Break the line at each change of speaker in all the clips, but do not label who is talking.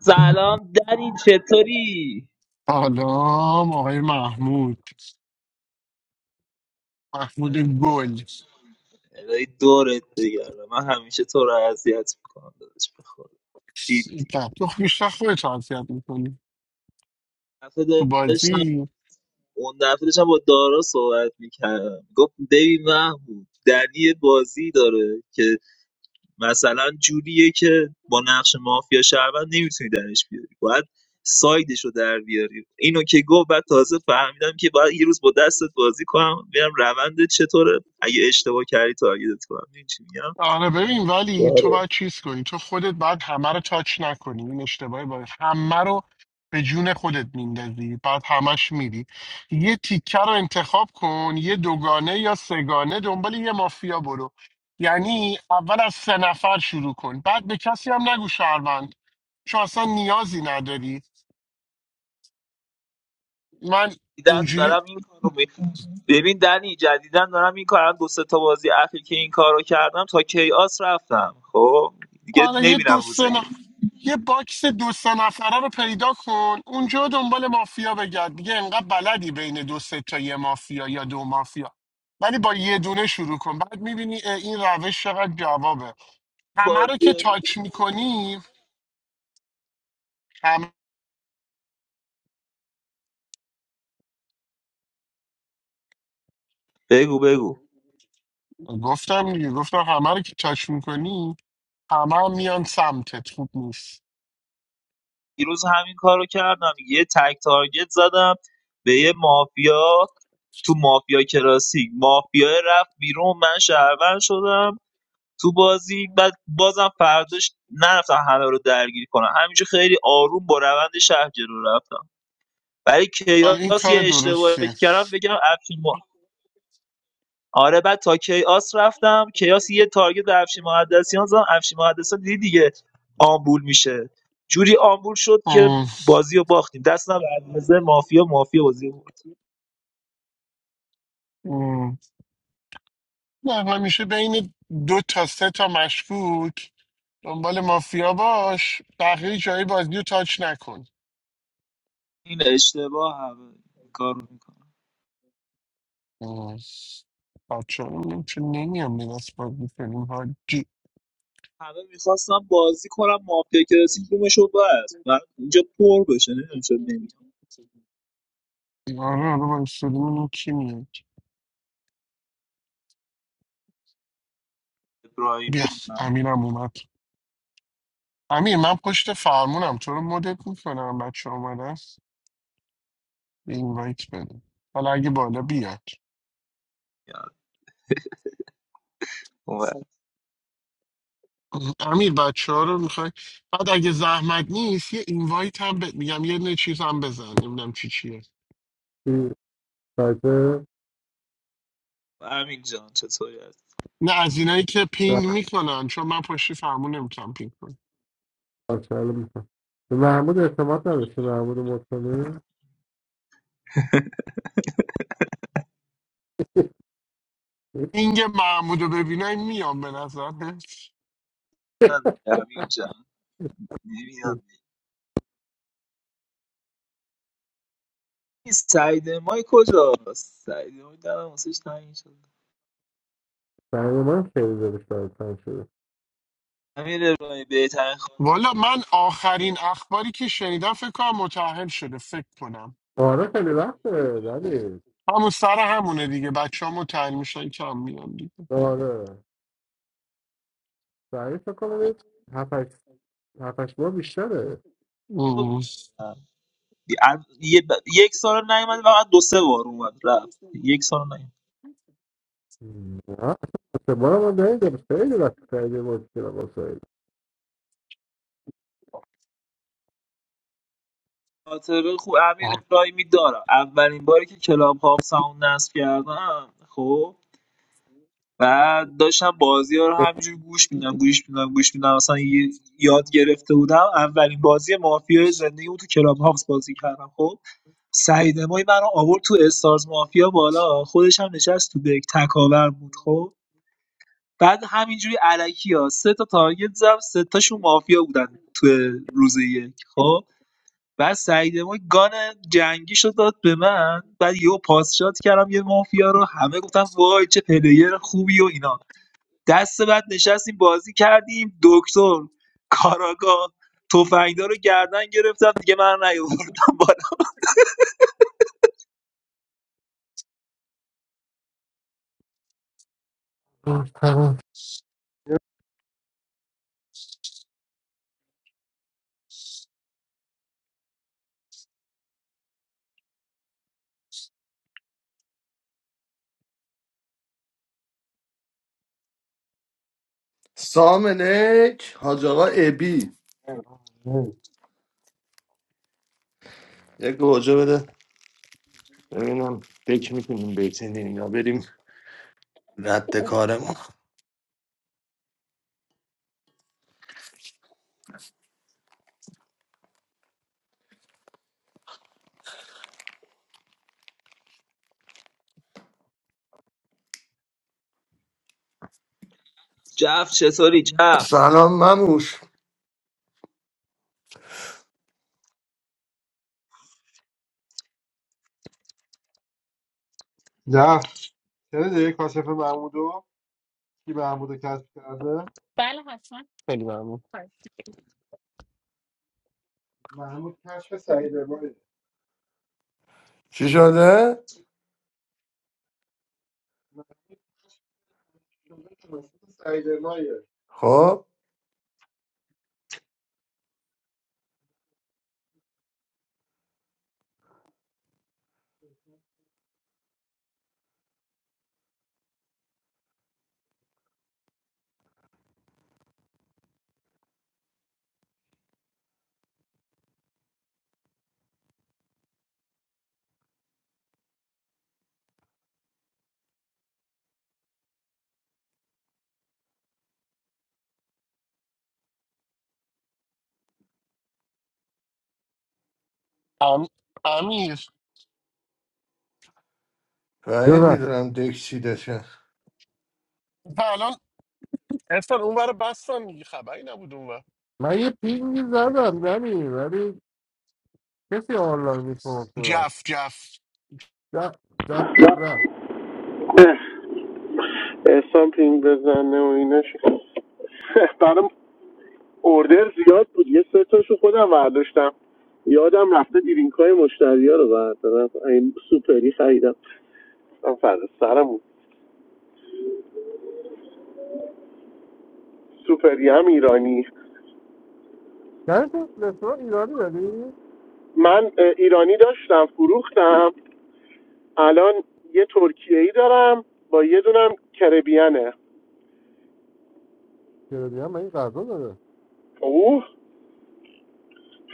سلام دنی چطوری؟
سلام آقای محمود محمود گل
عزیزم الهی دورت بگردم من همیشه تو رو اذیت میکنم داداش بخواد جدی
ده. تو بیشتر خودت اذیت میکنی
دفعه
تو
داشتم
بازی
اون دفعه داشتم با دارا صحبت میکردم گفت ببین محمود دنی بازی داره که مثلا جوریه که با نقش مافیا شهروند نمیتونی درش بیاری باید سایدش رو در بیاری اینو که گفت بعد تازه فهمیدم که باید یه روز با دستت بازی کنم ببینم روند چطوره اگه اشتباه کردی تارگتت کنم این چی میگم
آره ببین ولی تو
آره
باید چیز کنی تو خودت باید همه رو تاچ نکنی این اشتباهی باید همه رو به جون خودت میندازی بعد همش میری یه تیکه رو انتخاب کن یه دوگانه یا سگانه دنبال یه مافیا برو یعنی اول از سه نفر شروع کن بعد به کسی هم نگو شهروند چون اصلا نیازی نداری من
دیدن
اینجوری
دارم این کارو می... ببین دنی جدیدن دارم این کارو دو سه تا بازی اخیر که این کارو کردم تا کیاس رفتم خب دیگه
آره یه دو
نمیرم روزه
سه
یک.
نف- یه باکس دو سه نفره رو پیدا کن اونجا دنبال مافیا بگرد دیگه انقدر بلدی بین دو سه تا یه مافیا یا دو مافیا ولی با یه دونه شروع کن بعد میبینی این روش چقدر جوابه همه رو که
بازی
تاچ میکنی هم...
بگو بگو
گفتم دیگه گفتم همه رو که تاچ میکنی همه هم میان سمتت خوب نیست
دیروز همین کارو کردم یه تک تارگت زدم به یه مافیا تو مافیا کلاسیک مافیا رفت بیرون من شهروند شدم تو بازی بعد بازم فرداش نرفتم همه رو درگیر کنم همینجور خیلی آروم با روند شهر جلو رفتم برای
آره، این
کیاس یه
کار
اشتباهی که
درستی
کردم بگم افشین آره بعد تا کیاس رفتم کیاس یه تارگت به افشین مقدسیان زدم افشین مقدسیان دیدی دیگه آمبول میشه جوری آمبول شد که بازی رو باختیم دست به علیرضا مافیا مافیا بازی بود
ام. نه همیشه بین دو تا سه تا مشکوک دنبال مافیا باش بقیه جایی بازی رو تاچ نکن
این اشتباه همه این کار میکنه
ام. بچه‌ها رو می‌بینیم چون نمیام به دست بازی کنیم حاجی
همه میخواستم بازی کنم مافیا که رسید بومش رو بس من اینجا پر بشه نمیدونم چرا نمیام
آره آره با استودیومون کی میاد بیا
ابراهیمی
امیرم اومد امیر من پشت فرمونم تو رو مدت میکنم بچه اومده است به این وایت بده حالا اگه بالا بیاد
اومد. اومد.
امیر بچه ها رو میخوای بعد اگه زحمت نیست یه اینوایت هم بهت میگم یه نه چیز هم بزن نمیدونم چی چیه
چی تازه
امین جان چطوری هست
نه از اینایی که پینگ
رفت
میکنن چون من پشتی فرمون نمیتونم پینگ کنم
باشهاله میکنم به محمود اعتماد نداشته محمود مطمئن
پینگ محمود رو ببینم میام به نظر
امین جان نمیاد سعید مای کجاست سعید مای دارم واسش تنگ شده
برای من خیلی دلش برای تنگ شده
امیر ابراهیمی بهترین خاطر
والا من آخرین اخباری که شنیدم فکر کنم متأهل شده فکر کنم
آره خیلی وقته ولی
همون سر همونه دیگه بچه ها متحل میشن کم میان دیگه
آره برای فکر کنم یه هفت ماه بیشتره
اوه.
یه ب... یک سال نیومد فقط دو سه بار اومد رفت یک سال نیومد
نه سه بار من ندیدم خیلی وقت خیلی مشکل واسه
خاطره خوب امیر
آه،
ابراهیمی دارم اولین باری که کلاب هاوس همون نصب کردم خب و داشتم بازی ها رو همینجور گوش میدم گوش میدم گوش میدم اصلا یه- یاد گرفته بودم اولین بازی مافیا زندگی اون تو کلاب هاوس بازی کردم خب سعید مای من رو آورد تو استارز مافیا بالا خودش هم نشست تو دک تکاور بود خب بعد همینجوری علکی ها سه تا تارگت زدم سه تاشون مافیا بودن تو روز یک خب بعد سعید ما گان جنگی شد داد به من بعد یهو پاس شات کردم یه مافیا رو همه گفتن وای چه پلیر خوبی و اینا دست بعد نشستیم بازی کردیم دکتر کاراگاه تفنگدار رو گردن گرفتم دیگه من نیاوردم بالا
آه، تمام.
سامنک حاج آقا ابی یک گوجه بده ببینم فکر میکنیم بیتینیم یا بریم رد کارمون
جف چطوری جف
سلام مموش
نه چرا دیگه کاشف محمودو کی محمودو کشف کرده
خیلی ممنون.
محمود کشف سعید
چی شده؟
سعید مایه
خب
ام... امیر
بعید
ببخش.
میدونم دک چی دشه
و الان اصلا اون برای بستن دیگه خبری نبود اون
من یه پینگی زدم نمی ولی کسی آنلاین نیست به من صورت
جف جف
ج- دستت رفت
سامپینگ بزنه و ایناش برام اوردر زیاد بود یه سه تاشو خودم برداشتم یادم رفته دیرینک های مشتری ها رو بردارم این سوپری خریدم گفتم فردا سرم بود. سوپری هم ایرانی
یعنی تو رستوران ایرانی داری؟
من اه، ایرانی داشتم فروختم الان یه ترکیه ای دارم با یه دونم کربیانه
ایرانی هم این غذا داره
اوه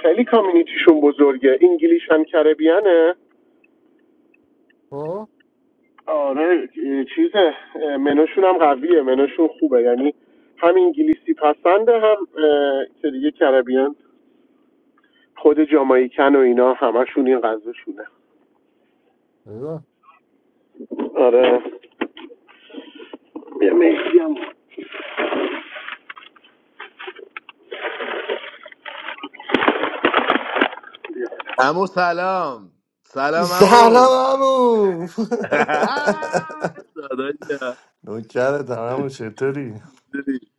خیلی کامیونیتیشون بزرگه انگلیش هم کربیانه
خب
آره چیز منوشون هم قویه منوشون خوبه یعنی هم انگلیسی پسنده هم اه، که دیگه کربیان خود جامایکن و اینا همشون این غذاشونه
ایوه
آره یه مهدی هم
امو سلام سلام
سلام
امو
عمو
داداشم
نوکرتم همون چطوری؟
دیدی؟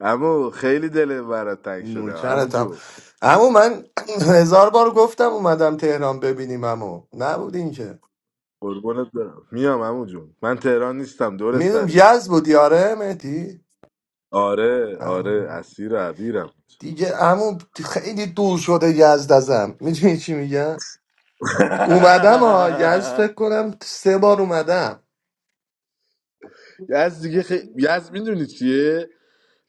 امو خیلی دل برات تنگ شده امو
نوکرتم
جون
همون من هزار بار گفتم اومدم تهران ببینیم همو نبودین که
قربونت برم میام امو جون من تهران نیستم دور
میدونم
سرت
یز بود یاره مهدی
آره آره اسیر عبیرم
دیگه عمو خیلی دور شده یزد ازم میدونی چی میگم اومدم ها یزد فکر کنم سه بار اومدم
یز دیگه خی... یز میدونی چیه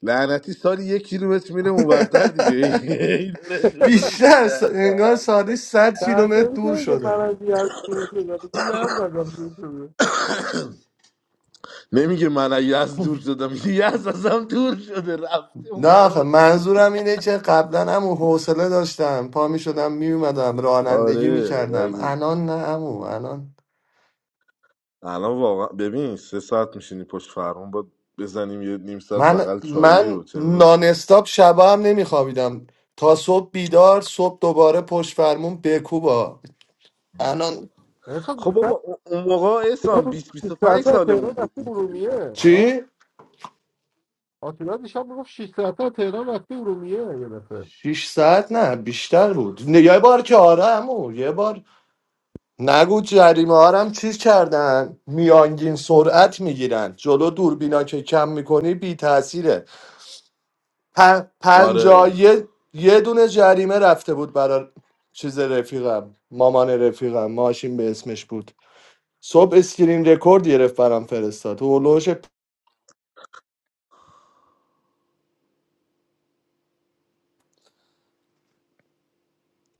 لعنتی سال یک کیلومتر میره اونورتر دیگه این داره دور
بیشتر س- انگار
میشه
سادی صد کیلومتر
تحصیلی
دور
داره که من
شده
از یز دور شده بگه یز زدم دور شده
نمیگه من از یزد دور شدم میگه ازم دور شده رفته
نه
اون برای
آخه
واسه
منظورم
خودش
اینه که قبلا هم حوصله داشتم پا می شدم می اومدم رانندگی می
آره
کردم
رازی
الان نه امو الان
الان واقعا ببین سه ساعت میشینی پشت فرمون با بزنیم یه نیم ساعت
من
بغل چایی
من
و چه می‌دونم.
نان استاپ شبا هم نمی خوابیدم تا صبح بیدار صبح دوباره پشت فرمون بکوبا الان
احسان
خب
دیشب
بابا اون اون موقع
اینا
اسام
بود
20
6
25
ساعته از تهران
سالمون بود
رفتی
اینجوری
ارومیه
بودیم
ها
چی؟
آتیلا دیشب میگفت 6 ساعته از تهران رفتی ارومیه یه دفعه
شیش ساعت نه بیشتر بود نه، یه بار که آره عمو، یه بار نگو جریمه ها رو هم چیز کردن میانگین سرعت میگیرن جلو دوربینا که کم میکنی بی تاثیره پ... پنجا
آره
یه... یه دونه جریمه رفته بود برای چیز رفیقم مامان رفیقم ماشین به اسمش بود صبح اسکرین رکورد گرفت برام فرستاد هولوش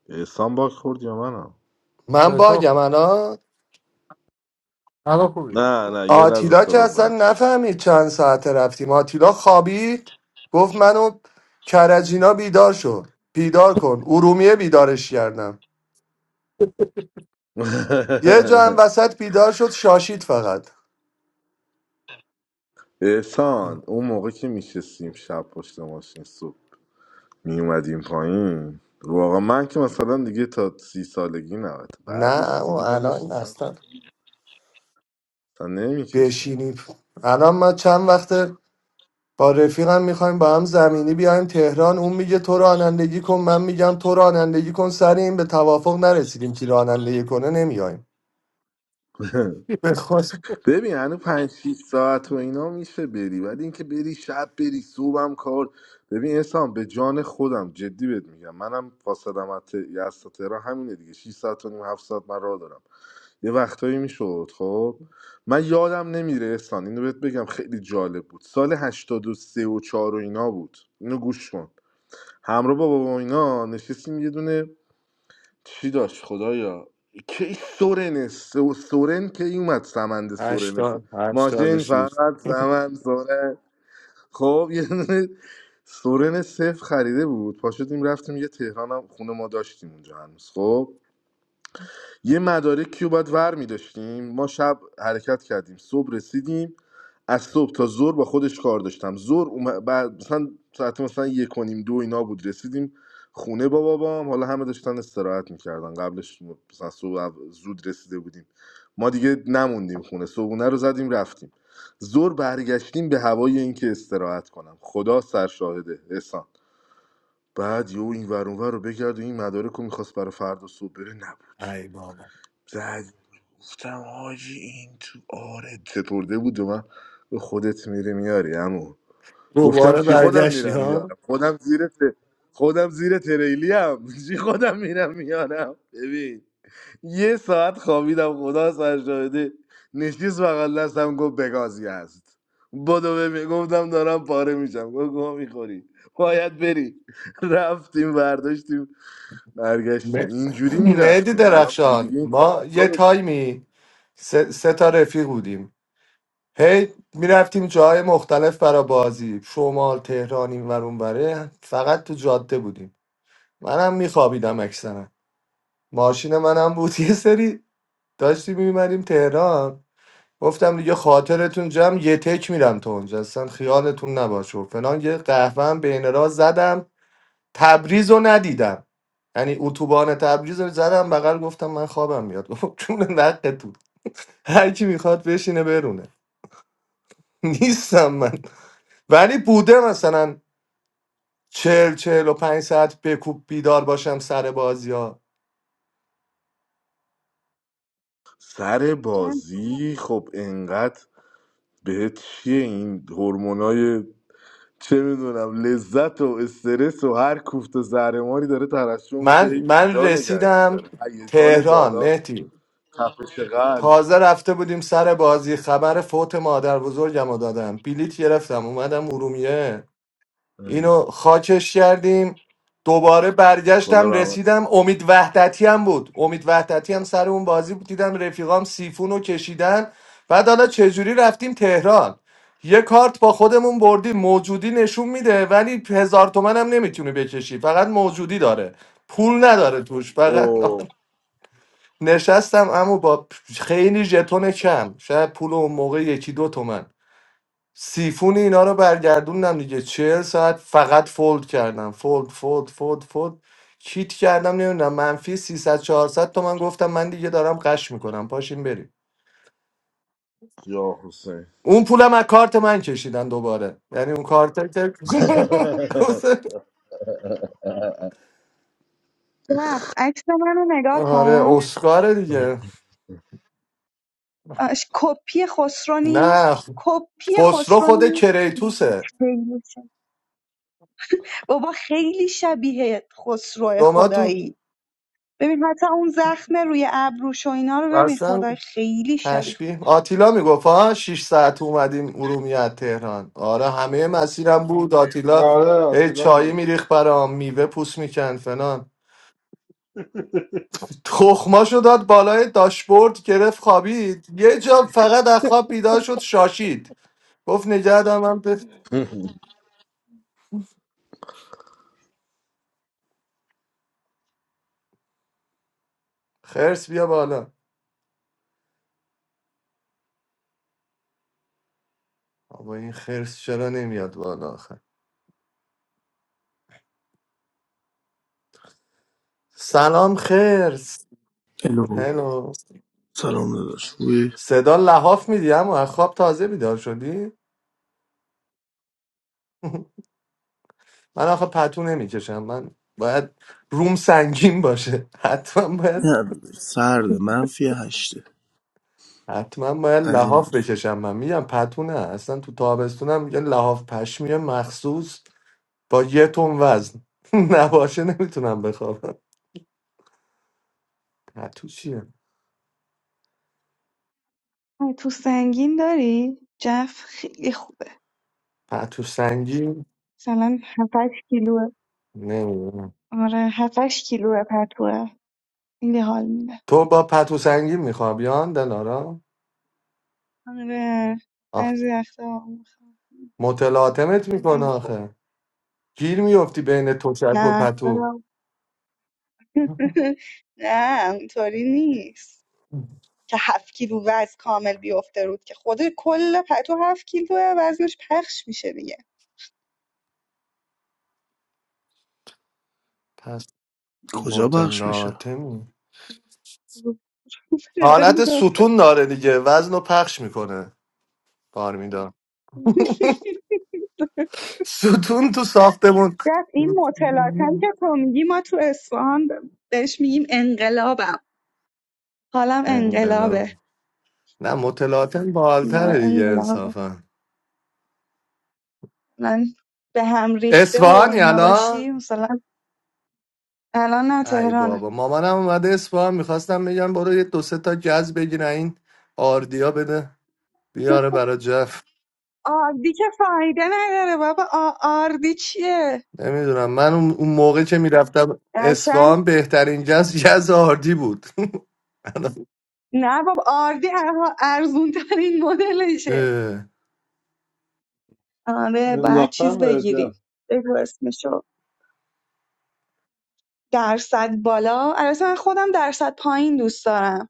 اسام باک خورد یا منم
من
احسان
باگم
کن
الان
الان خوبی
نه نه یه لحظه
آتیلا که
صدات
اصلا
قطع شد
نفهمید چند ساعته رفتیم آتیلا خوابید گفت منو کرجینا بیدار شد بیدار کن ارومیه بیدارش کردم یه جا هم وسط بیدار شد شاشید فقط
احسان اون موقع که میشستیم شب پشت ماشین صبح می اومدیم پایین رو آقا من که مثلا دیگه تا سی سالگی نبود
نه
بعدش
و
دیگه داداش
الان
اصلا
اصلا
تا نمیکشیم
بشینیم الان ما چند وقت با رفیقم میخوایم با هم زمینی بیایم تهران اون میگه تو رانندگی کن من میگم تو رانندگی کن سر این به توافق نرسیدیم که رانندگی کنه نمیایم به خدا.
ببین هنو پنج شیش ساعت و اینا میشه بری ولی اینکه بری شب بری صبحم کار ببین انسان به جان خودم جدی بهت میگم منم فاصلم از ت- یزد تا تهران همینه دیگه 6 ساعت و نیم 7 ساعت من راه دارم یه وقتایی میشد خب من یادم نمیره احسان اینو بهت بگم خیلی جالب بود سال 83 و 4 و چهار و اینا بود اینو گوش کن همراه با بابا اینا نشستیم یه دونه چی داشت خدایا کی سورن سورن که این اومد سمند سورن
هشتاد هشتاد و
ماشین
شیش.
فقط سمند سورن خب یه دونه سورن صفر خریده بود پاشدیم شدیم رفتیم یه تهران هم خونه ما داشتیم اونجا هنوز خب یه مدارکی رو باید ور می داشتیم. ما شب حرکت کردیم صبح رسیدیم از صبح تا ظهر با خودش کار داشتم ظهر اوم- بعد مثلا ساعت مثلا یک و نیم دو اینا بود رسیدیم خونه با بابام حالا همه داشتن استراحت میکردن قبلش مثلا صبح او- زود رسیده بودیم ما دیگه نموندیم خونه صبحونه رو زدیم رفتیم زور برگشتیم به هوای اینکه استراحت کنم خدا سرشاهده احسان بعد یه این ور اون ور رو بگرد و این مدارک رو میخواست برای فردا صبح بره نبود
ای بابا
زد گفتم حاجی این تو آره چطورده بود و من به خودت میری میاری همون گفتم
دوباره
چی خودم
برگشتی
میرم
ها
میارم خودم زیر ت... خودم زیر تریلی هم چی خودم میرم میارم ببین یه ساعت خوابیدم خدا سر شاهده نشیز بغل دستم گفت بگازی هست بدو ببین گفتم دارم پاره میشم گفت گوه میخوری باید بری رفتیم برداشتیم
م-
برگشتیم اینجوری
مهدی
میرفتیم الان
درخشان
دیگه این
ما
طاقت ها
یه
رو داریم.
تایمی سه, سه تا رفیق بودیم هی میرفتیم جاهای مختلف برا بازی شمال تهران این ور اون وره فقط تو جاده بودیم منم میخوابیدم اکثرا ماشین منم بود یه سری داشتیم میمریم تهران گفتم دیگه خاطرتون جمع یه تک میرم تو اونجا اصلا خیالتون نباشه و فلان یه قهوه بین راه زدم تبریز رو ندیدم یعنی اتوبان تبریز رو زدم بغل گفتم من خوابم میاد گفت جون نقتون هر کی میخواد بشینه برونه نیستم من ولی بوده مثلا چهل چهل و پنج ساعت بکوب بیدار باشم سر بازی ها
سر
جف
بازی خب انقدر بهت چیه این هورمونای چه میدونم لذت و استرس و هر کوفت و زهرماری داره ترشح میشه
من
هی
من
بیدار نگهت
رسیدم
میداره هیجان
تهران
بالا
مهدی
تپش قلب
تازه رفته بودیم سر بازی خبر فوت مادر بزرگم رو دادم بلیت گرفتم اومدم ارومیه اینو
اه.
خاکش کردیم دوباره
خدا
برگشتم
رحمت
رسیدم امید وحدتی هم بود امید وحدتی هم سر اون بازی بود دیدم رفیقام سیفون رو کشیدن بعد حالا چجوری رفتیم تهران یه کارت با خودمون بردیم موجودی نشون میده ولی هزار تومن هم نمیتونه بکشی فقط موجودی داره پول نداره توش فقط
او
نشستم اما با خیلی ژتون کم شاید پول اون موقع یکی دو تومن سیفون اینا رو برگردوندم دیگه چهل ساعت فقط فولد کردم فولد فولد فولد فولد کیت کردم نمیدونم منفی 300 400 تومن گفتم من دیگه دارم قش میکنم پاشین بریم
یا حسین
اون پولم از کارت من کشیدن دوباره یعنی اون کارت که
جف عکس منو نگاه
آره
کن
اسکاره دیگه
آش، کپی خسرو
نه
نیست کپی
خسرو
خسرو
خود
نیست
کریتوسه
خیلی شب- بابا خیلی شبیه خسرو
شما تو
خدایی ببین حتی اون زخم روی ابروش و اینا رو ببین
اصلا
خدای خیلی شبیه خود
تشبیه آتیلا میگفت ها 6 ساعت اومدیم ارومیه از تهران آره همه مسیرم بود آتیلا
آره
هی
آتلا
چایی
میگفتش
میریخ برام میوه پوست میکن فلان تخماشو داد بالای داشبورد گرفت خوابید یه جا فقط از خواب بیدار شد شاشید گفت نگه دارم من به خرس بیا بالا آبا این خرس چرا نمیاد بالا آخه سلام خرس
الو
هلو
سلام داداش خوبی؟
صدا لحاف میدی اما از خواب تازه بیدار شدی من آخه پتو نمیکشم من باید روم سنگین باشه حتما باید
نه داداش سرده منفی هشته
حتما باید
از این
لحاف
حرفا
بکشم من میگم پتو نه اصلا تو تابستونم یه لحاف پشمی مخصوص با یه تن وزن نباشه نمیتونم بخوابم پتو چیه
تو سنگین داری؟ جف خیلی خوبه
پتو سنگین
مثلا 7 کیلوه
نمیدونم
آره 7 کیلوه پتوه خیلی حال میده
تو با پتو سنگین میخواب یان دلارا
آره
آخ
بعضی وقتا میخوام.
متلاطمت میکنه
خیلی خوب
آخه گیر میفتی بین تشک و
نه
پتو
نه اونطوری نیست که هفت کیلو وزن کامل بیفته رود که خود کل پتو هفت کیلو وزنش پخش میشه دیگه
پس
کجا پخش میشه؟
متلاطمی حالت ستون داره دیگه وزن رو پخش میکنه بارمیدار ستون تو ساختمون
بعد این متلاطم که تو میگی ما تو اصفهان ب- بهش میگیم انقلابم حالم
انقلاب
انقلابه
نه متلاطم
اینا به
بالتره دیگه
انقلاب
انصافا
مثلا به هم ریخته و
اصفهانی
اینا باشی
الان
مثلا الان نه
ای
تهرانم
بابا مامانم اومده اصفهان میخواستم بگم برو یه دو سه تا جز بگیره این آردیا بده بیاره برا جف
آردی که فایده نداره بابا آ- آردی چیه
نمیدونم من اون اون موقع که میرفتم اصفهان بهترین جز جز آردی بود
نه بابا آردی ارزون ترین مدلشه آره باید چیز
انداختم
بگیریم بگو اسمشو درصد بالا البته من خودم درصد پایین دوست دارم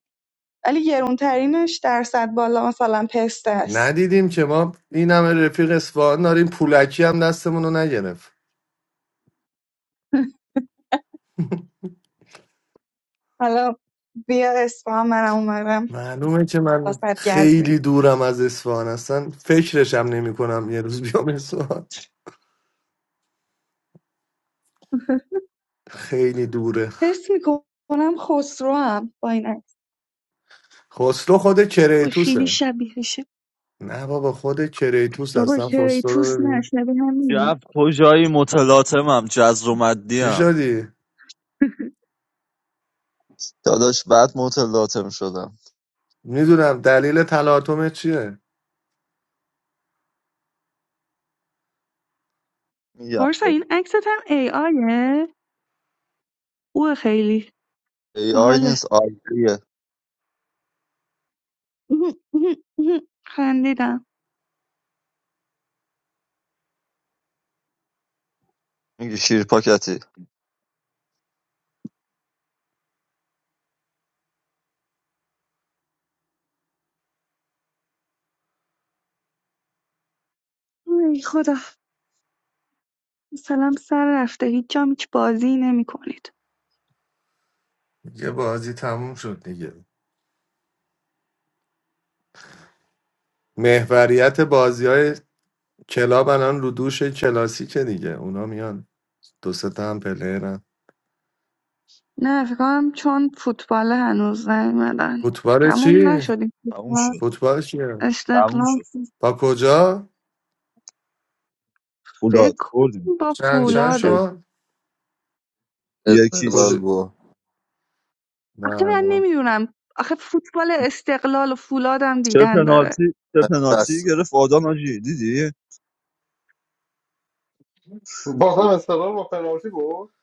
ولی گرونترینش درصد بالا مثلا پسته است
ندیدیم که ما این همه رفیق اصفهان داریم پولکی هم دستمون رو نگرفت
حالا بیا اصفهان منم اومدم
معلومه که من
واسه
خیلی
گزمی
دورم از اصفهان اصلا فکرشم نمی کنم یه روز بیام اصفهان خیلی دوره
حس میکنم خسرو هم با این عکس
خسرو خود
و خیلی
کریتوسه
شبیهشه
نه بابا خود کریتوس
بابا
اصلا خسرو
توس
رو
نه
ببین
شبیه همینه
جف تو جایی متلاطمم جزر و مدی
چی
هم
شدی؟
داداش بعد متلاطم شدم
میدونم دلیل تلاطم چیه
میگم
پارسا این عکست هم ای آیه اوه خیلی
ای آی
باحاله
نیست آیه
خندیدم
میگی شیر پاکتی
ای خدا مثلا سر رفته هیچ جام هیچ بازی نمی کنید
یه بازی تموم شد دیگه محوریت بازی های کلاب الان رو دوش کلاسیکه دیگه اونا میان دو سه تا هم پلرن
نه فکرم چون فوتبال هنوز نیومدن
فوتبال
تموم
چی؟
نشدیم
تموم شد
فوتبال چیه؟
تموم
استقلال
شد
با کجا؟
فولاد
فکر
بردیم
کنم با
چند چند
یکیچ برد
فولاده
شد؟
Es
کجا؟
halal
یکیچ
bo.
نه
آخه من
نه.
نمیدونم آخه فوتبال استقلال و فولادم
چه
دیدن داره
پنالتی چه پنالتی
Bas,
گرفت آدم آجی دیدی
بازم استقلال با پنالتی بود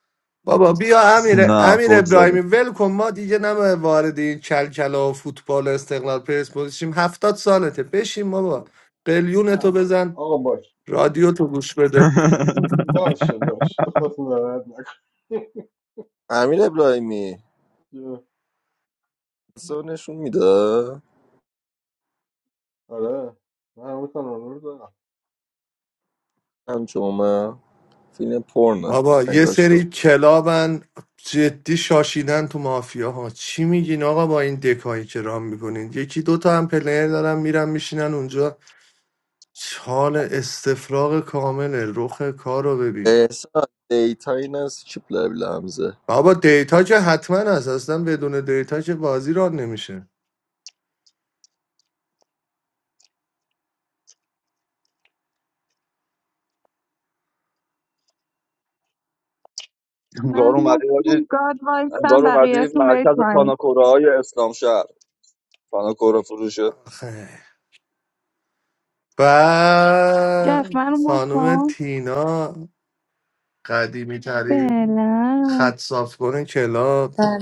بابا بیا امیر
نه
امیر
گل
ابراهیمی
زدم
ول کن ما دیگه نمه وارد این کلکلا و فوتبال و استقلال پرسپولیس شیم هفتاد سالته بشین بابا قلیون تو
آه.
بزن
آقا باش
رادیو تو گوش بده
باشه باش تو خودتون ناراحت نکن
amirabla imi. So ne shomida
آره من میکنم رو دارم
hamchoma fine porna.
بابا یه
Ego
سری
shkam.
کلابن جدی شاشیدن تو مافیا ها چی میگین آقا با این دکایی که رام میکنین یکی دوتا هم پلیر دارن میرن میشینن اونجا چال استفراغ کامل رخ کار رو ببین
Es a Itainas chip labla hamze.
بابا دیتا که حتما هست اصلا بدون دیتا که بازی ران نمیشه
من
انگار اومدی
مستم
آجی
گاد وایستم
انگار اومدی
بقیهتون برید
مرکز
پایین
پاناکوره های اسلام شهر پاناکوره فروشه
آخه. و
جف من
خانم
مستم
تینا قدیمی ترین
بله
خط صاف کنه کلاب
Tal.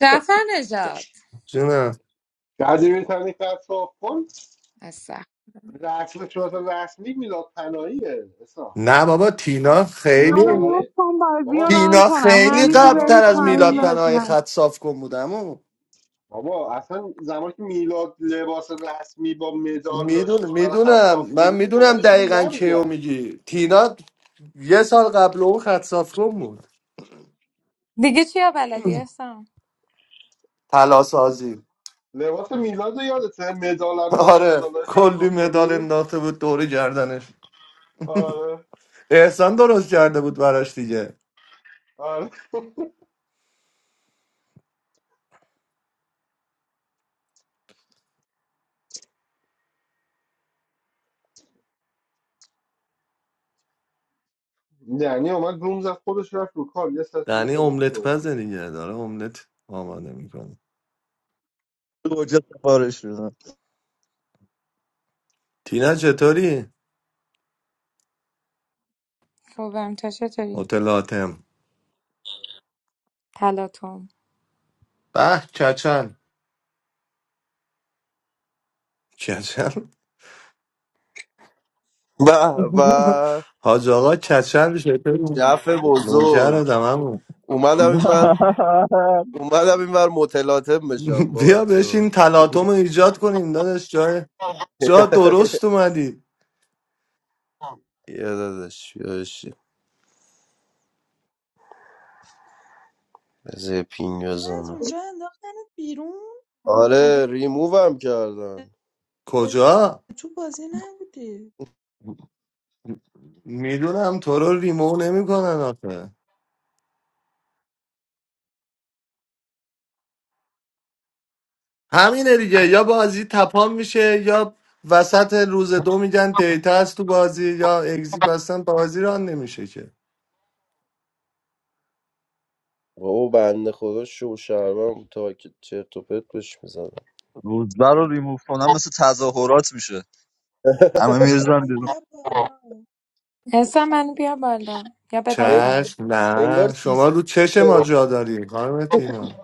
Jafan ajad.
جونم
بعدی میتونی کار کن
Asa.
رسم شورت رسمی میلاد پناهیه اصلا
نه بابا تینا
بابا
میلاد
منو
خیلی
موت
پناهی
کن بازی
بابا
رو
می...
ران
تینا
کنم
خیلی
همین رو
قبل
میلاد
تر
برید
از
پایین
میلاد
پناهی
بازی
پناه
ران کن
خط صاف کن بودم
بابا اصلا زمانی که میلاد لباس رسمی با مدال
میدونم
داشتش برای خط
میدونم
صاف
من
کنی اینا
میدونم
هیچ کدوم
دقیقا کیو
نبودن
میگی تینا یه سال قبل اون خط صاف کن بود
Digichia bala di asa.
تلاسازی
لباس میلاد رو یادته مدال هم داشت
آره
مدال خط
کلی
صاف
مدال
کنی
انداخته بود دور گردنش
آره.
احسان درست کرده بود براش دیگه
آره یعنی اومد روم زد خودش رفت رو کال یه ساعت بود
یعنی
تلفن
املت
صحبت می‌کرد.
پزه دیگه داره املت آماده میکنه
دوجه سفارش میدن
تینا چطوری؟
Ko bham toshe chori.
هتل آتم
Talat hum.
به کچن کچن
به به
حاج آقا کچن چطوری؟
جف بزرگ
نوکر
اومدم این بر اومدم این بر متلاطم بشم با
بیا
بچه
بشین
ها
تلاطم رو ایجاد کنیم داداش جای جا درست اومدی
یادش یادشی بذار پینگ
از از
بزنم
اونجا انداختنت بیرون
آره
مگه
ریمووم کردن
کجا
تو بازی نبودی
میدونم تو رو ریمو نمیکنن آخه همینه دیگه یا بازی تپان میشه یا وسط روز دو میگن دیتا هست تو بازی یا اگزیپ هستن بازی ران نمیشه که
بابا بنده خدا شو شرمم تا که چرت و پرت بهش میزنم
روزبر رو ریموف کنم مثل تظاهرات میشه همه میرزن
دی
بیرون
بیا بالا
Asa man bhi bala. Ya bedam payi.
چشم
انگار
نه شما
سیستم
رو چش ما جا داری خانم تینا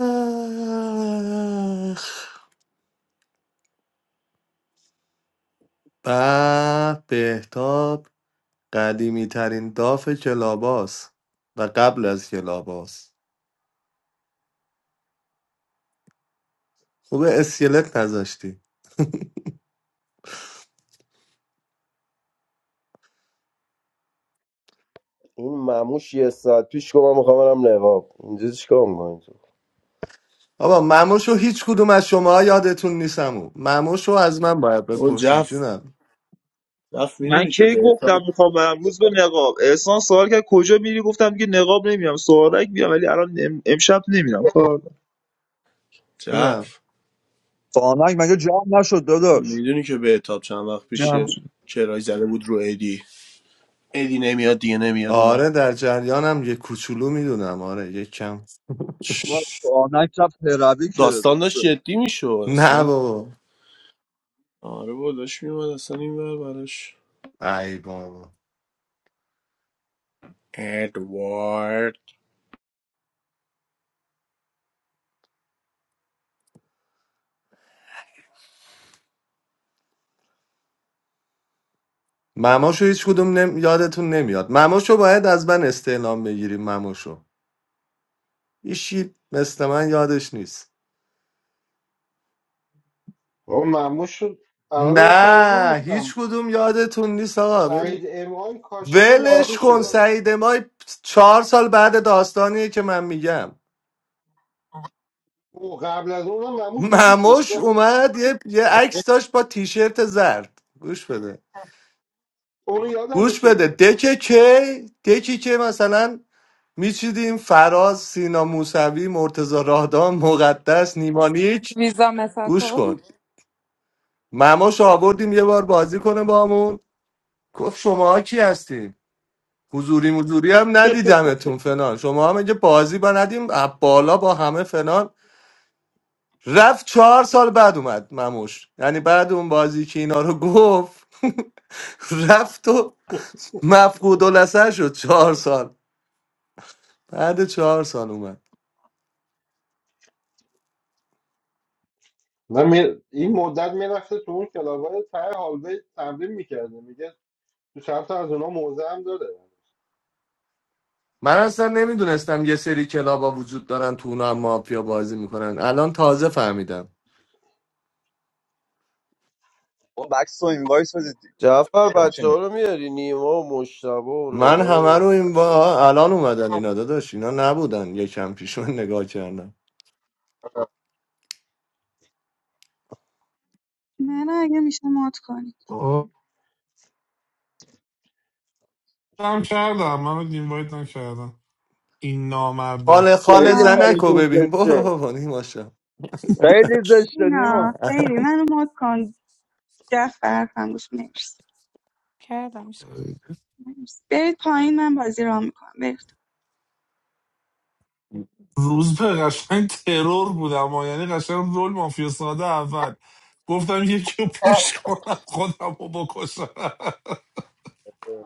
آخ، به بهتاب قدیمی ترین داف کلاباس و قبل از کلاباس خوب اسکلت نذاشتی
این مموش یه ساعت پیش گفت من میخوام برم نقاب اینجا چیکار میکنی تو
بابا مموشو هیچ کدوم از شما یادتون نیستم او مموشو از من باید
او
بپرسین
جف
جونم
جف
من
میدونی که
کی
به
گفتم
اتاب
میخوام امروز به نقاب احسان سوال کرد کجا میری گفتم دیگه نقاب نمیام سوالک میام ولی الان ام- امشب نمیرم کار دارم.
جونم
جف
آنک مگه جمع نشد داداش
میدونی که به اتاب چند وقت پیش
جمع
یه
شد.
کرای زده بود رو ایدی ایدی نمیاد دیگه نمیاد
آره
اونم
در جریانم یه کوچولو میدونم آره یه کم
بابا، آنک رفت پربی که
داستان داشت
روزه.
جدی میشد
نه
اصلا
بابا
آره با داشت میومد اصلا این بر براش
ای بابا
ادوارد
مماشو هیچ کدوم نم... یادتون نمیاد مماشو باید از من استعلام بگیریم مماشو ایشی مثل من یادش نیست
بابا مموش شد الان داشتم از اون
نه هیچ
گفتم
کدوم یادتون نیست آقا
سعید امام کاشف
ولش کن
مموشه
سعید ما چهار سال بعد داستانیه که من میگم
او قبل از اونم مموش وجود
مموش
داشته
اومد یه, یه عکس داشت با تیشرت زرد گوش بده
اونو یادمه
گوش بده
که
دکه کی دکی که مثلا میچیدیم فراز سینا موسوی مرتزا راهدان مقدس نیمانیچ
Visa masako.
گوش کن مموش آوردیم یه بار بازی کنه بامون همون گفت شما کی هستیم حضوری مزوری هم ندیدمتون فلان شما هم اگه بازی با ندیم از بالا با همه فلان رفت چهار سال بعد اومد مموش یعنی بعد اون بازی که اینا رو گفت رفت و مفقود الاسر شد چهار سال بعد چهار سال اومد
نه می- این مدت میرفته تو اون کلاوای ته هالوی تمرین میکرده میگه تو چند تا موزه هم داره
من اصلا نمیدونستم یه سری کلابا وجود دارن تو اونا هم مافیا بازی میکنن الان تازه فهمیدم
بابا، بکس و اینوایس بدید
جعفر بچه ها
بچینیم
رو میاری نیما و مشتبه و
من
نگار
همه رو
و
این
بچه
با الان اومدن اینا داداش اینا نبودن یکم پیش من نگاه کردم
منو اگه میشه مات کنی
آه، هم کردم من رو اینوایت هم کردم این
خاله
نامردا
خاله
خیلی
اینا
زنکو
کارشون
ببین برو
زشته
بابا نیماشا
خیلی زشته نیما
اینا بیبی منو مات کن دست برف هنگوش مرسی
Kya damish?
مرسی. برید پایین من بازی ران میکنم برید
روز به قشنگ ترور بودم آه. یعنی قشنگ رول مافیا ساده اول گفتم یکی رو پوش کنم خودم رو بکشم
ها.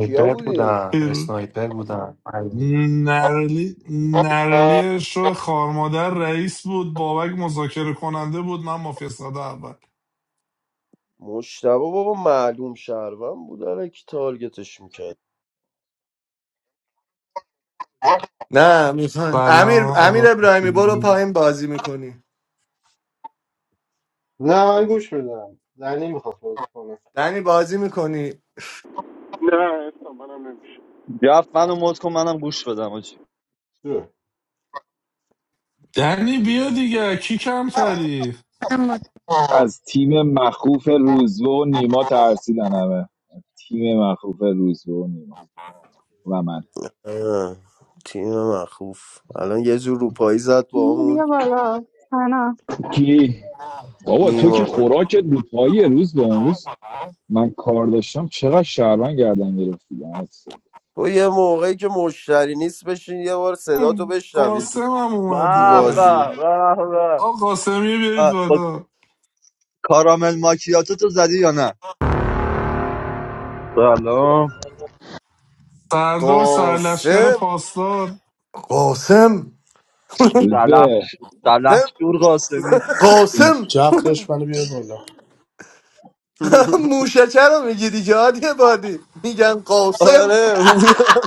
کیا بودی؟
بودم
ترور.
اسنایپر بودم
نرلی نرلی شو خارمادر رئیس بود بابک مذاکره کننده بود من مافیا ساده اول
مشتبه بابا معلوم شهروند بود الکی تارگتش میکرد
نه میخوام امیر
سلام آقا
امیر ابراهیمی برو
فتی.
پایین بازی میکنی
نه من گوش میدم دنی میخواست بازی کنه
دنی بازی میکنی
نه اصلا منم نمیشه
گفت منو مد کن منم گوش بدم آجی
دنی بیا دیگه کی کمتری
I'm not.
از تیم مخوف روزبه و نیما ترسیدن همه تیم مخوف روزبه و نیما و من
تیم مخوف الان یه جور روپایی زد با
نه،
همون
بیا بالا سنا
کی بابا تو که
نیما
خوراکت رو روز به اون روز من کار داشتم چقدر شهروند گردن گرفتی
تو یه موقعی که مشتری نیست بشین یه بار صدا تو بشنویم تو,
قاسمم
به
تو
اومده
بازی
به به به
آقا قاسمی بیارید
اه، با
بالا
کارامل ماکیاتو تو زدی یا نه سلام
سردار سرلشکر
قاسم
پاسدار
قاسم
روز به
سلحش شور قاسمی
روز-
قاسم
جف داشت منو بیار بالا
موشچه رو میگی دیگه عادی بادی میگن قاسم
آره بودم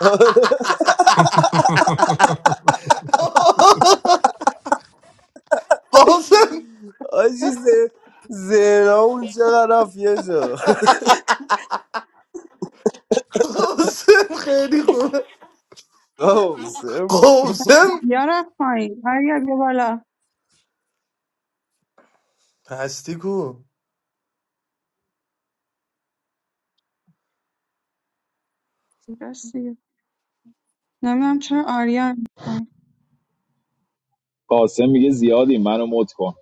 آره
قاسم
آجی ز- زینا اون چقدر رفت یه جا
قاسم خیلی خوبه
قاسم
قاسم
یا رفت پایین آریا بیا بالا
پستی کو
درستی نمیدونم چرا آریا میکنی
قاسم میگه زیادی منو مت کن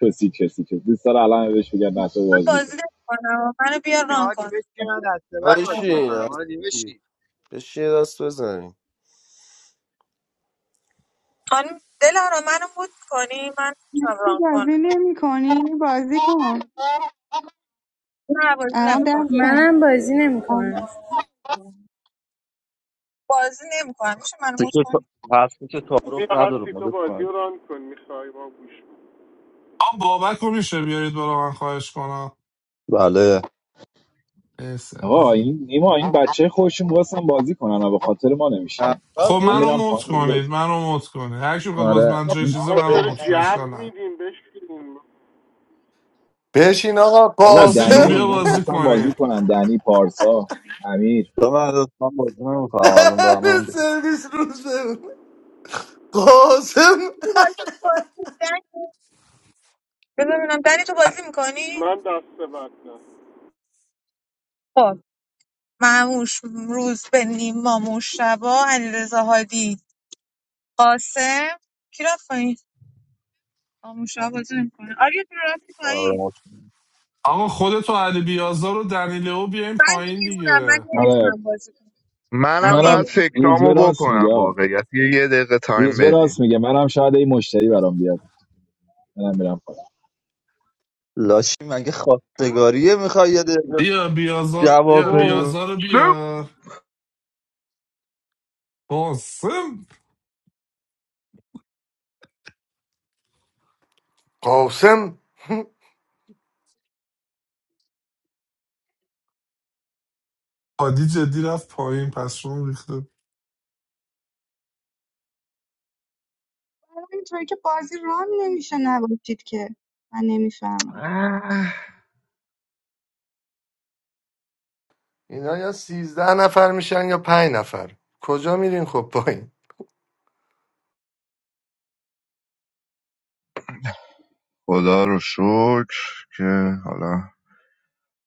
کسی کسی کسی دوست داره الان بهش بگم بچه
من
بازی کن
بازی نمی‌کنم منو بیا ران
هادی
کن
بهش من دسته بعد بازی
بشین
میکنم هادی
هستی.
بشین
بشین یه دست بزنیم
خانم دلارا منو مود کنی من میتونم
مثل
ران
بازی
کنم
نمی کنی بازی کن
نه بازی
الان
نمیکنم
دست
I'm not a genie.
کنی
بازی نمیکنم میشه منو مود
تیکه
کنی
تا- هستی که
بیا
تعارف نداره
هستی تو
مدت
بازی
کنم.
رو ران کن میخوای ما گوش کن.
آن بابک رو میشه بیارید بالا من خواهش کنم
بله
مرسی
آقا
عزیزم.
این نیما این بچه خوشم میخواستم بازی کنن و به خاطر ما نمیشینن
اول
خب
من
منو
خودش
میرم
مت
پایین
کنید
بازی
منو مت کنید هر کی بخواد باز
آره
من جای چیزه
آقا
منو
چرا
مت کنید اشکال
جو
نداره.
میدیم بشکیم
بشین آقا
بابا
هستی جون
دنی و
بیا
قاسم
اینا
بازی
میخواستم
کنی
بازی کنن دنی پارسا امیر
تو من داداش، من بازی نمیکنم الان
دهن
دارم من به-
سرویس روزه قاسم
تو بازی می‌کنی؟ دنی؟ بذار ببینم دنی تو بازی میکنی
من دست بد نه
خب معموش روز به نیما مشتبا علیرضا هادی قاسم کی رفت پایین آه، مشتبا بازی نمیکنه آریا تو رفتی
آره،
پایین
مطمئن.
آقا خودتو علی بیازار و دنیلو بیاین
من
پایین
بیرونم من
دیگه
آره
نمیتونم بازی کنم من
منم
منم
بعد
روزبه
فکرامو
راست میگه
بکنم
آقا.
واقعیت یه یه دقیقه تایم
روزبه
بدین
راست میگه منم شاید این مشتری برام بیاد منم میرم پایین
لاشی مگه خواستگاریه میخوای یه دقیقه
بیا بیازار
جواب
بیا
بدی
بیازار رو
گفتم
بیار قاسم
قاسم
عادی جدی رفت پایین پس شما ریخته
چرا اینطوری که بازی ران نمیشه نباشید که من نمیفهمم
اه،
اینا یا سیزده نفر میشن یا پنج نفر کجا میرین خب پایین
خدا رو شکر که حالا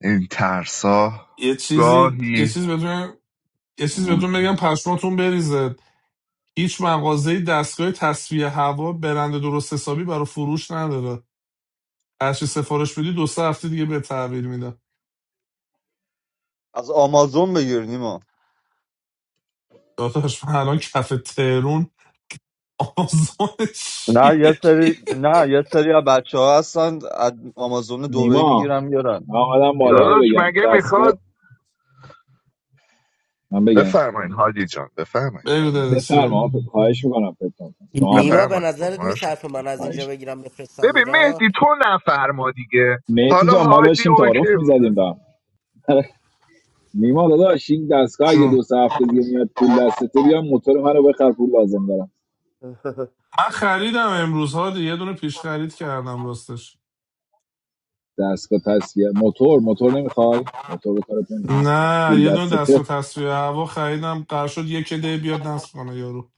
این ترسا
یه چیزی یه
گاهی
چیز بدون یه چیز بهتون
وجود
بگم پشماتون بریزه هیچ مغازه دستگاه تصفیه هوا برند درست حسابی برای فروش نداره هرچی سفارش بدی دو سه هفته دیگه به تحویل میدن
از آمازون بگیر نیما
داداش من الان کف ترون آزاد
نه یه
شیرگی
سری نه یه سری از بچه ها هستن از آمازون دبی
نیما
میگیرن میارن
من آدم بالا
ایران
اینو
داداش
بگم
مگه
دستا
میخواد
من بگم
بفرمایین حاجی جان بفرمایین
بگو
بله.
داداش، بگو.
بفرما خواهش میکنم پتون شما
نیما
اول
به
بفرمایین
نظرت
قربان شما.
میصرفه من از اینجا
خواهش
بگیرم بفرستم
ببین
ایران
مهدی تو نفرما دیگه
مهتی
حالا
جان ما
هادی
داشتیم تعارف
اوکی
میزدیم
بود
به هم. نیما داداش این دستگاه اگه
جون
دو سه هفته دیگه میاد پول دستته بیا موتور منو بخر پول لازم دارم
من خریدم امروز ها دی. یه دونه پیش خرید کردم راستش
دستگاه تصفیه موتور موتور نمیخوای موتور به کارت نمیاد
نه یه
پول
دونه
دستته
دستگاه تصفیه هوا خریدم قرار شد یک دی بیاد نصب کنه یارو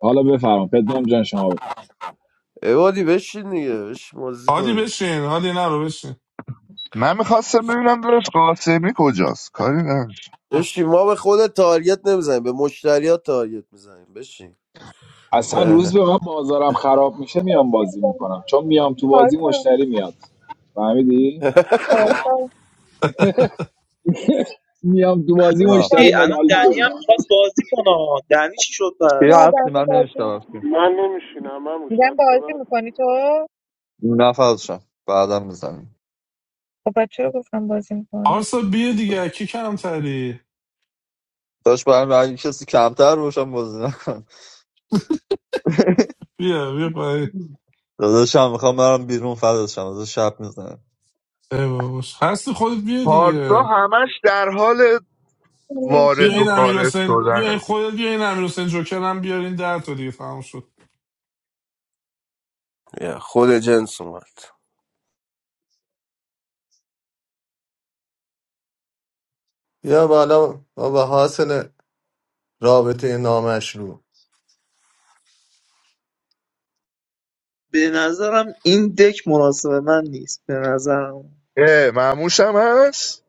حالا بفرما پدرام جان شما بفرما
عبادی بشین دیگه بشین بازی
هادی
کنیم
بشین هادی نرو بشین
من میخواستم ببینم داداش قاسمی کجاست کاری نداشت
بشین ما به خود تارگت نمیزنیم به مشتریات تارگت میزنیم بشین
اصلا روز به من بازارم خراب میشه میام بازی
بیرونم
میکنم چون میام تو بازی مشتری میاد فهمیدی میام تو بازی
تو
جناب
مشتری
هستی
بازی
میاد
الان
حال میده
دنی
بود
هم
میکردی؟
میخواست بازی کنه دنی چی شد
کیا
پس
هستی
مادمی
من
بازی نمی‌کنی.
نمیشتم
من نمیشینم من موش
میگم
دست
بازی
بد
میکنی تو؟
نفرشم بعدم بزنیم
خب بچه چرا گفتم بازی میکنی؟
آرسا بیا دیگه کی کمتری
داشت برام اگه کسی کمتر باشم بازی نکن
بیا بیا پای
داداشم میخوام برم بیرون فداشم داداش شب میزنم
ایواش. هستی خودت بیا
پارسا
دیگه
همش در حال
بیا
وارد
نمیتونم
و
این امیر
خارج
حسین بیا این
شدن
خودت بیا این امیر حسین جوکر هم بیار این در تا دیگه تمام شد
یه، خود جنس اومد
یا بالا بابا حاصل رابطه نامشروع
به نظرم این دک مناسب من نیست به نظرم
اه معموش هم هست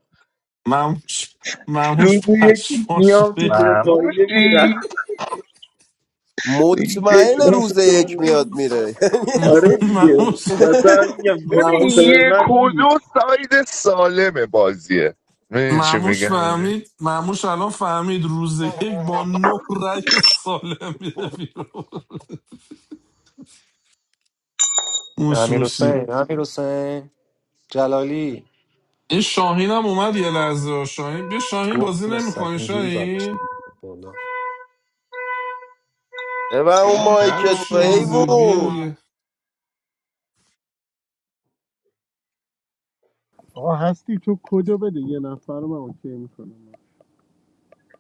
مموش مموش
روزی یکی
پشماش
میام تو
ریخت.
دفاعیه
معموشی
مطمئن روز یک میاد میره
آره دیگه
مموش
مثلا میگم
ببین
مناسب
مموش
من
یک و دو
نیست
ساید سالم بازیه میدونی چی
مموش
میگن
فهمید مموش الان فهمید روز یک با نه رای سالم میره بیرون موش
امیر
موشی
حسین امیر حسین جلالی
این شاهین هم اومد یه لحظه شاهین بیا شاهین بازی
دخت مثل
نمیکنی
اینجوری زدش
شاهین
دیگه. بالا
ببن اون مایک
هر
تو
چی میزه بیا
حیوون
دیگه
آقا هستی تو کدو بده یه نفر من اوکی میکنم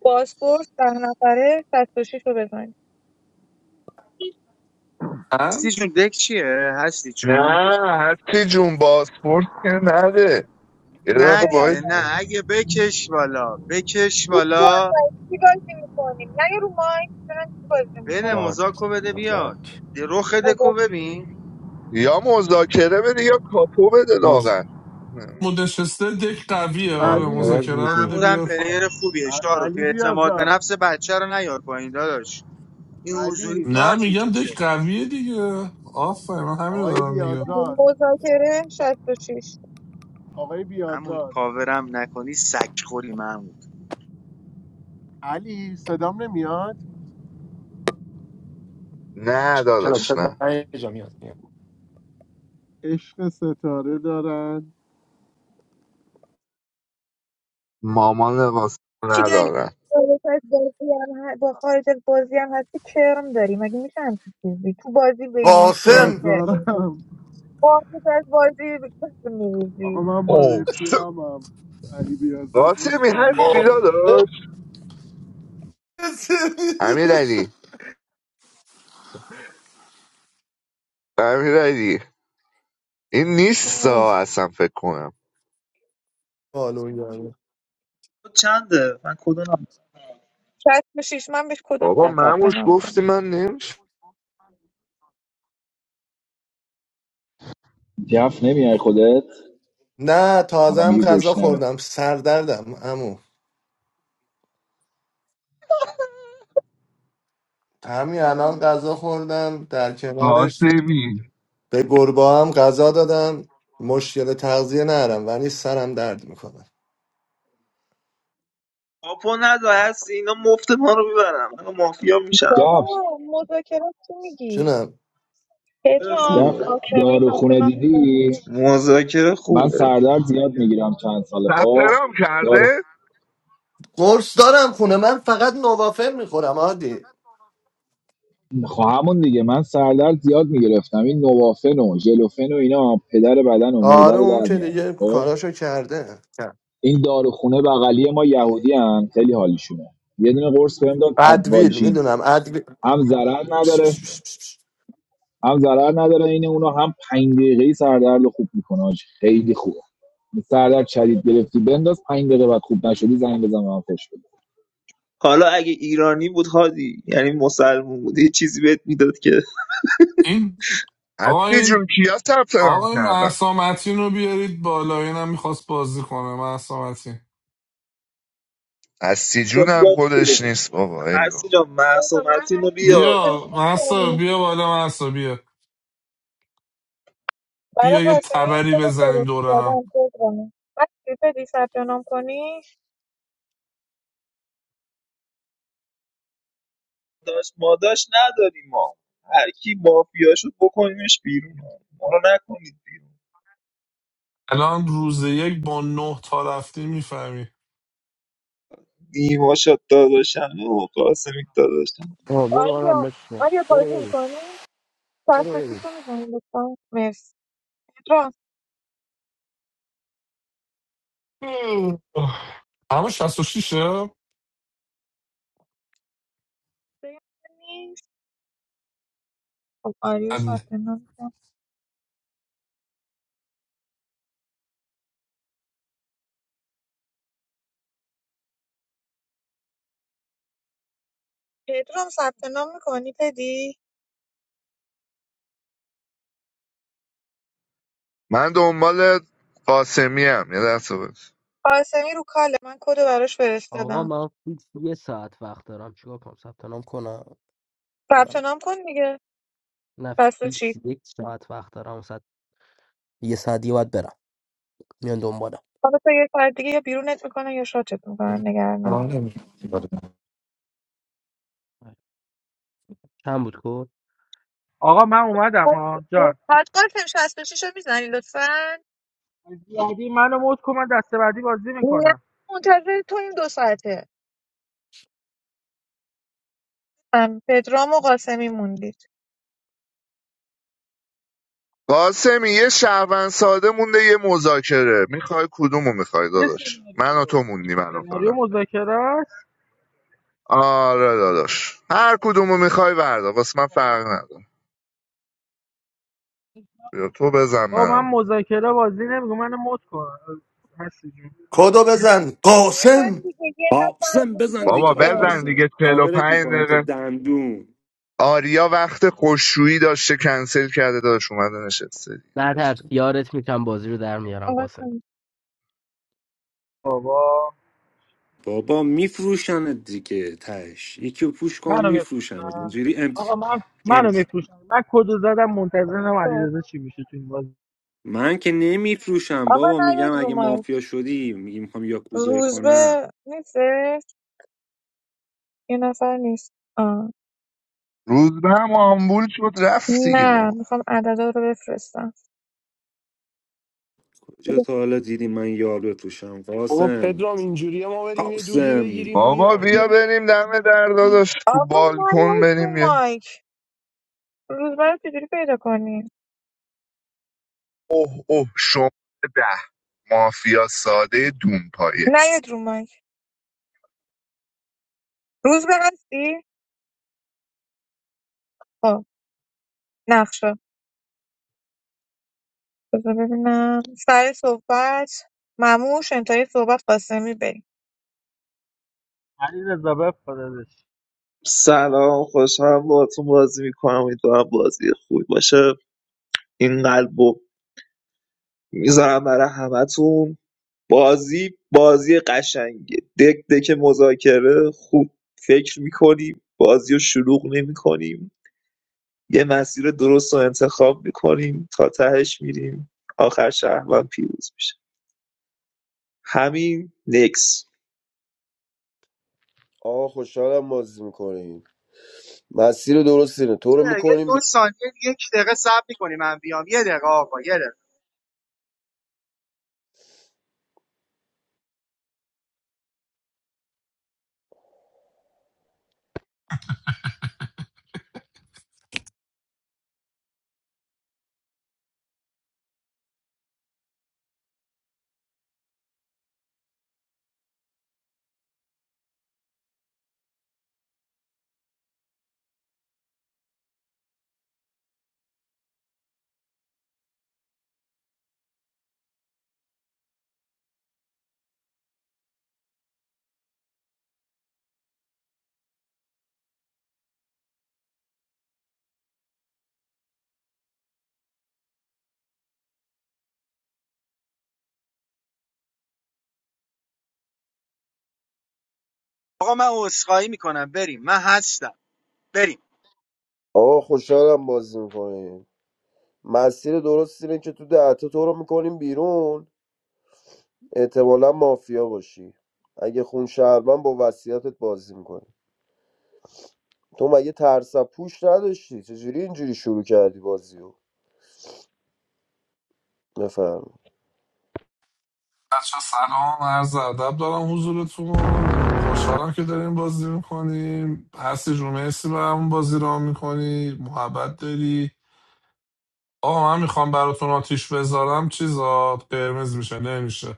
بازپرس ده نفره شست و شیش رو بزنی
هستی جون دک چیه هستی جون
نه هستی جون بازپورت که نده یه
که
نه
دقیقه باعث
بدم
دیگه
کن
نه اگه بکش والا بکش
چی
والا
کن؟ چی بازی میکنی؟ نه یه رو مایک دارن چی بازی
بده
زد
میکنی؟
مزاکو بده
زد
بیاد رخ دکو
مذاکره
ببین
یا مذاکره بده یا کاپو بده
اون
لاغر
نشسته دک قویه آره
علی
اسنایپر
مذاکره رو
بودیم
بده
محمودم
بیاد
پلیر خوبیه شارو تو
علی
اعتماد به
بیازار
نفس بچه رو نیار پایین داداش این حضوری
علی
نه
کارت
میگم دک
میکشه
قویه دیگه آفرین من همین رو
آقای
دارم میگم
بیازار
مذاکره شست و شیش
آقای
محمود
بیازار
کاورم نکنی سگ خوری محمود
علی صدام نمیاد
نه
چرا چه
داداش نه
دقیقه جا میاد
عشق ستاره دارن
مامان قاسم
چی دنی؟
ندارن
خارج از بازی هم ه- با خارج از بازی هم هستی کرم داری مگه میشه همچین چیزی تو بازی بین اون کیه
قاسم
کرم
بیازارم
قانون از بازی
آقا
میریزی
من با
اوه
رفیقمم علی بیازار
قاسمی
دوستم
هستی
اینجا
داداش امیر علی امیر علی این نیست اصلا فکر کنم
آلو
چنده من کدوم
شست شیش من بهش کدو
بابا
میدم ثبت
مموش
نام کن
گفتی من نمیشه
جف نمیای خودت
نه
حالا
تازم
میگه
غذا
گشنمه
خوردم سردردم امو همین الان غذا خوردم در کنارش
قاسمی
به گربه هم غذا دادم مشکل تغذیه نرم ولی سرم درد میکنه
کاپو ندا هستی اینا مفت ما رو میبرم من مافیا میشم
بابا
جف
مذاکرات چی میگی
جونم
پدرام
جف
خوبه
قاسمی ثبت
داروخونه
نام میکنی
دیدی
مذاکره
من
خوبه
سردرد زیاد میگیرم چند ساله
ثبت
خب
نام کرده؟
قرص دارم خونه من فقط نوافل میخورم عادی
خب همون دیگه من سردرد زیاد میگرفتم این نوافن و ژلوفن و اینا پدر بدن و معده
آره
رو
اون
در
که
میارن
دیگه
خب
کاراشو کرده
این داروخونه بغلی ما یهودی هن. خیلی حالیشونه یه دونه قرص بهم داد
ادویل
ادوالژین
میدونم ادویل
هم ضرر
پس،
نداره
پس، پس، پس.
هم ضرر نداره این اونو هم 5 دقیقه‌ای سردرد رو خوب میکنه آج. خیلی خوبه سردرد شدید گرفتی بنداز 5 دقیقه بعد خوب نشدی زنگ بزن به من فش بده
حالا اگه ایرانی بود هادی یعنی مسلمون بود یه چیزی بهت میداد که
این آقا
اصلی
این
جون کیا ثبت نام
آقا این
کردن
مهسا متین رو بیارید بالا اینم میخواست بازی کنه محسا متین
اصلی جون هم
بیاد خوبه
خودش نیست بابا ای
هستی
بابا
جان مهسا
پدرام من
متین رو
هستم
بیار
قاسمی
بیا محسا بیا بالا محسا بیا
برای
بیا یه
قاسمی
تبری
کدو
بزنیم دوره هم
فرستادم پدرام بسی بدی ثبت نام کنی
داشت ما داشت نداریم ما هر کی مافیا شد بکنیمش بیرون ما رو نکنید بیرون
الان روز یک با نه تا رفتی میفهمی
نیما شد داداشم و قاسمی داداشم
آه برو برم
آریا
بشنم
آریا
برو
بازی
بریم
میکنی
برو
شست و
بریم
شیش رو میزنی لطفا مرسی پدرام
اما 66 ه
صدای من نیست خب آریا ثبت نام می‌کنه. پدرام ثبت نام میکنی پدی
من دنبال قاسمی هم یه دست بس.
قاسمی رو کاله من کدو براش
آقا
فرستادم
من فیکس یه ساعت وقت دارم چیکار کنم ثبت نام کنم یا
ثبت
نه
نام کن دیگه
نه
بسته
فیکس
چی؟
یک ساعت وقت دارم ساعت یه ساعت دیگه باید برم میان دنبالم
حالا تا یه ساعت دیگه یا بیرونت میکنن یا شاتت میکنن نگران
آه،
نباش
نمیاد.
چند بود کد
آقا من اومدم ها جان
حد قاسم 66 رو میزنی لطفا
از بعدی منو مود کن من دست بعدی بازی
نه
میکنم
منتظر تو این دو ساعته هم پدرام و قاسمی موندید
قاسمی یه شهروند ساده مونده یه مذاکره میخوای کدومو میخوای
یه
داداش من و تو
سناریو
موندی منو
سناریو
فقط
مذاکره است
آره داداش هر کدومو میخوای وردا واسه من فرق نداره بیا تو بزن
با من
منم
مذاکره بازی نمیکنم منو مود کن هستی جون
کدو بزن
بزن
قاسم
دیگه یه نفر
قاسم
مونده
بزن
بابا
دیگه
دیگه
آش
بزن
قاسم
دیگه
قابلت
45
میکنم تو
دقیقه
دندون
آریا وقت خوشویی داشته کنسل کرده داشت اومده نشسته دیگه
نه ترس یارت میکنم بازی رو در میارم قاسم
قاسم،
بابا
بابا میفروشنت دیگه تش یکی رو پوش کن
منو
میفروشنت
میفروشم
اینجوری
آقا من
ام
منو میفروشم من کدو زدم منتظرم
خب.
علیرضا چی میشه تو این بازی
من که نمیفروشم
آقا
بابا میگم
نیاد رو
اگه
مایک
مافیا شدی میگی میخوام یاکوزایی کنم
روزبه نیستش یه نفر نیست آه.
روز به هم آمبول شد رفت دیگه
نه
بابا
میخوام عددا رو بفرستم
کجا تا حالا دیدی من یار بفروشم
بابا
قاسم
پدرام اینجوریه ما بریم یه دودی
قاسم
بگیریم
بابا
بیایم
بیا بریم دم در داداش تو
آقا
بالکن
نیاید رو
بریم یه
مایک روزبه رو چجوری پیدا کنی
اوه اوه شما ده مافیا ساده دونپایه
نیاید رو مایک روزبه هستی خب نقشه بذار ببینم سر صحبت مموش انتهای صحبت قاسمی بریم
علیرضا بفرستش
سلام خوشحالم باهاتون بازی میکنم امیدوارم بازی خوبی باشه این قلبو میذارم برای همتون بازی بازی قشنگه دک دک مذاکره خوب فکر میکنیم بازی رو شلوغ نمیکنیم یه مسیر درست رو انتخاب میکنیم تا تهش میریم آخر شهروند پیروز میشه همین نکس
آقا خوشحالم بازی میکنیم مسیر درست اینه تو رو
یه
میکنیم
دو
بی...
ثانیه یک دقیقه صبر میکنی من بیام یه دقیقه آقا یه دقیقه آقا من عذرخواهی میکنم بریم من هستم بریم
آقا خوشحالم بازی میکنیم مسیر درست اینه که تو دهتا تو رو میکنیم بیرون احتمالا مافیا باشی اگه خون شهروند با وصیتت بازی میکنی تو مگه ترس از پوش نداشتی چجوری اینجوری شروع کردی بازی رو بفرم
بچه سلام عرض ادب دارم حضورتون خوشحالم که داریم بازی میکنیم هستی جون مرسی برامون بازی را میکنی محبت داری آقا من میخوام براتون آتیش بذارم چیزا قرمز میشه نمیشه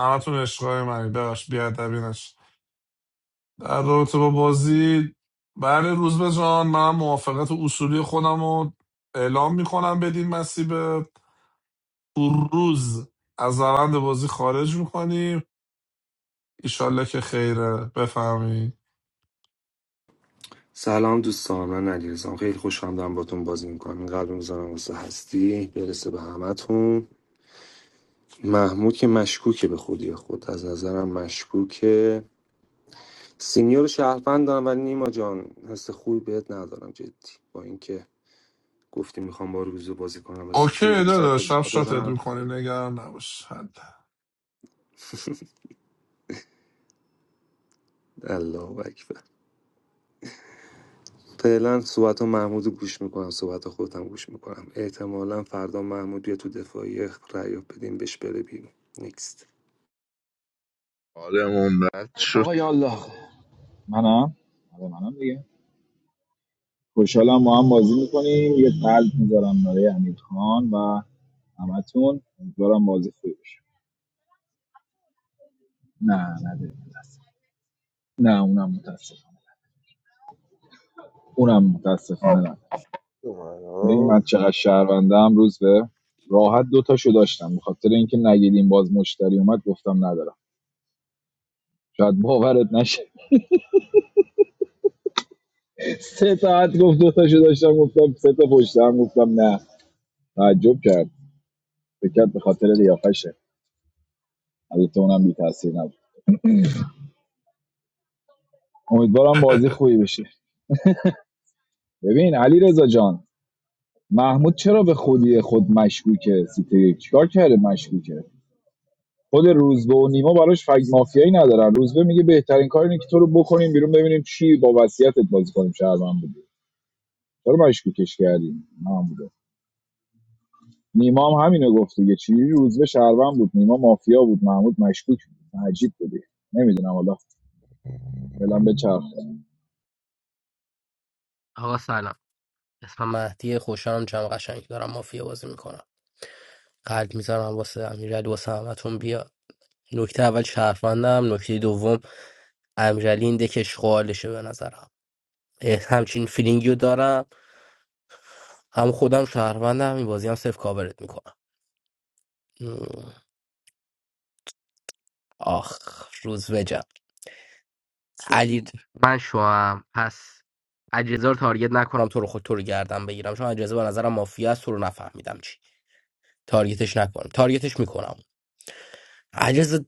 همتون عشقای منی ببخش بیادبی نشه در رابطه با بازی بله روز به جان من موافقت اصولی خودم رو اعلام میکنم بدین مسیب روز از روند بازی خارج میکنیم ایشالله که خیره بفهمی
سلام دوستان من علیرضام خیلی خوشحال دارم باتون بازی میکنم قلب میزنم واسه هستی برسه به همتون محمود که مشکوکه به خودی خود از نظرم مشکوکه سینیور شهروند دارم ولی نیما جان حس خوبی بهت ندارم جدی با اینکه گفتی میخوام با روزو بازی کنم حس خوبی
اوکی
شب
داداش شب شاتت
ندارم
میکنیم نگران نباش حد
الله اکبر فعلا صحبت ها محمود رو گوش میکنم صحبت خودم گوش میکنم احتمالا فردا محمود بیا تو دفاعی رأی بدیم بهش بره بیرون نیکست
حالمون بد
آقا
شد
یا الله منم آره منم دیگه خوشحالم ما هم بازی میکنیم یه قلب میذارم برای امیر و همتون امیدوارم بازی خوبی بشه نه نه نه اونم متاسفم اونم متاسفانه نه ببین من چقدر شهروندم روز به راحت دو تاشو داشتم به خاطر اینکه نگیدیم باز مشتری اومد گفتم ندارم شاید باورت نشه سه ساعت گفت دو تاشو داشتم گفتم سه تا پشت هم گفتم نه تعجب کرد فکر کرد به خاطر لیاقشه البته اونم بی تاثیر نبود امیدوارم بازی خوبی بشه ببین علی رضا جان محمود چرا به خودی خود مشکوکه سیتی یک چیکار کرده مشکوکه خود روزبه و نیما براش فگ مافیایی ندارن روزبه میگه بهترین کار اینه که تو رو بکنیم بیرون ببینیم چی با وصیتت بازی کنیم شهروند بودی چرا مشکوکش کردیم نه نیما هم همینو گفت دیگه چی روزبه شهروند بود نیما مافیا بود محمود مشکوک بود عجیب بودی نمیدونم حالا فعلا به چرخ
آقا سلام اسمم مهدی خوشحالم جمع قشنگ دارم مافیا بازی میکنم قلب میذارم واسه امیرعلی واسه همتون بیا نکته اول شهروندم نکته دوم امیرعلی این دکش خالشه به نظرم اه، همچین فیلینگی رو دارم هم خودم شهروندم این بازی هم صرف کاورت میکنم آخ روز وجم علی من شوام پس علیرضا رو تارگت نکنم تو رو خود تو رو گردم بگیرم چون علیرضا به نظرم مافیا است تو رو نفهمیدم چی تارگتش نکنم تارگتش میکنم علیرضا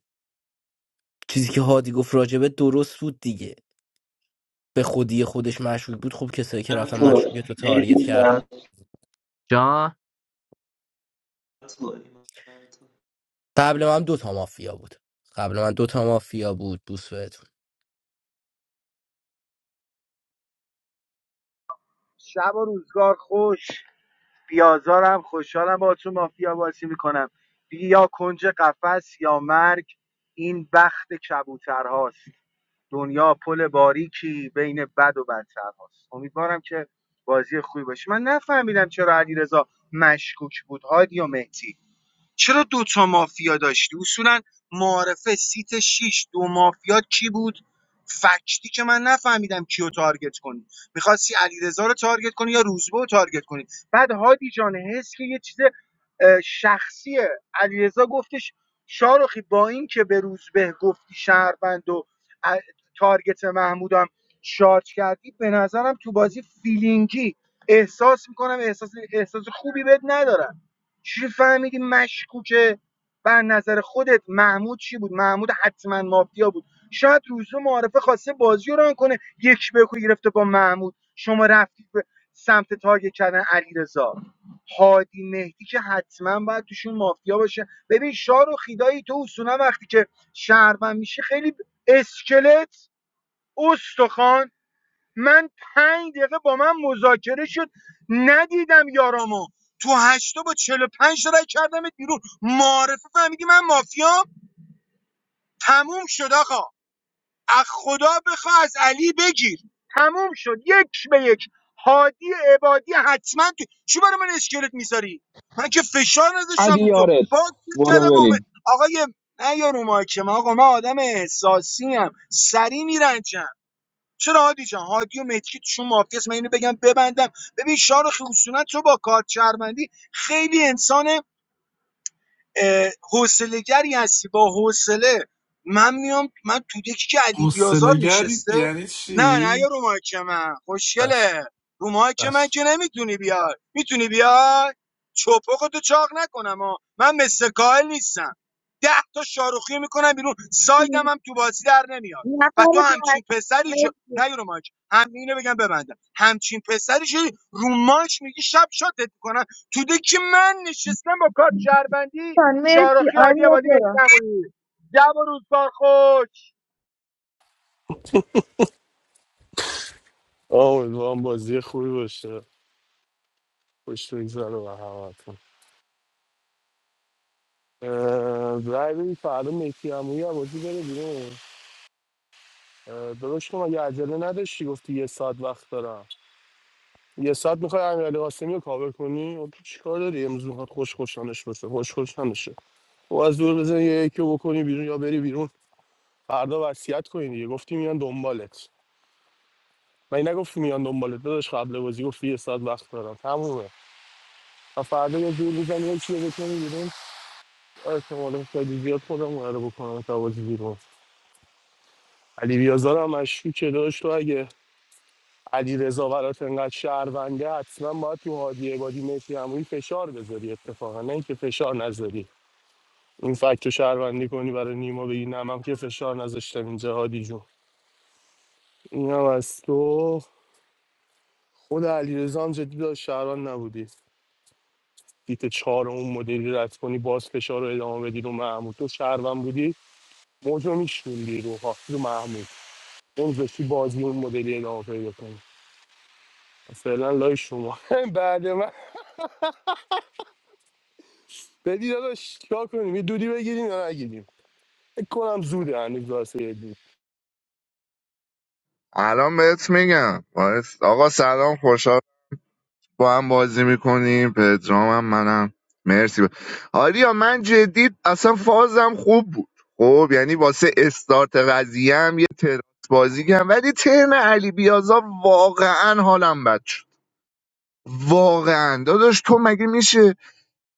چیزی که هادی گفت راجبه درست بود دیگه به خودی خودش مشکوک بود خب کسایی که رفتن مشکوک تو تارگت کردن جان قبل من دو تا مافیا بود قبل من دو تا مافیا بود بوسوت
شب و روزگار خوش بیازارم خوشحالم با تو مافیا بازی میکنم دیگه یا کنج قفس یا مرگ این بخت کبوترهاست دنیا پل باریکی بین بد و بدترهاست امیدوارم که بازی خوبی باشه من نفهمیدم چرا علیرضا مشکوک بود هادی و مهدی چرا دوتا مافیا داشتی اصولا معارفه سیت 6 دو مافیا کی بود فکتی که من نفهمیدم کیو تارگت کنی میخواستی علیرضا رو تارگت کنی یا روزبه رو تارگت کنی بعد هادی جان حس که یه چیز اه، شخصیه علیرضا گفتش شارخی با این که به روزبه گفتی شهروند و تارگت محمودم شارژ کردی به نظرم تو بازی فیلینگی احساس میکنم احساس احساس خوبی بد ندارم چجوری فهمیدی مشکوکه بر نظر خودت محمود چی بود محمود حتما مافیا بود شاید روزو معارفه خواسته بازی رو ران کنه یک به یک رو گرفته با محمود شما رفتید به سمت تارگت کردن علیرضا هادی مهدی که حتما باید توشون مافیا باشه ببین شار و خیدایی تو اصولا وقتی که شهروند میشه خیلی ب- اسکلت استخوان من پنج دقیقه با من مذاکره شد ندیدم یارامو تو هشتا با چلو پنج تا رای کردمت بیرون معارفه فهمیدی من مافیا تموم شد آقا از خدا بخوا از علی بگیر تموم شد یک به یک هادی عبادی حتما تو چی برای من اسکلت میذاری من که فشار نذاشتم
علی
رو تو
یارت
باز
برو
کردم اومد
بریم
آقای نه یارو مایکم آقا من آدم احساسی هم سری میرنجم چرا هادی جان هادی و مهدی که توشون مافیاست من اینو بگم ببندم ببین شارخ اصولا تو با کارت شهروندی خیلی انسان حوصله‌گری هستی با حوصله من میام من تو دکی که علی بیازار
گری
نشسته
یعنی
نه نه یا
چی؟
رو مایک من
بس
خوشگله رو مایک من
بس
که نمیتونی بیای میتونی بیای چپقتو چاق نکنم ها من مثل کاهل نیستم ده تا شاروخی میکنم بیرون سایدم هم تو بازی در نمیاد
نفر
و تو
بعد
همچین پسری شد
مرسی
نه یا رو مایک هم اینو بگم ببندم همچین پسری شدی رو مایک میگی شب شاتت میکنم تو دکی من نشستم با کارت شهروندی
خان، مرسی
شارخی عادی
آریا
آبادی بهش
برو
نمونی جب و روزگار خوش
امیدوارم بازی خوبی باشه خوش بگذره به همتون اه، رای بدید فردا مهدی عمویی از بازی بره بیرون اه، داداش تو مگه عجله نداشتی گفتی یه ساعت وقت دارم یه ساعت میخوای امیرعلی قاسمی رو کاور کنی خب تو چیکار داری امروز میخواد خوش خوشانش بشه خوش خوشانشه و از دور بزن یه یکی رو بکنی بیرون یا بری بیرون فردا وصیت کنی دیگه گفتی میان دنبالت من نگفتی میان دنبالت داداش قبل بازی گفتی یه ساعت وقت دارم تمومه و فردا یه دور میزنی یکی رو بکنی بیرون احتمال خیلی زیاد خودمون رو بکنم تا بازی بیرون علی بیازار هم مشکوکه داشت تو اگه علی رضا برات انقدر شهرونده حتما باید تو هادی عبادی مهدی عمویی فشار بذاری اتفاقا نه اینکه فشار نذاری این فکت رو شهروندی کنی برای نیما بگی نه من که فشار نذاشتم اینجا هادی جون این از تو خود علی هم جدی داشت شهروند نبودی دیت چهار اون مدلی رد کنی باز فشار رو ادامه بدی رو محمود تو شهروند بودی موجو میشوندی روها رو محمود اون داشتی بازی اون مدلی ادامه پیدا کنی فعلا لای شما بعد من بدی داداش چیکار کنیم یه دودی بگیریم یا نگیریم فکر کنم زوده هنوز واسه یه دود
الان بهت میگم باعث- آقا سلام خوشحال با هم بازی میکنیم پدرام هم منم مرسی با... آریا من جدید اصلا فازم خوب بود خب یعنی واسه استارت قضیه هم یه تراس بازی کردم ولی ترن علی بیازا واقعا حالم بد شد واقعا داداش تو مگه میشه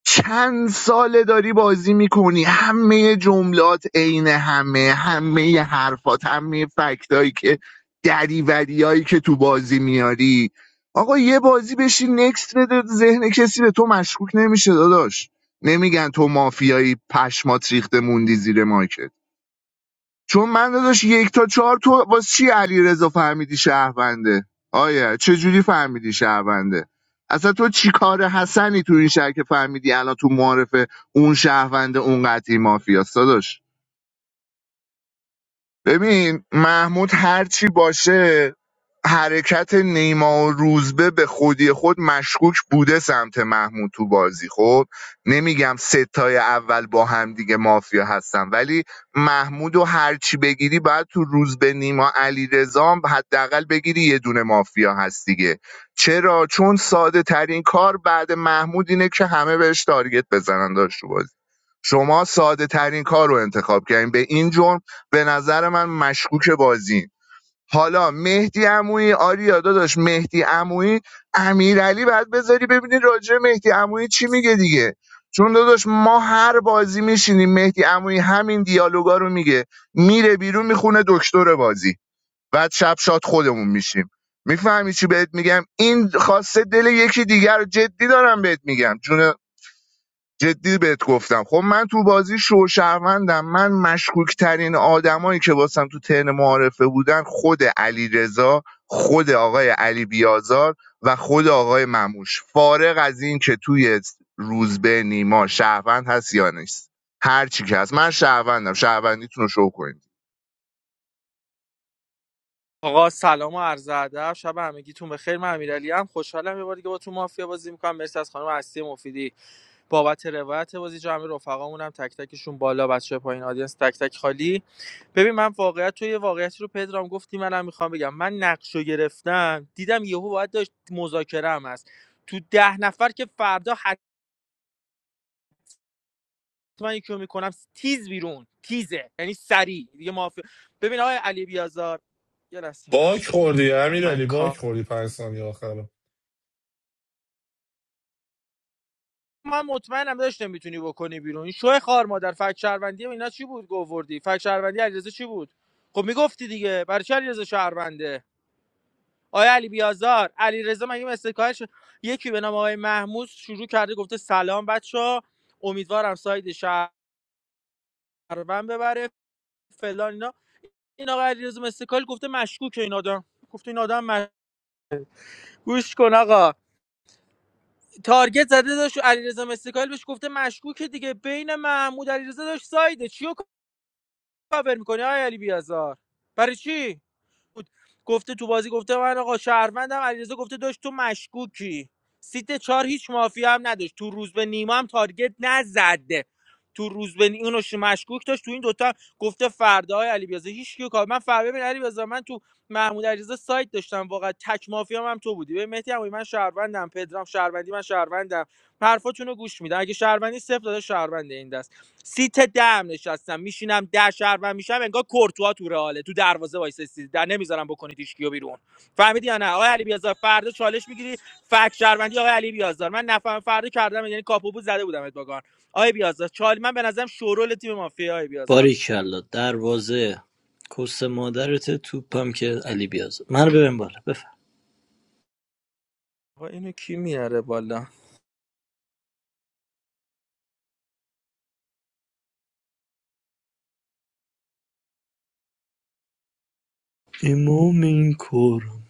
چند ساله داری بازی میکنی همه جملات عین همه همه حرفات همه فکتایی که دریوری هایی که تو بازی میاری آقا یه بازی بشی نکست بده ذهن کسی به تو مشکوک نمیشه داداش نمیگن تو مافیایی پشمات ریخته موندی زیر مایکت چون من داداش یک تا چهار تو واسه چی علیرضا فهمیدی شهرونده آیا چجوری فهمیدی شهرونده اصلا تو چی کار حسنی تو این شهر که فهمیدی الان تو معارفه اون شهرونده اون قطعی مافیاست داداش ببین محمود هرچی باشه حرکت نیما و روزبه به خودی خود مشکوک بوده سمت محمود تو بازی خب نمیگم ستای اول با هم دیگه مافیا هستن ولی محمود و هرچی بگیری باید تو روزبه نیما علی رزام حداقل بگیری یه دونه مافیا هست دیگه چرا چون ساده ترین کار بعد محمود اینه که همه بهش تارگت بزنن داشت تو بازی شما ساده ترین کار رو انتخاب کردین به این جرم به نظر من مشکوک بازین حالا مهدی عمویی آریا داداش مهدی عمویی امیرعلی بعد بذاری ببینی راجع به مهدی عمویی چی میگه دیگه چون داداش ما هر بازی میشینیم مهدی عمویی همین دیالوگا رو میگه میره بیرون میخونه دکتر بازی بعد شب شاد خودمون میشیم میفهمی چی بهت میگم این خواسته دل یکی دیگر رو جدی دارم بهت میگم جون جدی بهت گفتم خب من تو بازی شوشهروندم من مشکوک ترین آدمایی که واسم تو ترن معارفه بودن خود علی رضا خود آقای علی بیازار و خود آقای مموش فارغ از این که توی روزبه نیما شهروند هست یا نیست هر چی که هست من شهروندم شهروندیتون رو شو کنید
آقا سلام و عرض ادب شب همگیتون بخیر من امیرعلی هم خوشحالم یه بار دیگه با تو مافیا بازی میکنم مرسی از خانم هستی مفیدی بابت روایت بازی جمع رفقامون هم تک تکشون بالا بچه پایین آدینس تک تک خالی ببین من واقعیت تو یه واقعیتی رو پدرام گفتی منم میخوام بگم من نقش گرفتم دیدم یهو باید داشت مذاکره هم هست تو ده نفر که فردا حتما یکی رو میکنم تیز بیرون تیزه یعنی سریع دیگه مافی ببین آقای علی بیازار یه لحظه
باک
باش.
خوردی
من
امیرعلی
کار
باک خوردی پنج ثانیه آخر
من مطمئنم داشت میتونی بکنی بیرون این شوه خار مادر فک شهروندی اینا چی بود گووردی فک شهروندی علیرضا چی بود خب میگفتی دیگه برای چه علیرضا شهرونده آیا علی بیازار علیرضا مگه مستکارش یکی به نام آقای محمود شروع کرده گفته سلام بچه امیدوارم ساید شهروند ببره فلان اینا این آقای علیرضا مستکال گفته مشکوکه این آدم گفته این آدم مش... گوش کن آقا تارگت زده داشت علیرضا مستکال بهش گفته مشکوکه دیگه بین محمود علیرضا داشت سایده چیو کاور میکنی آقای علی بیازار برای چی بود گفته تو بازی گفته من آقا شهروندم علیرضا گفته داشت تو مشکوکی سیت چهار هیچ مافیا هم نداشت تو روز به نیما هم تارگت نزده تو روز به نی- اونو مشکوک داشت تو این دوتا هم گفته فردا های علی بیازار هیچ کیو کار من فردا ببین علی بیازار من تو محمود علیرضا سایت داشتم واقعا تک مافیا هم, هم تو بودی ببین مهدی عمویی من شهروندم پدرام شهروندی من شهروندم حرفاتونو گوش میدم اگه شهروندی صفر داده شهروند این دست سیت دم نشستم میشینم ده شهروند میشم انگار کورتوا تو رئاله تو دروازه وایسه سیت در نمیذارم بکنید هیچ کیو بیرون فهمیدی یا نه آقای علی بیازار فردا چالش میگیری فک شهروندی آقای علی بیازار من نفهم فردا کردم یعنی کاپو بود زده بودم ادواگان آقای بیازار چال من به نظرم شورول تیم مافیا آقای بیازار
باریکلا دروازه کس مادرته توپم که علی بیازار منو ببین بالا بفرم
آقا اینو کی میاره بالا
امام این کارم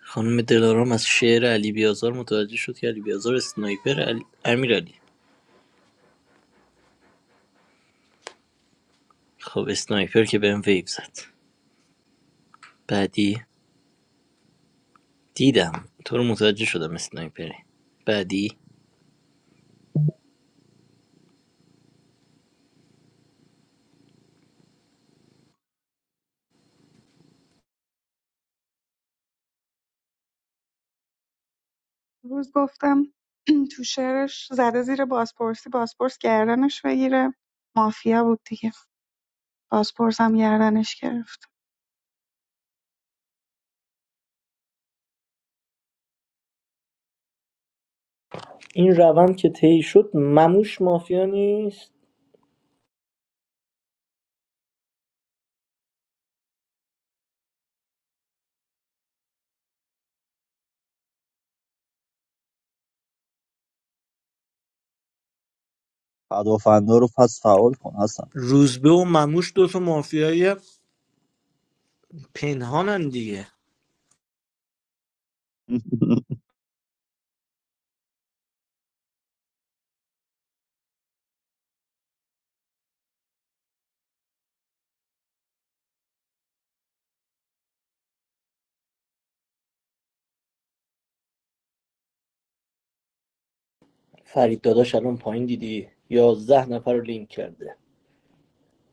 خانم دلارام از شعر علی بیازار متوجه شد که علی بیازار اسنایپر علی... امیر علی خب اسنایپر که بهم ویب زد بعدی دیدم تو رو متوجه شدم اسنایپری بعدی
روز گفتم تو شعرش زده زیر بازپرسی بازپرس گردنش بگیره مافیا بود دیگه بازپرس هم گردنش گرفت
این روند که طی شد مموش مافیا نیست
پدافندا رو پس فعال کن حسن
روزبه و مموش دوتا مافیای پنهانن دیگه فرید داداش الان پایین دیدی یازده نفر رو لینک کرده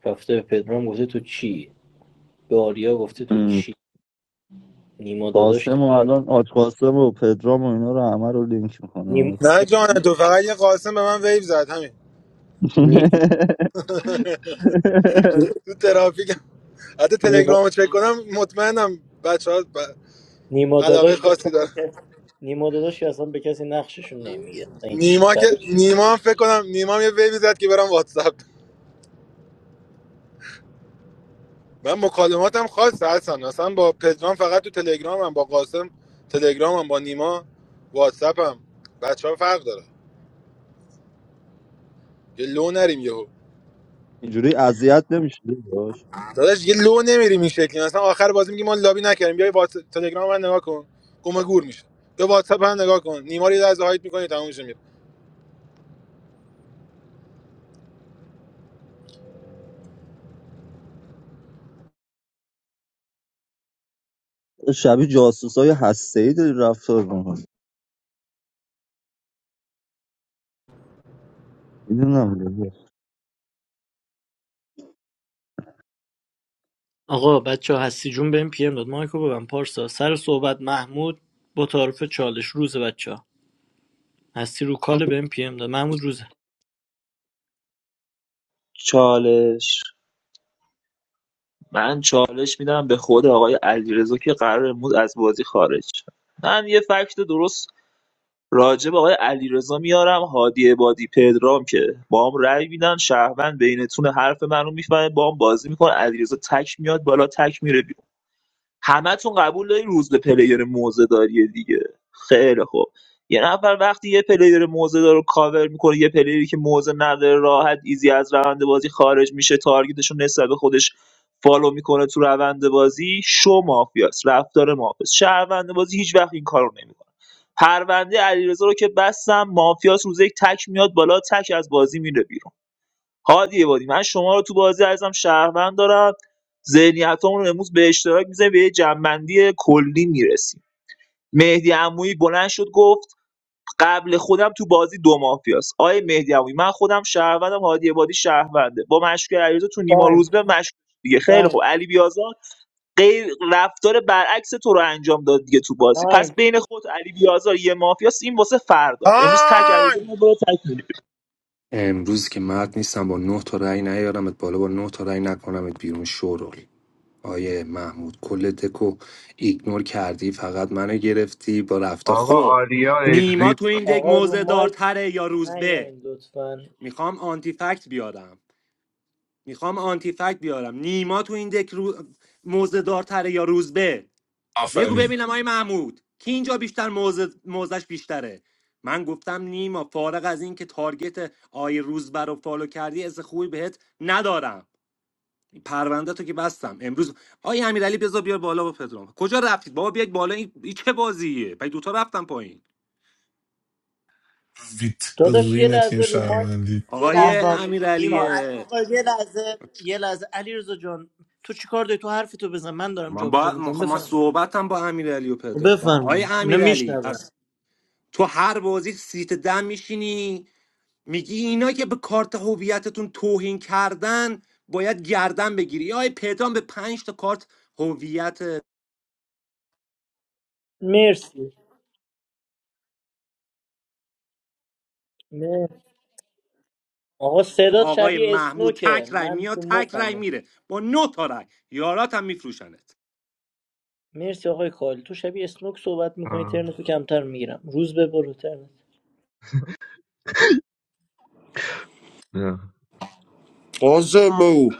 رفته به پدرام گفته تو چی به آریا گفته تو
ام،
چی نیما داداش که
قاسم و الان آج قاسم و پدرام و اینا رو همه رو لینک میکنه
نیم...
نه جان تو فقط یه قاسم به من ویب زد همین
نی-
تو ترافیک حتی
نیما...
تلگرامو چک کنم مطمئنم بچه ها
نیما
علاقه
داداش که اصلا
خاصی
به
دارن
کس- نیما داداش که اصلا به کسی نقششون نمیگه این چی
نیما که
فرید
نیما هم فکر کنم نیما هم یه ویبی زد که برم واتساپ من مکالماتم خاصه هستن اصلا با پدرام فقط تو تلگرامم با قاسم تلگرامم با نیما واتساپم بچه ها فرق داره یه لو نریم یهو
اینجوری اذیت نمیشه باش
داداش یه لو نمیریم این شکلی مثلا آخر بازی میگیم ما لابی نکردیم بیا واتس تلگرام من نگاه کن گم گور میشه یا واتساپ من نگاه کن نیماری از هایت میکنی تموم میشه میره
شبیه جاسوس های هسته ای داری رفتار میکنی
آقا بچه هستی جون بهم پی ام داد مایکو ببن پارسا سر صحبت محمود با تعارف چالش روز بچه ها هستی رو کال بهم پی ام داد محمود روزه
چالش من چالش میدم به خود آقای علیرضا که قرار امروز از بازی خارج شه. من یه فکت درست راجع به آقای علیرضا میارم هادی عبادی پدرام که با هم رأی میدن شهروند بینتون حرف منو میفهمه با هم بازی میکنه علیرضا تک میاد بالا تک میره بیرون همتون قبول دارین روز به پلیر موزه دیگه خیلی خوب یه نفر وقتی یه پلیر موزه رو کاور میکنه یه پلیری که موزه نداره راحت ایزی از روند بازی خارج میشه تارگتشون نسبت به خودش فالو میکنه تو روند بازی شو مافیاس رفتار مافیاس شهروند بازی هیچ وقت این کارو نمیکنه پرونده علیرضا رو که بستم مافیاس روزه یک تک میاد بالا تک از بازی میره بیرون هادی عبادی من شما رو تو بازی عزیزم شهروند دارم ذهنیتامون رو امروز به اشتراک میذاریم به یه جنبندی کلی میرسیم مهدی عمویی بلند شد گفت قبل خودم تو بازی دو مافیاست آیه مهدی عمویی من خودم شهروندم هادی عبادی شهرونده با مشکل علیرضا تو نیما روز
تایم
به مشکل دیگه خیلی
تایم
خوب علی بیازار غیر رفتار برعکس تو رو انجام داد دیگه تو بازی پس
تایم
بین خود علی بیازار یه مافیاست این واسه فردا امروز تک علیرضا
تایم
ما برو تک می‌ریم.
امروز که مرد نیستم با نه تا رأی نیارمت بالا با نه تا رأی نکنمت بیرون شورول آیه محمود کل دکو ایگنور کردی فقط منو گرفتی با رفته
آقا
خب
آریا
نیما
اگزیت
تو این دک
آقا رو
موزه
مایک
دارتره یا روزبه
نیاین لطفا
میخوام آنتی فکت بیارم میخوام آنتی فکت بیارم نیما تو این دک رو... موزه دارتره یا روزبه بگو
آفرین
ببینم آی محمود کی اینجا بیشتر موضع موزش بیشتره من گفتم نیما فارغ از این که تارگت آی روزبر رو فالو کردی از خوبی بهت ندارم پرونده تو که بستم امروز آی امیرعلی بذار بیار بالا با پدرام کجا رفتید بابا بیاید بالا این, این چه بازیه پای دوتا رفتم پایین
داداش یه
ویترین تیم
لحظه رو مایک
شهروندی
یه
آقای
شهروند
لحظه
میشی
امیرعلی
نیما
میترسی
آقا یه لحظه یه لحظه علیرضا جان تو چیکار داری تو حرف تو بزن من دارم
من
جابجا
با من
میکنم
خب من
بفرما
صحبتم با امیرعلی و پدرام با آقای
بفرما اینا
امیرعلی
میشنون
پس تو هر بازی سیت دم میشینی میگی اینا که به کارت هویتتون توهین کردن باید گردن بگیری آی پدرام به پنج تا کارت هویت
مرسی نه. آقا صدات
آقای
شبیه
محمود تک
اسنوکه
رای
من تو
میاد تک رای
مخمه
میره با نه تا رای یارات هم میفروشنت
مرسی آقای کالی تو شبیه اسنوک صحبت میکنی ترنتو کمتر میگیرم روز به برو ترنت
نه.
قاسمو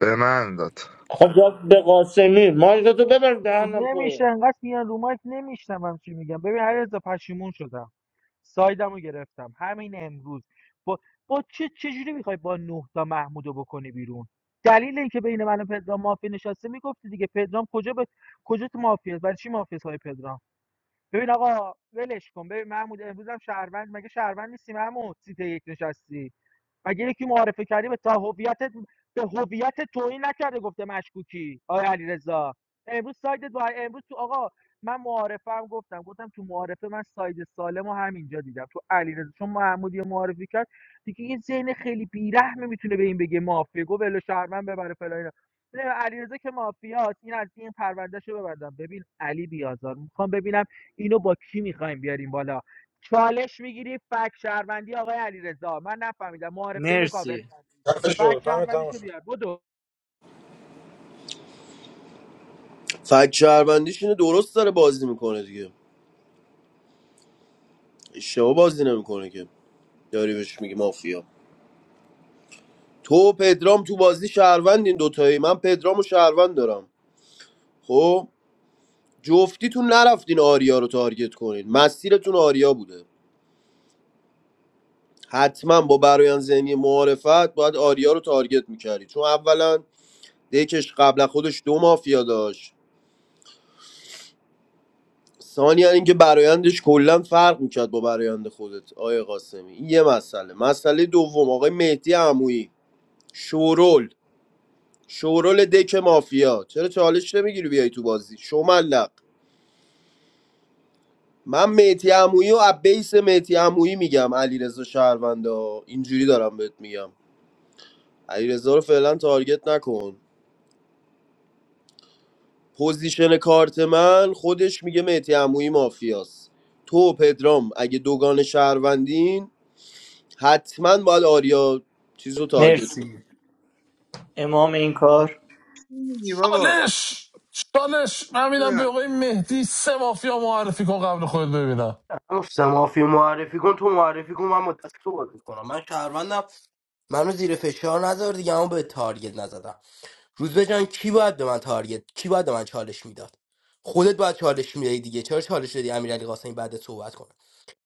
به من داد
خب جا به قاسمی مایک تو ببر دهنم
نمیشه
پره
انقدر میان رو مایک نمیشنوم چی میگم ببین هر پشیمون شدم سایدمو گرفتم همین امروز با با چه چجوری میخوای با نه تا محمودو بکنی بیرون دلیل اینکه بین من و پدرام مافیا نشسته میگفتی دیگه پدرام کجا به کجا تو مافیا است؟ برای چی مافیا های پدرام ببین آقا ولش کن ببین محمود امروز هم شهروند مگه شهروند نیستی محمود سیت یک نشستی اگه یکی معارفه کردی به تا هویتت به هویت توهین نکرده گفته مشکوکی آیا علیرضا امروز سایدت با امروز تو آقا من معارفم گفتم گفتم تو معارفه من ساید سالمو همینجا دیدم تو علیرضا چون محمودی یه معارفی کرد دیگه یه ذهن خیلی بیرحمه میتونه به این بگه مافیا گفت ول شهرمن ببره فلان اینا. نه، علیرضا که مافیاست این از این پروندهشو ببندم ببین علی بیازار میخوام ببینم اینو با کی میخوایم بیاریم بالا چالش میگیری فک شهروندی آقای علیرضا من نفهمیدم معارفه اینو کاور
مرسی
کردی
خفه
فک
شو تایم تموم
شهروندیشو
شد.
بیار بدو
فک شهروندیش اینه درست داره بازی میکنه دیگه اشتباه بازی نمیکنه که داری بهش میگی مافیا تو و پدرام تو بازی شهروند این دوتایی من پدرام و شهروند دارم خب جفتیتون نرفتین آریا رو تارگت کنین مسیرتون آریا بوده حتما با برایان ذهنی معارفت باید آریا رو تارگت میکردی چون اولا دیکش قبل خودش دو مافیا داشت ثانیا اینکه برایندش کلا فرق میکرد با برایند خودت آقای قاسمی این یه مسئله مسئله دوم آقای مهدی عمویی شورول شورول دک مافیا چرا چالش نمیگیری بیای تو بازی شملق من مهدی عمویی و ابیس مهدی عمویی میگم علیرضا شهروندا اینجوری دارم بهت میگم علیرضا رو فعلا تارگت نکن پوزیشن کارت من خودش میگه مهدی عمویی مافیاست تو و پدرام اگه دوگان شهروندین حتما باید آریا چیز رو تارگت کن
مرسی امام این کار
می‌گی بابا
چالش چالش من میدم به
نه.
آقای مهدی سه مافیا معرفی کن قبل خود ببینم
گفتم مافیا معرفی کن تو معرفی کن من مدت تو بازی کنم من شهروندم منو زیر فشار نذار دیگه اما به تارگت نزدم روزبه جان کی باید به من تارگت کی باید به من چالش میداد خودت باید چالش میدادی دیگه چرا چالش دادی امیرعلی قاسمی بعد صحبت کنه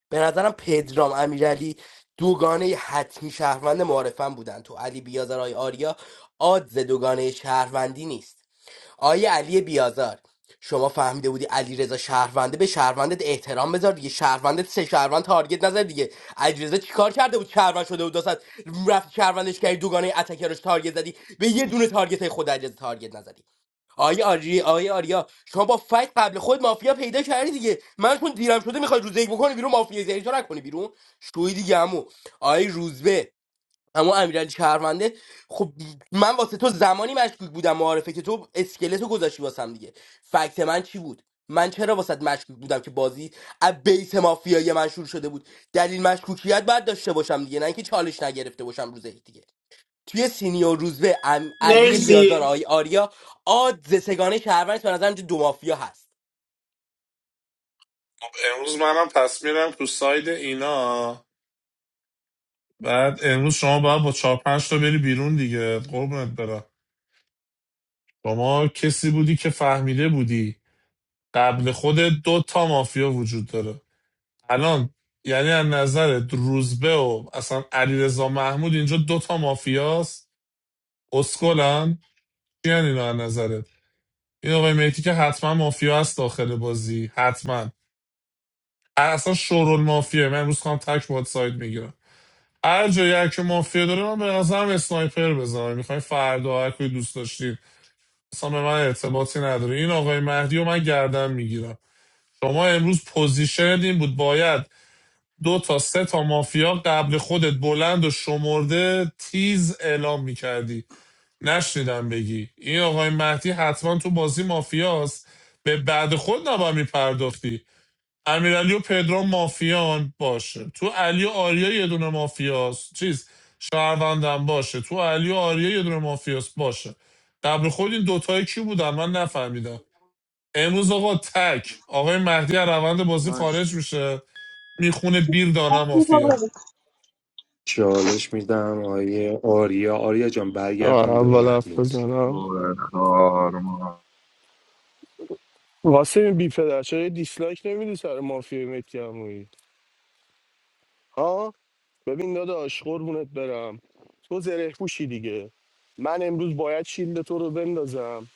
به نظرم پدرام امیرعلی دوگانه حتمی شهروند معارفم بودن تو علی بیازر آی آریا آدز دوگانه شهروندی نیست آقای علی بیازار شما فهمیده بودی علی رضا شهرونده به شهروندت احترام بذار دیگه شهروندت سه شهروند تارگت نزد دیگه علی رضا چیکار کرده بود شهروند شده بود داست رفت شهروندش کردی دوگانه اتکرش تارگت زدی به یه دونه تارگت خود علی تارگت نزدی آقای آری آقای آریا شما با فکت قبل خود مافیا پیدا کردی دیگه من چون دیرم شده میخوای روزه یک بکنی بیرون مافیا زری تو نکنی بیرون شوی دیگه عمو آقای روزبه اما امیرعلی شهرونده خب من واسه تو زمانی مشکوک بودم معارفه که تو اسکلتو گذاشتی واسم دیگه فکت من چی بود من چرا واسط مشکوک بودم که بازی از بیس مافیایی من شروع شده بود دلیل مشکوکیت باید داشته باشم دیگه نه اینکه چالش نگرفته باشم روز یک دیگه توی سینیور روزبه ام علی بیازار
مرسی
آی آریا آد سگانه شهروند به نظرم اینجا دو مافیا هست
خب، امروز منم پس میرم تو ساید اینا بعد امروز شما باید با چهار پنج تا بری بیرون دیگه قربونت برم شما کسی بودی که فهمیده بودی قبل خود دو تا مافیا وجود داره الان یعنی از نظر روزبه و اصلا علیرضا محمود اینجا دو تا مافیاست اسکلن چی یعنی اینا از نظرت این آقای مهدی که حتما مافیا است داخل بازی حتما اصلا شورول مافیا من امروز خواهم تک باید ساید میگیرم هر جایی که مافیا داره من به نظرم اسنایپر بزنم میخوای فردا هر کوی دوست داشتید اصلا به من ارتباطی نداره این آقای مهدی و من گردن میگیرم شما امروز پوزیشن این بود باید دو تا سه تا مافیا قبل خودت بلند و شمرده تیز اعلام میکردی نشنیدم بگی این آقای مهدی حتما تو بازی مافیاست به بعد خود نباید میپرداختی امیرعلی و پدرام مافیان باشه تو علی و آریا یه دونه مافیاست چیز شهروندم باشه تو علی و آریا یه دونه مافیاست باشه قبل خود این دوتای کی بودن من نفهمیدم امروز آقا تک آقای مهدی از روند بازی خارج
باش.
میشه میخونه بیر دانه
آریا
مافیا
برو
چالش میدم آیه آریا آریا جان
آه،
برگردون به
اول حرف
محمود
بزنم
دور خار ما.
واسه این بی پدر چرا یه دیسلایک نمیدی سر مافیا متی عمویی؟ ها ببین داداش قربونت برم تو زره پوشی دیگه من امروز باید شیلد تو رو بندازم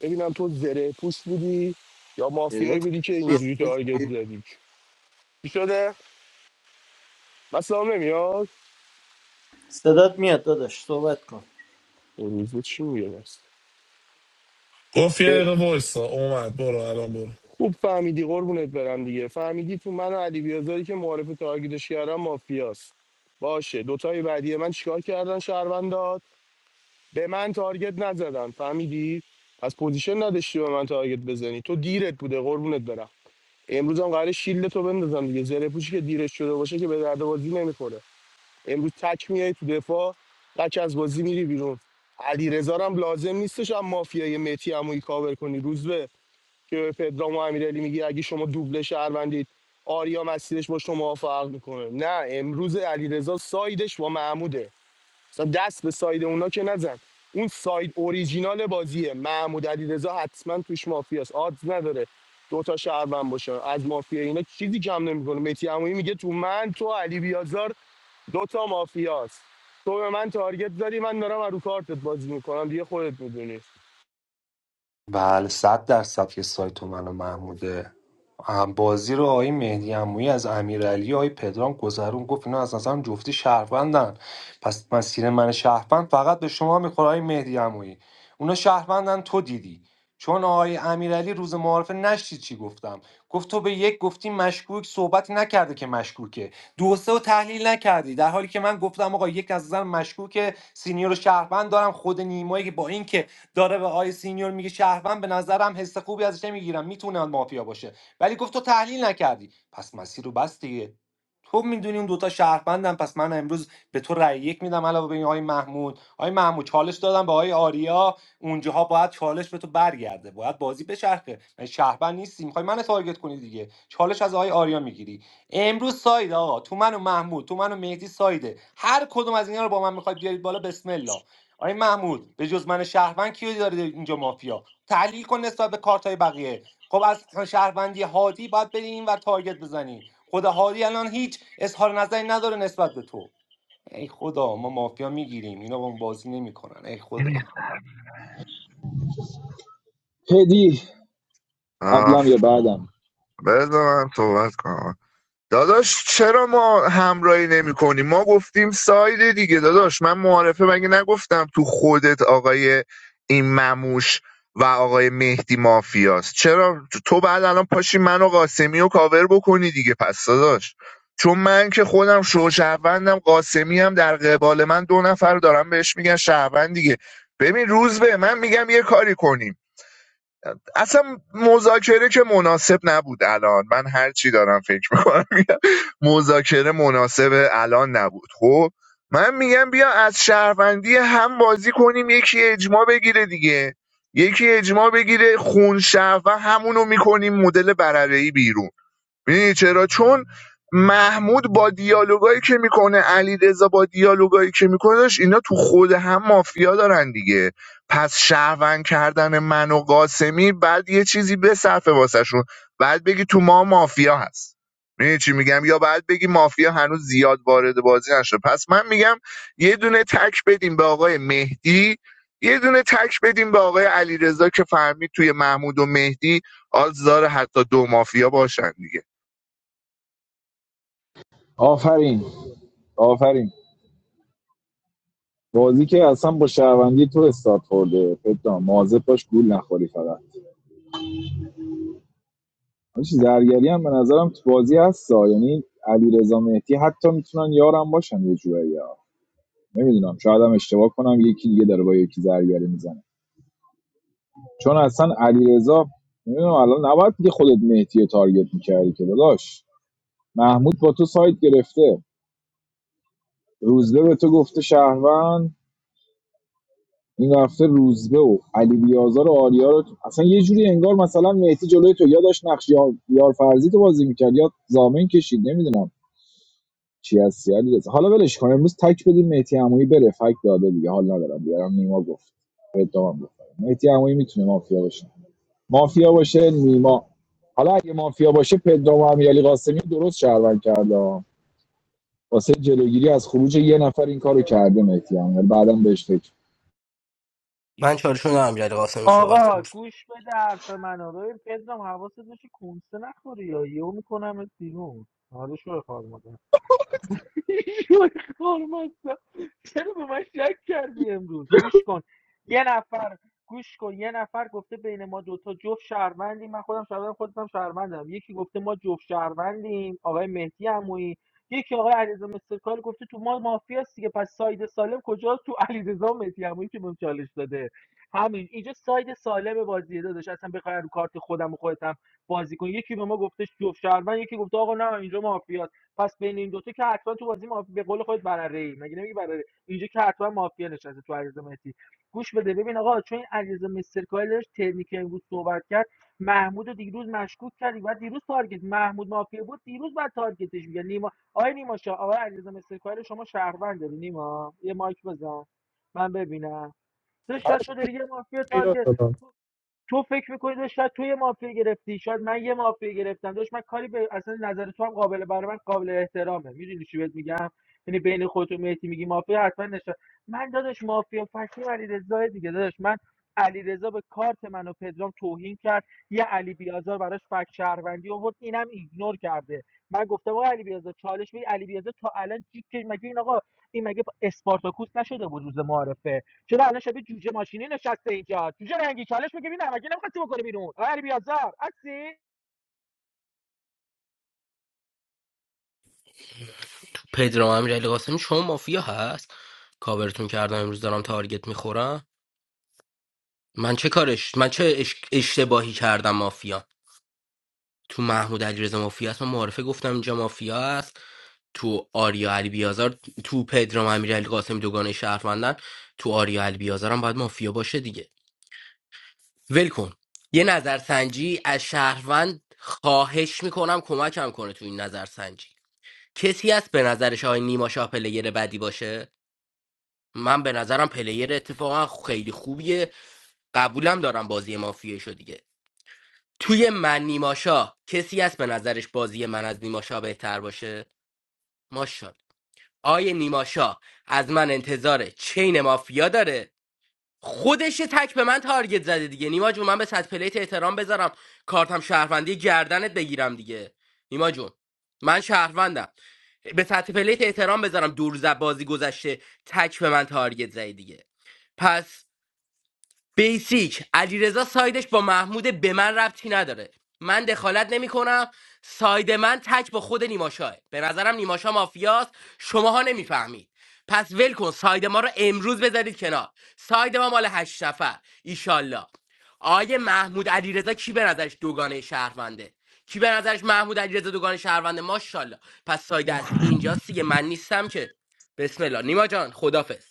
ببینم تو زره پوش بودی یا مافیایی
صدات کم
بودی که
میاد.
اینجوری تارگت زدی چی شده؟ مثلا نمیاد؟
صدات میاد داداش صحبت کن
اون روز چی میگه بس؟
گفت یه دقیقه وایسا اومد برو الان برو
خوب ف- برم دیگه فن علی بیاز بگی داشتی مافیاست باشه دوتای بعدی کار کردن شاد به من تارگت نزدن فهمید از پوزیشن نداشتی به من تارگت زنی تو دیرت بوده قربونت برم امروز هم قراره شیلد تو بندازم دیگه زره پرده بازی نمیخوره امروز تک میای تو دفاع تک از بازی میری بیرون علی هم لازم نیستش هم مافیای متی عمویی کاور کنی روز که به پدرام و امیرعلی میگی اگه شما دوبله شهروندید آریا مسیرش با شما فرق میکنه نه امروز علیرضا سایدش با محموده مثلا دست به ساید اونا که نزن اون ساید اوریجینال بازیه محمود علیرضا حتما توش مافیاست آدز نداره دوتا شهروند باشه از مافیا اینا چیزی کم نمیکنه متی عمویی میگه تو من تو علی بیازار دوتا مافیاست تو به من تارگت داری من دارم رو کارتت بازی میکنم دیگه خودت میدونی
بله صد درصد که سایت من و محموده هم بازی رو آقای مهدی عمویی از امیرعلی آقای پدرام گذرون گفت اینا از نظرم جفتی شهروندن پس مسیر من شهروند فقط به شما میخوره آقای مهدی عمویی اونا شهروندن تو دیدی چون آقای امیرعلی روز معارفه نشتی چی گفتم گفت تو به یک گفتی مشکوک صحبتی نکرده که مشکوکه دو و سه رو تحلیل نکردی در حالی که من گفتم آقا یک از نظر مشکوک سینیور شهروند دارم خود نیمایی که با اینکه داره به آی سینیور میگه شهروند به نظرم حس خوبی ازش نمیگیرم میتونه مافیا باشه ولی گفت تو تحلیل نکردی پس مسیر رو بس دیگه تو میدونی اون دوتا شهروندم پس من امروز به تو رأی یک میدم علاوه به این آقای محمود آقای محمود چالش دادم به آقای آریا اونجاها باید چالش به تو برگرده باید بازی بچرخه من شهروند نیستی میخوای من تارگت کنی دیگه چالش از آقای آریا میگیری امروز ساید آقا تو من و محمود تو من و مهدی سایده هر کدوم از اینا رو با من میخواید بیارید بالا بسم الله آقای محمود به جز من شهروند کیو داره اینجا مافیا تحلیل کن نسبت به کارتای بقیه خب از شهروندی هادی باید بریم این و تارگت بزنی خود هادی الان هیچ اظهار نظری نداره نسبت به تو ای خدا ما مافیا میگیریم اینا با ما بازی نمیکنن ای خدا
هدی قبلم یه
آفرین.
بعدم
بذار من صحبت کنم داداش چرا ما همراهی نمی کنیم ما گفتیم ساید دیگه داداش من معارفه مگه نگفتم تو خودت آقای این مموش و آقای مهدی مافیاست چرا تو بعد الان پاشی من و قاسمی و کاور بکنی دیگه پس داداش چون من که خودم شو شهروندم قاسمی هم در قبال من دو نفر دارم بهش میگن شهروند دیگه ببین روز به من میگم یه کاری کنیم اصلا مذاکره که مناسب نبود الان من هر چی دارم فکر میکنم مذاکره مناسب الان نبود خب من میگم بیا از شهروندی هم بازی کنیم یکی اجماع بگیره دیگه یکی اجماع بگیره خون شهر و همونو میکنیم مدل برره بیرون میدونی چرا چون محمود با دیالوگایی که میکنه علیرضا با دیالوگایی که میکنهش اینا تو خود هم مافیا دارن دیگه پس شهروند کردن من و قاسمی بعد یه چیزی بصرفه شون بعد بگی تو ما مافیا هست میدونی چی میگم یا بعد بگی مافیا هنوز زیاد وارد بازی نشده پس من میگم یه دونه تک بدیم به آقای مهدی یه دونه تک بدیم به آقای علیرضا که فهمید توی محمود و مهدی آزار حتی دو مافیا باشن دیگه
آفرین آفرین بازی که اصلا با شهروندی تو استارت خورده پدرام مواظب باش گول نخوری فقط حاجی، زرگری هم به نظرم تو بازی هستا یعنی علی رضا مهدی حتی میتونن یارم باشن یه جورایی یا نمیدونم شاید هم اشتباه کنم یکی دیگه داره با یکی زرگری میزنه چون اصلا علیرضا رضا نمیدونم الان نباید دیگه خودت مهدی رو تارگت میکردی که داداش محمود با تو سایت گرفته روزبه به تو گفته شهروند این هفته روزبه و علی بیازار و آریا رو اصلا یه جوری انگار مثلا مهدی جلوی تو یا داشت نقش یار یار فرضی تو بازی میکرد یا زامن کشید نمیدونم چی هستی علیرضا حالا ولش کن امروز تک بدیم مهدی عمویی بره فک داده دیگه حال ندارم بیارم نیما گفت پدرام گفت مهدی عمویی میتونه مافیا باشه مافیا باشه نیما حالا اگه مافیا باشه پدرام و امیرعلی قاسمی رو درست شهروند کرده ها. واسه جلوگیری از خروج یه نفر این کارو کرده مهدی عمویی بعدم بهش فکر
من چالشون رو امیرعلی قاسمی صحبت
آقا
کرد
گوش بده حرف منو ببین پدرام حواست باشه کنسه نخوری یا یهو میکنم بیرون حالا شو خواهد شوی خار مادر. چرا به من شک کردی امروز گوش کن یه نفر گوش کن یه نفر گفته بین ما دوتا جفت شهروندیم من خودم شهروندم خودم شهروندم یکی گفته ما جفت شهروندیم آقای مهدی عمویی یکی آقای علیرضا مسترکار گفته تو ما مافیا است دیگه پس ساید سالم کجاست تو علیرضا و مهدی عمویی که بهم چالش داده همین اینجا ساید سالم بازیه داداش اصلا بخوای رو کارت خودم و خودت هم بازی کن یکی به ما گفته جفت شهروند یکی گفته آقا نه اینجا مافیاست پس بین این دوتا که حتما تو بازی مافیا به قول خودت برره ای مگه نمیگی برره اینجا که حتما مافیا نشسته تو عریض مسی گوش بده ببین آقا چون این عریض مسترکایل داشت ترنی که امروز صحبت کرد محمود رو دیروز مشکوک کردی بعد دیروز تارگت محمود مافیا بود دیروز بعد تارگتش میگه نیما آقای نیما شا آقای علیرضا مسترکایل شما شهروند داری نیما یه مایک بزن من ببینم تو شاید تو داری یه مافیا تارگت تو فکر میکنی داشت شاید تو مافیا گرفتی شاید من یه مافیا گرفتم داشت من کاری به اصلا نظر تو هم قابل برای من قابل احترامه میدونی چی بهت میگم یعنی بین خودت و مهدی میگی مافیا حتما نشه من داداش مافیا فکری علی رضا دیگه داداش من علی رضا به کارت من و پدرام توهین کرد یه علی بیازار براش فک شهروندی آورد اینم ایگنور کرده من گفتم آقا علی بیازار چالش می علی بیازار تا الان چی که- مگه این آقا این مگه اسپارتاکوس نشده بود روز معارفه چرا الان شبیه جوجه ماشینی نشسته اینجا جوجه رنگی چالش بگه ببینم مگه نمیخواستی بکنه بیرون آقا علی بیازار هستی
پدرام امیرعلی قاسمی شما مافیا هست کاورتون کردم امروز دارم تارگت میخورم من چه کارش من چه اش... اشتباهی کردم مافیا تو محمود علیرضا مافیا است من معارفه گفتم اینجا مافیا است تو آریا علی بیازار تو پدرام امیرعلی قاسم دوگانه شهروندن تو آریا علی بیازار هم باید مافیا باشه دیگه ول کن یه نظرسنجی از شهروند خواهش میکنم کمکم کنه تو این نظرسنجی کسی هست به نظرش آقای نیما شاه پلیر بدی باشه من به نظرم پلیر اتفاقا خیلی خوبیه قبولم دارم بازی مافیایشو دیگه توی من نیماشا کسی هست به نظرش بازی من از نیماشا بهتر باشه ماشاءالله آیه نیماشا از من انتظار چین مافیا داره خودش تک به من تارگت زده دیگه نیما جون من به صد پلیت احترام بذارم کارتم شهروندی گردنت بگیرم دیگه نیما جون من شهروندم به سطح پلیت احترام بذارم دور زد بازی گذشته تک به من تارگت زدی دیگه پس بیسیک علیرضا سایدش با محمود به من ربطی نداره من دخالت نمی کنم ساید من تک با خود نیماشاه به نظرم نیماشا مافیاست شماها نمیفهمید پس ول کن ساید ما رو امروز بذارید کنار ساید ما مال هشت نفر ایشالله آیه محمود علیرضا کی به نظرش دوگانه شهرونده کی به نظرش محمود علیرضا دوگانه شهرونده ماشاءالله پس ساید اصلی اینجاست دیگه من نیستم که بسم الله نیما جان خدافظ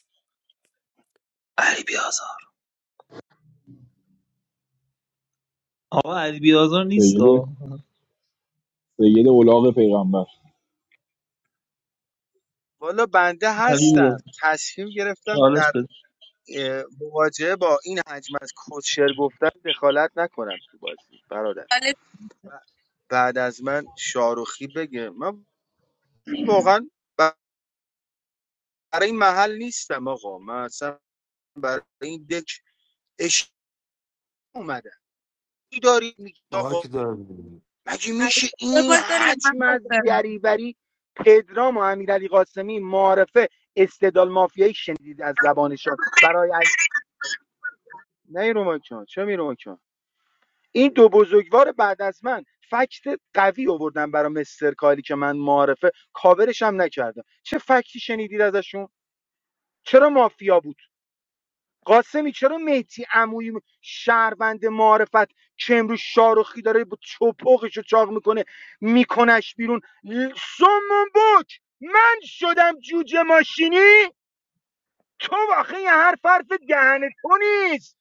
علی بیازار آقا علی بیازار نیست
سید
آه.
سید اولاغ پیغمبر
والا بنده
علی
هستم تصمیم گرفتم
چالش
در
بده
اه، مواجهه با این حجم از کوچر گفتن دخالت نکنم تو بازی برادر
چالش
ب- بعد از من شاروخی بگه من واقعا ب- برای این محل نیستم آقا من اصلا برای این دک اش اومدم چی داری میگی آقا
باک دارم
مگه
علی
میشه این
باگ داره یا من
حجم
باگ
از
دارم
دریوری پدرام و امیرعلی قاسمی معارفه استدلال مافیایی شنیدید از زبانشان برای از... نه رو مایک چه می رو مایک این دو بزرگوار بعد از من فکت قوی آوردن برای مستر کالی که من معارفه کاورش هم نکردم چه فکتی شنیدید ازشون چرا مافیا بود قاسمی چرا مهدی عمویی شهروند معرفت که امروز شارخی داره با چپقش چاق میکنه میکنش بیرون ل- سمون بک من شدم جوجه ماشینی تو واقعا یه حرف حرف دهن تو نیست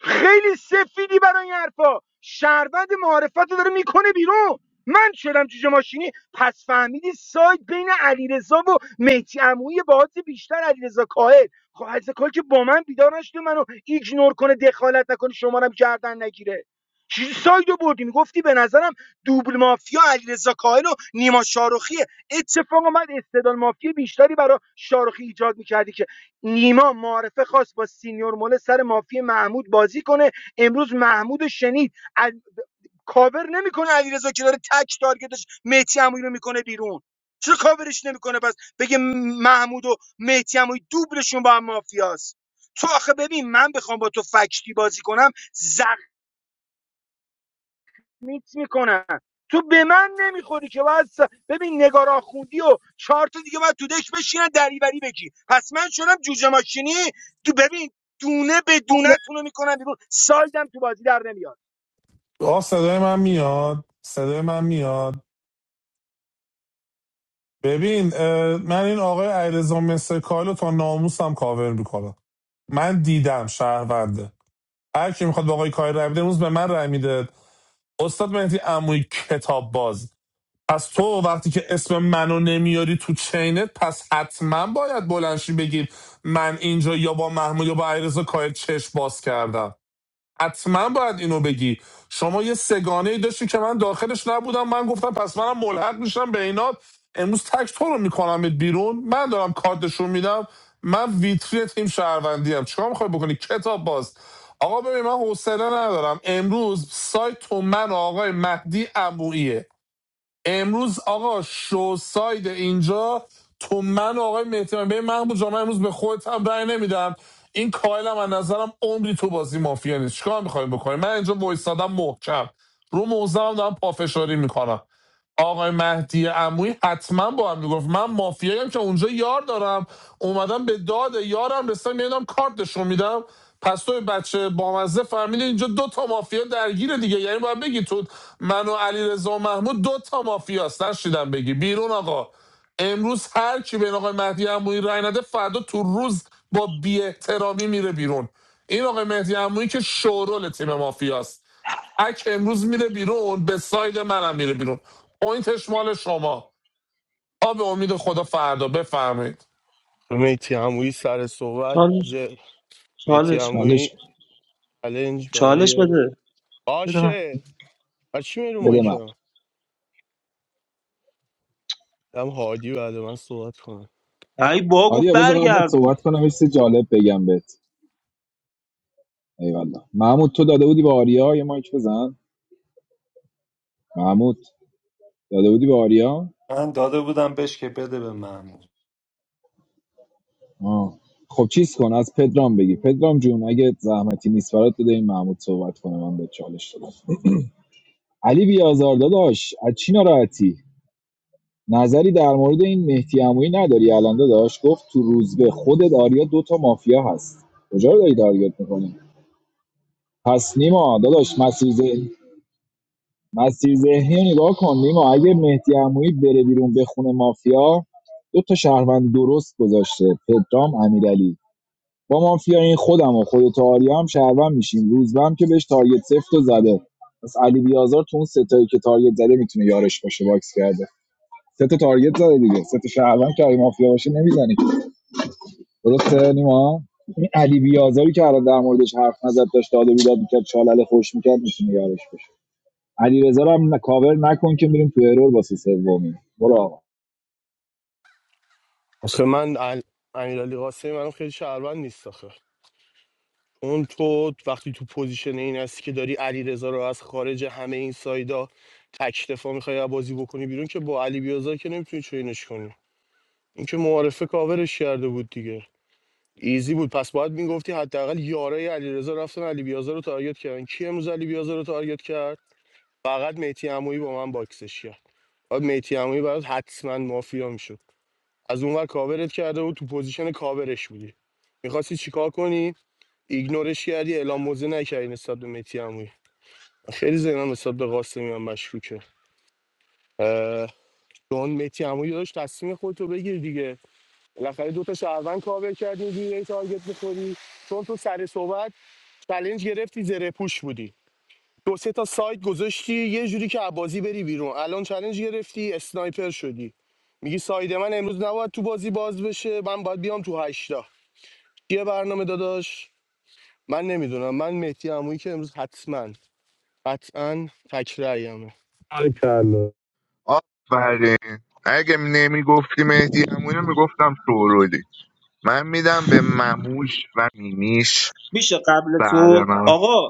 خیلی سفیدی برای این حرفا شهروند معارفت رو داره میکنه بیرون من شدم جوجه ماشینی پس فهمیدی سایت بین علیرضا و مهدی عمویی با حد بیشتر علیرضا کاهل خب علیرضا کاهل که با من بیدار نشده منو ایگنور کنه دخالت نکنه شما رو هم گردن نگیره چیزی ساید رو بردی میگفتی به نظرم دوبل مافیا علیرضا کاهل و نیما شاروخیه اتفاق اومد استدلال مافیا بیشتری برای شاروخی ایجاد میکردی که نیما معارفه خواست با سینیور موله سر مافی محمود بازی کنه امروز محمود شنید ال... کاور نمیکنه علیرضا که داره تک تارگتش مهدی عمویی رو میکنه بیرون چرا کاورش نمیکنه پس بگه م- محمود و مهدی عمویی دوبلشون با هم مافیاست تو آخه ببین من بخوام با تو فکتی بازی کنم میکس میکنن تو به من نمیخوری که باید س- ببین نگارا خوندی و چهار تا دیگه باید تو دش بشینن دریوری بگی پس من شدم جوجه ماشینی تو ببین دونه به
چالش
دونه تونو میکنم بیرون سایدم تو بازی در نمیاد
آه صدای من میاد صدای من میاد ببین اه، من این آقای علیرضا مسکالو تا ناموسم کاور میکنم من دیدم شهرونده هر کی میخواد با آقای کاهی رای بده امروز به من رای میده استاد مهدی عموی کتاب باز پس تو وقتی که اسم منو نمیاری تو چینت پس حتما باید بلنشی بگیر من اینجا یا با محمود یا با عیرزا کاهی چشم باز کردم حتما باید اینو بگی شما یه سگانه ای داشتی که من داخلش نبودم من گفتم پس منم ملحق میشم به اینات امروز تک تو رو میکنم بیرون من دارم کارتشون میدم من ویتری تیم شهروندی هم چیکار میخوای بکنی کتاب باز آقا ببین من حوصله ندارم امروز سایت تو من و آقای مهدی عموییه امروز آقا شو ساید اینجا تو من آقای مهدی به محمود جامعه امروز به خودت هم رأی نمیدم این کایل هم از نظرم عمری تو بازی مافیا نیست چیکار میخوایم بکنیم من اینجا وایسادم محکم رو موزم دارم پافشاری میکنم آقای مهدی عمویی حتما با هم میگفت من مافیایم که اونجا یار دارم اومدم به داد یارم رسیدم میدم کارتشو میدم پس توی بچه بامزه فهمیده اینجا دو تا مافیا درگیره دیگه یعنی باید بگی تو من و علی و محمود دو تا مافیا هست نشیدم بگی بیرون آقا امروز هر کی به آقای مهدی عمویی رای نده فردا تو روز با بی میره بیرون این آقای مهدی عمویی که شورول تیم مافیاست اک امروز میره بیرون به ساید منم میره بیرون پوینتش مال شما آب امید خدا فردا بفرمایید
میتی عمویی سر صحبت
چالش
میتی
چالش
عمویی
چالش
چلنج
چالش
برای
بده بده من
باشه از چی میرو
بده من
مایکم دم هادی بعد من صحبت کنم
ای با گفت
آریا بذار قبلت
برگردون
صحبت کنم یه چیز جالب بگم بهت ایوالله محمود تو داده بودی به آریا یه مایک بزن محمود داده بودی به آریا
من داده بودم بهش که بده به محمود
آه. خب چیز کن از پدرام بگی پدرام جون اگه زحمتی نیست برات بده این محمود صحبت کنه من به چالش دادم علی بیازار داداش از چی ناراحتی نظری در مورد این مهدی عمویی نداری الان داداش گفت تو روزبه خودت آریا دو تا مافیا هست کجا رو داری تارگت میکنی پس نیما داداش مسیر ذهن- مسیر ذهنی رو نگاه کن نیما اگه مهدی عمویی بره بیرون بخونه مافیا دو تا شهروند درست گذاشته پدرام امیرعلی با مافیای خودم و خودت و آریا هم شهروند میشیم روزبه هم که بهش تارگت سفت و زده پس علی بیازار تو اون ستایی که تارگت زده میتونه یارش باشه باکس کرده سه تا تارگت زده دیگه سه تا شهروند که اگه مافیا باشه نمیزنه که. درسته نیما این علی بیازاری که الان در موردش حرف نزد داشت داد و بیداد میکرد چالله خوش میکرد میتونه یارش باشه علی رضا هم کاور نکن که میریم تو ارور واسه سومی برو آقا
آخه من ال... امیرعلی قاسمی منم خیلی شهروند نیست آخه اون تو وقتی تو پوزیشن این هستی که داری علیرضا رو از خارج همه این سایدا تک دفاع میخوای بازی بکنی بیرون که با علی بیازار که نمیتونی چینش کنی این که معارفه کاورش کرده بود دیگه ایزی بود پس باید میگفتی حداقل یارای علیرضا رفتن علی بیازار رو تارگت کردن کی امروز علی بیازار رو تارگت کرد فقط میتی عمویی با من باکسش کرد بعد میتی عمویی برات حتما مافیا میشد از اونور کاورت کرده بود تو پوزیشن کاورش بودی میخواستی چیکار کنی ایگنورش کردی اعلام موزه نکردی نسبت به میتی عمویی خیلی ذهنم نسبت به قاسمی هم مشکوکه اه، چون میتی عمویی داشت تصمیم خودتو بگیر دیگه بالاخره دو تا شهروند کاور کردی یه تارگت میخوری چون تو سر صحبت چلنج گرفتی زره پوش بودی دو سه تا سایت گذاشتی یه جوری که عبازی بری بیرون الان چلنج گرفتی اسنایپر شدی میگی ساید من امروز نباید تو بازی باز بشه من باید بیام تو هشتا چیه برنامه داداش من نمیدونم من مهدی عمویی که امروز حتما قطعا تکرایمه
آفرین اگه نمیگفتی مهدی همونو میگفتم شورولی من میدم به مموش و میمیش
میشه قبل
بعد
تو
من
آقا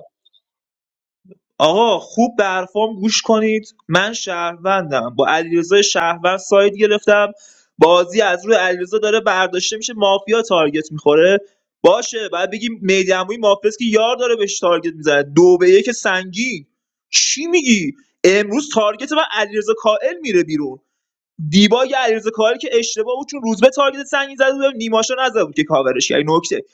آقا خوب به حرفام گوش کنید من شهروندم با علیرضا شهروند ساید گرفتم بازی از روی علیرضا داره برداشته میشه مافیا تارگت میخوره باشه بعد بگیم مهدی عمویی مافیاست که یار داره بهش تارگت میزنه دو به یک سنگین چی میگی امروز تارگت من علیرضا کائل میره بیرون دیبا یه علیرضا کاهلی که اشتباه بود چون روزبه تارگت سنگین زده بود نیماشو نزده بود که کاورش کرد این نکته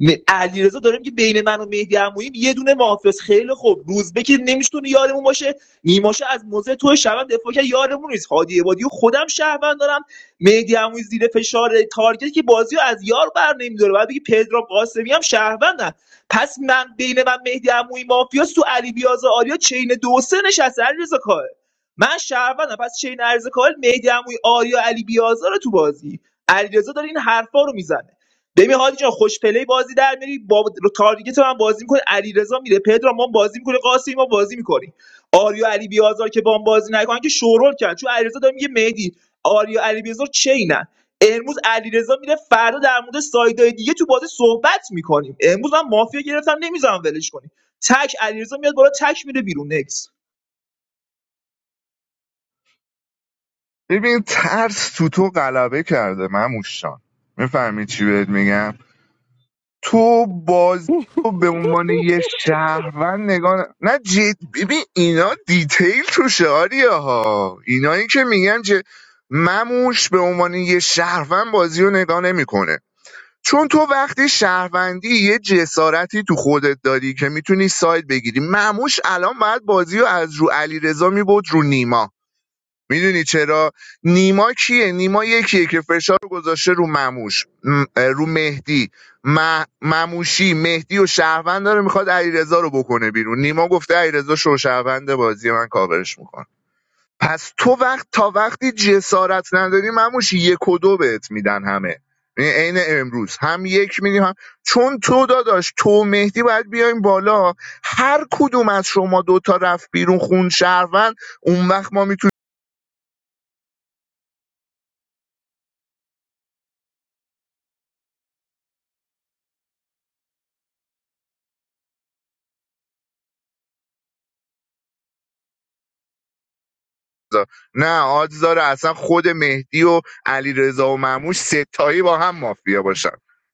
م- علیرضا داره میگه بین من و مهدی عمویی یه دونه محافظ خیلی خوب روزبه که نمیتونه یارمون باشه نیماشو از موزه تو شبم دفاع کرد یارمون نیست هادی عبادی و خودم شهروند دارم مهدی عمویی زیر فشار تارگت که بازی رو از یار بر نمیداره بعد بگی پدرام قاسمی هم شهروندن پس من بین من مهدی عمویی مافیاس تو علی بیازا آریا چین دو و سه نشسته علیرضا کاهل من شهروندم پس چین ارز کال مهدی عموی آریا علی بیازار رو تو بازی علیرضا داره این حرفا رو میزنه ببین هادی جان خوش پلی بازی در میری با تارگت من بازی میکنه علیرضا میره پدرام ما بازی میکنه قاسم ما بازی میکنیم آریا علی بیازار که با هم بازی نکنن که شورول کرد چون علیرضا داره میگه مهدی آریا علی بیازار چینن امروز علیرضا میره فردا در مورد سایدای دیگه تو بازی صحبت میکنیم امروز من مافیا گرفتم نمیذارم ولش کنی تک علیرضا میاد بالا تک میره بیرون نکس
ببین ترس تو تو غلبه کرده مموش جان میفهمی چی بهت میگم تو بازی رو به عنوان یه شهروند نگاه ن- نه جد ببین اینا دیتیل تو شعاریه ها اینایی که میگن که مموش به عنوان یه شهروند بازی رو نگاه نمیکنه چون تو وقتی شهروندی یه جسارتی تو خودت داری که میتونی ساید بگیری معموش الان باید بازی رو از رو علیرضا میبود رو نیما میدونی چرا نیما کیه نیما یکیه که فشار رو گذاشته رو مموش م- رو مهدی م- مموشی مهدی و شهروند داره میخواد علیرضا رو بکنه بیرون نیما گفته علیرضا شو شهروند بازی من کاورش میکنه پس تو وقت تا وقتی جسارت نداری مموش یک و دو بهت میدن همه یعنی عین امروز هم یک میدیم هم چون تو داداش تو و مهدی باید بیایم بالا هر کدوم از شما دوتا رفت بیرون خون شهروند اون وقت ما میتونیم نه آدز داره اصلا خود مهدی و علیرضا و مموش ستایی با هم مافیا باشن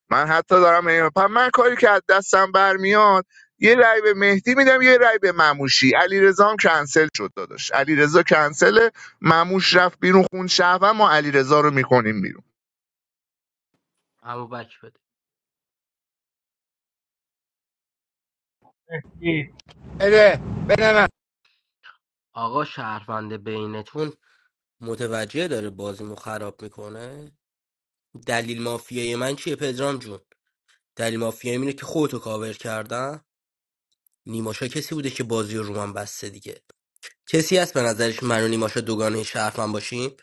من حتی دارم این- پس من کاری که از دستم برمیاد یه رای به مهدی میدم یه رای به مموشی علیرضا هم کنسل شد داداش علیرضا کنسل مموش رفت بیرون خون شهر و ما علیرضا رو میکنیم بیرون
اما بک بده
ای.
بده بده من
آقا شهرونده بینتون متوجه داره بازیمو خراب میکنه دلیل مافیای من چیه پدرام جون دلیل مافیای اینه که خودتو کاور کردم نیماشا کسی بوده که بازی رو رو من بسته دیگه کسی هست به نظرش من و نیماشا دوگانه شهرمن باشیم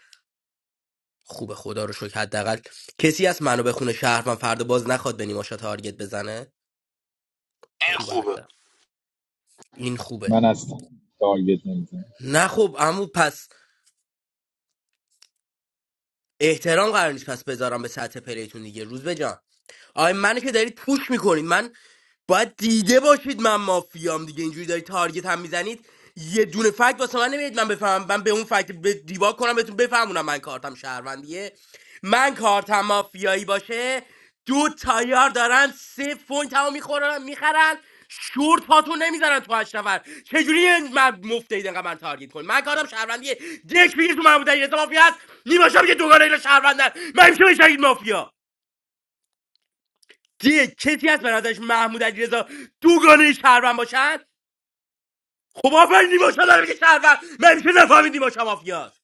خوبه خدا رو شکر حداقل کسی هست منو بخونه خونه شهرمن فردا باز نخواد به نیماشا تارگت بزنه خوبه حتی این خوبه
من هستم تارگت نمیزنم
نه خب عمو پس احترام قرار نیست پس بذارم به سطح پلیتون دیگه روز بجان آقای منو که دارید پوش میکنید من باید دیده باشید من مافیام دیگه اینجوری دارید تارگت هم میزنید یه دونه فکت واسه من نمیدید من بفهمم من به اون فکت به دیبا کنم بهتون بفهمونم من کارتم شهروندیه من کارتم مافیایی باشه دو تایار دارن سه فون تمام میخورن میخرن شورت پاتون نمیذارن تو هشت نفر چجوری یه من مفته اینقدر من تارگت کن من کارم شهروندیه دک میگه تو محمود علیرضا مافیا هست نیماشا میگه دوگانه اینا شهروندن من میشه بشنید مافیا دیه کسی هست برادرش محمود علیرضا دوگانه شهروند باشن خب آفرین نیما شما داره میگه شهروند من میشه نفهمید نیما شما مافیاست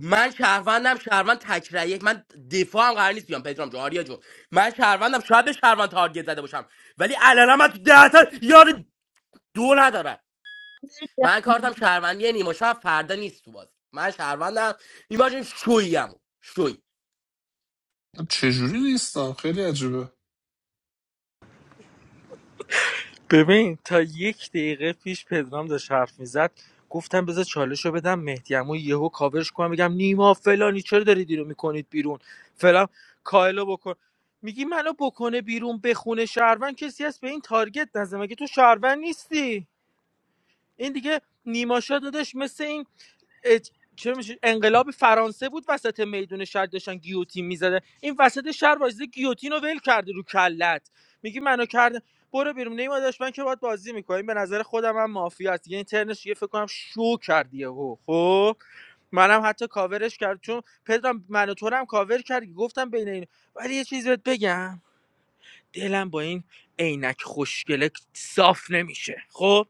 من شهروندم شهروند تکرایه من دفاعم هم قرار نیست بیام پدرام جون آریا جون من شهروندم شاید به شهروند تارگت زده باشم ولی الان من تو ده تا یار دو ندارم من کارتم شهروندی نیما شب فردا نیست تو بازی من شهروندم نیما جون شویم شوی
چجوری نیستم خیلی عجیبه
ببین تا یک دقیقه پیش پدرام داشت حرف میزد گفتم بذار چالش رو بدم مهدی عمو یهو کاورش کنم بگم نیما فلانی چرا دارید رو میکنید بیرون فلان کایلو بکن میگی منو بکنه بیرون بخونه شهروند کسی هست به این تارگت نزد مگه تو شهروند نیستی این دیگه نیماشا دادش مثل این اج- چه میشه انقلاب فرانسه بود وسط میدون شهر داشتن گیوتین میزده این وسط شهر وایزده گیوتین رو ول کرده رو کلت میگی منو کرده برو بیرون نیما داشت من که باید بازی میکنیم به نظر خودم هم مافیا است یعنی ترنش یه فکر کنم شو کرد یهو خب منم حتی کاورش کرد چون پدرم منو تو رو هم کاور کرد گفتم بین این ولی یه چیزی بهت بگم دلم با این عینک خوشگله صاف نمیشه خب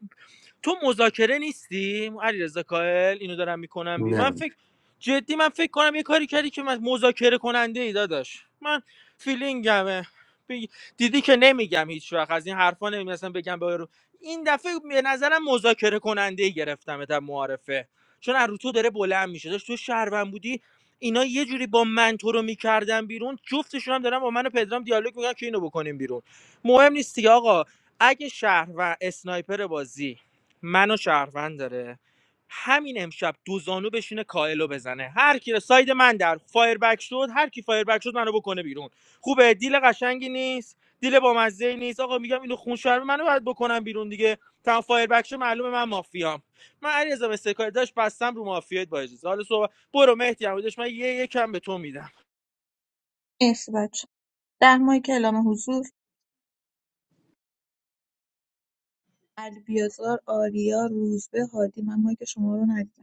تو مذاکره نیستی علیرضا کاهل اینو دارم میکنم بیرون من
نه
فکر جدی من فکر کنم یه کاری کردی که من مذاکره کننده ای داداش من فیلینگمه بی- دیدی که نمیگم هیچ وقت از این حرفا نمیگم اصلا بگم به رو این دفعه به نظرم مذاکره کننده ای گرفتم تا معارفه چون از رو تو داره بلند میشه داشت تو شهروند بودی اینا یه جوری با من تو رو میکردن بیرون جفتشون هم دارن با من و پدرام دیالوگ میگن که اینو بکنیم بیرون مهم نیست دیگه آقا اگه شهر و اسنایپر بازی منو شهروند داره همین امشب دو زانو بشینه کائلو بزنه هر کی رو- ساید من در فایر بک شد هر کی فایر بک شد منو بکنه بیرون خوبه دیل قشنگی نیست دیل با مزه نیست آقا میگم اینو خون شهر منو باید بکنم بیرون دیگه تا فایر بک شد معلومه من مافیام من علیرضا به سکای داشت بستم رو مافیات با اجازه حالا صبح برو مهدی هم داشت من یه یکم به تو میدم
مرسی بچه ده ماه کلام حضور علی بیازار آریا روزبه هادی من مایک شما رو ندیدم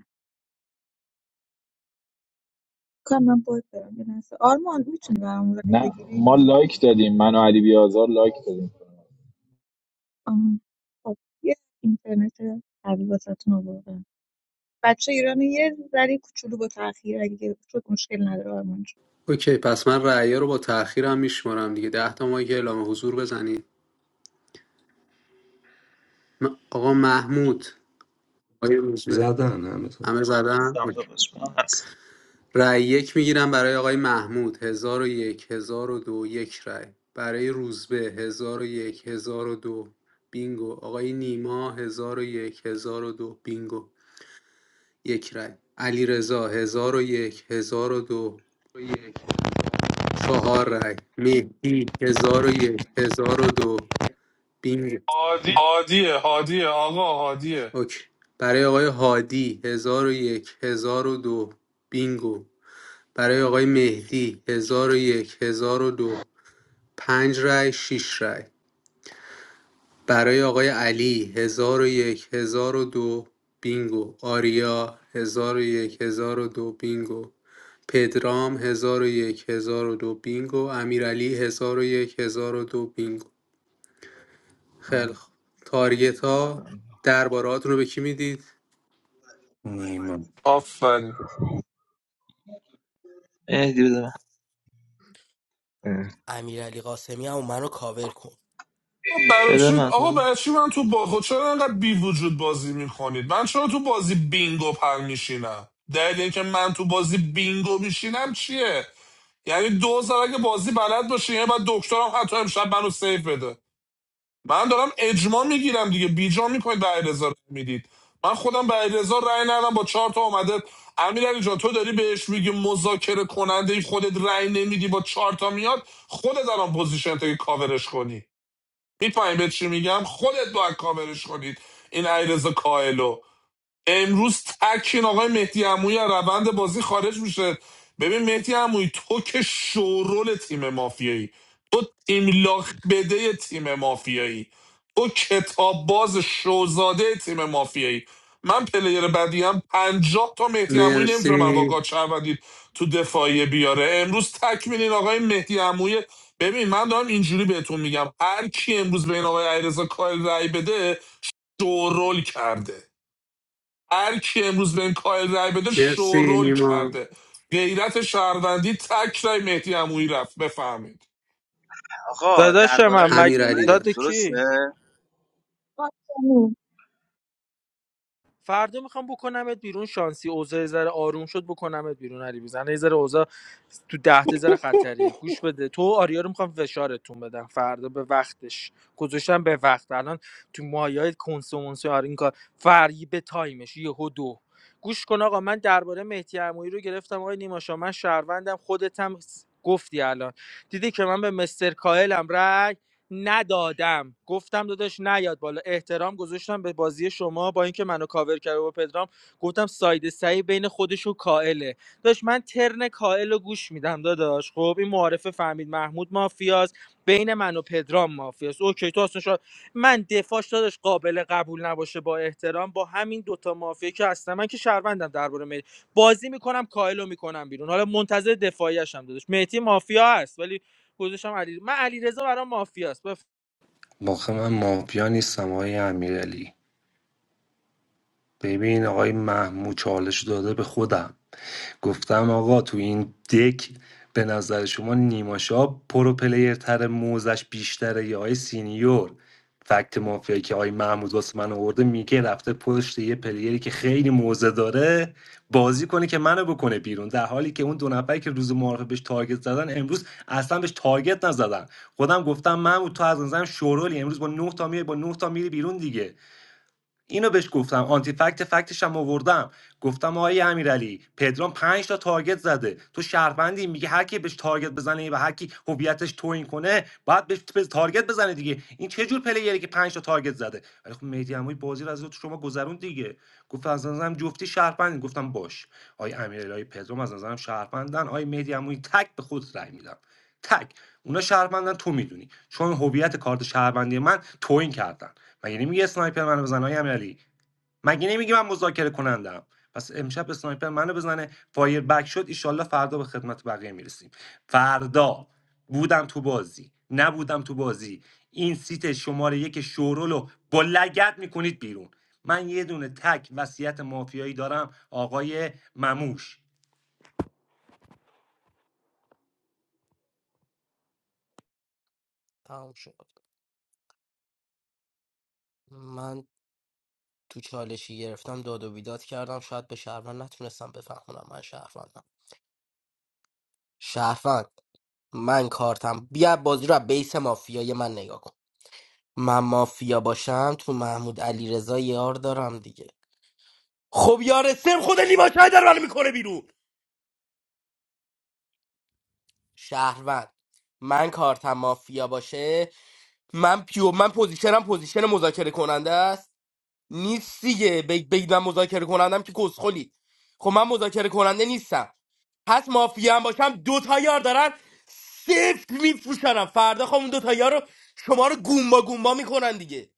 کنم من باگ دارم یه لحظه آرمان میتونی برام رای
نه
بگیری
ما لایک دادیم من و علی بیازار لایک دادیم
آه، خب یه اینترنت قوی واسهتون آوردم بچه ایران یه ذره کوچولو با تاخیر اگه شد مشکل نداره آرمان جون
اوکی پس من رأی‌ها رو با تأخیرم هم میشمارم دیگه ده تا مایک اعلام حضور بزنید م- آقا محمود آقای روزبه
زدن همه تو
همه زدن اوکی. رأی یک میگیرم برای آقای محمود هزار و یک هزار و دو یک رأی برای روزبه هزار و یک هزار و دو بینگو آقای نیما هزار و یک هزار و دو بینگو یک رأی علی رضا هزار و یک هزار و دو چهار رأی مهدی هزار و یک هزار و دو بینگو
عادی
هادیه هادیه آقا هادیه
اوکی برای آقای هادی هزار هزار و یک هزار و دو بینگو برای آقای مهدی 1001 1002 5 رای 6 رای برای آقای علی هزار هزار و یک هزار و دو بینگو آریا هزار هزار و یک هزار و دو بینگو پدرام هزار هزار و یک هزار و دو بینگو امیرعلی هزار و 1002 بینگو خیلی خوب تارگت ها درباره رو به کی میدید
نه، من
آفرین
اه،
امیرعلی قاسمی هم منو کاور کن
آقا برای چی آقا برای چی من تو با خود چرا انقدر بی وجود بازی میکنید من چرا تو بازی بینگو پر میشینم دلیل اینکه من تو بازی بینگو میشینم چیه یعنی دوزار اگه بازی بلد باشه یعنی بعد دکترم حتی امشب منو سیف بده من دارم اجماع میگیرم دیگه بیجا میکنید به علیرضا رأی میدید من خودم به علیرضا رای ندادم با چهار تا اومده امیر جان تو داری بهش میگی مذاکره کننده خودت رای نمیدی با چهار تا میاد خودت الان پوزیشن که کاورش کنی میفهمی به چی میگم خودت باید کاورش کنید این علیرضا کاهلو امروز تکین آقای مهدی عمویی از روند بازی خارج میشه ببین مهدی عمویی تو که شورول تیم مافیایی تو ایملاق بده تیم مافیایی تو کتاب باز شوزاده تیم مافیایی من پلیر بدی هم پنجاه تا مهدی عمویی نمیتونه من با
مرسی
گاچ تو دفاعیه بیاره امروز تک میدین آقای مهدی عمویی ببین من دارم اینجوری بهتون میگم هر کی امروز به این آقای علیرضا کاهل رأی بده دورول کرده هر کی امروز به این کایل رای بده
مرسی
شورول
نیما
کرده غیرت شهروندی تک رای مهدی عمویی رفت بفهمید
داداش من مگ
امیر علی داد
داد کی
آرمان،
فردا میخوام بکنمت بیرون شانسی اوضاع ذره آروم شد بکنمت بیرون علی بیزن یه ذره اوضاع تو ده تا ذره خطریه گوش بده تو و آریا رو میخوام فشارتون بدم فردا به وقتش گذاشتم به وقت الان تو مایای کنسومونسی آره این کار فری به تایمش یهو دو گوش کن آقا من درباره مهدی عمویی رو گرفتم آقای نیماشا من شهروندم خودت هم گفتی الان دیدی که من به مستر کاهلم رای ندادم گفتم داداش نیاد بالا احترام گذاشتم به بازی شما با اینکه منو کاور کرده و پدرام گفتم ساید سعی بین خودش و کائله داداش من ترن کائل رو گوش میدم داداش خب این معارفه فهمید محمود مافیاست بین من و پدرام مافیاست اوکی تو اصلا شا... من دفاعش داداش قابل قبول نباشه با احترام با همین دوتا مافیا که هستم من که شهروندم درباره می بازی میکنم کائل رو میکنم بیرون حالا منتظر دفاعیش هم داداش مهدی مافیا هست ولی گذاشتم علی من علیرضا برام مافیاست بف...
باخه من مافیا نیستم آقای امیرعلی ببین آقای محمود چالش داده به خودم گفتم آقا تو این دک به نظر شما نیماشا پرو پلیر تر موزش بیشتره یا آی سینیور فکت مافیایی که آی محمود واسه من آورده میگه رفته پشت یه پلیری که خیلی موزه داره بازی کنه که منو بکنه بیرون در حالی که اون دو نفری که روز معارفه بهش تارگت زدن امروز اصلا بهش تارگت نزدن خودم گفتم محمود تو از نظرم شورولی امروز با 9 تا میای با 9 تا میری بیرون دیگه اینو بهش گفتم آنتی فکت فکتش هم آوردم گفتم آقای امیرعلی پدرام پنج تا تارگت زده تو شهروندی میگه هر کی بهش تارگت بزنه و هر کی هویتش توهین کنه باید بهش بز- تارگت بزنه دیگه این چه جور پلیری که پنج تا تارگت زده ولی خب مهدی عمویی بازی رو از تو شما گذروند دیگه گفت از نظرم جفتی شهروندی گفتم باش آقای امیرعلی آقای پدرام از نظرم شهروندن آقای مهدی عمویی تک به خود رأی میدم تک اونا شهروندن تو میدونی چون هویت کارت شهروندی من توهین کردن مگه نمیگه اسنایپر منو بزنه های امیرعلی مگه نمیگه من مذاکره کنندم پس امشب اسنایپر منو بزنه فایر بک شد ایشالله فردا به خدمت بقیه میرسیم فردا بودم تو بازی نبودم تو بازی این سیت شماره یک شورول رو با لگت میکنید بیرون من یه دونه تک وصیت مافیایی دارم آقای مموش
تمام شد من تو چالشی گرفتم داد و بیداد کردم شاید به شهروند نتونستم بفهمونم من شهروندم شهروند من کارتم بیا بازی رو از بیس مافیای من نگاه کن من مافیا باشم تو محمود علی یار دارم دیگه خب یار سم خود نیما شاید در من میکنه بیرون شهروند من کارتم مافیا باشه من پیو من پوزیشنم پوزیشن مذاکره کننده است نیست دیگه بگ بگ من مذاکره کنندم که کسخلی خب من مذاکره کننده نیستم پس مافیا هم باشم دو تا یار دارن صفر میفروشنم فردا خب اون دو تا یار رو شما رو گومبا گومبا میکنن دیگه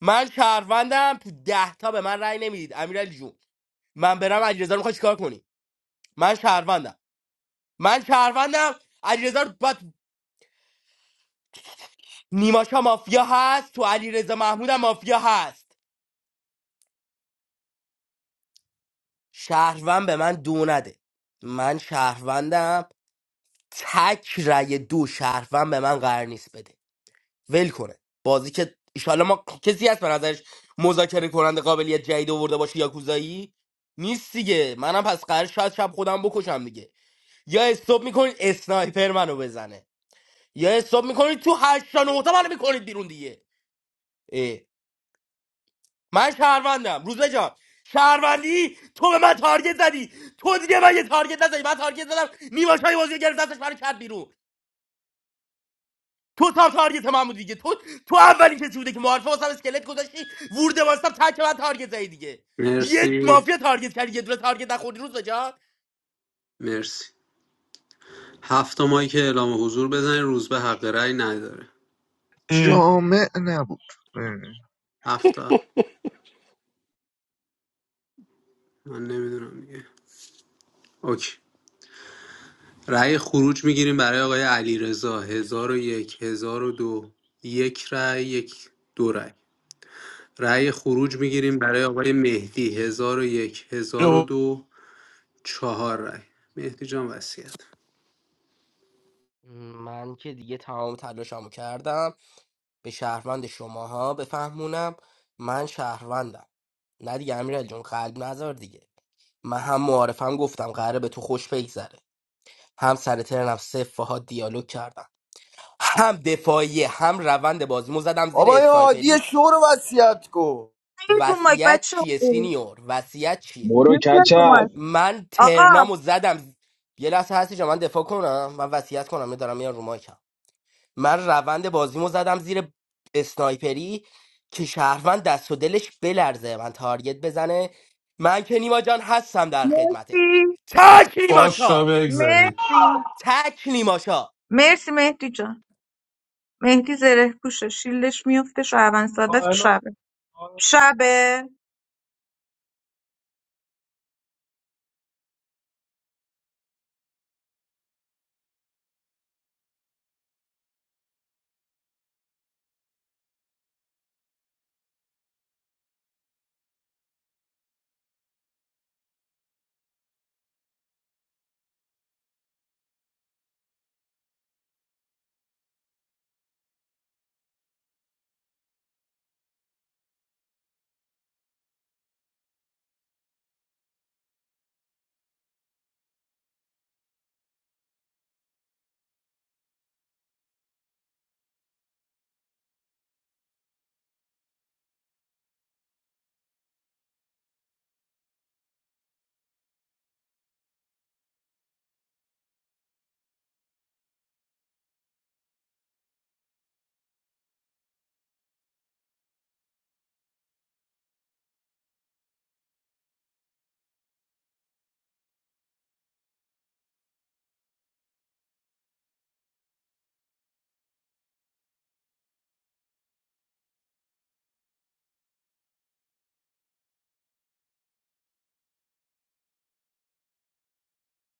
من شهروندم تو ده تا به من رأی نمیدید امیرعلی جون من برم علیرضا میخواد چیکار کنی من شهروندم من شهروندم علیرضا رو باید نیماشا مافیا هست تو علیرضا محمودم مافیا هست شهروند به من دو نده من شهروندم تک رأی دو شهروند به من قرار نیست بده ول کنه بازی که ایشالا ما کسی هست به نظرش مذاکره کننده قابلیت جدید آورده باشه یا کوزایی نیست دیگه منم پس قرار شاید شب خودم بکشم دیگه یا استوب میکنید اسنایپر منو بزنه یا استوب میکنید تو هشتا نهتا منو میکنید بیرون دیگه اه. من شهروندم روزه جان شهروندی تو به من تارگت زدی تو دیگه من یه تارگت نزدی من تارگت زدم نیماشای بازی رو گرفت دستش منو کرد بیرون تو تا تارگت من بود دیگه تو تو اولی کسی بوده که معارفه واسم اسکلت گذاشتی ورده واسم تک من تارگت زدی دیگه یه
مرسی
مافیا تارگت کردی یه دونه تارگت نخوردی روز بجان
مرسی هفت تا مایی که اعلام حضور بزنین روز به حق رأی نداره
ام.
جامع نبود اه،
هفت تا من نمیدونم دیگه اوکی رأی خروج میگیریم برای آقای علی رضا هزار و یک هزار و دو یک رأی یک دو رأی رأی خروج میگیریم برای آقای مهدی هزار و یک هزار و دو چهار رأی مهدی جان وسیعت
من که دیگه تمام تلاشمو کردم به شهروند شماها بفهمونم من شهروندم نه دیگه امیرعلی جون قلب نذار دیگه من هم معارفم گفتم قراره به تو خوش بگذره هم سر ترنم صفر باهات دیالوگ کردم هم دفاعیه هم روند بازیمو زدم زیر
بابا این عادی
اسنایپری
شو رو وصیت کن
نیاید رو مایک
وصیت
بچه
چیه سینیور وصیت چیه
برو
نیاید رو
کچل
مایک
من
آقا
ترنامو زدم یه لحظه هستی من دفاع کنم من وصیت کنم من دارم میان رو مایکم من روند بازیمو زدم زیر اسنایپری که شهروند دست و دلش بلرزه من تارگت بزنه من که نیما جان هستم در خدمتت
مرسی
تک
باش تا
نیماشا
بگذارید
مرسی
تک نیماشا
مرسی مهدی جان مهدی زره پوشه شیلدش میفته شعبان ساده
کائل و-
شبه شبه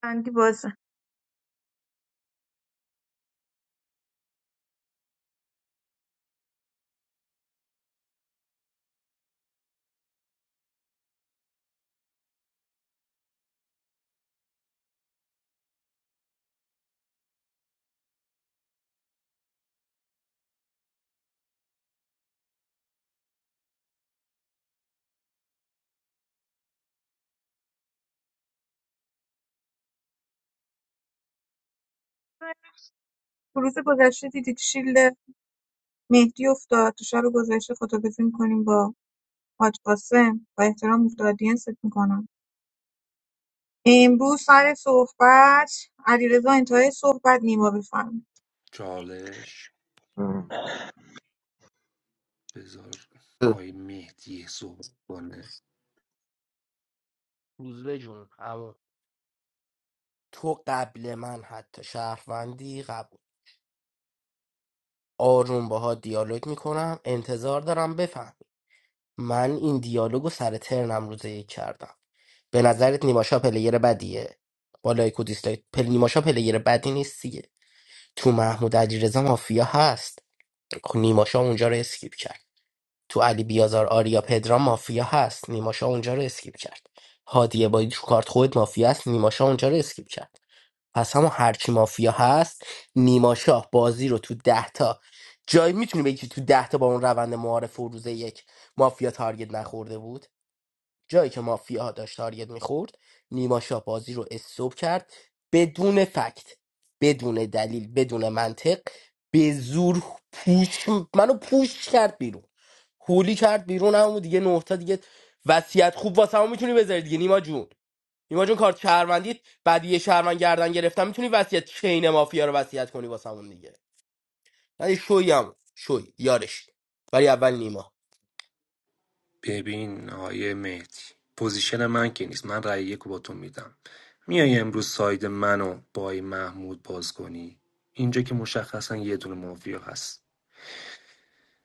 بندی بازه روز گذشته دیدید شیلد مهدی افتاد تو شب گذشته خداحافظی می‌کنیم با حاج قاسم با احترام مفت آدینست میکنم امروز سر صحبت علیرضا انتهای صحبت نیما بفرمایید
چالش
اه.
بذار آقای مهدی صحبت کنه
روزبه جون عمو. تو قبل من حتی شهروندی قبول آروم باها دیالوگ میکنم انتظار دارم من این دیالوگو سر ترنم روز یک کردم به نظرت نیماشا پلیر بدیه با لایک و دیسلایک پل نیماشا پلیر بدی نیست دیگه تو محمود علیرضا مافیا هست خب نیماشا اونجا رو اسکیپ کرد تو علی بیازار آریا پدرام مافیا هست نیماشا اونجا رو اسکیپ کرد هادی بادی تو کارت خود مافیا هست نیماشا اونجا رو اسکیپ کرد پس همون هرچی مافیا هست نیماشا بازی رو تو ده تا جایی میتونی بگی که تو ده تا با اون روند معارف و روز یک مافیا تارگت نخورده بود جایی که مافیا داشت تارگت میخورد نیما شاه بازی رو استوب کرد بدون فکت بدون دلیل بدون منطق به زور پوش منو پوش کرد بیرون هولی کرد بیرون همون دیگه نهتا دیگه وصیت خوب واسه همون میتونی بذاری دیگه نیما جون نیما جون کارت شهروندی بعد یه شهروند گردن گرفتم میتونی وصیت چین مافیا رو وصیت کنی واسه همون دیگه ولی شوی هم شوی یارش ولی اول نیما
ببین آقای مهدی پوزیشن من که نیست من رأی یک رو با تو میدم میای امروز ساید منو با آقای محمود باز کنی اینجا که مشخصا یه دونه مافیا هست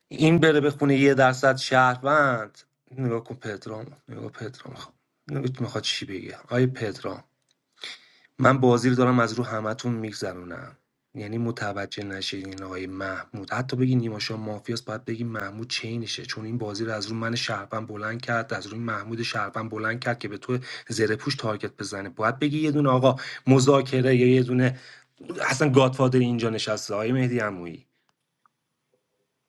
این بره به خونه یه درصد شهروند نگاه کن پدرام نگاه پدرام خب نگاه میخواد چی بگه آقای پدرام من بازی رو دارم از رو همتون میگذرونم یعنی متوجه نشین این آقای محمود حتی بگی نیما شاه مافیاس باید بگی محمود چینشه چون این بازی رو از رو من شهروند بلند کرد از روی محمود شهروند بلند کرد که به تو زره پوش تارگت بزنه باید بگی یه دونه آقا مذاکره یا یه دونه اصلا گادفادر اینجا نشسته آقای مهدی عمویی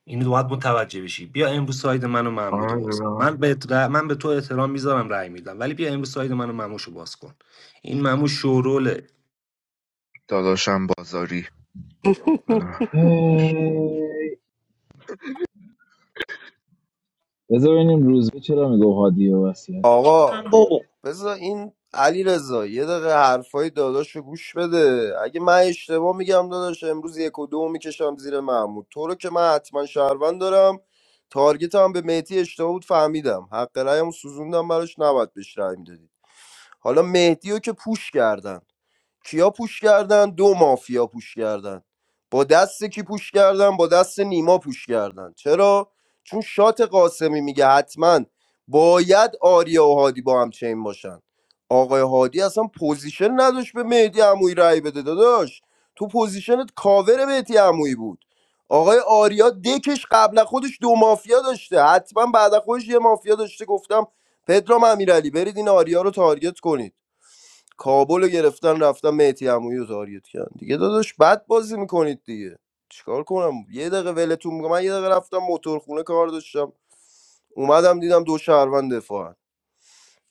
اینو باید متوجه بشی بیا امروز ساید من و محمود رو باز کن.
آره،
من به ر- من به تو احترام میذارم رأی میدم ولی بیا امروز ساید من و مموش باز کن این مموش شوروله
داداشم بازاری اه.
هی. بذار ببینیم روزبه چرا میگه هادی و وصیت
آقا
من بابا
بذار این علی رضا یه دقیقه حرفای داداش رو گوش بده اگه من اشتباه میگم داداش امروز یک و دو میکشم زیر محمود تو رو که من حتما شهروند دارم تارگت هم به مهدی اشتباه بود فهمیدم حق رایم سوزوندم براش نباید بهش رای میدادی حالا مهدی رو که پوش کردن کیا پوش کردن دو مافیا پوش کردن با دست کی پوش کردن با دست نیما پوش کردن چرا چون شات قاسمی میگه حتما باید آریا و هادی با هم چین باشن آقای هادی اصلا پوزیشن نداشت به مهدی عمویی رأی بده داداش تو پوزیشنت کاور مهدی عمویی بود آقای آریا دکش قبل از خودش دو مافیا داشته حتما بعد از خودش یه مافیا داشته گفتم پدرام امیرعلی برید این آریا رو تارگت کنید کابل گرفتن رفتن مهدی عمویی رو تارگت کردن دیگه داداش بد بازی میکنید دیگه چیکار کنم یه دقیقه ولتون میگم من یه دقیقه رفتم موتورخونه کار داشتم اومدم دیدم دو شهروند دفاعن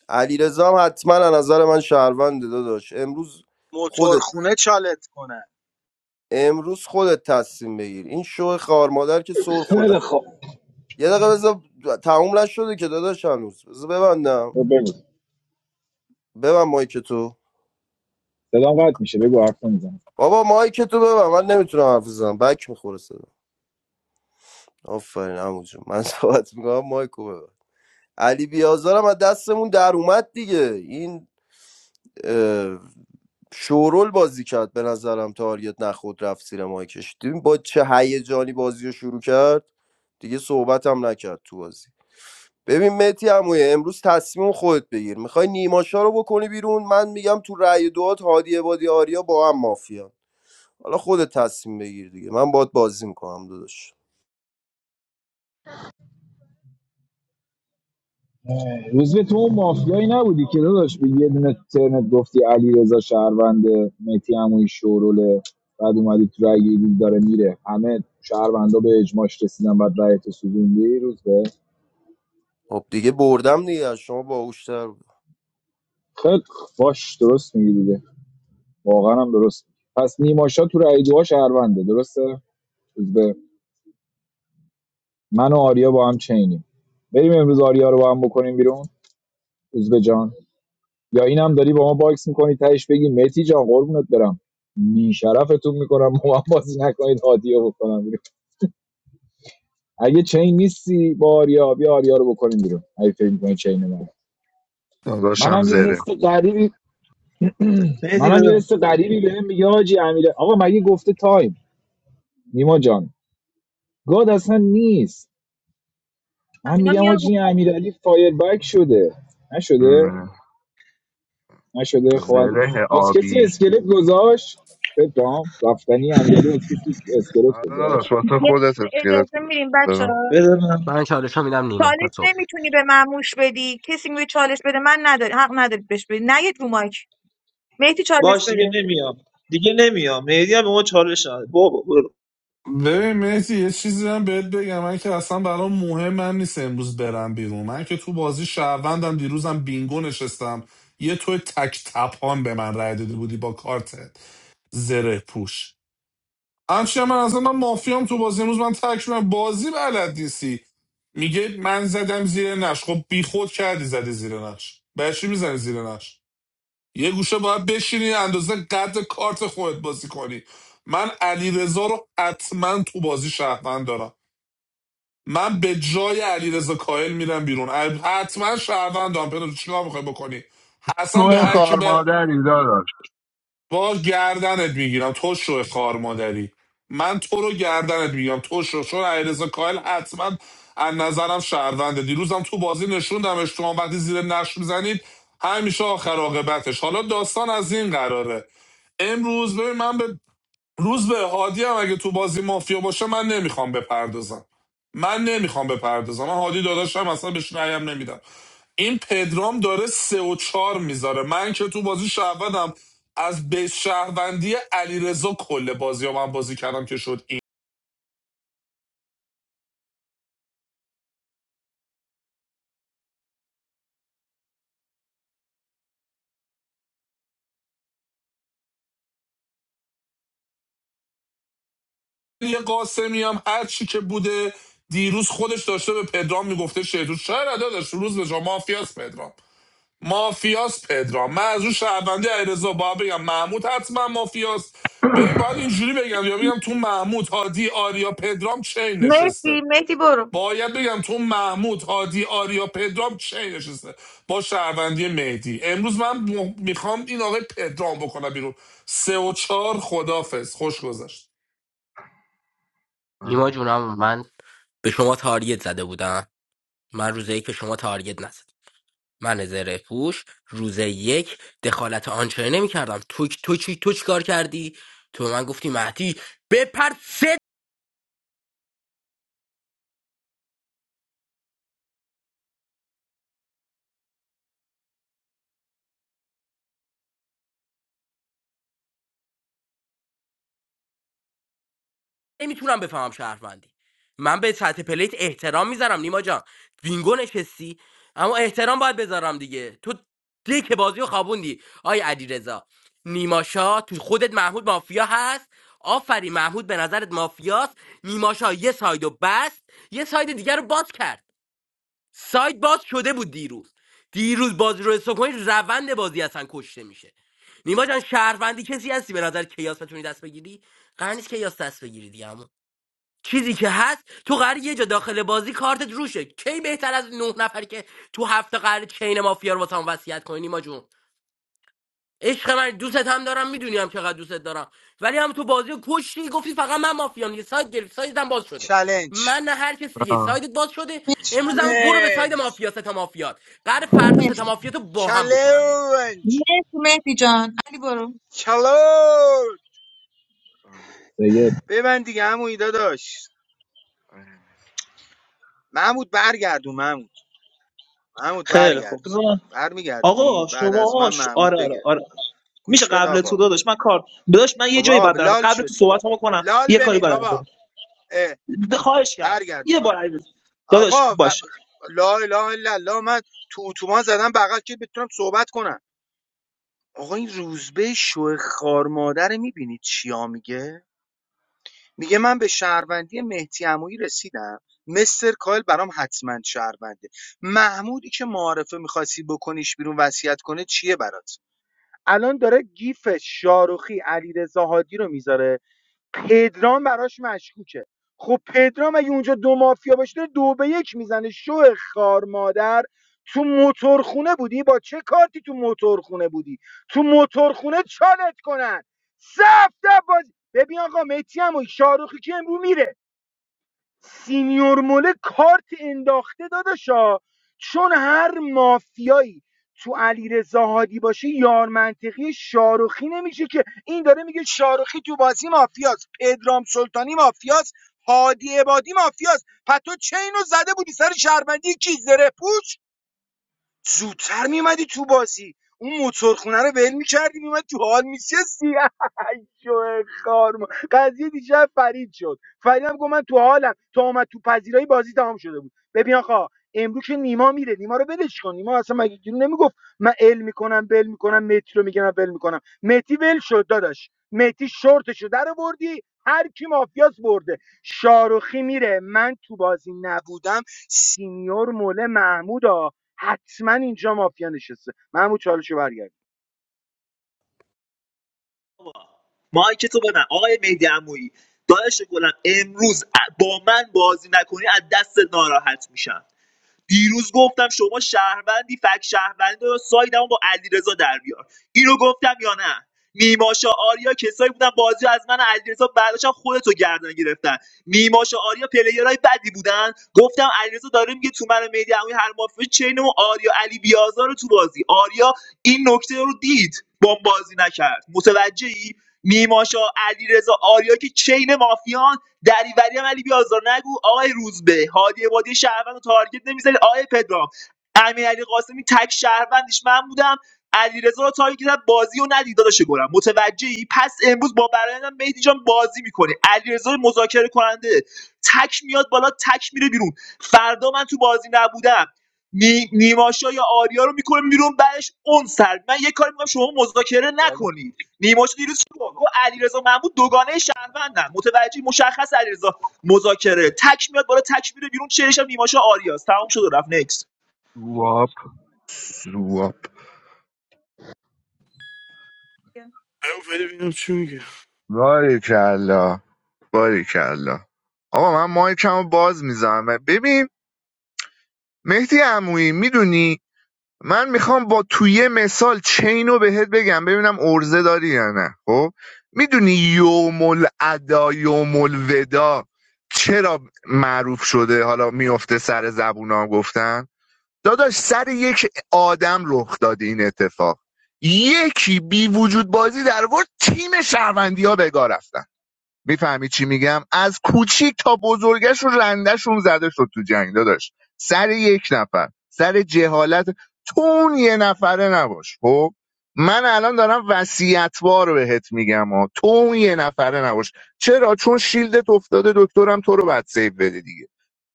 علیرضا هم حتما از نظر من شهرونده داداش امروز خودت
موتورخونه چالت کنن
امروز خودت تصمیم بگیر این شو خار مادر که سر خورده
خیلی خوب
یه دقیقه بذار تموم نشده که داداش هنوز بذار ببندم
تو بگو
ببند مایک تو
صدام قطع میشه بگو حرف نمیزنم
بابا مایک تو ببند من نمیتونم حرف بزنم بک میخوره آفرین عمو جون من صحبت میکنم مایکو ببر علی بیازارم از دستمون در اومد دیگه این اه، شورول بازی کرد به نظرم تاریت نخود رفت زیر مایکش دیدیم با چه هیجانی بازی رو شروع کرد دیگه صحبت هم نکرد تو بازی ببین مهدی عمویه امروز تصمیم خودت بگیر میخوای نیماشا رو بکنی بیرون من میگم تو رأی دوات هادی عبادی آریا با هم مافیا حالا خودت تصمیم بگیر دیگه من باید بازی میکنم داداش
روزبه تو اون مافیایی نبودی که داداش به یه دونه ترنت گفتی علی رضا شهرونده مهدی عمویی شوروله بعد اومدی تو رای گیری دیدی داره میره همه شهروندا به اجماش رسیدن بعد رای تو سوزوندی روزبه
خب دیگه بردم دیگه از شما باهوش‌تر
خیلی خ- باش درست میگی دیگه واقعا هم درست میگی. پس نیماشا تو رای دوها شهرونده درسته روزبه من و آریا با هم چینیم بریم امروز آریا رو با هم بکنیم بیرون به جان یا اینم داری با ما باکس میکنی تهش بگی متی جان قربونت برم بی شرفتون میکنم با من بازی نکنید هادیو بکنم بیرون اگه چین نیستی با آریا بیا آریا رو بکنیم بیرون اگه فکر میکنی چین من
داداشم
منم یه
زره
حس غریبی
مهدی بده
منم یه حس غریبی بهم میگه حاجی امیره آقا مگه گفته تایم نیما جان گاد اصلا نیست من
همینا
میگم
میان رو-
حاجی امیرعلی فایر بک شده نشده
اه.
نشده خب
زره
از کسی
آبی
اسکلت گذاشت پدرام رفتنی امیرعلی از کسی اسکلت
آره داداش
گذاشت
واسه
یه
خودت
لحظه
اسکلت
اجازه
گذاشت
میریم بچه
بزن
ها.
بده من
من چالش میدم نیما
چالش
صبح
نمیتونی به مموش بدی کسی میگه چالش بده من نداری حق نداری بهش بدی نید رو مایک مهدی چالش
باش دیگه
بده
نمیام دیگه نمیام مهدی هم به ما چالش نداد بابا برو
ببین مهدی یه چیزی هم بهت بگم من که اصلا برام مهم من نیست امروز برم بیرون من که تو بازی شهروندم دیروزم بینگو نشستم یه تو تک تپان به من رای داده بودی با کارتت زره پوش همچنین من اصلا من مافیام تو بازی امروز من ترک من بازی بلد نیستی میگه من زدم زیر نش خب بی خود کردی زدی زیر نش برای چی میزنی زیر نش یه گوشه باید بشینی اندازه قد کارت خودت بازی کنی من علی رو حتما تو بازی شهروند دارم من به جای علی رضا کاهل میرم بیرون ال- حتما شهروند دارم پدر چیکار میخوای بکنی
تو
اصلا به هر کی
خار
به
مادری داداش
باز گردنت میگیرم تو شو خار مادری من تو رو گردنت میگیرم تو شو چون علیرضا کاهل حتما از نظرم شهرونده دیروزم تو بازی نشوندمش تو هم وقتی زیر نقش میزنید همیشه آخر عاقبتش حالا داستان از این قراره امروز ببین من به روز به هادی هم اگه تو بازی مافیا باشه من نمیخوام بپردازم من نمیخوام بپردازم من هادی داداشم اصلا بهش رأیم نمیدم این پدرام داره سه و چهار میذاره من که تو بازی شهروندم از به شهروندی علیرضا کل بازی ها من بازی کردم که شد این یه قاسمی هم هر چی که بوده دیروز خودش داشته به پدرام میگفته شیطون چرا داداش روز به شما مافیاس پدرام مافیاس پدرام من از اون شهروندی علیرضا باید بگم محمود حتما مافیاس به این باید اینجوری بگم یا بگم تو محمود هادی آریا پدرام چین نشسته
مهدی مهدی برو
باید بگم تو محمود هادی آریا پدرام چین نشسته با شهروندی مهدی امروز من م- میخوام این آقای پدرام بکنم بیرون سه و چهار خدافز خوش گذشت
آه.
نیما جونم من به شما تارگت زده بودم من روز یک به شما تارگت نزد من زره پوش روز یک دخالت آنچه نمی کردم تو تو چی تو چی کار کردی تو به من گفتی مهدی بپر نمیتونم بفهمم شهروندی من به سطح پلیت احترام میذارم نیما جان بینگو نشستی اما احترام باید بذارم دیگه تو دیک بازی رو خوابوندی آی علیرضا نیماشا تو خودت محمود مافیا هست آفری محمود به نظرت مافیاست نیماشا یه سایدو بست یه ساید دیگر رو باز کرد ساید باز شده بود دیروز دیروز بازی رو حساب کنی روند بازی اصلا کشته میشه نیما جان شهروندی کسی هستی به نظر کیاس بتونی دست بگیری قرار نیست کیاس دست بگیری دیگه چیزی که هست تو قرار یه جا داخل بازی کارتت روشه کی بهتر از نه نفر که تو هفته قرار چین مافیا رو واسه هم وصیت کنی نیما جون عشق من دوستت هم دارم میدونی هم چقدر دوستت دارم ولی هم تو بازی رو کشتی گفتی فقط من مافیام دیگه سایت گرفت سایتم باز شده
چلنج
من نه هر کسی دیگه سایتت باز شده امروز
مهدی
هم برو به سایت
چلنج
مافیا ستا مافیات قرار فردا
مهدی
ستا مافیات با هم بکنم بیرون
چلنج
مهدی مهدی جان علی برو
چلنج
دیگه
به من دیگه عمویی داداش محمود برگردون محمود محمود
خیلی خوب
برگردون
بذار من- آقا
برمیگردونی بعد از من
شما ش-
محمود
آره
بگه
آره آره میشه
گوش بده
قبل تو
آقا
داداش من کار داداش من یه
خب
جایی
آقا
باید برم
لال
قبل
شو
تو
دیگه
صحبت کنم
لال
یه کاری
بمیر
باید انجام
بابا اه
بدم. ده- خواهش کردم
برگرد
یه
میکنم
بار عزیز داداش
آقا و...
باش
لا اله الا الله من تو اتوبان زدم بغل که بتونم صحبت کنم آقا این روزبه شو خار مادر میبینی چیا میگه میگه من به شهروندی مهدی عمویی رسیدم مستر کایل برام حتما شهرونده محمودی که معارفه میخواستی بکنیش بیرون وصیت کنه چیه برات الان داره گیف شاروخی علیرضا هادی رو میذاره پدرام براش مشکوکه خب پدرام اگه اونجا دو مافیا باشه دو به یک میزنه شو خار مادر تو موتورخونه بودی با چه کارتی تو موتورخونه بودی تو موتورخونه چالت کنن سفت باز ببین آقا متی هم و شاروخی که امرو میره سینیور مله کارت انداخته داداشا چون هر مافیایی تو علی هادی باشه یار منطقی شاروخی نمیشه که این داره میگه شاروخی تو بازی مافیاست پدرام سلطانی مافیاست هادی عبادی مافیاست پتو چینو زده بودی سر شهروندی کی زره پوش زودتر میومدی تو بازی اون موتورخونه رو ول میکردی میومد تو حال میشستی شوه خار ما. قضیه دیشب فرید شد فریدم هم گفت من تو حالم تا اومد تو پذیرایی بازی تمام شده بود ببین آقا امروز که نیما میره نیما رو ولش کن نیما اصلا مگه گیرو نمیگفت من ال میکنم بل میکنم متی رو میگم ول میکنم متی ول شد داداش متی شورتشو، رو در بردی هر کی مافیاس برده شاروخی میره من تو بازی نبودم سینیور مول محمود حتما اینجا مافیا نشسته محمود چالشو برگرد
مایک تو بدن آقای مهدی عمویی داداش گلم امروز ا- با من بازی نکنی از دست ناراحت میشم دیروز گفتم شما شهروندی فک شهروندی رو سایدمو با علیرضا در بیار اینو گفتم یا نه نیماشا آریا کسایی بودن بازی رو از من و علیرضا برداشتن خودتو گردن گرفتن نیماشا آریا پلیرای بدی بودن گفتم علیرضا داره میگه تو من مهدی عمویی هر مافیا چینمون آریا علی بیازار رو تو بازی آریا این نکته رو دید بمب بازی نکرد متوجهی نیماشا علیرضا آریا که چین مافیان دریوری هم علی بیازار نگو آقای روزبه هادی بادی شهروند و تارگت نمیذاری آقای پدرام امیر علی قاسمی تک شهروندش من بودم علیرضا رو تارگت کردم، بازی و ندید داداش گلم متوجهی پس امروز با برایندم مهدی جان بازی میکنه علیرضا رو مذاکره کننده تک میاد بالا تک میره بیرون فردا من تو بازی نبودم نی... نیماشا یا آریا رو میکنه بیرون بعدش اون سر من یه کاری میکنم شما مذاکره
داداش،
نکنید نیماش دیروز چی گفت گفت علیرضا محمود دوگانه شهروندن متوجه مشخص علیرضا مذاکره تک میاد بالا تک میره بیرون چهرش هم نیماشا آریاست تمام شد و رفت نکس
سواب سواب
ببینم چی میگه
باریکلا باریکلا آقا من مایکمو باز میزنم ببین مهدی عمویی میدونی من میخوام با توی مثال چین رو بهت بگم ببینم ارزه داری یا نه خب میدونی یوم الادا یوم الودا چرا معروف شده حالا میفته سر زبون ها گفتن داداش سر یک آدم رخ داده این اتفاق یکی بی وجود بازی در ورد تیم شهروندی ها بگاه رفتن. میفهمی چی میگم از کوچیک تا بزرگش رو رندشون زده شد تو جنگ داداش سر یک نفر سر جهالت تو اون یه نفره نباش خب من الان دارم وصیتوار بهت میگم ها تو اون یه نفره نباش چرا چون شیلدت افتاده دکترم تو رو بعد سیو بده دیگه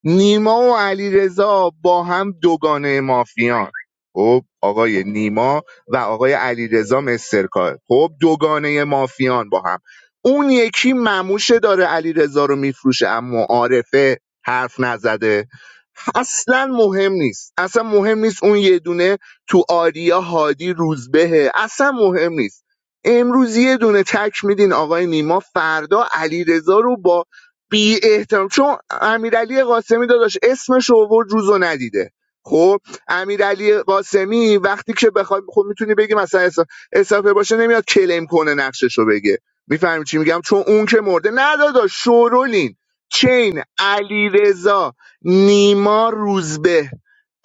نیما و علیرضا با هم دوگانه مافیان خب آقای نیما و آقای علیرضا مسترکار خب دوگانه مافیان با هم اون یکی مموشه داره علیرضا رو میفروشه اما عارفه حرف نزده اصلا مهم نیست اصلا مهم نیست اون یه دونه تو آریا هادی روزبهه اصلا مهم نیست امروز یه دونه تک میدین آقای نیما فردا علیرضا رو با بی احترام چون امیرعلی قاسمی داداش اسمش رو آورد روزو ندیده خب امیرعلی قاسمی وقتی که بخواد خب میتونی بگی مثلا اس- اسافه باشه نمیاد کلیم کنه نقشش رو بگه میفهمی چی میگم چون اون که مرده نه داداش شورولین چین علیرضا نیما روزبه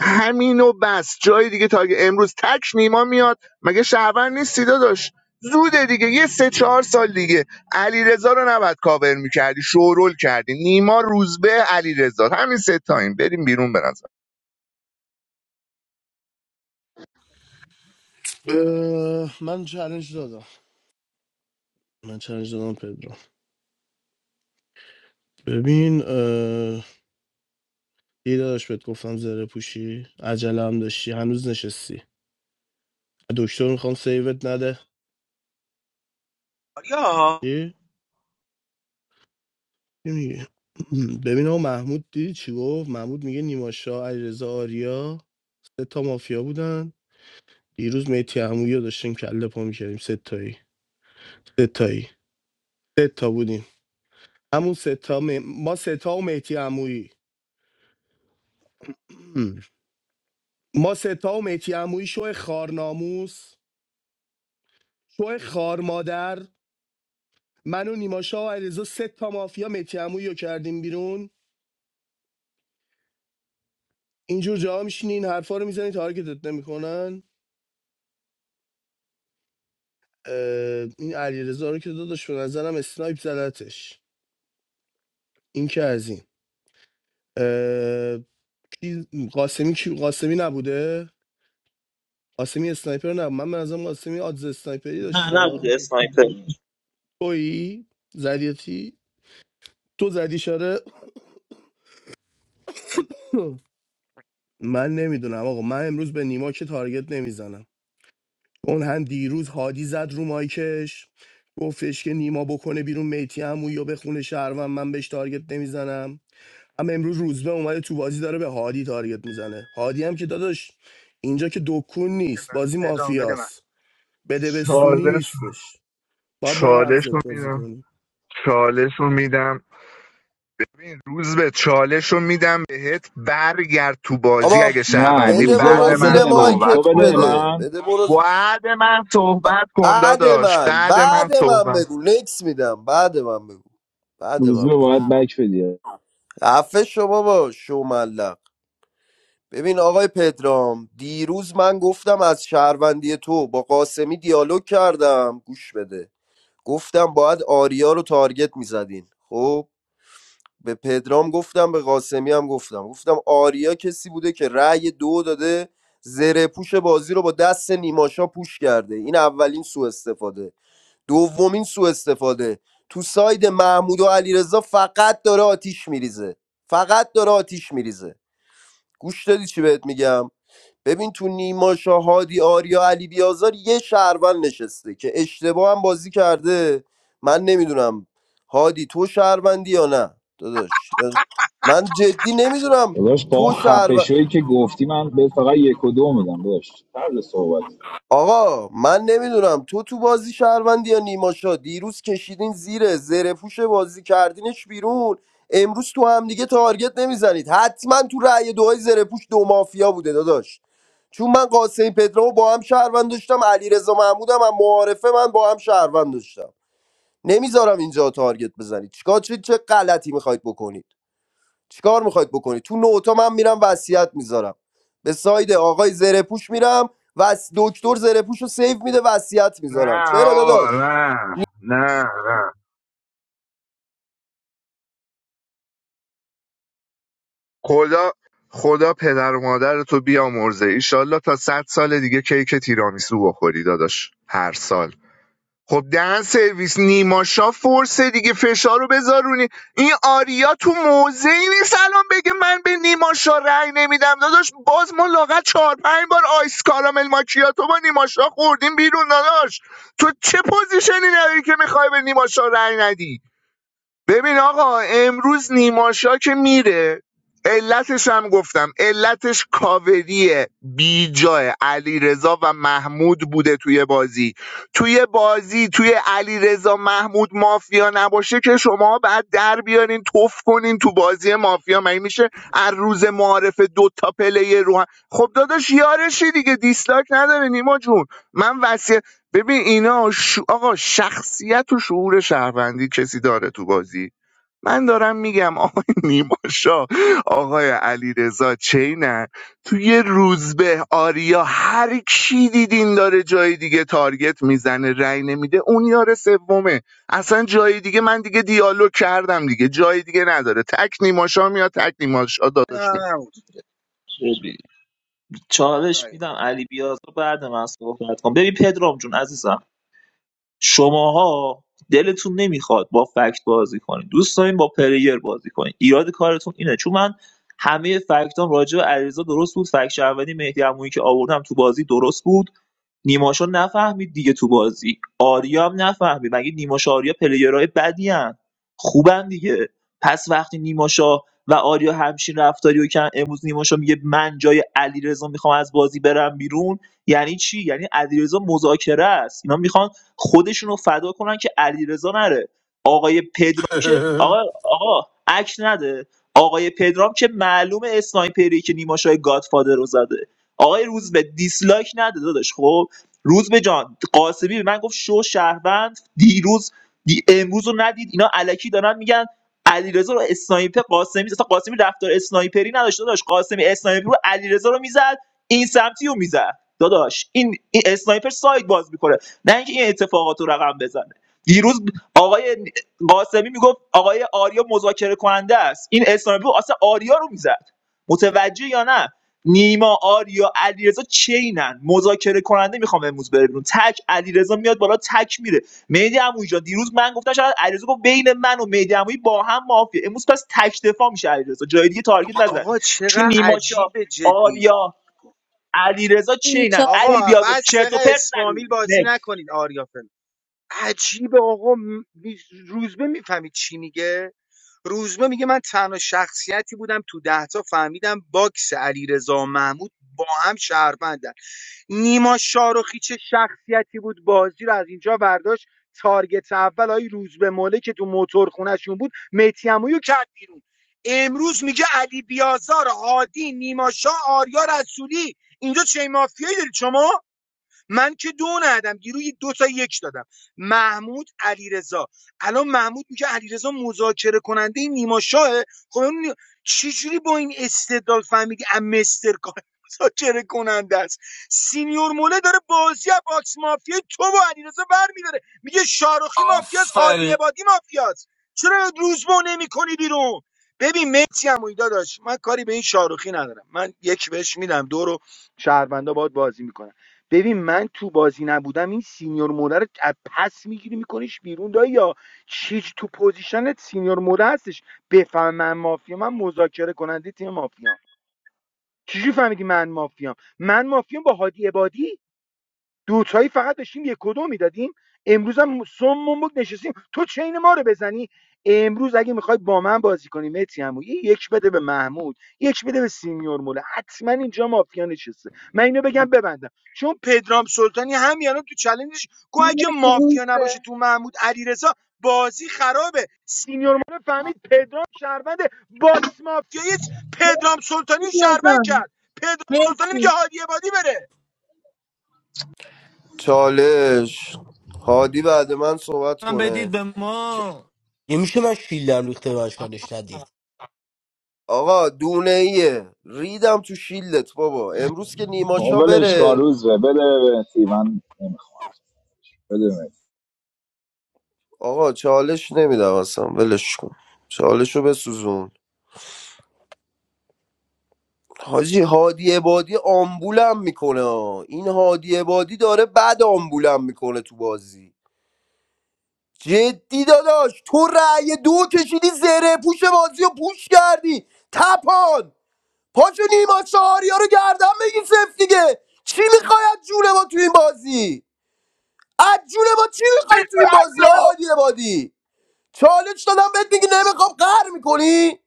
همینو بس جای دیگه تا اگه امروز تک نیما میاد مگه شهروند نیستی داداش زوده دیگه یه سه چهار سال دیگه علی رو نباید کاور میکردی شورول کردی نیما روزبه علی همین سه تایم بریم بیرون به نظر
اه، من چالش دادم من چالش دادم پدرو ببین اه، یه داداش بهت گفتم زره پوشی عجله هم داشتی هنوز نشستی دکتر میخوام سیوت نده
آریا
چی چی میگی ببین آقا محمود دیدی چی گفت محمود میگه نیما شاه علیرضا آریا سه تا مافیا بودن دیروز میتی عمویی رو داشتیم کله پا میکردیم سه تایی سه تایی سه تا بودیم همون سه تا می- ما سه تا و میتی عمویی ما سه تا و میتی عمویی شو خارناموس شو خار مادر من و نیماشا و علیرضا سه تا مافیا میتی عمویی رو کردیم بیرون اینجور جاها میشینی این حرفا رو میزنی تارگتت نمیکنن این علیرضا رو که داداش به نظرم اسنایپ زدتش این که از این قاسمی کی- قاسمی نبوده قاسمی اسنایپر نه من منظرم قاسمی آدز اسنایپری
نه
داشتا
نبوده اسنایپر
تویی زدیتی تو زدی شاره من نمیدونم آقا من امروز به نیما که تارگت نمیزنم اون هم دیروز هادی زد رو مایکش گفتش که نیما بکنه بیرون میتی همو یا به خونه شهروند من بهش تارگت نمیزنم اما امروز روزبه اومده تو بازی داره به هادی تارگت میزنه هادی هم که داداش اینجا که دکون نیست بازی
ادرام بده من
مافیاست بده بستونی
چالش
نیستش باید با
چالش رو
مغزت بازی
میدم
کنی
چالش رو میدم ببین روز به چالش رو میدم بهت برگرد تو بازی
آقا
اگه
نه
شهروندی
بده
روزه
بعد
برو
باید بده
من
زیر
به من
صحبت
تو
مایکت
بده به
کن
بده
من
بده برو ز-
بعد من صحبت کن
بعد
داداش
من
بعد من
بعد من
صحبت
بگو نکس میدم بعد من بگو بعد
روزه
من بگو
باید بک بدی
عفه شو بابا شو ملق ببین آقای پدرام دیروز من گفتم از شهروندی تو با قاسمی دیالوگ کردم گوش بده گفتم باید آریا رو تارگت میزدین خب به پدرام گفتم به قاسمی هم گفتم گفتم آریا کسی بوده که رأی دو داده زره پوش بازی رو با دست نیماشا پوش کرده این اولین سوء استفاده دومین سوء استفاده تو ساید محمود و علیرضا فقط داره آتیش میریزه فقط داره آتیش میریزه گوش دادی چی بهت میگم ببین تو نیما شاهادی آریا علی بیازار یه شهروند نشسته که اشتباه هم بازی کرده من نمیدونم هادی تو شهروندی یا نه داداش من جدی نمیدونم
داداش با اون
تو شهر
خفشویی که گفتی من به فقط یک و دو میدم داداش طرز صحبت
آقا من نمیدونم تو تو بازی شهروندی یا نیماشا دیروز کشیدین زیر زره پوش بازی کردینش بیرون امروز تو هم دیگه تارگت نمیزنید حتما تو رأی دوهای زره پوش دو مافیا بوده داداش چون من قاسم پدرامو با هم شهروند داشتم علیرضا محمودم هم معارفه من با هم شهروند داشتم نمیذارم اینجا تارگت بزنید چیکار چه چه غلطی میخواید بکنید چیکار میخواید بکنید تو نوتا من میرم وصیت میذارم به ساید آقای زرهپوش میرم و دکتر زرهپوش رو سیو میده وصیت میذارم
نه
چرا
آقا
داداش
نه نه نه خدا خدا پدر و مادر تو بیامرزه ایشالله تا صد سال دیگه کیک تیرامیسو بخوری داداش هر سال خب دهن سرویس نیماشا فرسه دیگه فشار رو بذارونی این آریا تو موضعی نیست الان بگه من به نیماشا رأی نمیدم داداش باز ما لاغت چهار پنج بار آیس کارامل ماکیاتو با نیماشا خوردیم بیرون داداش تو چه پوزیشنی نداری که میخوای به نیماشا رأی ندی ببین آقا امروز نیماشا که میره علتش هم گفتم علتش کاوری بیجای علی رضا و محمود بوده توی بازی توی بازی توی علی رضا محمود مافیا نباشه که شما بعد در بیارین توف کنین تو بازی مافیا مگه میشه از روز معارف دو تا پله رو هم- خب داداش یارشی دیگه دیسلاک نداره نیما جون من ببین اینا ش... آقا شخصیت و شعور شهروندی کسی داره تو بازی من دارم میگم آقای نیماشا آقای علی رضا چینن تو یه روزبه آریا هر کی دیدین داره جای دیگه تارگت میزنه رأی نمیده اون یار سومه اصلا جای دیگه من دیگه دیالوگ کردم دیگه جای دیگه نداره تک نیماشا میاد تک نیماشا
نه،
داداش میاد
نه، نه، بود.
چالش
بله.
میدم علی بیاز رو بعد من صحبت کنم ببین پدرام جون عزیزم شماها دلتون نمیخواد با فکت بازی کنید دوست دارین با پلیر بازی کنید ایراد کارتون اینه چون من همه فکتام راجع به علیرضا درست بود فکت شهروندی مهدی عمویی که آوردم تو بازی درست بود نیماشو نفهمید دیگه تو بازی آریا هم نفهمید مگه نیماش آریا پلیرهای بدی هن. خوبن دیگه پس وقتی نیماشا و آریا همچین رفتاری رو کردن امروز نیماشا میگه من جای علیرضا میخوام از بازی برم بیرون یعنی چی یعنی علیرضا مذاکره است اینا میخوان خودشون رو فدا کنن که علیرضا نره آقای پدرام که آقا آقا عکس نده آقای پدرام که معلوم اسنایپری که نیماشای گادفادر رو زده آقای روزبه دیسلایک نده داداش خب روزبه جان قاسمی به من گفت شو شهروند دیروز دی امروز رو ندید اینا علکی دارن میگن علیرضا رو اسنایپر قاسمی اصلا قاسمی رفتار اسنایپری نداشت داداش قاسمی اسنایپر رو علیرضا رو میزد این سمتی رو میزد داداش این, این اسنایپر ساید باز میکنه نه اینکه این اتفاقات رو رقم بزنه دیروز آقای قاسمی میگفت آقای آریا مذاکره کننده است این اسنایپر اصلا آریا رو میزد متوجه یا نه نیما آریا علیرضا چینن مذاکره کننده میخوام امروز بره بیرون تک علیرضا میاد بالا تک میره مهدی عمویی جان دیروز من گفتم شاید علیرضا گفت بین من و مهدی عمویی با هم مافیه امروز پس تک دفاع میشه علیرضا جای دیگه تارگت نزنی
آقا
چون
چقدر
نیما شاه
عجیبه جدی
آریا علیرضا
بی
چینن
چالش
علی
آقا
بیازا
بعد
چرت و
چقدر
پرت نگو
اسفامیل بازی
نک
نکنید آریا فلم عجیبه آقا روزبه میفهمید چی میگه روزبه میگه من تنها شخصیتی بودم تو دهتا فهمیدم باکس علیرضا و محمود با هم شهروندن نیما شاروخی چه شخصیتی بود بازی رو از اینجا برداشت تارگت اول آی روز به موله که تو موتور خونشون بود میتیمویو کرد بیرون امروز میگه علی بیازار هادی نیما شاه آریا رسولی اینجا چه مافیایی دارید شما من که دو ندادم دیروز دو تا یک دادم محمود علیرضا الان محمود میگه علیرضا مذاکره کننده نیما شاه خب اون چجوری با این استدلال فهمیدی ام مستر کار مذاکره کننده است سینیور موله داره بازی باکس مافیا تو و علیرضا برمیداره میگه شارخی مافیاست هادی
آفرین
عبادی مافیاست چرا روزبو نمیکنی بیرون ببین مرسی عمویی داداش من کاری به این شاروخی ندارم من یک بهش میدم دو رو شهروندا باهات بازی میکنن ببین من تو بازی نبودم این سینیور موره رو از پس میگیری میکنیش بیرون دایی یا چیج تو پوزیشنت سینیور موره هستش بفهم من مافیا من مذاکره کننده تیم مافیا چجوری فهمیدی من مافیام من مافیام با هادی عبادی دوتایی فقط داشتیم یک و دو میدادیم امروز هم سمون بود نشستیم تو چین ما رو بزنی امروز اگه میخوای با من بازی کنی متی عمو، یه یک بده به محمود یک بده به سینیور موله حتما اینجا مافیا نشسته من اینو بگم ببندم چون پدرام سلطانی همیانا تو چلنجش گو اگه
مهدی روز
مافیا نباشه
به.
تو محمود علیرضا بازی خرابه سینیور موله فهمید پدرام شهروند باکس مافیایی پدرام سلطانی
مهدی
رو
بیا
شهروند
جان
کرد پدرام سلطانی میگه
مرسی
هادی عبادی بره
چالش هادی بعد من صحبت
هم بدید
کنه
به ما
یه میشه من شیلدم ریخته بهش کار داشت ندید
آقا دونه ایه ریدم تو شیلدت بابا امروز که نیماشا
ولش کن
بره
روزه بده به مهدی. من نمیخوام بده به مهدی.
آقا چالش نمیدم اصلا ولش کن چالشو بسوزون حاجی هادی عبادی آمبولم میکنه این هادی عبادی داره بد آمبولم میکنه تو بازی جدی داداش تو رأی دو کشیدی زره پوش بازی و پوش کردی تپان پاشو نیما چهاریا رو گردن بگی سفت دیگه چی میخوای از جون ما تو این بازی از جون ما چی میخوای تو این بازی های عادی بادی چالش دادم بهت میگی نمیخوام قهر میکنی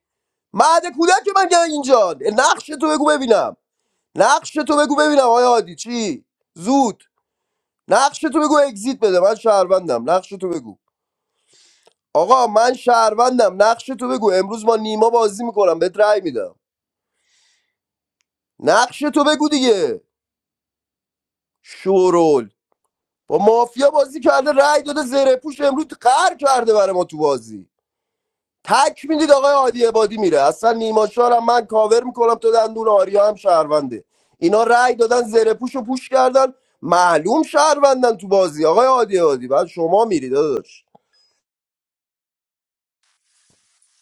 مهد کودک من گه اینجا نقش تو بگو ببینم نقش تو بگو ببینم آیا عادی چی زود نقش تو بگو اگزییت بده من شهروندم نقش تو بگو آقا من شهروندم نقش تو بگو امروز ما نیما بازی میکنم بهت رأی میدم نقش تو بگو دیگه شورول با مافیا بازی کرده رأی داده زره پوش امروز قهر کرده برای ما تو بازی تک میدید آقای عادی عبادی میره اصلا نیما شارم من کاور میکنم تو دندون آریا هم شهرونده اینا رأی دادن زره پوش رو پوش کردن معلوم شهروندن تو بازی آقای عادی عبادی بعد شما میری داداش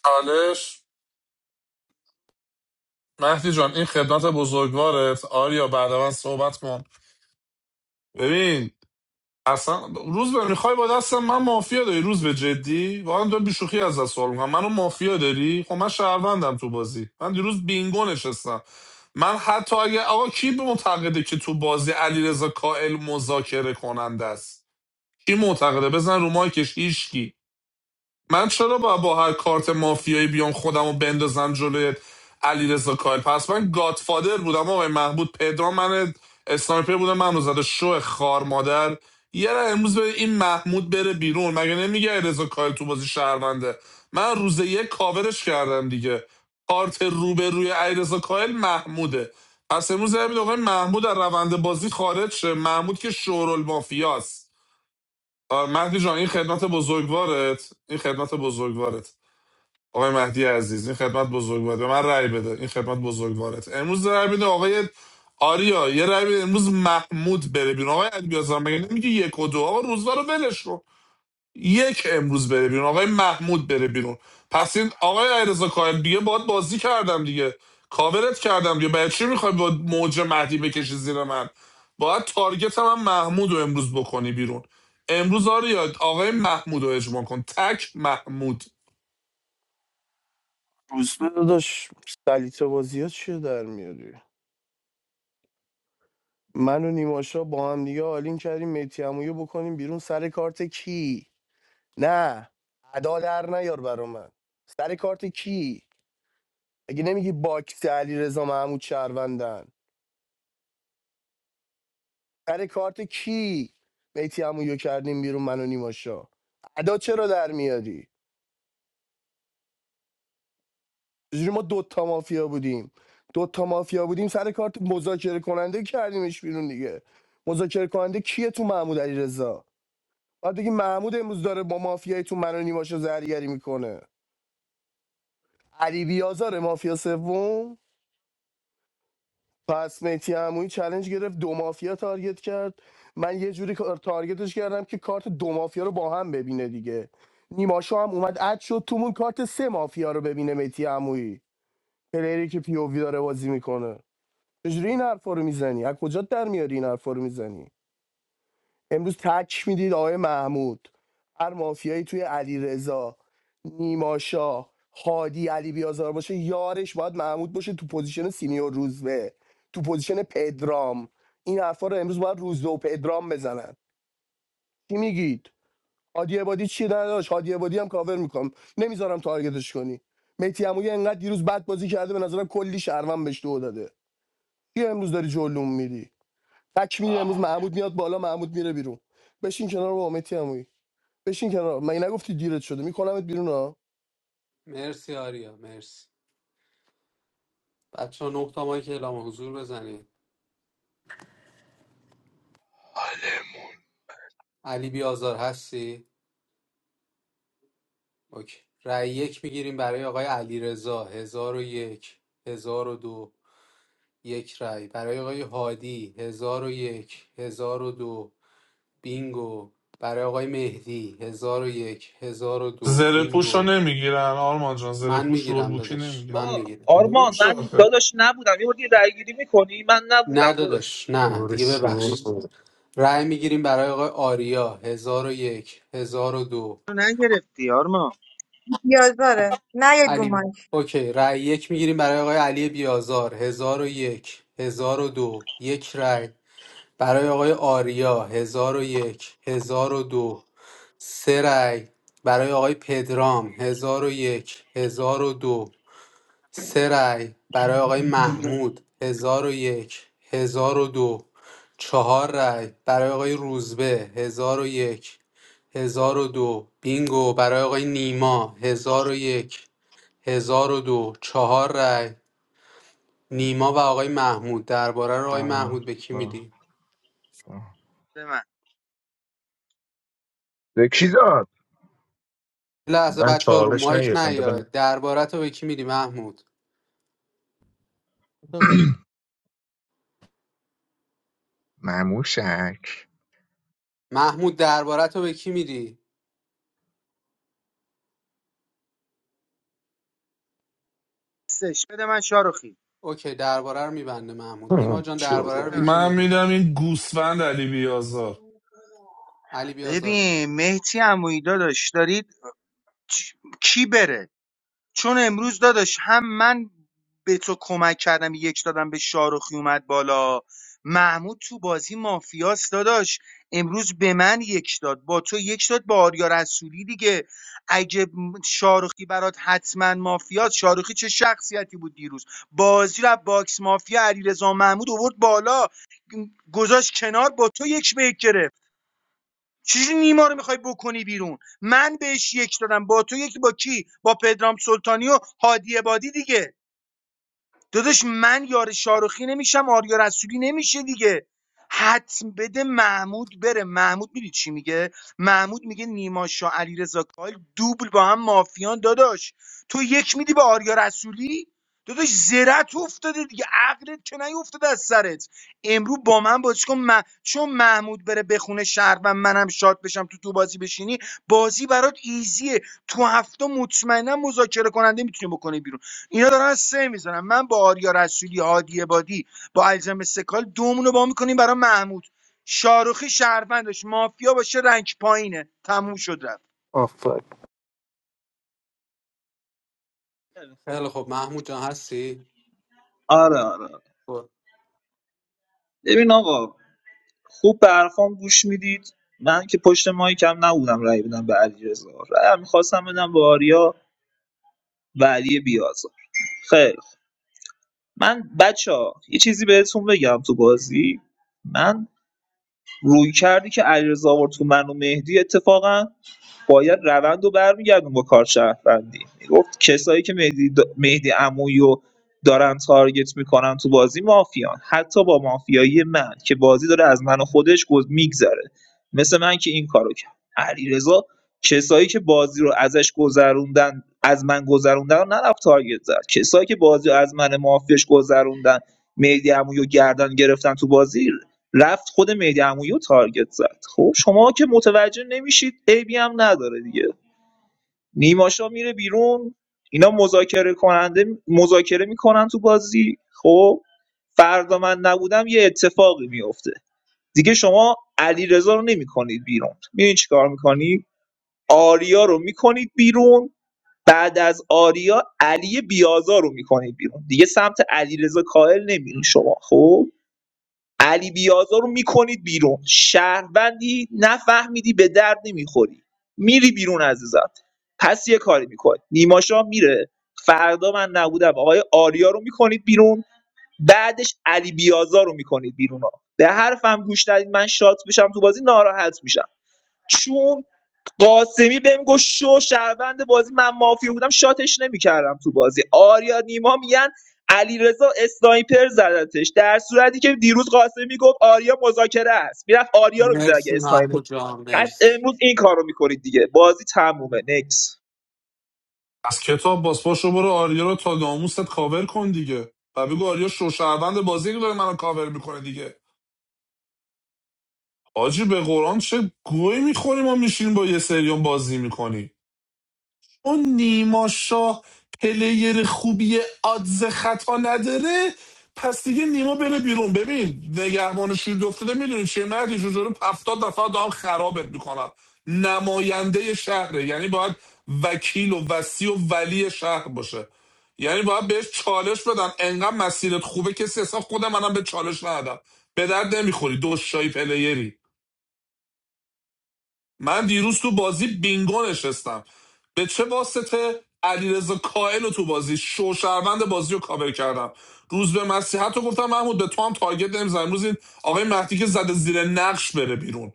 چالش مهدی جان این خدمت بزرگوارت آریا بعد من صحبت کن ببین اصلا روز به میخوای با دستم من مافیا داری روز به جدی واقعا دارم بیشوخی از دست سوال میکنم منو مافیا داری خب من شهروندم تو بازی من دیروز بینگو نشستم من حتی اگه آقا کی به معتقده که تو بازی علیرضا کائل مذاکره کننده است کی معتقده بزن رو مایکش هیچکی. من چرا با با هر کارت مافیایی بیام خودم رو بندازم جلوی علیرضا کاهل پس من گادفادر بودم آقای محمود پدرام من اسنایپر بودم من زده شو خار مادر یه را امروز به این محمود بره بیرون مگه نمیگه علیرضا کاهل تو بازی شهرونده من روز یک کاورش کردم دیگه کارت رو به علیرضا کاهل محموده پس امروز همین آقای محمود از روند بازی خارج شه محمود که شورال مافیاست آه، مهدی جان این خدمت بزرگوارت این خدمت بزرگوارت آقای مهدی عزیز این خدمت بزرگوارت به من رأی بده این خدمت بزرگوارت امروز رأی بده آقای آریا یه رأی بده امروز محمود بره بیرون آقای علی بیازم مگه نمیگه یک و دو آقا روزا رو ولش کن. یک امروز بره بیرون آقای محمود بره بیرون پس این آقای علیرضا کاهل دیگه باید بازی کردم دیگه کاورت کردم دیگه برای چی میخوای با موج مهدی بکشی زیر من باید تارگت من محمود رو امروز بکنی بیرون امروز آریا آقای محمود رو اجماع کن تک محمود
روزبه داداش سلیت بازی ها چیه در میاری من و نیماشا با هم دیگه آلین کردیم میتی امویو بکنیم بیرون سر کارت کی نه ادا در نیار برا من سر کارت کی اگه نمیگی باکس علی رضا محمود شهروندن سر کارت کی میتی امویو کردیم بیرون من و نیماشا ادا چرا در میاری چجوری ما دوتا مافیا بودیم دوتا مافیا بودیم سر کارت مذاکره کننده کردیمش بیرون دیگه مذاکره کننده کیه تو محمود علی بعد دیگه محمود امروز داره با مافیای تو منو نیماشو زرگری میکنه علی بیازار مافیا سوم پس میتی عمویی چلنج گرفت دو مافیا تارگت کرد من یه جوری کار- تارگتش کردم که کارت دو مافیا رو با هم ببینه دیگه نیماشو هم اومد اد شد تومون کارت سه مافیا رو ببینه میتی عمویی پلیری که پی او وی داره بازی میکنه چجوری این حرفا رو میزنی از کجا در میاری این حرفا رو میزنی امروز تک میدید آقای محمود هر مافیایی توی علی رضا نیماشا هادی علی بیازار باشه یارش باید محمود باشه تو پوزیشن سینیور روزبه تو پوزیشن پدرام این حرفا رو امروز باید روزبه و پدرام بزنن چی میگید هادی عبادی چی نداشت هادی عبادی هم کاور میکنم نمیذارم تارگتش کنی میتی عمویی انقدر دیروز بد بازی کرده به نظرم کلی شهروند بهش دو داده کی امروز داری جلوم میری تک میری امروز محمود میاد بالا محمود میره بیرون بشین کنار با متی بشین کنار مگه نگفتی دیرت شده میکنمت بیرون ها
مرسی آریا مرسی بچه ها نه تا مایک اعلام حضور بزنید علی بیازار هستی؟ اوکی. رأی یک میگیریم برای آقای علی رضا هزار و یک هزار و دو یک رأی برای آقای هادی هزار و یک هزار و دو بینگو برای آقای مهدی هزار و یک هزار و دو
زره پوش رو
بینگو
نمیگیرن آرمان جان زره
من
پوش رول
میگیرم
بوکی
داداش
نمیگیرن
من میگیرم
آرمان
نمیشه آخه
نه
داداش
داداش نه
شور
دیگه
شور
ببخشید رأی میگیریم برای آقای آریا هزار و یک هزار و دو
نیازاره نیاید رو
علی
مایک
اوکی رأی یک میگیریم برای آقای علی بیازار هزار و یک هزار و دو یک رأی برای آقای آریا هزار و یک هزار و دو سه رأی برای آقای پدرام هزار و یک هزار و دو سه رأی برای آقای محمود هزار و یک هزار و دو چهار رأی برای آقای روزبه هزار و یک هزار و دو بینگو برای آقای نیما هزار و یک هزار و دو چهار رای نیما و آقای محمود درباره رو
آه،
آقای
آه،
محمود به کی
آه.
میدی
بده من
به کی داد؟
یه لحظه
من
بچه ها رو
چالش
مایک
نگیردم
نیاد درباره تو به کی میدی محمود
مموشک
محمود درباره تو به کی میدی
بده من شاروخی
اوکی درباره رو میبنده محمود نیما جان درباره رو
شور
به
نه.
کی
من
میدی
میدم این گوسفند علی بیازار
علی بیازار بگی
ببین مهتی عمویی داداش دارید چ- کی بره چون امروز داداش هم من به تو کمک کردم یک دادم به شاروخی اومد بالا محمود تو بازی مافیاس داداش امروز به من یک داد با تو یک داد با آریا رسولی دیگه اگه م- شاروخی برات حتما مافیاس شاروخی چه شخصیتی بود دیروز بازی رو از باکس مافیا علیرضا محمود آورد بالا گذاشت کنار با تو یک به یک گرفت. چجوری نیما رو میخوای بکنی بیرون من بهش یک دادم با تو یک با کی با پدرام سلطانی و هادی بادی دیگه داداش من یار شاروخی نمیشم آریا رسولی نمیشه دیگه حتم بده محمود بره محمود میدید چی میگه محمود میگه نیما شاه علیرضا کاهل دوبل با هم مافیان داداش تو یک میدی به آریا رسولی داداش زرت افتاده دیگه عقلت که نیافتاده از سرت امرو با من بازی کن من- چون محمود بره بخونه شهر و منم شاد بشم تو تو بازی بشینی بازی برات ایزیه تو هفته مطمئنا مذاکره کننده میتونی بکنی بیرون اینا دارن از سه میزنن من با آریا رسولی هادی بادی با الزم استقلال دومون رو با میکنیم برای محمود شاروخی شهروندش مافیا باشه رنگ پایینه تموم شد رفت
آفر
خیلی خب محمود جان هستی برو.
ببین آقا خوب به حرفام گوش میدید من که پشت ماهی کم نبودم رأی بدم به علیرضا رأی میخواستم بدم به آریا و علی بیازا. خیر من بچه‌ها یه چیزی بهتون بگم تو بازی من روی کردی که علیرضا آورد تو من و مهدی اتفاقا باید روند رو برمیگردون با کار کارشهروندی میگفت کسایی که مهدی, د... مهدی عمویی رو دارن تارگت میکنن تو بازی مافیان حتی با مافیایی من که بازی داره از من و خودش گز میگذره مثل من که این کارو کرد علیرضا کسایی که بازی رو ازش گذروندن از من گذروندن رو نرفت تارگت زد کسایی که بازی رو از من مافیاش گذروندن مهدی عمویی رو گردن گرفتن تو بازی رفت خود مهدی عمویی رو تارگت زد خب شما که متوجه نمیشید عیبی هم نداره دیگه نیماشا میره بیرون اینا مذاکره کننده مذاکره میکنن تو بازی خب فردا من نبودم یه اتفاقی میفته دیگه شما علیرضا رو نمیکنید بیرون میدونی چیکار میکنید آریا رو میکنید بیرون بعد از آریا علی بیازار رو میکنید بیرون دیگه سمت علیرضا کائل نمیرین شما خب علی بیازار رو می‌کنید بیرون شهروندی نفهمیدی به درد نمی‌خوری میری بیرون عزیزم پس یه کاری می‌کنی نیماشا شاه میره فردا من نبودم آقای آریا رو می‌کنید بیرون بعدش علی بیازار رو می‌کنید بیرون ها. به حرفم گوش ندید من شات بشم تو بازی ناراحت میشم چون قاسمی بهم گفت شو شهروند بازی من مافیا بودم شاتش نمیکردم تو بازی آریا نیما میگن علیرضا اسنایپر زدتش در صورتی که دیروز قاسمی گفت آریا مذاکره است میرفت آریا رو میزد اگه
مرسی
اسنایپر
محمود جان
پس
مرسی
امروز این کارو میکنید دیگه بازی تمومه نکس
از کتاب باز پاشو برو آریا رو تا ناموست کاور کن دیگه و بگو آریا شوشهروند بازی که داره منو کاور میکنه دیگه آجی به قرآن چه گوی میخوریم ما میشین با یه سریون بازی میکنی. اون نیما شاه پلیر خوبی آدز خطا نداره پس دیگه نیما بره بیرون ببین نگهبان شیر افتاده میدونی چه مردی جوجه رو هفتاد دفعه دارم خرابت میکنم نماینده شهره یعنی باید وکیل و وسی و ولی شهر باشه یعنی باید بهش چالش بدم انقدر مسیرت خوبه کسی اصلا خود منم به چالش ندادم به درد نمیخوری دوشایی پلیری من دیروز تو بازی بینگو نشستم به چه واسطه علیرضا کائل رو تو بازی شوشروند بازی رو کاور کردم روز به مسیحت رو گفتم محمود به تو هم تارگت نمیزن امروز این آقای مهدی که زده زیر نقش بره بیرون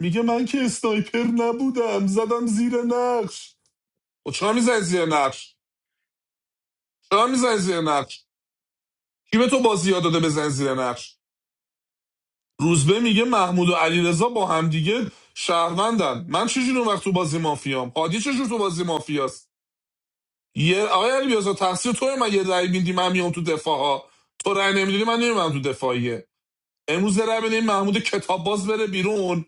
میگه من که اسنایپر نبودم زدم زیر نقش و چرا میزنی زیر نقش چرا میزنی زیر نقش کی به تو بازی یاد داده بزن زیر نقش روزبه میگه محمود و علیرضا با همدیگه شهروندن من چجوری اون وقت تو بازی مافیام هادی چجور تو بازی مافیاست یه آقای علی بیازا تقصیر توه من یه رأی میدی من میام تو دفاع ها تو رأی نمیدی من نمیام تو دفاعیه امروز رأی بدین این محمود کتاب باز بره بیرون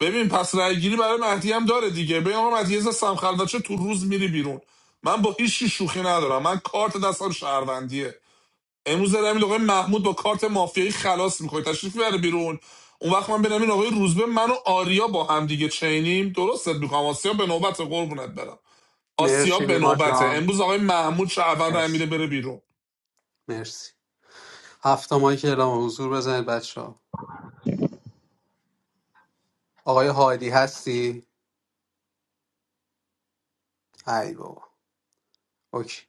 ببین پس رأی گیری برای مهدی هم داره دیگه ببین آقا مهدی عزیز سمخلوچه تو روز میری بیرون من با هیچ چی شوخی ندارم من کارت دستم شهروندیه امروز یه رأی آقای محمود با کارت مافیایی خلاص میکنه تشریف بره بیرون اون وقت من بنم این آقای روزبه من آریا با هم دیگه چینیم درستت میکنم آسیا به نوبت قربونت برم
مرسی
آسیاب به
نیما
نوبته
جان
امروز آقای محمود شهروند هم
مرسی
میره بره بیرون
مرسی هفت ماهی که اعلام حضور بزنید بچه ها آقای هادی هستی ای بابا اوکی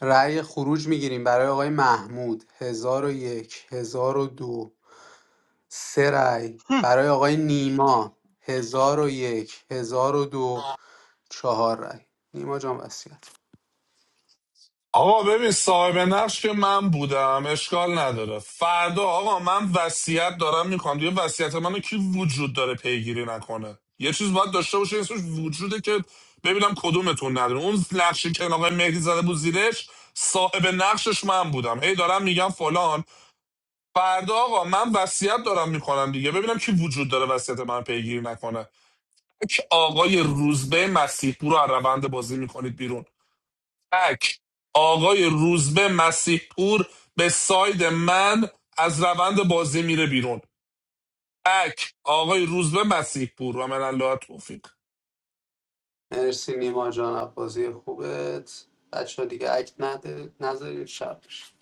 رأی خروج میگیریم برای آقای محمود هزار و یک هزار و دو سه رأی برای آقای نیما هزار و یک هزار و دو چهار رأی نیما جان وسیعت
آقا ببین صاحب نقش که من بودم اشکال نداره فردا آقا من وصیت دارم میکنم دیگه وصیت منو کی وجود داره پیگیری نکنه یه چیز باید داشته باشه اسمش وجوده که ببینم کدومتون نداره اون نقشی که آقای مهدی زده بود زیرش صاحب نقشش من بودم هی دارم میگم فلان فردا آقا من وصیت دارم میکنم دیگه ببینم کی وجود داره وصیت من پیگیری نکنه تک آقای روزبه مسیح پور رو از روند بازی میکنید بیرون تک آقای روزبه مسیح پور به ساید من از روند بازی میره بیرون تک آقای روزبه مسیح پور و من الله توفیق
مرسی نیما جان از بازی خوبت بچه دیگه اکت نده نذارید شب بشه.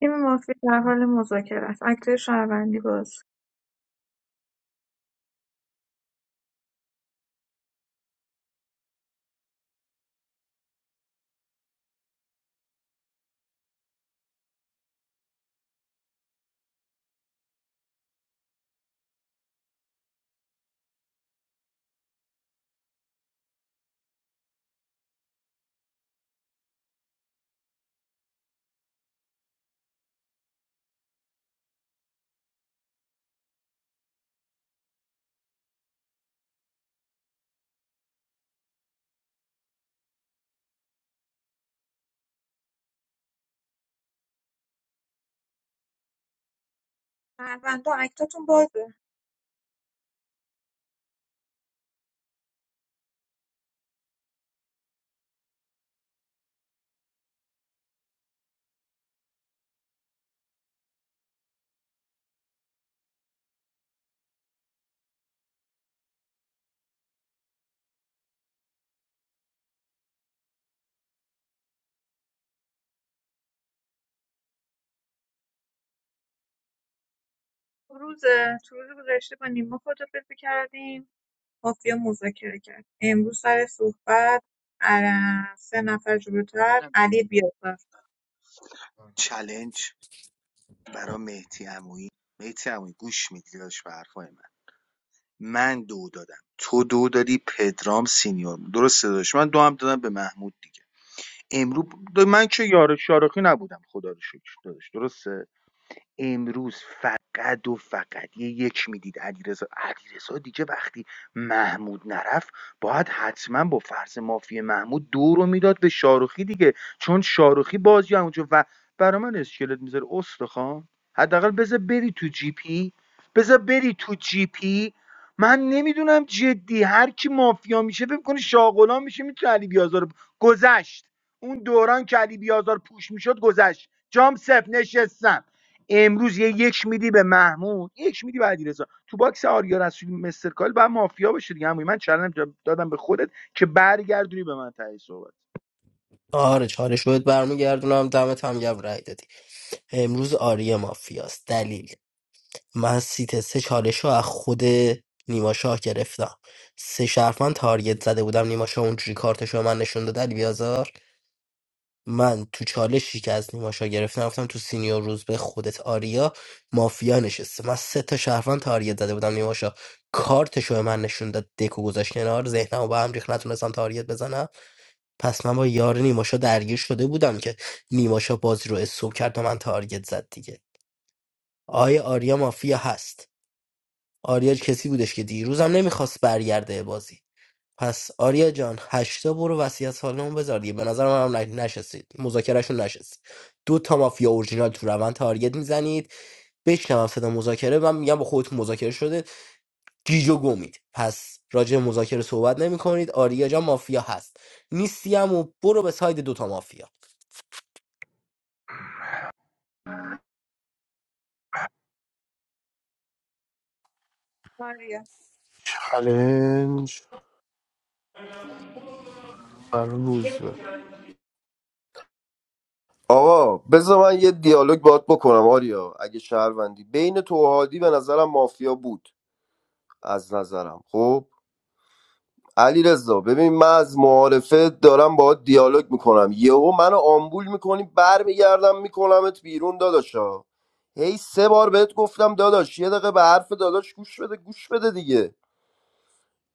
تیم مافیا در حال مذاکره است اکتر شهروندی باز شهروندا اکتاتون بازه روز تو روز گذشته با نیما خدافزی کردیم مافیا مذاکره کرد امروز سر صحبت اه، سه نفر جلوتر
هم.
علی بیازار
چلنج برا مهدی عمویی مهدی عمویی گوش میدی داشت به حرفای من من دو دادم تو دو دادی پدرام سینیور درسته داشت من دو هم دادم به محمود دیگه امروز من که یار شارخی نبودم خدا رو شکر داداش درسته امروز فقط و فقط یه یک میدید علیرضا علیرضا دیگه وقتی محمود نرفت باید حتما با فرض مافی محمود دو رو میداد به شاروخی دیگه چون شاروخی بازی همونجا و برای من اسکلت میذاره استخوان حداقل بذار بری تو جی پی بذار بری تو جی پی من نمیدونم جدی هر کی مافیا میشه فکر کنه شاغلان میشه میتونه علی بیازار رو- گذشت اون دوران که علی بیازار پوش میشد گذشت جام سپ نشستم امروز یه یک میدی به محمود یک میدی به علیرضا تو باکس آریا رسولی مستر کال بعد مافیا بشه دیگه همون من چالش دادم به خودت که برگردونی به من تهی صحبت
آره چالش بهت برمیگردونم دمت هم گرم رای دادی امروز آریا مافیاست دلیل من سیت سه چالش رو از خود نیما شاه گرفتم سه شرفمن تارگت زده بودم نیما شاه اونجوری کارتش رو به من نشون داد علی بیازار من تو چالشی که از نیما شاه گرفتم گفتم تو سینیور روز به خودت آریا مافیا نشسته من سه تا شرفمن تارگت زده بودم نیما شاه کارتش رو به من نشون داد دکو گذاشت کنار ذهنمو به هم ریخت نتونستم تارگت بزنم پس من با یار نیماشا درگیر شده بودم که نیماشا بازی رو استوب کرد و من تارگت زد دیگه آیا آریا مافیا هست آریا کسی بودش که دیروزم نمیخواست برگرده بازی پس آریا جان هشتا برو وصیت سالمون بذار دیگه به نظر من هم ن- نشستید مذاکرهشون نشست دو تا مافیا اورجینال تو روند تارگت میزنید بشنوم صدا مذاکره من میگم با خودتون مذاکره شده گیج و گمید پس راجع به مذاکره صحبت نمی کنید آریا جان مافیا هست نیستی هم و برو به ساید دوتا مافیا
ماریا
چلنج بر روزبه
آقا بذار من یه دیالوگ باهات بکنم آریا اگه شهروندی بین تو و هادی به نظرم مافیا بود از نظرم خب علی رضا ببین من از معارفه دارم باهات دیالوگ میکنم یهو منو آمبول میکنی برمیگردم میکنمت بیرون داداشا هی سه بار بهت گفتم داداش یه دقیقه به حرف داداش گوش بده گوش بده دیگه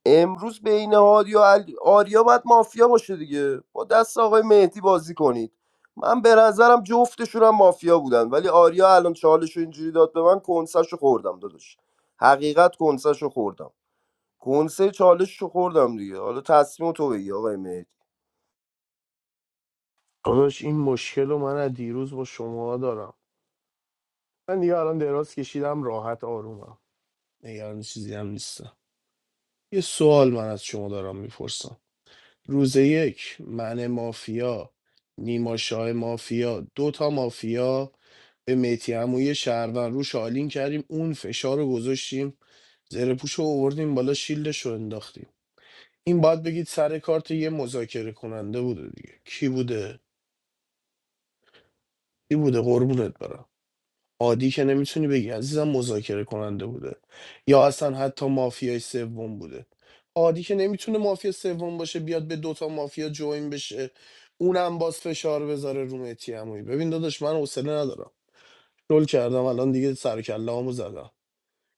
امروز بین هادی و علی- آریا باید مافیا باشه دیگه با دست آقای مهدی بازی کنید من به نظرم جفتشون هم مافیا بودن ولی آریا الان چالش رو اینجوری داد به من کنسش خوردم داداش حقیقت کنسش خوردم کنسه چالش رو خوردم دیگه حالا تصمیم تو بگی آقای مهدی
داداش این مشکل رو من از دیروز با شما دارم من دیگه الان دراز کشیدم راحت آرومم نگران چیزی هم نیستم یه سوال من از شما دارم میپرسم روز یک من مافیا نیما شاه مافیا دوتا مافیا به میتی عمویی شهروند روش آلین کردیم اون فشار رو گذاشتیم زره پوش رو آوردیم بالا شیلدش رو انداختیم این باید بگید سر کارت یه مذاکره کننده بوده دیگه کی بوده کی بوده قربونت برم عادی که نمیتونی بگی عزیزم مذاکره کننده بوده یا اصلا حتی مافیای سوم بوده عادی که نمیتونه مافیا سوم باشه بیاد به دوتا مافیا جوین بشه اونم باز فشار بذاره رو مهدی عمویی ببین داداش من حوصله ندارم رول کردم الان دیگه سر و کله‌هامو زدم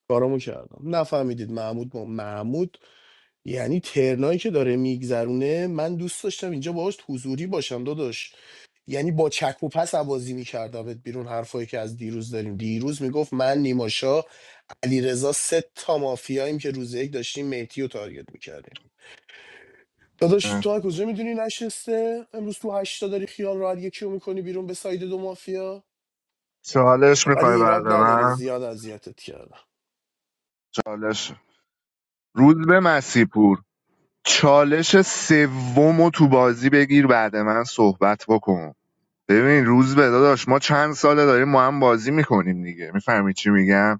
کارامو کردم نفهمیدید محمود با محمود یعنی ترنایی که داره میگذرونه من دوست داشتم اینجا باهاش حضوری باشم داداش یعنی با چک و پس عوازی میکردمت بیرون حرفایی که از دیروز داریم دیروز میگفت من نیماشا علیرضا سه تا مافیاییم که روز یک داشتیم مهدی رو تارگت میکردیم داداش تو از کجا میدونی نشسته امروز تو هشتا داری خیال راحت یکی رو میکنی بیرون به ساید دو مافیا
چالش
ولی
میخوای بعد
ایراد نداره
من
زیاد اذیتت کردم
چالش روز به مسیپور چالش سوم تو بازی بگیر بعد من صحبت بکن ببین روز به داداش ما چند ساله داریم ما هم بازی میکنیم دیگه میفهمی چی میگم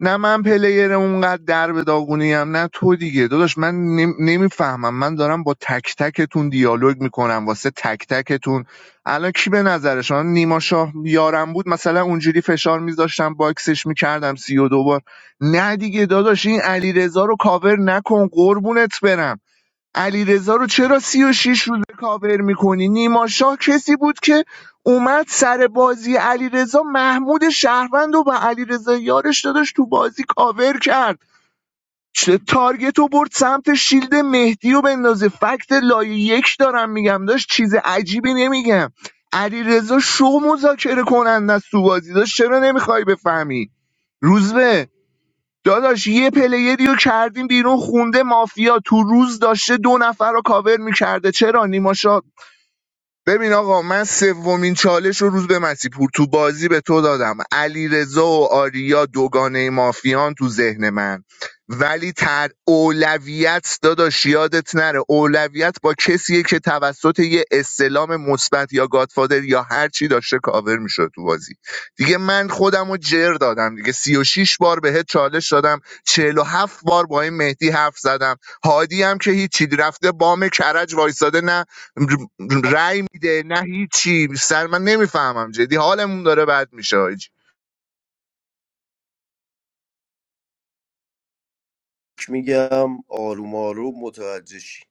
نه من پلیر اونقدر در به داغونی ام، نه تو دیگه داداش من نمیفهمم من دارم با تک تکتون دیالوگ میکنم واسه تک تکتون الان کی به نظر شما نیما شاه یارم بود مثلا اونجوری فشار میذاشتم باکسش میکردم سی و دوبار نه دیگه داداش این علیرضا رو کاور نکن قربونت برم علیرضا رو چرا سی و شیش روزه کاور میکنی نیما شاه کسی بود که اومد سر بازی علیرضا محمود شهروند و به علیرضا یارش داداش تو بازی کاور کرد چه تارگت رو برد سمت شیلد مهدی و بندازه فکت لایه یک دارم میگم داشت چیز عجیبی نمیگم علیرضا شو مذاکره کننده است تو بازی داشت چرا نمیخوای بفهمی روزبه داداش یه پلیری رو کردیم بیرون خونده مافیا تو روز داشته دو نفر رو کاور میکرده چرا نیما شاه؟ ببین آقا من سومین چالش رو روز به مسیپور تو بازی به تو دادم علیرضا و آریا دوگانه مافیان تو ذهن من ولی تر اولویت داداش یادت نره اولویت با کسیه که توسط یه استلام مثبت یا گادفادر یا هر چی داشته کاور میشد تو بازی دیگه من خودم رو جر دادم دیگه 36 بار بهت چالش دادم چهل و هفت بار با این مهدی حرف زدم هادی هم که هیچی رفته بام کرج وایساده نه ر- رأی میده نه هیچی سر من نمیفهمم جدی حالمون داره بد میشه حاجی
چی میگم آروم آروم متوجه شی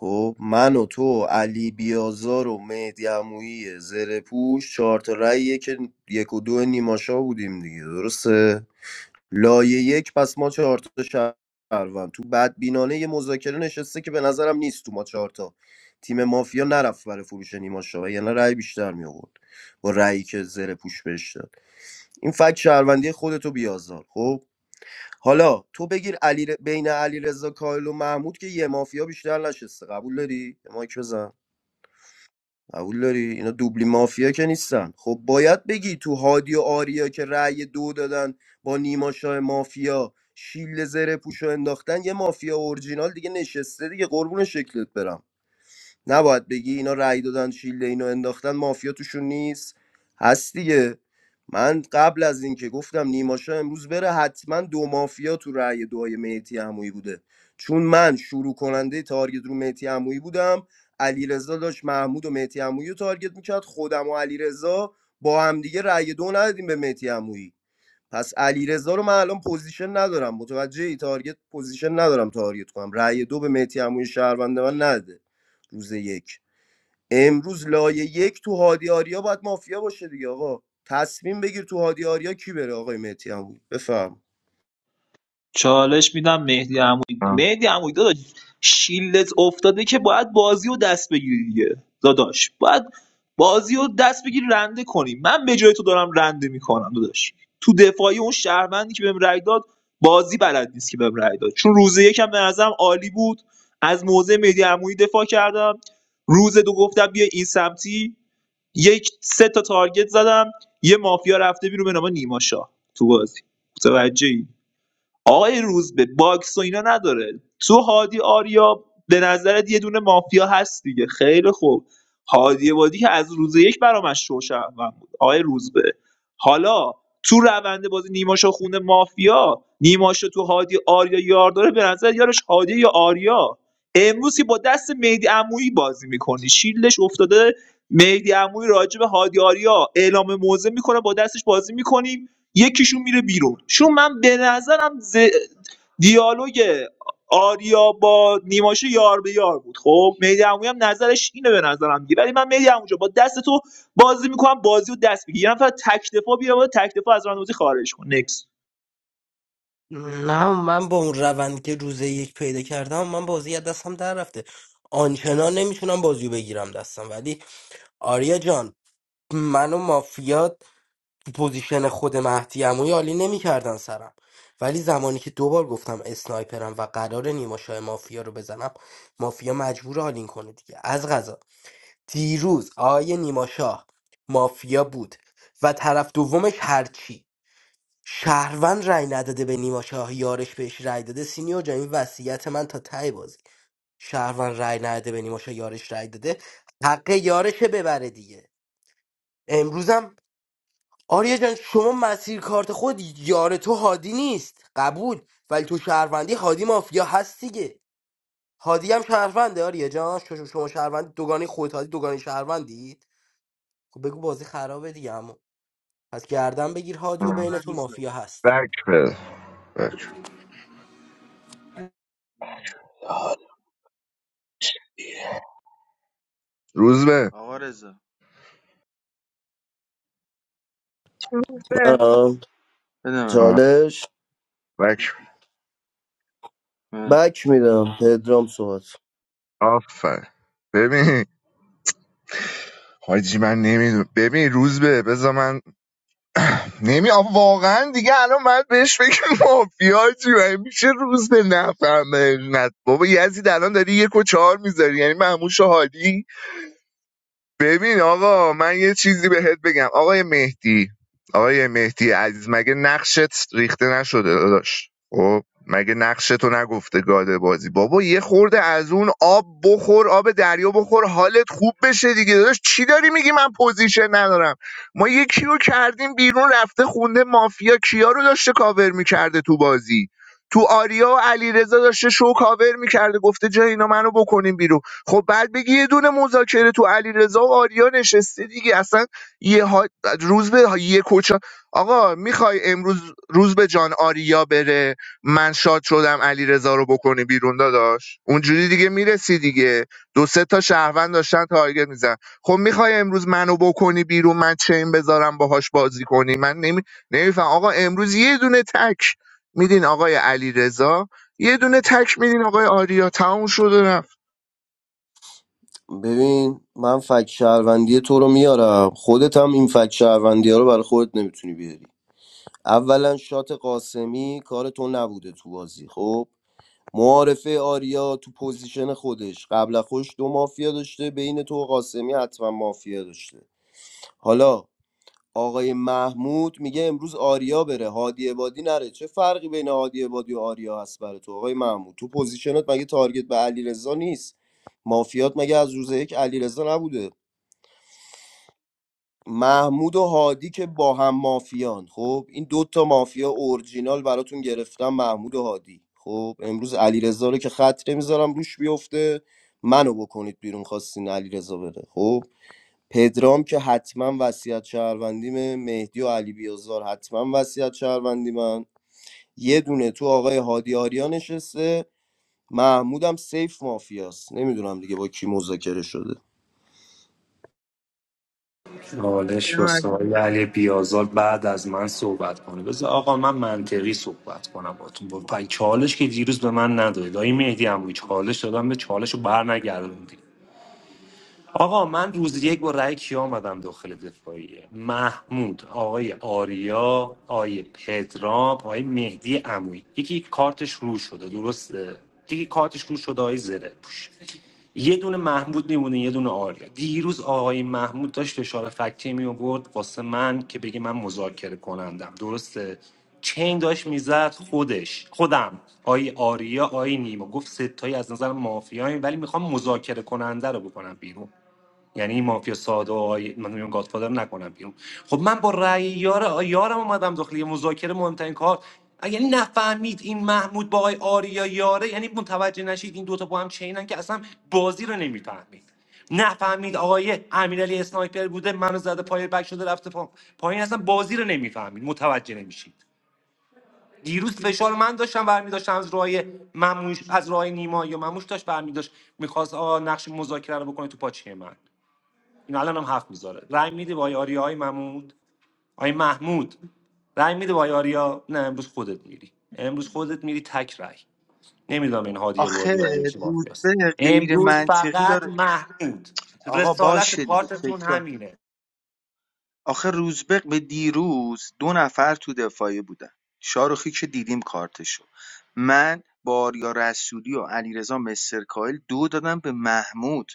خب من و تو علی بیازار و مهدی عمویی زره پوش چهار تا رأیه که یک و دو نیماشا بودیم دیگه درسته لایه یک پس ما چهار تا شهروند تو بدبینانه یه مذاکره نشسته که به نظرم نیست تو ما چهار تا تیم مافیا نرفت برای فروش نیما شاه یعنی رأی بیشتر می آورد با رأیی که زره پوش بهش داد این فکت شهروندی خودتو بیازار خب حالا تو بگیر علی ر- بین علی رضا کایل و محمود که یه مافیا بیشتر نشسته قبول داری یه مایک بزن قبول داری اینا دوبلی مافیا که نیستن خب باید بگی تو هادی و آریا که رأی دو دادن با نیما شاه مافیا شیل زره پوشو انداختن یه مافیا اورجینال دیگه نشسته دیگه قربون شکلت برم نباید بگی اینا رأی دادن شیلده اینو انداختن مافیا توشون نیست هست دیگه من قبل از اینکه گفتم نیماشا امروز بره حتما دو مافیا تو رأی دعای مهدی عمویی بوده چون من شروع کننده تارگت رو مهدی عمویی بودم علیرضا داشت محمود و مهدی عمویی رو تارگت میکرد خودم و علیرضا با همدیگه رأی دو ندادیم به مهدی عمویی پس علیرضا رو من الان پوزیشن ندارم متوجه ای تارگت پوزیشن ندارم تارگت کنم رأی دو به مهدی عمویی شهروند من نده روز یک امروز لایه یک تو هادی آریا باید مافیا باشه دیگه آقا تصمیم بگیر تو هادی آریا کی بره آقای مهدی عمویی بفهم
چالش میدم مهدی عمویی
آه،
مهدی عمویی داداش شیلت افتاده که باید بازی و دست بگیری دیگه داداش باید بازی و دست بگیری رنده کنی من به جای تو دارم رنده میکنم داداش تو دفاعی اون شهروندی که بهم رأی داد بازی بلد نیست که بهم رأی داد چون روز یکم به نظرم عالی بود از موضع مهدی عمویی دفاع کردم روز دو گفتم بیا این سمتی یک سه تا تارگت زدم یه مافیا رفته بیرون به نام نیما شاه تو بازی متوجهی آقای روزبه باکس و اینا نداره تو هادی آریا به نظرت یه دونه مافیا هست دیگه خیلی خوب هادی وادی که از روز یک برامش شو شهروند بود آقای روزبه حالا تو روند بازی نیماشو خونه مافیا نیماشو تو هادی آریا یار داره به نظر یارش هادی یا آریا امروز که با دست مهدی عمویی بازی میکنی شیلدش افتاده مهدی عمویی راجع به هادی آریا اعلام موضع میکنه با دستش بازی میکنی یکیشون میره بیرون چون من به نظرم ز... دیالوگ آریا با نیماشه یار به یار بود خب مهدی عمویی هم نظرش اینه به نظرم دیگه ولی من مهدی عمویی جان، با دست تو بازی میکنم بازی و دست بگیر یه نفر تک دفاع بیا بالا، تک دفاع از راندوزی خارج کن نکس
نه من با اون روند که روز یک پیدا کردم من بازی از دستم در رفته آنچنان نمیتونم بازیو بگیرم دستم ولی آریا جان من و مافیا پوزیشن خود مهدی عمویی عالی نمیکردن سرم ولی زمانی که دوبار گفتم اسنایپرم و قرار نیماشای مافیا رو بزنم مافیا مجبور آلین کنه دیگه از غذا دیروز آیه نیماشاه مافیا بود و طرف دومش هرچی شهروند رای نداده به نیما شاه یارش بهش رای داده سینیور جان این وصیت من تا ته بازی شهروند رای نداده به نیما شاه یارش رای داده حق یارشه ببره دیگه امروزم آریا جان شما مسیر کارت خود یار تو هادی نیست قبول ولی تو شهروندی هادی مافیا هست دیگه هادی هم شهرونده آریا جان ش- ش- شما شهروند دوگانی خود هادی دوگانی شهروندید خب بگو بازی خرابه دیگه اما پس گردن بگیر هادی و
آه.
بین
من
تو
روز
مافیا هست
بک بده بک
بده
روز به
آقا رضا
به
منم
بده من
آه.
چالش
بده
بک
اه.
بک میدم پدرام صحبت
آفر ببین حاجی من نمیدونم ببین روز به بذار من نمی آخه واقعا دیگه الان باید بهش بگم مافیا چی مگه میشه روز به نفهمه نه بابا یزید الان داری یک و چهار میذاری یعنی مهموش و حالی ببین آقا من یه چیزی بهت بگم آقای مهدی آقای مهدی عزیز مگه نقشت ریخته نشده داداش خب مگه نقشتو نگفته گاده بازی بابا یه خورده از اون آب بخور آب دریا بخور حالت خوب بشه دیگه داداش چی داری میگی من پوزیشن ندارم ما یکی رو کردیم بیرون رفته خونده مافیا کیا رو داشته کاور میکرده تو بازی تو آریا و علیرضا داشته شو کاور میکرده گفته جای اینا منو بکنیم بیرون خب بعد بگی یه دونه مذاکره تو علیرضا و آریا نشسته دیگه اصلا یه ها... روز به یه کوچا آقا میخوای امروز روز به جان آریا بره من شاد شدم علیرضا رو بکنی بیرون داداش اونجوری دیگه میرسی دیگه دو سه تا شهروند داشتن تارگت میزن خب میخوای امروز منو بکنی بیرون من چین بذارم باهاش بازی کنی من نمی... نمیفهم آقا امروز یه دونه تک میدین آقای علیرضا یه دونه تک میدین آقای آریا تموم شده رفت.
ببین من فک شهروندی تو رو میارم خودت هم این فک شهروندی ها رو برای خودت نمیتونی بیاری اولا شات قاسمی کار تو نبوده تو بازی خب معارفه آریا تو پوزیشن خودش قبل از خودش دو مافیا داشته بین تو و قاسمی حتما مافیا داشته حالا آقای محمود میگه امروز آریا بره هادی عبادی نره چه فرقی بین هادی عبادی و آریا هست برای تو آقای محمود تو پوزیشنت مگه تارگت به علیرضا نیست مافیات مگه از روز یک علیرضا نبوده محمود و هادی که با هم مافیان خب این دوتا مافیا اورجینال براتون گرفتم محمود و هادی خب امروز علیرضا رو که خط نمیذارم روش بیفته منو بکنید بیرون خواستین علیرضا بره خب پدرام که حتما وصیت شهروندیمه مهدی و علی بیازار حتما وصیت شهروندی من یه دونه تو آقای هادی آریا نشسته محمودم سیف مافیاست نمیدونم دیگه با کی مذاکره شده
بده
چالش
من.
واسه آقای علی بیازال بعد از من صحبت کنه بذار آقا من منطقی صحبت کنم باتون با پای چالش که دیروز به من ندادید آقای مهدی هم چالش دادم به چالش رو بر نگردوندید آقا من روز یک با رأی کیا آمدم داخل دفاعیه محمود آقای آریا آقای پدرام آقای مهدی عمویی یکی کارتش رو شده درسته یکی کارتش رو شده آقای زره پوش یه دونه محمود میمونه یه دونه آریا دیروز آقای محمود داشت اشاره فکتی می آورد واسه من که بگه من مذاکره کنندم درسته چین داشت میزد خودش خودم آی آریا آی نیما گفت ستایی از نظر مافیایی ولی میخوام مذاکره کننده رو بکنم بیرون یعنی مافیا ساده و آی... من میگم گادفادر نکنم بیرون خب من با رأی یار یارم اومدم داخل یه مذاکره مهمترین کار یعنی نفهمید این محمود با آقای آریا یاره یعنی متوجه نشید این دوتا با هم چینن که اصلا بازی رو نمیفهمید نفهمید آقای امیرعلی اسنایپر بوده منو زده پای بک شده رفته پا... پایین اصلا بازی رو نمیفهمید متوجه نمیشید دیروز فشار من داشتم برمی داشتم از راه مموش از راه نیما یا مموش داشت برمی داشت میخواست نقش مذاکره رو بکنه تو پاچه من این الان هم هفت میذاره رای میدی با آریا های محمود آی محمود رای میدی با آریا نه امروز خودت میری امروز خودت میری تک رای نمیدونم این هادی
آخه
بادی یا کی مافیاست
روزبه غیر
امروز
منطقی
فقط
داره
محمود
آقا
رسالت
باشه دیگه
کارتتون همینه
آخه روزبه به دیروز دو نفر تو دفاعیه بودن شاروخی که دیدیم کارتشو من با آریا رسولی و علیرضا مسترکایل دو دادم به محمود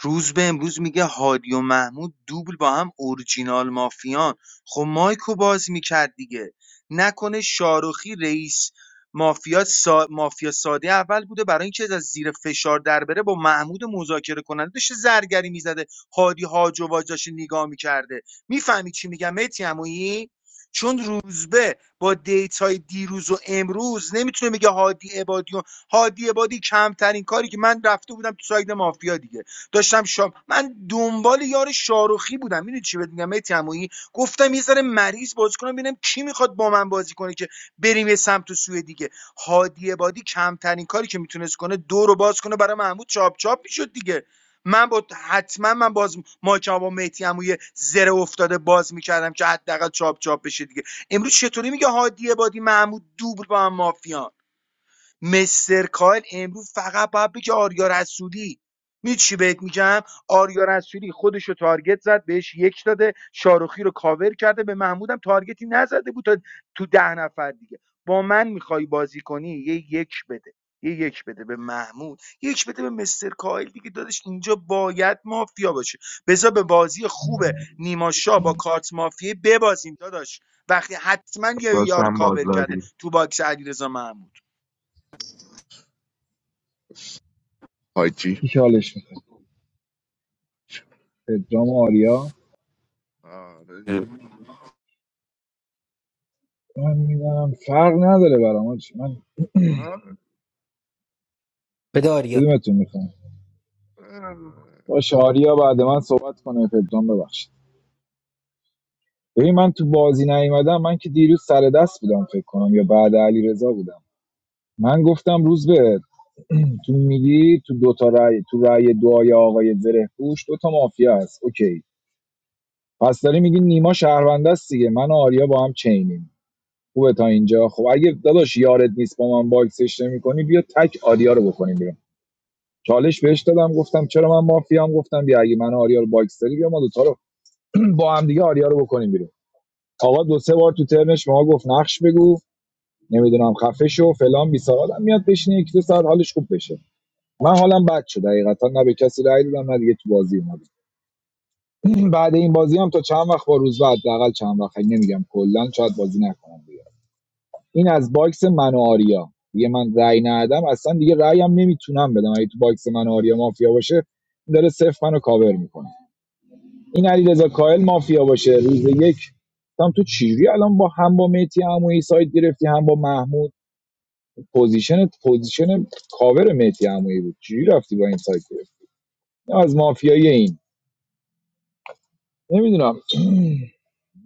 روز به امروز میگه هادی و محمود دوبل با هم اورجینال مافیان خب مایکو باز میکرد دیگه نکنه شاروخی رئیس مافیا سا... مافیا ساده اول بوده برای اینکه از زیر فشار در بره با محمود مذاکره کننده داشته زرگری میزده هادی هاج و واج داشته نگاه میکرده میفهمی چی میگم متی عمویی چون روزبه با دیتای دیروز و امروز نمیتونه میگه هادی عبادی و هادی عبادی کمترین کاری که من رفته بودم تو ساید مافیا دیگه داشتم شام من دنبال یار شاروخی بودم میدونی چی بهت میگم مهدی عمویی گفتم یه ذره مریض بازی کنم ببینم کی میخواد با من بازی کنه که بریم یه سمت و سوی دیگه هادی بادی کمترین کاری که میتونست کنه دو رو باز کنه برای محمود چاپ چاپ میشد دیگه من با حتما من باز ماچم با مهدی عمویی زره افتاده باز میکردم که حداقل چاپ چاپ بشه دیگه امروز چطوری میگه هادی بادی محمود دوبل با هم مافیان مستر کایل امروز فقط باید بگه آریا رسولی می‌دونی چی بهت میگم آریا رسولی خودشو تارگت زد بهش یک داده شاروخی رو کاور کرده به محمودم تارگتی نزده بود تا تو ده نفر دیگه با من میخوای بازی کنی یه یک بده یه یک بده به محمود یک بده به مستر کایل دیگه دادش اینجا باید مافیا باشه بذار به بازی خوبه نیما شاه با کارت مافیه ببازیم داداش وقتی حتما یه یار
داشتم
کاور کرده
بازداری
تو باکس علیرضا محمود
حاجی
کی که حالش میخواد پدرام و آریا
آره دیگه.
من میدم فرق نداره برام آجی. من
آره.
به داریا
کدومتون میخوام باشه آریا بعد من صحبت کنه پدرام ببخشید ببین من تو بازی نیومدم من که دیروز سر دست بودم فکر کنم یا بعد علی رضا بودم من گفتم روز به تو میگی تو دو تا رأی تو رأی دعای آقای زره پوش دو تا مافیا هست اوکی پس داری میگی نیما شهرونده است دیگه من و آریا با هم چینیم خوبه تا اینجا خب اگه داداش یارت نیست با من باکسش نمی‌کنی بیا تک آریا رو بکنیم بیرون چالش بهش دادم گفتم چرا من مافیام گفتم بیا اگه من و آریا رو باکس داری بیا ما دوتا رو با هم دیگه آریا رو بکنیم بیرون آقا دو سه بار تو ترنش ما گفت نقش بگو نمیدونم خفه شو فلان بیسار آدم میاد بشینه یک دو ساعت حالش خوب بشه من حالم بد شد حقیقتا نه به کسی رأی دادم نه دیگه تو بازی اومدم بعد این بازی هم تا چند وقت با روز بعد حداقل چند وقت اگه نمیگم کلا شاید بازی نکنم دیگه این از باکس من و آریا دیگه من رأی ندادم اصلا دیگه رأیم نمیتونم بدم اگه تو باکس من و آریا مافیا باشه داره صفر منو کاور میکنه این علیرضا کاهل مافیا باشه روز یک گفتم تو چیری الان با هم با مهدی عمویی سایت گرفتی هم با محمود پوزیشن پوزیشن کاور مهدی عمویی بود چجوری رفتی با این سایت گرفتی اینم از مافیای این نمیدونم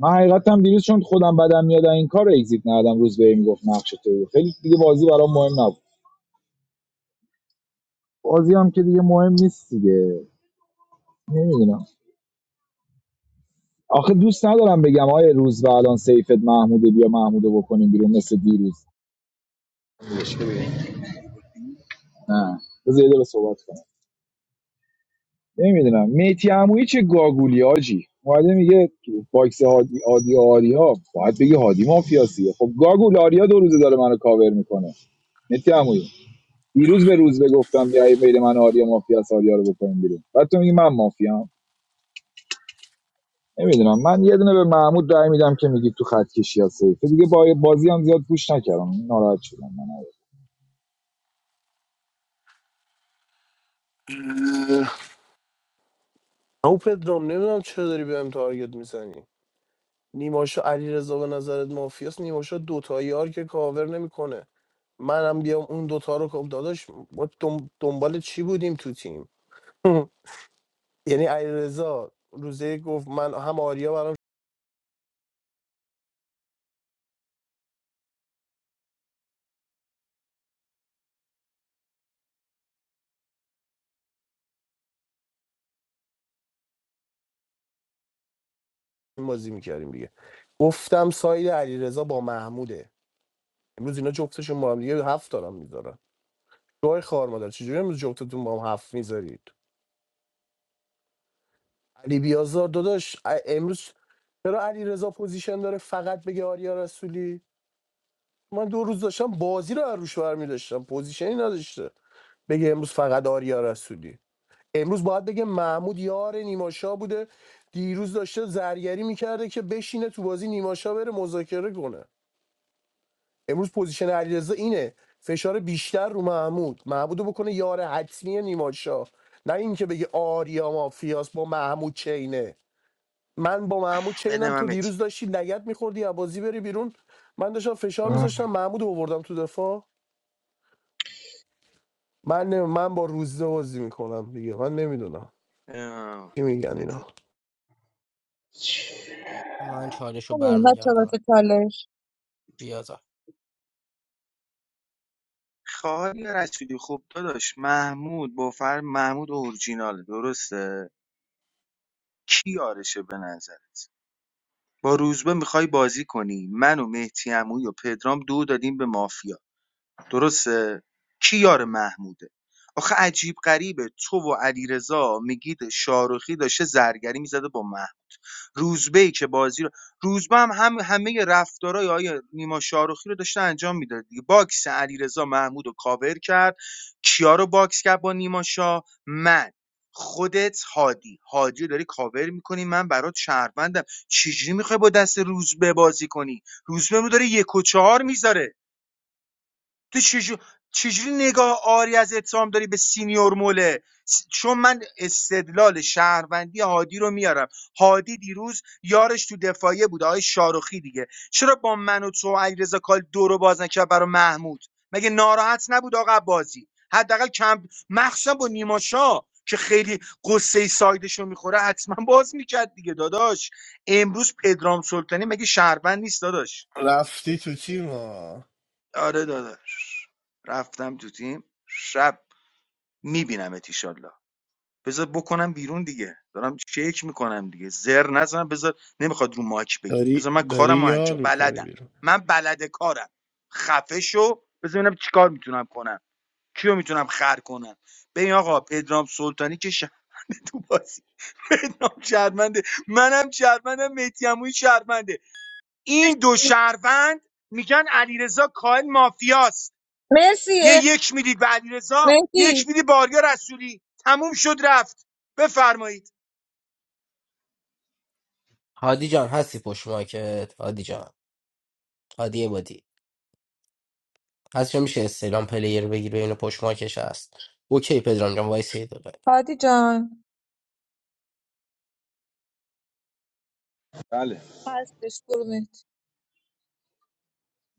من حقیقتم دیروز چون خودم بدم میاد این کار اگزییت ندادم روز به میگفت نقش تو خیلی دیگه بازی برام مهم نبود بازی هم که دیگه مهم نیست دیگه نمیدونم آخه دوست ندارم بگم آیه روز و الان سیفت محمود بیا محموده بکنیم بیرون مثل دیروز نه بذار یه دقیقه صحبت کنم نمیدونم میتی عمویی چه گاگولی آجی اومده میگه تو باکس هادی آدی آریا باید بگی هادی مافیاسیه خب گاگول آریا دو روزه داره منو کاور میکنه میتی عمویی دیروز به روز گفتم بیا بین من و آریا مافیاس آریا رو بکنیم بیرون بعد تو میگی من مافیام نمیدونم من یه دونه به محمود رای میدم که میگی تو خط کشی ها سیفه دیگه با بازی هم زیاد گوش نکردم ناراحت شدم من
او پدرام نمیدونم چرا داری بهم تارگت میزنی نیماشا علیرضا به نظرت مافیاس نیماشا دوتا یار که کاور نمیکنه منم بیام اون دوتا رو کاپ داداش ما دم- دنبال چی بودیم تو تیم یعنی علیرضا روزه یک گفت من هم آریا برام شیرین بازی میکردیم دیگه گفتم ساید علیرضا با محموده امروز اینا جفتشون با هم دیگه هفت دارم میذارن جای خار مادر چجوری امروز جفتتون با هم هفت میذارید علی بیازار داداش ا- امروز چرا علیرضا پوزیشن داره فقط بگه آریا رسولی من دو روز داشتم بازی رو از روش برمی داشتم پوزیشنی نداشته بگه امروز فقط آریا رسولی امروز باید بگه محمود یار نیماشا بوده دیروز داشته زرگری میکرده که بشینه تو بازی نیماشا بره مذاکره کنه امروز پوزیشن علیرضا اینه فشار بیشتر رو محمود محمودو بکنه یار حتمی نیماشا نه اینکه بگه آریا مافیاس با محمود چینه من با محمود
بده
چینم
من
تو
متی
دیروز داشتی لگت میخوردی از بازی بری بیرون من داشتم فشار میذاشتم محمود رو آوردم تو دفاع من نمی... من با روزه بازی میکنم دیگه من نمیدونم
اه،
چی میگن
متی
اینا
من چالش رو
نه چرا
برمیگردم
چالش
بیازار
خواهی رسولی خوب داداش محمود با فر محمود اورجینال درسته کی آرشه به نظرت با روزبه میخوای بازی کنی من و مهدی عمویی و پدرام دو دادیم به مافیا درسته کی یار محموده آخه عجیب غریبه تو و علیرضا میگید شاروخی داشته زرگری میزده با محمود روزبه‌ای که بازی رو روزبه هم, هم همه رفتارهای آیه نیما شاروخی رو داشته انجام میداد دیگه باکس علیرضا محمود رو کاور کرد کیا رو باکس کرد با نیما شاه من خودت هادی هادی رو داری کاور میکنی من برات شهروندم چجوری میخوای با دست روزبه بازی کنی روزبه رو داره یک و چهار میذاره تو چجور چجوری نگاه آری از اتهام داری به سینیور موله چون من استدلال شهروندی هادی رو میارم هادی دیروز یارش تو دفاعیه بود آقای شاروخی دیگه چرا با من و تو و علیرضا کال دو رو باز نکرد برای محمود مگه ناراحت نبود آقا بازی حداقل کم مخصوصا با نیماشا که خیلی قصه سایدش رو میخوره حتما باز میکرد دیگه داداش امروز پدرام سلطانی مگه شهروند نیست داداش
رفتی تو تیم ها
آره داداش رفتم تو تیم شب میبینم ایشالله بذار بکنم بیرون دیگه دارم چک میکنم دیگه زر نزن بذار نمیخواد رو ماک بگی بذار
داری
من
داری
کارم
یار
انجام
میکنی
بلدم
بیرون
من بلد کارم خفه شو بذار ببینم چیکار میتونم کنم کیو میتونم خر کنم ببین آقا پدرام سلطانی که شرمنده تو بازی پدرام شرمنده منم شرمندم مهدی عمویی شرمنده این دو
مرسی
شهروند میگن علیرضا کاهن مافیاست
مرسی
یه
اه،
یک میدید به علیرضا یک
مرسی
میدی باریا رسولی تموم شد رفت بفرمایید
هادی جان هستی پشت ماکت هادی جان هادی عبادی هست جان میشه استعلام پلیر بگیر ببینه پشت ماکش هست اوکی پدرام جان وایس یه دقیقه
هادی جان
بله
هستش قربونت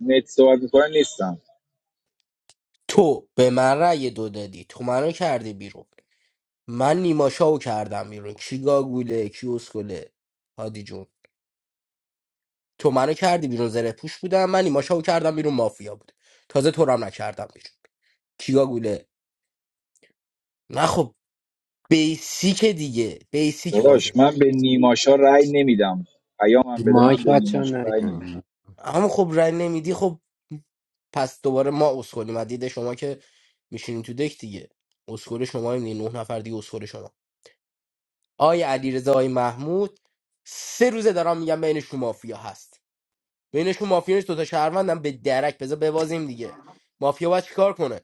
نت صحبت میکنه نیستم
تو به من رأی دو دادی تو منو کردی بیرون من نیماشاو کردم بیرون کی گاگوله کی اسکوله هادی جون تو منو کردی بیرون زره پوش بودم من نیماشاو کردم بیرون مافیا بود تازه تو رو هم نکردم بیرون کی گاگوله نه خب بیسیک دیگه بیسیک بازی
داداش
بود.
من به نیماشا رای نمیدم پیامم بده من
مایک
به
بچه ها
نیماشا رای نمیدم
نیاین
اما خب رأی نمیدی خب پس دوباره ما اسکلیم از دید شما که میشینیم تو دک دیگه اسکل شما این نه نفر دیگه اسکل شما آی علیرضا آی محمود سه روزه دارم میگم بینشون مافیا هست بینشون مافیا نیست دوتا شهروندم به درک بذار ببازیم دیگه مافیا باید چیکار کنه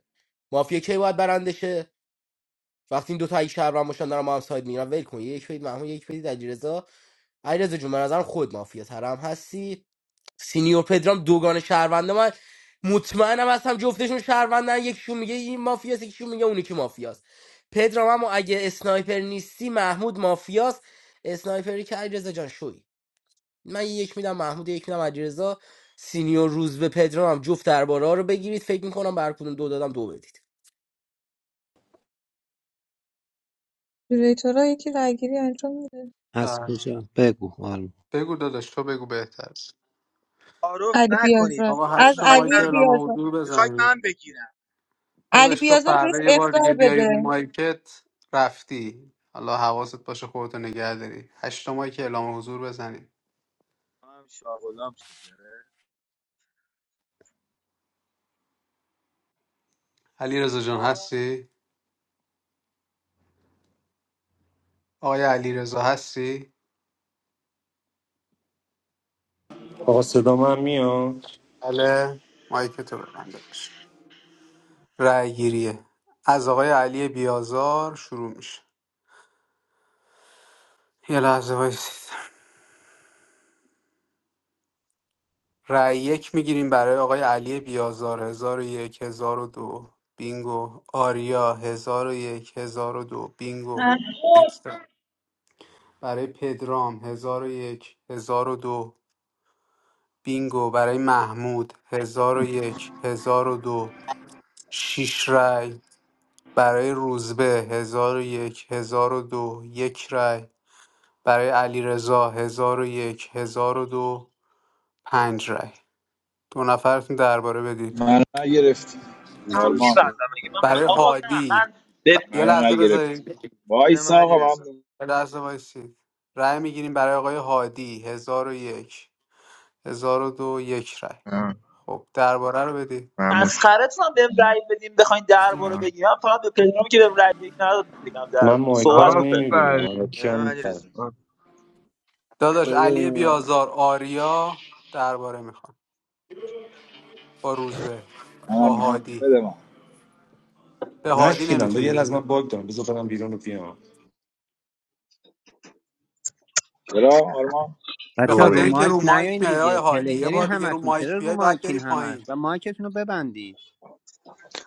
مافیا کی باید برنده شه وقتی این دوتا یک شهروند باشن دارن ما هم ساید میگیرن ول کن یک بدید محمود یک بدید علیرضا علیرضا جون به نظرم خود مافیا ترم هستی سینیور پدرام دوگان شهرونده من مطمئنم هستم جفتشون شهروندن یکیشون میگه این مافیاست یکیشون میگه اون یکی مافیاست پدرام اما اگه اسنایپر نیستی محمود مافیاست اسنایپری که علیرضا جان شوی من یه یک میدم محمود یه یک میدم علیرضا سینیور روز به پدرام هم جفت درباره رو بگیرید فکر میکنم بر کدوم دو دادم دو بدید
جوری تو را یکی رایگیری انجام میده
از
بله.
کجا بگو آلمان
بگو داداش تو بگو بهتر
تعارف
علی
نکنید
بیازار
آقا
دیگه حالا
از
هشت تا
میخواید
مایک
علی
من بگیرم
اعلام
بیازار
حضور
میخواید
بزنید
من بگیرم
علی
داداش تو
بیازار بهش
فردا یه بار
اختار
دیگه بیای
بده
رو مایکت رفتی حالا حواست باشه خودتو نگه داری هشت تا مایک اعلام حضور بزنی
هم شاغلام شد یاره.
علی رضا جان هستی آقای علی رضا هستی
آقا صدا من میاد
بله مایک تو ببند داداش رأی گیریه از آقای علی بیازار شروع میشه یه لحظه وایسید رأی یک میگیریم برای آقای علی بیازار هزار و یک هزار و دو بینگو آریا هزار و یک هزار و دو بینگو برای پدرام هزار و یک هزار و دو بینگو برای محمود هزار و یک هزار و دو شیش رای برای روزبه هزار و یک هزار و دو یک رای برای علیرضا هزار و یک هزار و دو پنج رای دو نفرتون درباره بدید
منو نگرفتی
هم
آرمان
میبندم اگه من
برای
آقا نه
هادی
من به
یه
منو
لحظه
نگرفتی
بذارید
بده بدم
وایس
علی
آقا
رضا
من
یه لحظه وایسید رای میگیریم برای آقای هادی هزار و یک هزار و دو یک رای
آه،
خب درباره رو بدید
مموش
مسخرتون هم بهم رأی بدیم بخواین درباره
آه.
بگیرم فقط به پدرام که بهم رأی یک نداد میگم
من
درباره
مایکا رو
صحبت کن پدرام
نمیبینم
آفرین
من
بده
کیا
علی
میفرم
رضا
آه.
داداش
بده به
علی
من.
بیازار آریا درباره میخوان با روزبه
منم
با
میخوام
هادی
بده من
به هادی
نشیدم
نمیتونی
بگه از من
بدی
باگ دارم بذار برم بیرون رو بیام
چرا آرمان
به
بچه ها
خاطر
رو
اینکه
روی
مایک
رو مایک
نیاین
میای آقای
دیگه
هادی یه
پلیرین
بار دیگه رو
همتون
مایک
چرا رو
بیای بعد
مایکین
بری
همش
پایین
و مایکتون رو ببندین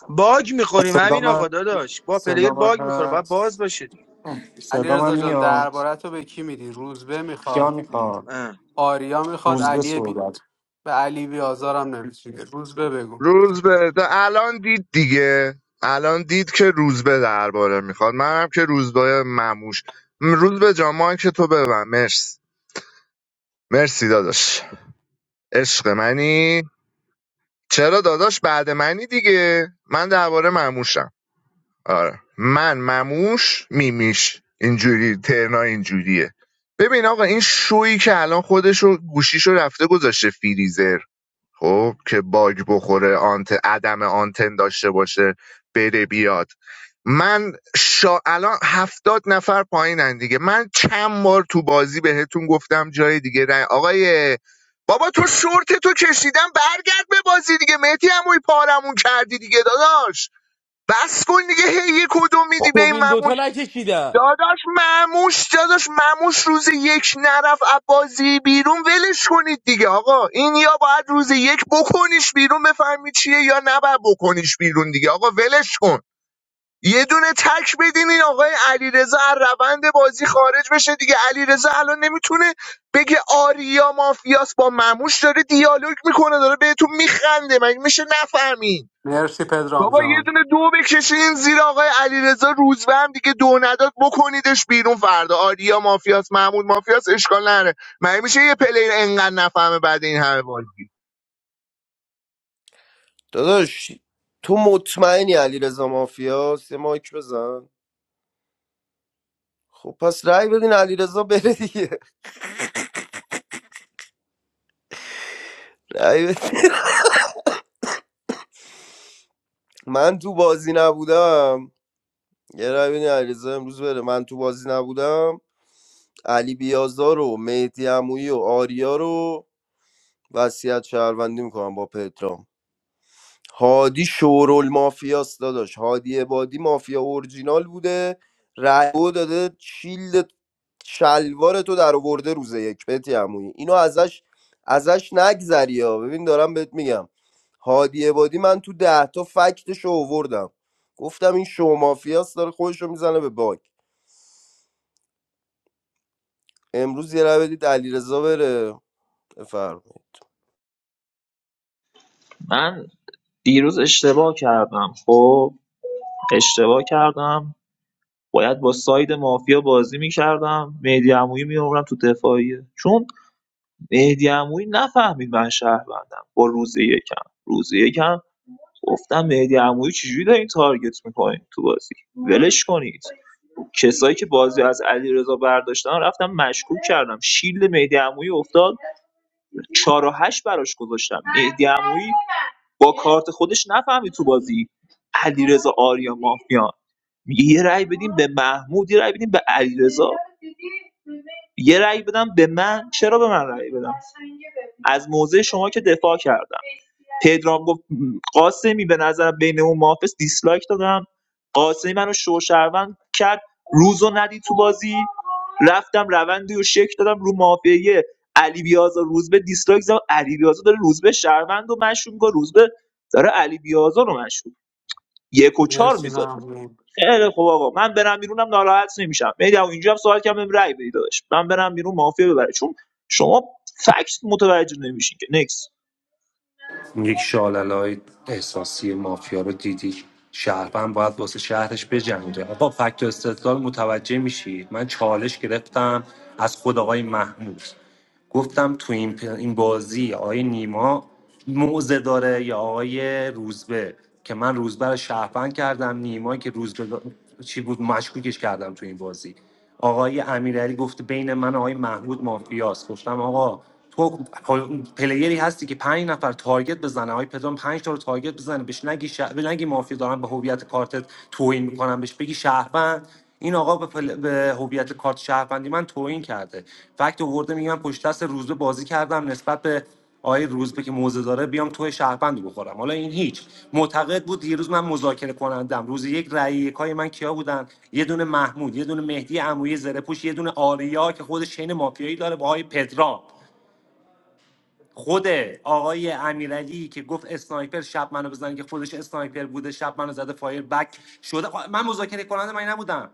باگ میخوریم
صدا
همین
من
آقا داداش با پلیر
صدا من
باگ میخوره باید
هست
باز باشه دیگه
علی
صدا من
رضا جان
میاد
درباره تو به کی میدی روزبه
کیا
میخواد
میخوان
آریا میخواد
روزبه
علی بی...
صحبت
به علی بیازارم نمیتونی روزبه بگو
روز به ده الان دید دیگه الان دید که روز به درباره میخواد منم که روز به مموش م، روز به جامان که تو ببن مرسی مرسی داداش عشق منی چرا داداش بعد منی دیگه من درباره مموشم آره من مموش میمیش اینجوری ترنا اینجوریه ببین آقا این شویی که الان خودشو گوشیشو رفته گذاشته فریزر خب که باگ بخوره آنت عدم آنتن داشته باشه بره بیاد من شا... الان هفتاد نفر پایینن دیگه من چند بار تو بازی بهتون گفتم جای دیگه رن... آقای بابا تو شورت تو کشیدم برگرد به بازی دیگه مهدی هموی پارمون کردی دیگه داداش بس کن دیگه هی یه کدوم میدی به
خب
این
این دوتا
مموش
نکشیدن
داداش مموش داداش مموش روز یک نرف بازی بیرون ولش کنید دیگه آقا این یا باید روز یک بکنیش بیرون بفهمی چیه یا نباید بکنیش بیرون دیگه آقا ولش کن یه دونه تک بدین این آقای علیرضا از روند بازی خارج بشه دیگه علیرضا الان نمیتونه بگه آریا مافیاس با مموش داره دیالوگ میکنه داره بهتون میخنده مگه میشه نفهمین
مرسی پدرام
بابا یه
جان
دونه دو بکشین زیر آقای علیرضا روزبهم دیگه دو نداد بکنیدش بیرون فردا آریا مافیاس محمود مافیاس اشکال نره مگه میشه یه پلیر انقدر نفهمه بعد این همه بازی
داداش تو مطمئنی علیرضا مافیاست یه مایک بزن خب پس رأی بدین علیرضا بره دیگه رأی بدین. من تو بازی نبودم یه رأی بدین علیرضا امروز بره من تو بازی نبودم علی بیازار و مهدی عمویی و آریا رو وصیت شهروندی میکنم با پترام هادی شورول مافیاست داداش هادی عبادی مافیا اورجینال بوده رأیو داده شیلد شلوار تو در آورده روز یک بهت عمویی اینو ازش ازش نگذری ها ببین دارم بهت میگم هادی عبادی من تو ده تا فکتش آوردم گفتم این شو مافیاست داره خودش میزنه به باک امروز یه رو بدید علیرضا بره بفرمایید
من دیروز اشتباه کردم خب اشتباه کردم باید با ساید مافیا بازی میکردم مهدی عمویی میآوردم تو دفاعیه چون مهدی عمویی نفهمید من شهروندم با روز یکم روز یکم گفتم مهدی عمویی چجوری دارین تارگت میکنین تو بازی ولش کنید کسایی که بازی از علیرضا برداشتن رفتم مشکوک کردم شیل مهدی عمویی افتاد چهار و هشت براش گذاشتم مهدی عمویی با کارت خودش نفهمید تو بازی علیرضا آریا مافیان میگه یه رأی بدیم به محمود یه رأی بدیم به علیرضا یه رأی بدم به من چرا به من رأی بدم از موضع شما که دفاع کردم پدرام گفت قاسمی به نظرم بین اون محافظ دیسلایک دادم قاسمی منو شوشروند کرد روزو ندی تو بازی رفتم روندی و شک دادم رو مافیه علی بیازا روزبه دیسلایک زد علی بیازا داره روزبه شهروند و مشروع میکنه روزبه داره علی بیازا رو مشروع یک و چهار
مرسی ممنون
خیلی خوب آقا من برم بیرونم ناراحت نمیشم میدم اینجا هم سوال کردم رای بدید داداش من برم بیرون مافیا ببره چون شما فکت متوجه نمیشین که نکس
اون یک شاللای احساسی مافیا رو دیدی شهروند باید واسه شهرش بجنگه با فکت و استدلال متوجه میشید من چالش گرفتم از خود آقای محمود گفتم تو این, پ- این بازی آقای نیما موزه داره یا آقای روزبه که من روزبه رو شهروند کردم نیما که روزبه دا- چی بود مشکوکش کردم تو این بازی آقای امیرعلی گفت بین من و آقای محمود مافیاست گفتم آقا تو پلیری هستی که پنج نفر تارگت بزنه آقای پدرام پنج تا رو تارگت بزنه بهش نگی شه... به نگی مافیا دارن به هویت کارتت توهین میکنن بهش بگی شهروند این آقا به, پل... به هویت کارت شهروندی من توهین کرده فکت آورده میگه من پشت دست روزه بازی کردم نسبت به آقای روزبه که موزه داره بیام توی شهروند رو بخورم حالا این هیچ معتقد بود دیروز من مذاکره کنندم روز یک رأی یکای من کیا بودن یه دونه محمود یه دونه مهدی عمویی زره پوش یه دونه آریا که خودش چین مافیایی داره با آقای پدرام خود آقای امیرعلی که گفت اسنایپر شب منو بزن که خودش اسنایپر بوده شب منو زده فایر بک شده خب من مذاکره کننده من نبودم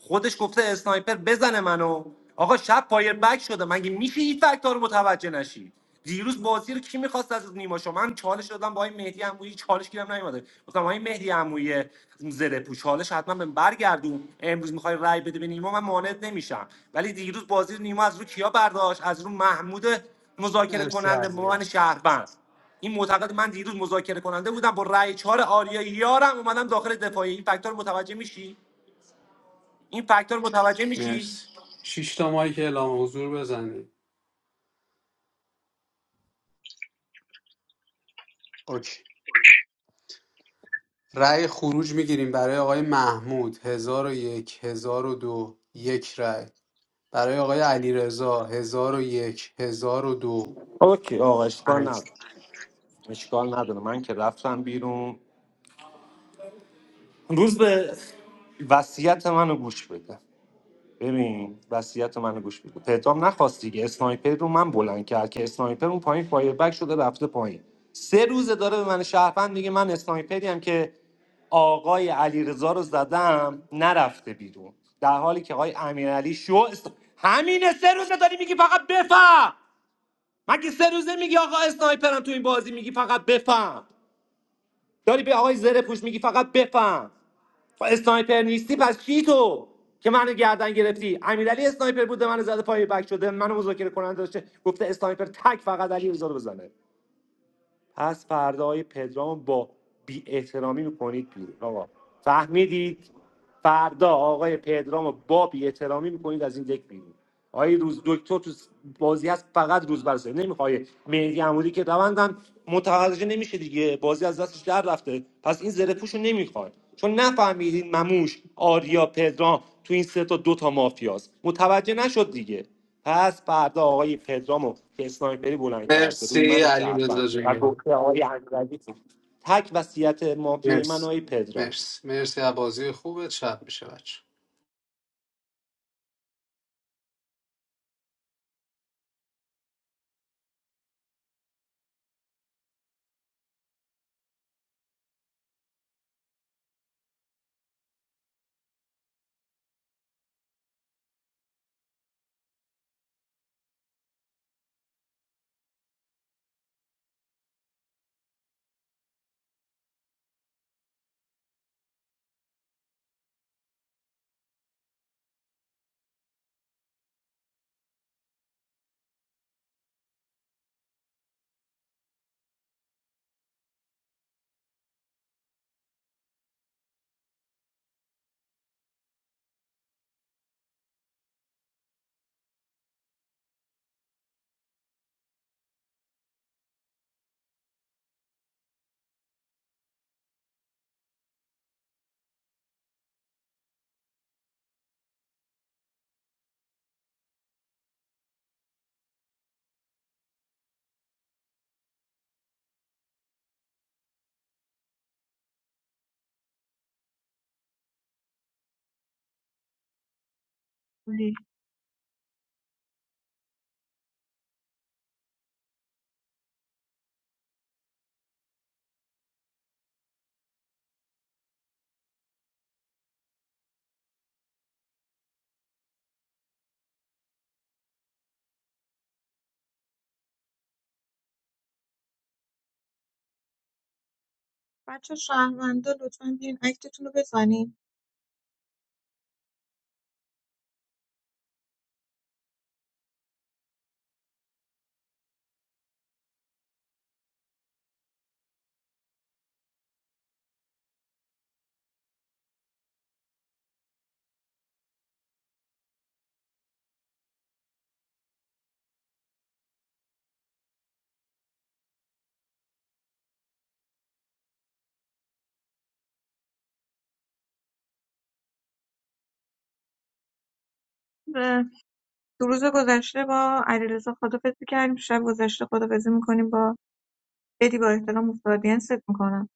خودش گفته اسنایپر بزنه منو آقا شب پایر بک شده مگه میشه این فکت‌ها رو متوجه نشی دیروز بازی رو کی میخواست از نیما شما من چالش دادم با این مهدی عمویی چالش گیرم نیومده گفتم این مهدی عمویی زره پوش چالش حتما به برگردون امروز میخوای رای بده به نیما من مانعت نمیشم ولی دیروز بازی رو نیما از رو کیا برداشت از رو محمود مذاکره
مرسی
کننده به
علی
من
مرسی
شهروند این معتقد من دیروز مذاکره کننده بودم با رای چهار آریا یارم اومدم داخل دفاعی این فاکتور متوجه میشی این فاکتور متوجه میشی
مرسی شش تا مایک اعلام حضور بزنید اوکی. رأی خروج میگیریم برای آقای محمود هزار و یک هزار و دو یک رأی برای آقای علیرضا هزار و یک هزار و دو
اوکی آقا اشکال
پنج
نداره اشکال نداره من که رفتم بیرون روز به وصیت منو گوش بده ببین وصیت منو گوش بده پدرام نخواست دیگه اسنایپر رو من بلند کرد که اسنایپر اون پایین فایر بک شده رفته پایین سه روزه داره به من شهروند دیگه من اسنایپری هم که آقای علیرضا رو زدم نرفته بیرون در حالی که آقای امیرعلی شو است... همینه سه روزه داری میگی فقط بفهم مگه سه روزه میگی آقا اسنایپرم تو این بازی میگی فقط بفهم داری به آقای زره پوش میگی فقط بفهم خب اسنایپر نیستی پس چی تو که منو گردن گرفتی امیرعلی اسنایپر بوده منو زده پای بک شده منو مذاکره کننده داشته گفته اسنایپر تک فقط علی رضا رو بزنه پس فردای پدرام با بی احترامی میکنید بیرون آقا فهمیدید فردا آقای پدرام با بی احترامی میکنید از این دک بیرون آقای روز دکتر تو بازی هست فقط روز برسه نمیخوای مهدی عمودی که روندم متوجه نمیشه دیگه بازی از دستش در رفته پس این زره پوشو نمیخواد چون نفهمیدین مموش آریا پدرام تو این سه تا دو تا مافیاست متوجه نشد دیگه پس فردا آقای پدرامو که اسنایپری بلند کرده روی
مرسی
من
علیرضا
شهروند و
جان
گفته آقای امیرعلی تک وصیت مافیای من
مرسی
آقای پدرام
مرسی مرسی از بازی خوبه شب میشه بچه
لی. بچه شهروندا لطفا بیاین اکتتون رو بزنین و دو روز گذشته با علیرضا خدافظی کردیم شب گذشته خدافظی میکنیم با بدی با احترام افتادین ست میکنم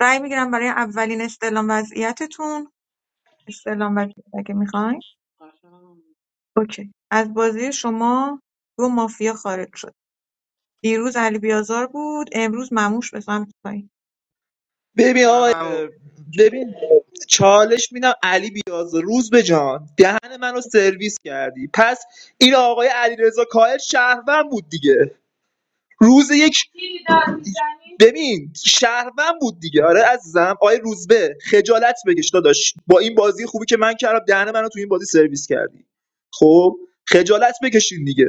رأی میگیرم برای اولین استعلام وضعیتتون استعلام وضعیت اگه میخواین اوکی از بازی شما دو مافیا خارج شد دیروز علی بیازار بود امروز مموش به سمت پایین
ببین آقای ببین چالش میدم علی بیاز روز به جان دهن منو سرویس کردی پس این آقای علیرضا کاهل شهروند بود دیگه روز یک ببین شهروند بود دیگه آره عزیزم آقای روزبه خجالت بکش داداش با این بازی خوبی که من کردم دهن منو تو این بازی سرویس کردی خب خجالت بکشین دیگه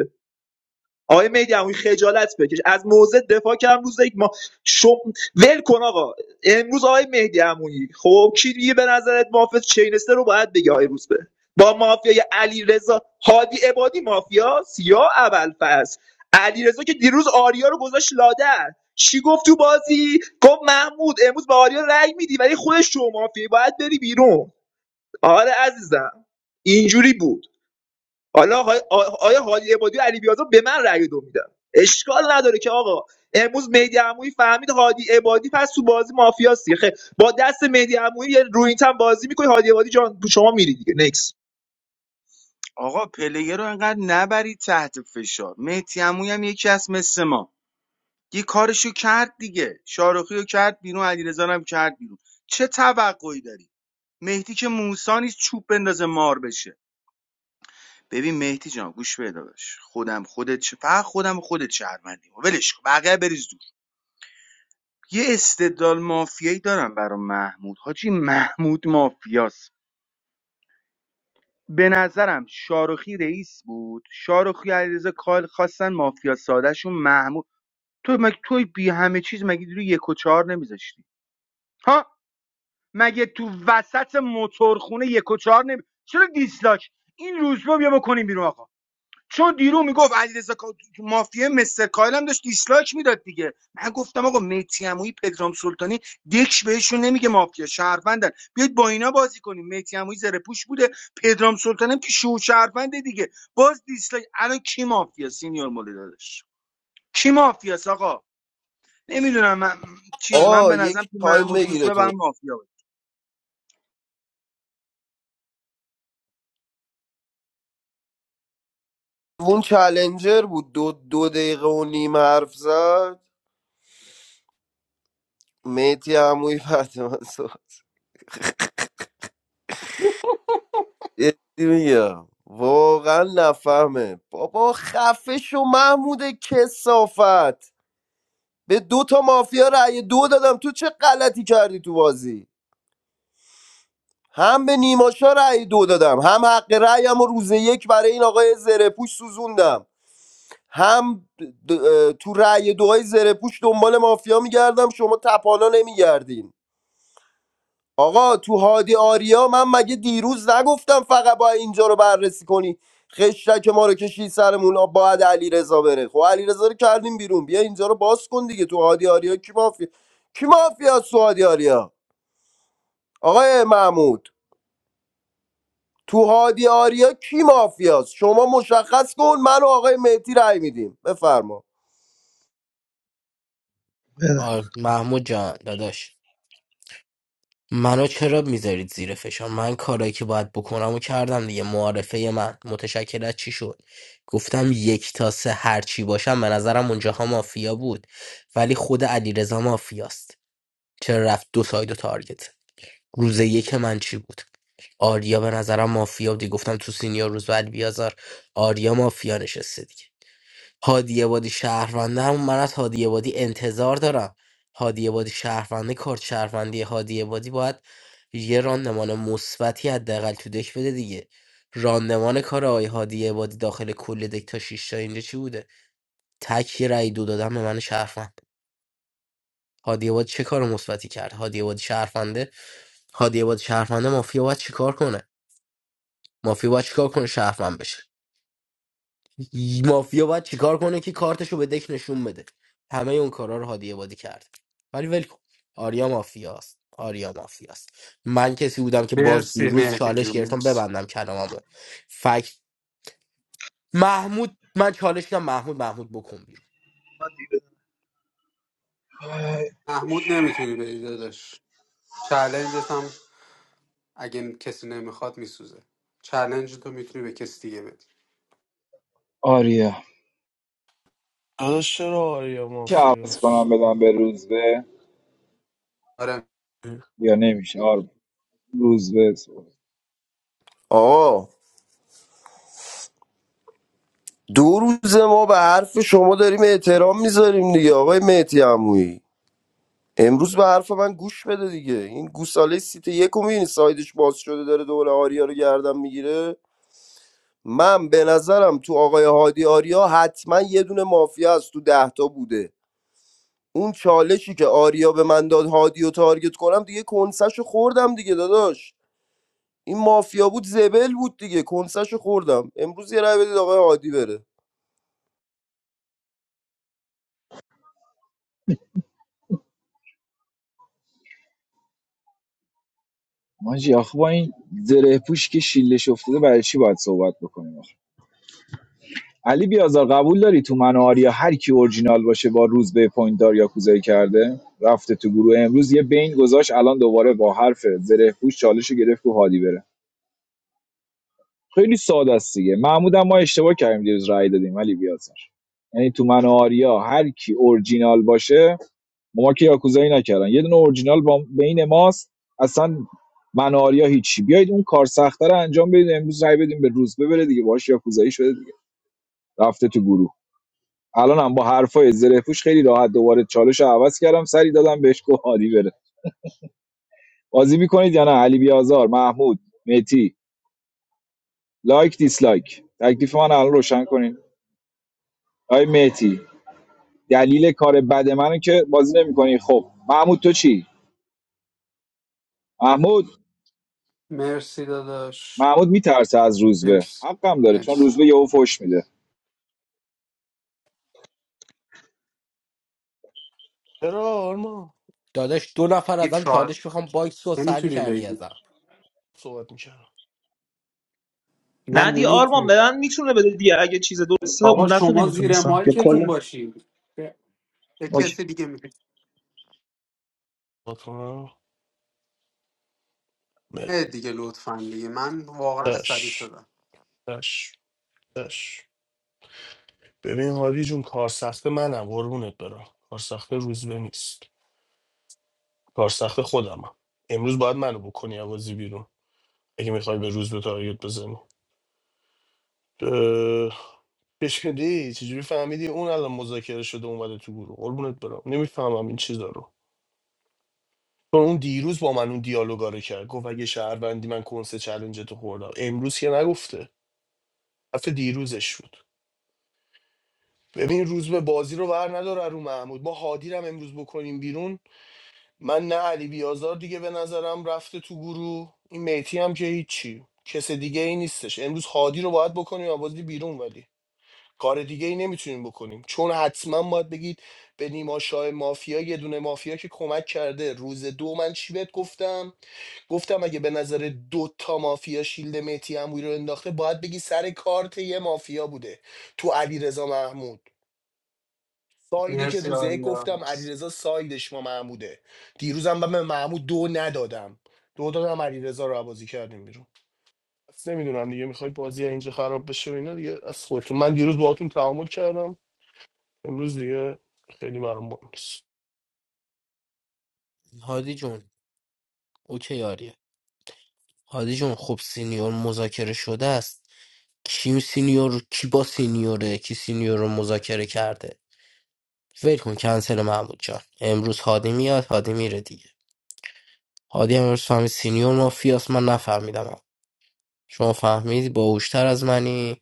آقای میدموی خجالت بکش از موضع دفاع کردم روز یک ما شم... ول کن آقا امروز آقای مهدی عمویی خب کی دیگه به نظرت مافیا چینسته رو باید بگی آقای روزبه با مافیای علی رضا هادی عبادی مافیاس یا ابوالفضل علی رضا که دیروز آریا رو گذاشت لادر چی گفت تو بازی گفت محمود امروز به آریا رأی میدی ولی خودش شو مافیایی باید بری بیرون آره عزیزم اینجوری بود حالا آقای- آیا حالی عبادی و علی بیازار به من رأی دو میدن اشکال نداره که آقا امروز مهدی عمویی فهمید هادی عبادی پس تو بازی مافیاستی خیلی با دست مهدی عمویی یه روی این تن بازی میکنی هادی عبادی جان شما میری دیگه نکس
آقا پلیر رو انقدر نبرید تحت فشار مهدی عمویی هم یکی از مثل ما یه کارشو کرد دیگه شاروخی کرد بیرون علیرضا رو هم کرد بیرون چه توقعی داری مهدی که موسا نیست چوب بندازه مار بشه ببین مهدی جان گوش بده باش خودم خودت چه فقط خودم خودت شهروندی ولش کن بقیه بریز دور یه استدلال مافیایی دارم برای محمود حاجی محمود مافیاست به نظرم شاروخی رئیس بود شاروخی علیرضا کال خواستن مافیا سادهشون محمود تو مگه توی بی همه چیز مگه رو یک و چهار نمیذاشتی ها مگه تو وسط موتورخونه یک و چهار نمی... چرا دیسلاک این روزبه بیا بکنیم بیرون آقا چون دیرو میگفت علیرضا کا- مافیا مستر کایل هم داشت دیسلاک میداد دیگه من گفتم آقا میتی عمویی پدرام سلطانی دکش بهشون نمیگه مافیا شهروندن بیاید با اینا بازی کنیم میتی عمویی زره پوش بوده پدرام سلطانی هم که شو شهرونده دیگه باز دیسلاک الان کی مافیا سینیور مولی دادش کی مافیا آقا نمیدونم من... چیز من به
آه
نظرم
یک
تو
تایم
محمود
بگیره
روزبه
تو رو
برام مافیا
اون چلنجر بود دو, دو دقیقه و نیم حرف زد میتی عمویی بعد من صحبت- جدی میگم واقعا نفهمه بابا خفه شو محمود کسافت به دو تا مافیا رأی دو دادم تو چه غلطی کردی تو بازی هم به نیماشا رأی دو دادم هم حق رأیم رو روز یک برای این آقای زره پوش سوزوندم هم د- اه، تو رأی دوهای زره پوش دنبال مافیا میگردم شما تپانا نمیگردین آقا تو هادی آریا من مگه دیروز نگفتم فقط باید اینجا رو بررسی کنی خشتک ما رو کشید سرمون آ، باید علی رضا بره خب علی رضا رو کردیم بیرون بیا اینجا رو باز کن دیگه تو هادی آریا کی مافیا کی مافیاست تو هادی آریا آقای محمود تو هادی آریا کی مافیاست شما مشخص کن من و آقای مهدی رأی میدیم بفرما
بله.
آه محمود جان داداش منو چرا میذارید زیر فشار من کارایی که باید بکنم و کردم دیگه معارفه من متشکل از چی شد گفتم یک تا سه هر چی باشم به نظرم اونجاها مافیا بود ولی خود علیرضا مافیاست چرا رفت دو ساید و تارگت روز یک من چی بود آریا به نظرم مافیا بودی گفتم تو سینیور روز بعد بیازار آریا مافیا نشسته دیگه هادی عبادی شهرونده همون من از هادی عبادی انتظار دارم هادی عبادی شهرونده کارت شهروندی هادی عبادی باید یه راندمان مثبتی حداقل تو دک بده دیگه راندمان کار آقای هادی عبادی داخل کل دک تا شیش تا اینجا چی بوده تک یه رأی دو دادم به من شهروند هادی عبادی چه کار مثبتی کرد هادی عبادی شهرونده هادی عبادی شهرونده مافیا باید چیکار کنه مافیا باید چیکار کنه شهروند بشه مافیا باید چیکار کنه که کارتشو به دک نشون بده همه اون کارا رو هادی عبادی کرد ولی ول کن آریا مافیاست آریا مافیاست من کسی بودم که باز
مرسی
دیروز
مهدی
چالش
جون
گرفتم
مرسی
ببندم کلاممو فکت محمود من چالش کردم محمود محمود بکن بیرون
ای،
محمود نمیتونی بری داداش چلنجت هم اگه کسی نمیخواد میسوزه چلنج تو میتونی به کسی دیگه بدی
آریا
داداش چرا آریا
که عوض
مافیوس
کنم بدم به روزبه
آره
یا نمیشه آرمان روزبه صحبت.
آقا دو روز ما به حرف شما داریم احترام میذاریم دیگه آقای مهدی عمویی امروز به حرف من گوش بده دیگه این گوساله سیت یک رو میبینی سایدش باز شده داره دوباره آریا رو گردن میگیره من به نظرم تو آقای هادی آریا حتما یه دونه مافیا از تو دهتا بوده اون چالشی که آریا به من داد هادی و تارگت کنم دیگه کنسش خوردم دیگه داداش این مافیا بود زبل بود دیگه کنسش خوردم امروز یه رای بدید آقای هادی بره
ماجی آخه با این زره پوش که شیلش افتاده برای چی باید صحبت بکنیم آخه علی بیازار قبول داری تو من و آریا هر کی اورجینال باشه با روزبه پوینت دار یا کوزای کرده رفته تو گروه امروز یه بین گذاشت الان دوباره با حرف زره پوش چالش رو گرفت و حالی بره خیلی ساده است دیگه محمود هم ما اشتباه کردیم دیروز رأی دادیم ولی بیازار. یعنی تو من و آریا هر کی اورجینال باشه ما که یاکوزایی نکردن یه دونه اورجینال با بین ماست اصلا من و آریا هیچی بیایید اون کار سخته انجام بدید امروز رأی بدیم به روز ببره دیگه باهاش یاکوزایی شده دیگه رفته تو گروه الان هم با حرفای زره پوش خیلی راحت دوباره چالش رو عوض کردم سری دادم بهش گفت عالی بره بازی میکنید یا نه علی بیازار محمود متی لایک دیسلایک تکلیف من الان روشن کنین آی متی دلیل کار بد منو که بازی نمیکنی خب محمود تو چی محمود
مرسی داداش
محمود میترسه از روزبه
مرسی
حقم داره چون
مرسی
روزبه یهو فوش میده
چرا آرما
داداش دو نفر ازم
هیچ
چالش بخوام باکس رو سر
نمیتونی
کردی
بگی
ازم
صحبت میکردم
نه
نه دی آرمان
نمیتونی
به من میتونه بده دیگه اگه چیز درسته اون
آقا
دفعه
شما زیر
نمیتونستم یا
مایکتون باشین به به
اوکی.
کسی دیگه میگه
کنم؟
دیگه لطفا دیگه من واقعا عصبی
دش
شدم
دش دش ببین هادی جون کار سخت منم قربونت برم کار سخت روزبه نیست کار سخت خودمم امروز باید منو بکنی عوضی بیرون اگه میخوای به روزبه تارگت بزنی چجوری چجوری فهمیدی اون الان مذاکره شده اومده تو گروه قربونت برم نمیفهمم این چیزا رو چون اون دیروز با من اون دیالوگا رو کرد گفت اگه شهروندی من کنسه چلنج تو خوردم امروز که نگفته حرف دیروزش بود ببین روز به بازی رو ور نداره رو محمود ما هادی رو هم امروز بکنیم بیرون من نه علی بیازار دیگه به نظرم رفته تو گروه این میتی هم که هیچی کس دیگه ای نیستش امروز هادی رو باید بکنیم و بازی بیرون ولی کار دیگه ای نمیتونیم بکنیم چون حتما باید بگید به نیما شاه مافیا یه دونه مافیا که کمک کرده روز دو من چی بهت گفتم گفتم اگه به نظر دو تا مافیا شیلد مهدی عمویی رو انداخته باید بگی سر کارت یه مافیا بوده تو علیرضا محمود سایدی که
مرسی
روزه یک
آریا
گفتم
مرسی
علیرضا سایدش ما محموده دیروزم من به محمود دو ندادم دو دادم علیرضا رو بازی کردیم بیرون نمیدونم دیگه میخوای بازی اینجا خراب بشه و اینا دیگه از خودتون من دیروز باهاتون تعامل کردم امروز دیگه خیلی معمول نیست
هادی جون اوکی آریا هادی جون خب سینیور مذاکره شده است کی سینیور کی با سینیوره کی سینیور رو مذاکره کرده ول کن کنسل محمود جان امروز هادی میاد هادی میره دیگه هادی هم امروز فهمید سینیور مافیاس من نفهمیدم شما فهمیدی باهوشتر از منی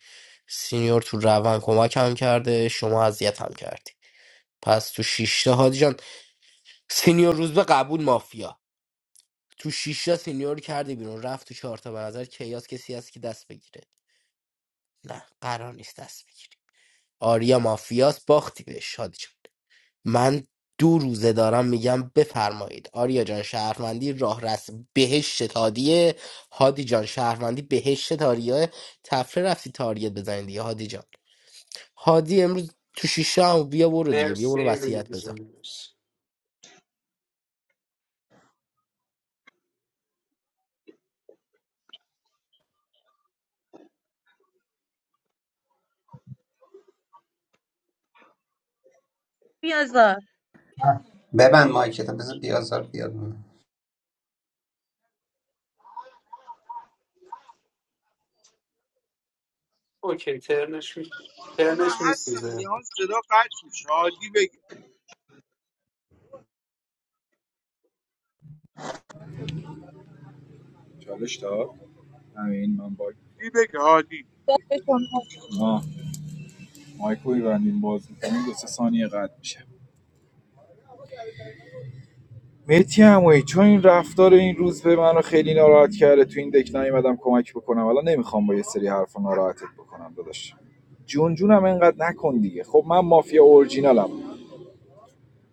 سینیور تو روان کمکم کرده شما اذیتم کردی پس تو شیشتا هادی جان سینیور روز به قبول مافیا تو شیشتا سینیور رو کردی بیرون رفت تو چهارتا به نظر کیاس کسی هست که دست بگیره نه قرار نیست دست بگیری آریا مافیاس باختی بهش هادی جان. من دو روزه دارم میگم بفرمایید آریا جان شهروندی راه رس بهشت تادیه هادی جان شهروندی بهشت تاریه تفره رفتی تاریت بزنید دیگه هادی جان هادی امروز تو شیشه هم بیا برو دیگه بیا برو
مرسی
وصیت بذار
مرسی.
بیازار
ببند مایکت بذار بیازار بیاد
اوکی ترنش می
من
ترنش می
هستم یه
سیزه
حال صدا قطع میشه هادی بگه
چالش داد همین من باگ
هادی بگه هادی
دست شما
آه مایکو میبندیم باز میکنیم دو سه ثانیه قد میشه مهدی عمویی چون این رفتار این روزبه منو خیلی ناراحت کرده تو این دک نیومدم کمک بکنم الان نمیخوام با یه سری حرفا ناراحتت بکنم داداش جون جونم اینقدر نکن دیگه خب من مافیا اورجینالم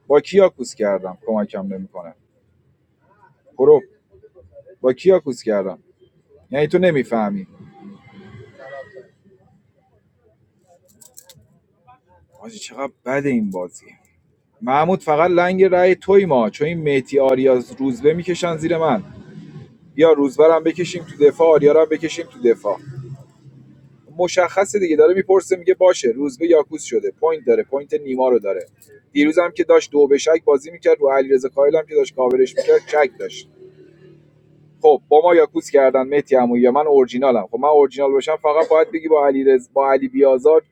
با کیاکوس کردم کمکم نمیکنه پرو با کیاکوس کردم یعنی تو نمیفهمی آجی چقدر بده این بازی محمود فقط لنگ رای توی ما چون این مهدی آریا روزبه میکشن زیر من یا روزبه رو هم بکشیم تو دفاع آریا رو هم بکشیم تو دفاع مشخصه دیگه داره میپرسه میگه باشه روزبه یاکوس شده پوینت داره پوینت نیما رو داره دیروزم که داشت دو به شک بازی میکرد رو علیرضا کاهل هم که داشت کاورش میکرد شک داشت خب با ما یاکوس کردن مهدی عمویی من اورجینالم خب من اورجینال باشم فقط باید بگی با علی با علی بیازار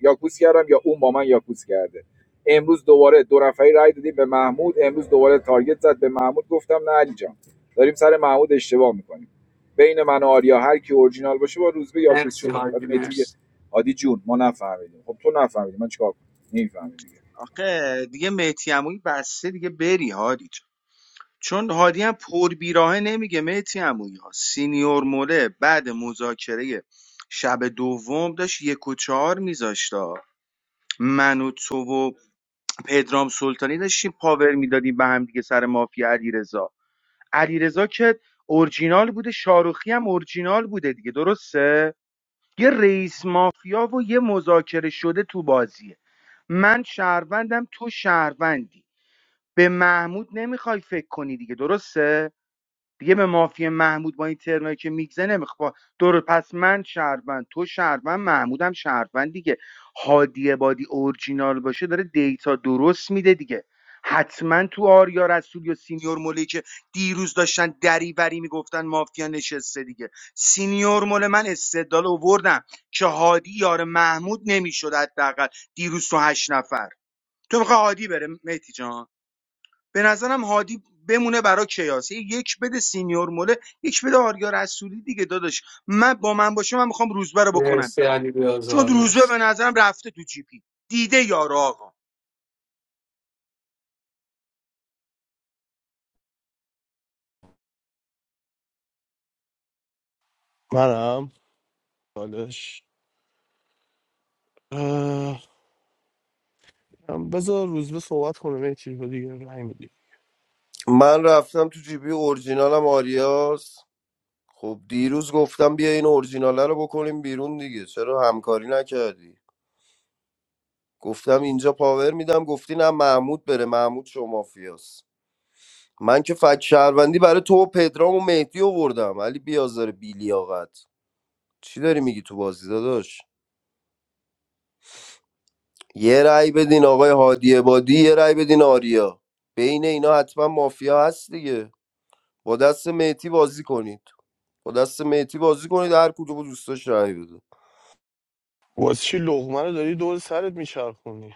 یاکوس کردم یا اون با من یاکوس کرده امروز دوباره دو نفری رای دادیم به محمود امروز دوباره تارگت زد به محمود گفتم نه علی جان داریم سر محمود اشتباه میکنیم بین من و آریا هر کی اورجینال باشه با روزبه یاکوس
مرسی
شده بعد
حاجی
مهدی میگه
مرسی
هادی جون ما نفهمیدیم خب تو نفهمیدی من چیکار کنم نمیفهمی دیگه
آخه دیگه مهدی عمویی بسته دیگه بری هادی جان. چون هادی هم پر بیراهه نمیگه مهدی عمویی ها سینیور موله بعد مذاکره شب دوم داشت یک و چهار میذاشت من و تو و پدرام سلطانی داشتیم پاور میدادیم به هم دیگه سر مافیا علیرضا علیرضا که اورجینال بوده شاروخی هم اورجینال بوده دیگه درسته یه رئیس مافیا و یه مذاکره شده تو بازیه من شهروندم تو شهروندی به محمود نمیخوای فکر کنی دیگه درسته دیگه به مافیا محمود با این ترنایی که میگزه نمیخوا دور پس من شهروند تو شهروند محمودم شهروند دیگه هادی بادی اورجینال باشه داره دیتا درست میده دیگه حتما تو آریا رسول یا سینیور مولی که دیروز داشتن دریوری میگفتن مافیا نشسته دیگه سینیور مول من استدلال اووردم که هادی یار محمود نمیشد حداقل دیروز تو هشت نفر تو میخوای هادی بره مهدی جان به نظرم هادی بمونه برای کیاس یه یک بده سینیور موله یک بده آریا رسولی دیگه داداش من با من باشه من میخوام روزبه رو بکنم
مرسی علی
چون
بیازار
روزبه
مرسی
به نظرم رفته تو جیپی دیده یارو آقا
منم حالش اه، هم بذار روز به صحبت کنه میتی چیز رو دیگه رای میدی
من رفتم تو جیبی اورجینالم آریاس خب دیروز گفتم بیا این اورجیناله رو بکنیم بیرون دیگه چرا همکاری نکردی گفتم اینجا پاور میدم گفتی نه محمود بره محمود شما مافیاست. من که فک شهروندی برای تو و پدرام و مهدی آوردم علی بیازار بیلیاقت چی داری میگی تو بازی داداش یه رأی بدین آقای هادی عبادی یه رأی بدین آریا بین اینا حتما مافیا هست دیگه با دست مهدی بازی کنید با دست مهدی بازی کنید هر کدوم دوستاش رأی بده
واسه چی لقمه رو داری دور سرت میچرخونی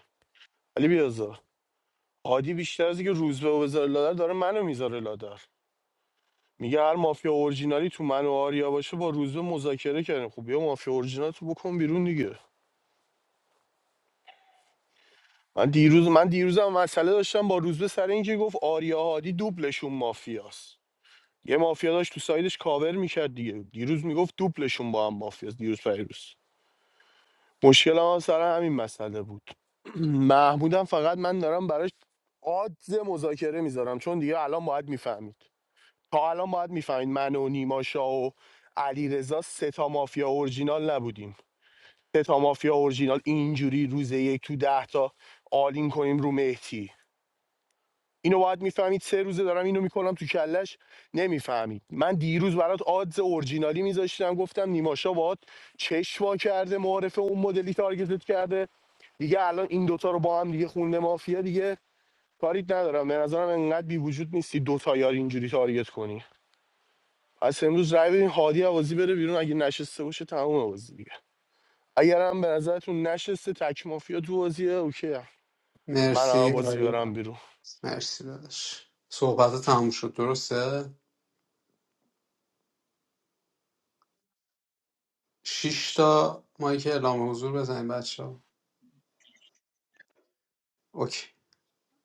علی بیازار هادی بیشتر از اینکه روزبه و بذاره لادر داره منو میذاره لادر میگه هر مافیا اورجینالی تو من و آریا باشه با روزبه مذاکره کردیم خب بیا مافیا اورجینال تو بکن بیرون دیگه من دیروز من دیروزم مسئله داشتم با روزبه سر اینکه گفت آریا هادی دوبلشون مافیاست یه مافیا داشت تو سایدش کاور میکرد دیگه دیروز میگفت دوپلشون با هم مافیاست دیروز فیروز مشکل هم سر همین مسئله بود محمودم فقط من دارم براش آدز مذاکره میذارم چون دیگه الان باید میفهمید تا الان باید میفهمید من و نیما شاه و علی سه تا مافیا اورجینال نبودیم سه تا مافیا اورجینال اینجوری روز یک تو ده تا آلین کنیم رو مهدی اینو باید میفهمید سه روزه دارم اینو میکنم تو کلش نمیفهمید من دیروز برات آدز اورجینالی میذاشتم گفتم نیماشا باهات چشوا کرده معارف اون مدلی تارگتت کرده دیگه الان این دوتا رو با هم دیگه خونده مافیا دیگه کاریت ندارم به نظرم انقدر بی وجود نیستی دوتا یار اینجوری تارگت کنی پس امروز رای بدین هادی عوازی بره بیرون اگه نشسته باشه تمام بازی دیگه اگرم به نظرتون نشسته تک مافیا تو بازیه اوکی من
مرسی
بازی برم
آریا
بیرون
مرسی داداش صحبت تموم شد درسته شش تا مایک اعلام حضور بزنیم بچه ها اوکی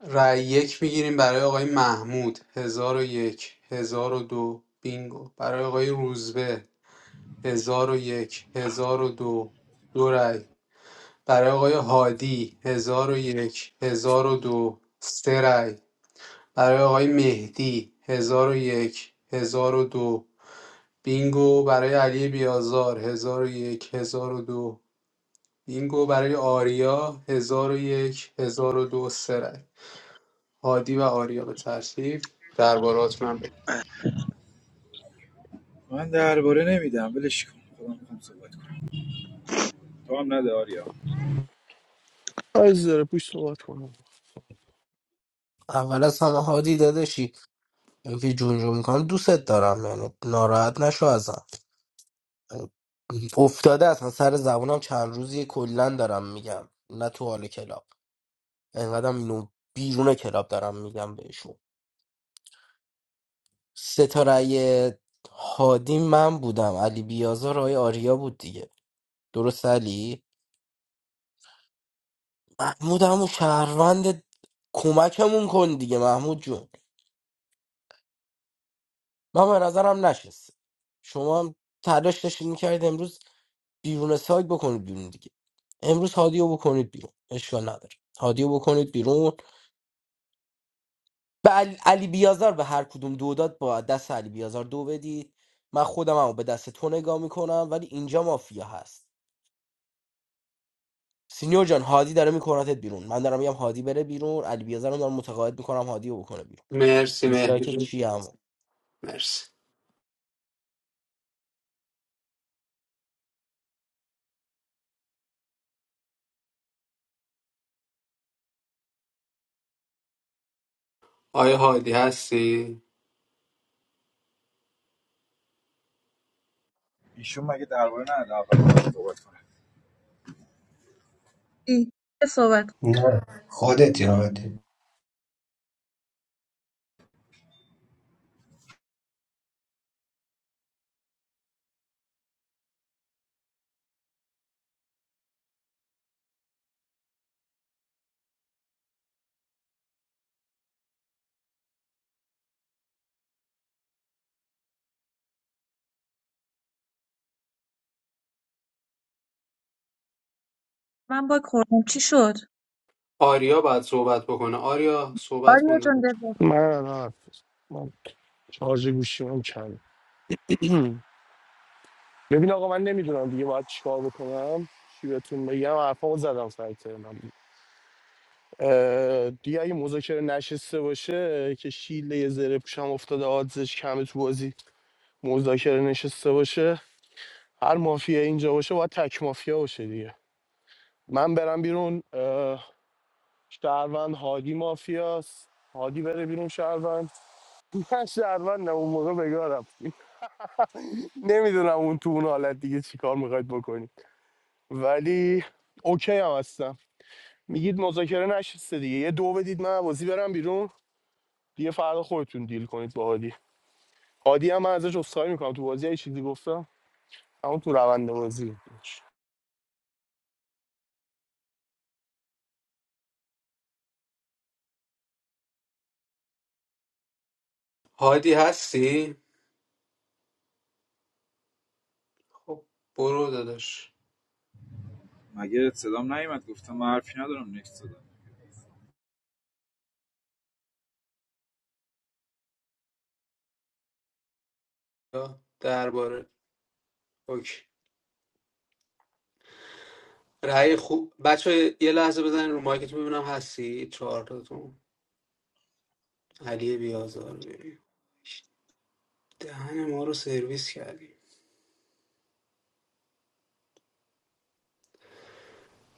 رای یک میگیریم برای آقای محمود هزار و یک هزار و دو بینگو برای آقای روزبه هزار و یک هزار و دو دو رأی برای آقای هادی هزار و یک هزار و دو سه رأی برای آقای مهدی هزار و یک هزار و دو بینگو برای علی بیازار هزار و یک هزار و دو بینگو برای آریا هزار و یک هزار و دو سه رأی. هادی و آریا به ترتیب دربارات من بگم.
من درباره نمیدم ولش کن خودم میخوام صحبت کنم تو هم نده آریا
از داره پوش صحبت کنم
اول از همه هادی داداشی این که جون جون میکنم دوستت دارم یعنی ناراحت نشو ازم افتاده اصلا سر زبونم چند روزی کلا دارم میگم نه تو حال کلاب انقدرم اینو بیرون کلاب دارم میگم بهشون ستاره هادی من بودم علی بیازار آقای آریا بود دیگه درست علی محمود همون شهروند کمکمون کن دیگه محمود جون من به نظرم نشست شما هم تلاش داشتید میکردید امروز بیرون سایت بکنید بیرون دیگه امروز هادیو بکنید بیرون اشکال نداره هادیو بکنید بیرون به علی, علی بیازار به هر کدوم دو داد با دست علی بیازار دو بدید من خودم هم به دست تو نگاه میکنم ولی اینجا مافیا هست سینیور جان هادی داره میکنتت بیرون من دارم میگم هادی بره بیرون علی بیازرم دارم متقاعد میکنم هادی رو بکنه بیرون
مرسی
دیسلایک
مهدی
کی هم
مرسی آیا هادی هستی
ایشون مگه درباره نه اول با من صحبت کنه
ای که صحبت کنم.
نه خودت یادی
من باگ خوردم چی شد
آریا باید صحبت بکنه آریا صحبت کن
آریا جان
داداش
دلبر
من الان من شارژ گوشیمون کم ببین آقا من نمیدونم دیگه باید چیکار بکنم چی بهتون بگم حرفامو زدم سر ترنم اه، دیگه اگه مذاکره نشسته باشه که شیله یه زره پوشم افتاده آدزش کمه تو بازی مذاکره نشسته باشه هر مافیا اینجا باشه باید تک مافیا باشه دیگه من برم بیرون اه، شهروند هادی مافیاست هادی بره بیرون شهروند من شهروند اون موقع بگارم نمیدونم اون تو اون حالت دیگه چیکار میخواید ولی اوکی هم هستم میگید مذاکره نشسته دیگه یه دو بدید من بازی برم بیرون دیگه فردا خودتون دیل کنید با هادی هادی هم من ازش عذرخواهی میکنم تو بازی یه چیزی گفتم اما تو روند بازی
هادی هستی خب برو داداش
مگه صدام نیومد گفتم من حرفی ندارم نکس دادم
یا درباره اوکی رأی خوب بچه یه لحظه بزنین رو مایکتون ببینم هستی چهار تاتون علی بیازار ببین دهن ما رو سرویس کردی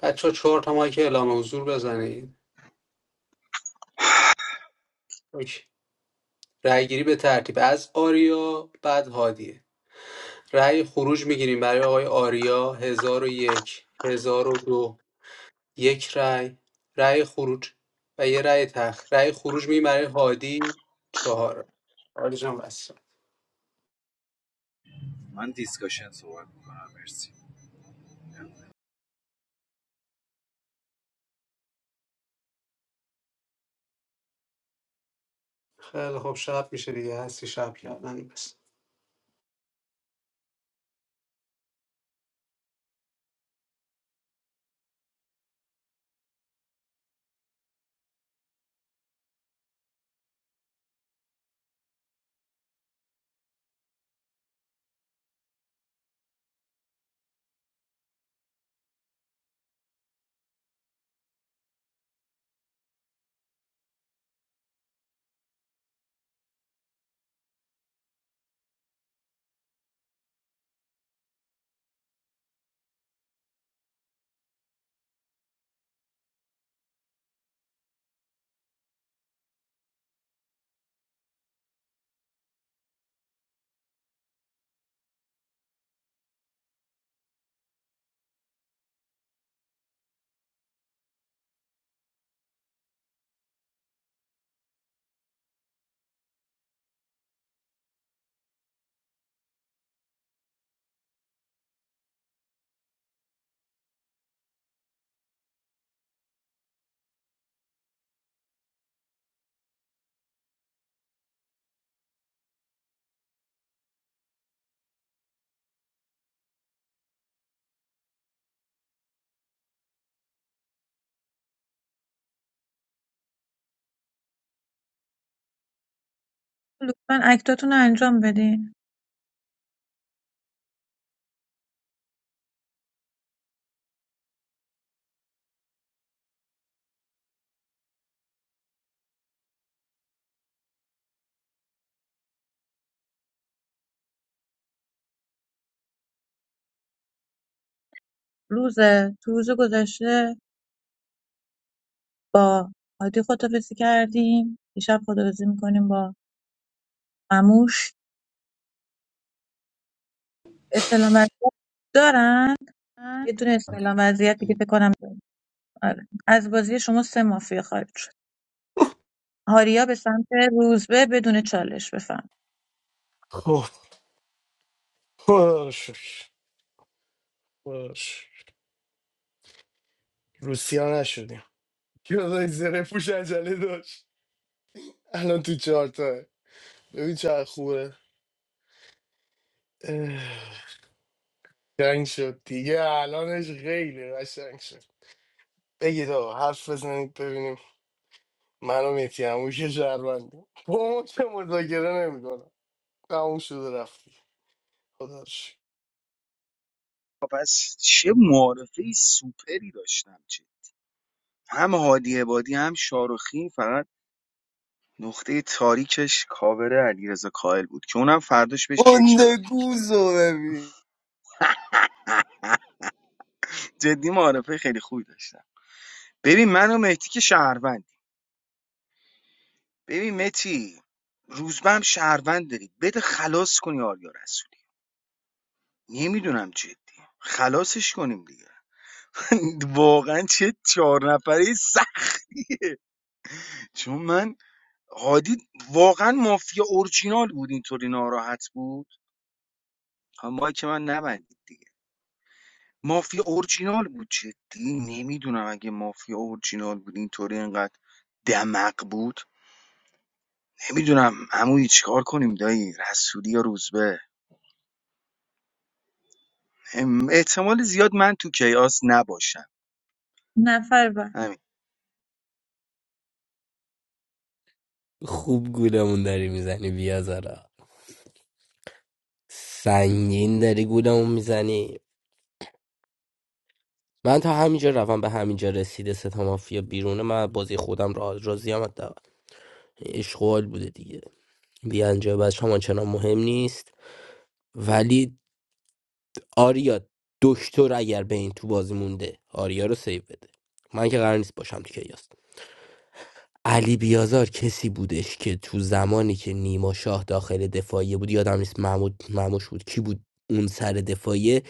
بچه چهار تا مایک اعلام حضور بزنید اوکی رأیگیری به ترتیب از آریا بعد هادیه رأی خروج میگیریم برای آقای آریا هزار و یک هزار و دو یک رأی رأی خروج و یه رأی تخ رأی خروج میگیریم برای هادی چهار عالی جان بس
من دیسکاشن صحبت میکنم مرسی
خیلی خوب شب میشه دیگه هستی شب کردن بس
لطفا اکتاتون رو انجام بدین روز تو روز گذشته با هادی خدافزی کردیم دیشب خدافزی میکنیم با مموش اسلام وضعیت دارن یه دونه اسلام وضعیت دیگه فکر کنم دارن. آره. از بازی شما سه مافیا خارج شد آریا به سمت روزبه بدون چالش بفهم
خب باش باش روسیا نشدیم یادای زره پوش عجله داشت الان تو چهارتاه ببین چقدر خوبه اه، قشنگ شد دیگه الانش خیلی قشنگ شد بگید آقا حرف بزنید ببینیم من و میتی همون که شهروندیم با ما که مذاکره نمیکنم تموم شده رفتی خداش
خب پس چه معارفه سوپری داشتم چه هم هادی عبادی هم شارخی فقط نقطه تاریکش کاور علیرضا کاهل بود که اونم فرداش بهش یک
گنده
دادم
گوزو ببین
جدی معارفه خیلی خوبی داشتم ببین من و مهدی که شهروندیم. ببین متی روزبه هم شهروند داری بده خلاص کنی آریا رسولی نمیدونم جدی خلاصش کنیم دیگه واقعا چه چهار نفره سخت چون من هادی واقعا مافیا اورجینال بود اینطوری ناراحت بود اما که من نبندید دیگه مافیا اورجینال بود جدی نمیدونم اگه مافیا اورجینال بود اینطوری انقدر دمق بود نمیدونم عمویی چیکار کنیم دایی رسولی یا روزبه ام، احتمال زیاد من تو کیاس نباشم
نفر بعد
همین
خوب گولمون داری میزنی بیازارا سنگین داری گولمون میزنی من تا همینجا روم به همینجا رسیده ستا مافیا بیرونه من بازی خودم را راضی هم حداقل اشغال بوده دیگه بیانجا بچه شما چنان مهم نیست ولی آریا دکتر اگر به این تو بازی مونده آریا رو سیو بده من که قرار نیست باشم تو کیاس علی بیازار کسی بودش که تو زمانی که نیما شاه داخل دفاعیه بود یادم نیست محمود مموش بود کی بود اون سر دفاعیه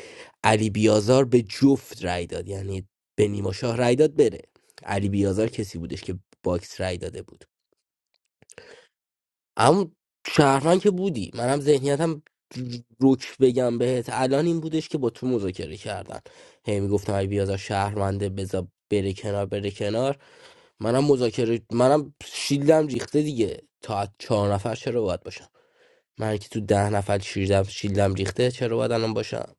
علی بیازار به جفت رای داد یعنی به نیما شاه رای داد بره علی بیازار کسی بودش که باکس رای داده بود اما شهرمن که بودی منم ذهنیتم روک بگم بهت الان این بودش که با تو مذاکره کردن هی میگفتم ای بیازار شهرمنده بذار بره کنار بره کنار منم مذاکره منم شیلدم ریخته دیگه تا از چهار نفر چرا باید باشم من که تو ده نفر شیلدم شیلدم ریخته چرا باید الان باشم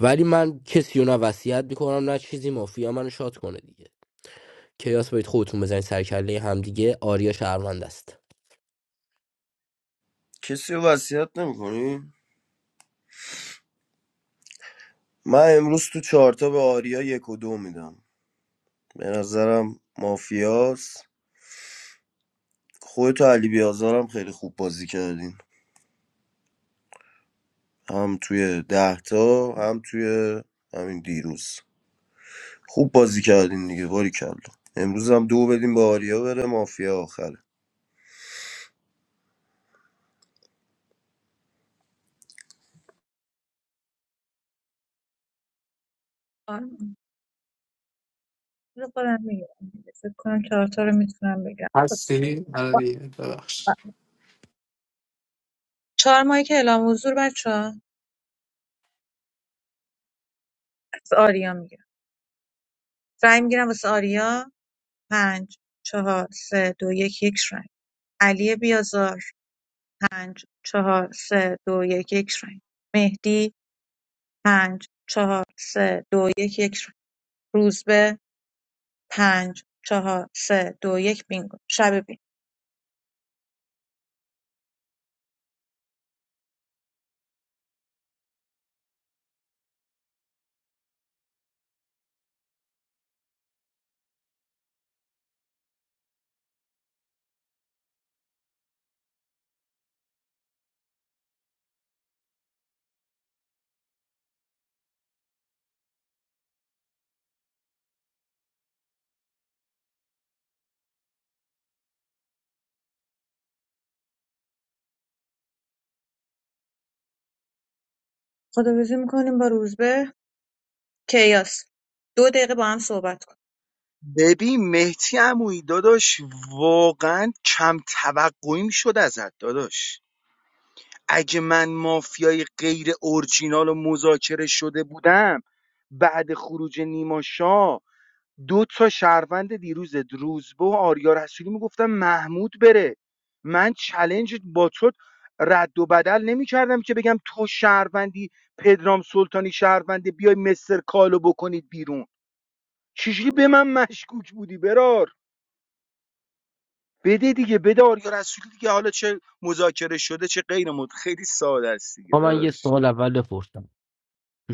ولی من کسی رو نه وصیت میکنم نه چیزی مافیا منو شاد کنه دیگه کیاس باید خودتون بزنید سر کله همدیگه آریا شهروند است
کسی رو وصیت نمیکنی؟ من امروز تو چهارتا به آریا یک و دو میدم به نظرم مافیاس خودت و علی بیازارم خیلی خوب بازی کردین هم توی دهتا هم توی همین دیروز خوب بازی کردین دیگه باری کلا امروز هم دو بدیم به آریا بره مافیا آخره
آرمان. بذار خودم میگم فکر کنم چهار تا رو میتونم بگم
هستی آره دیگه ببخش
چهار ماهی که اعلام حضور بچه ها از آریا میگیرم رای میگیرم واسه آریا پنج چهار سه دو یک یک رای علی بیازار پنج چهار سه دو یک یک رای مهدی پنج چهار سه دو یک یک رای روزبه پنج چهار سه دو یک بینگو شب بینگ خداحافظی میکنیم با روزبه کیاس دو دقیقه با هم صحبت کن
ببین مهدی عمویی داداش واقعا کم توقعی میشد ازت داداش اگه من مافیای غیر اورجینال و مذاکره شده بودم بعد خروج نیما شاه دو تا شهروند دیروز روزبه و آریا رسولی میگفتن محمود بره من چلنج با تو رد و بدل نمیکردم که بگم تو شهروندی پدرام سلطانی شهرونده بیای مستر کالو بکنید بیرون چجوری به من مشکوک بودی برار بده دیگه بده آریا رسولی دیگه حالا چه مذاکره شده چه غیر مد خیلی ساده است دیگه
آقا من یه
داداش
سوال اول بپرسم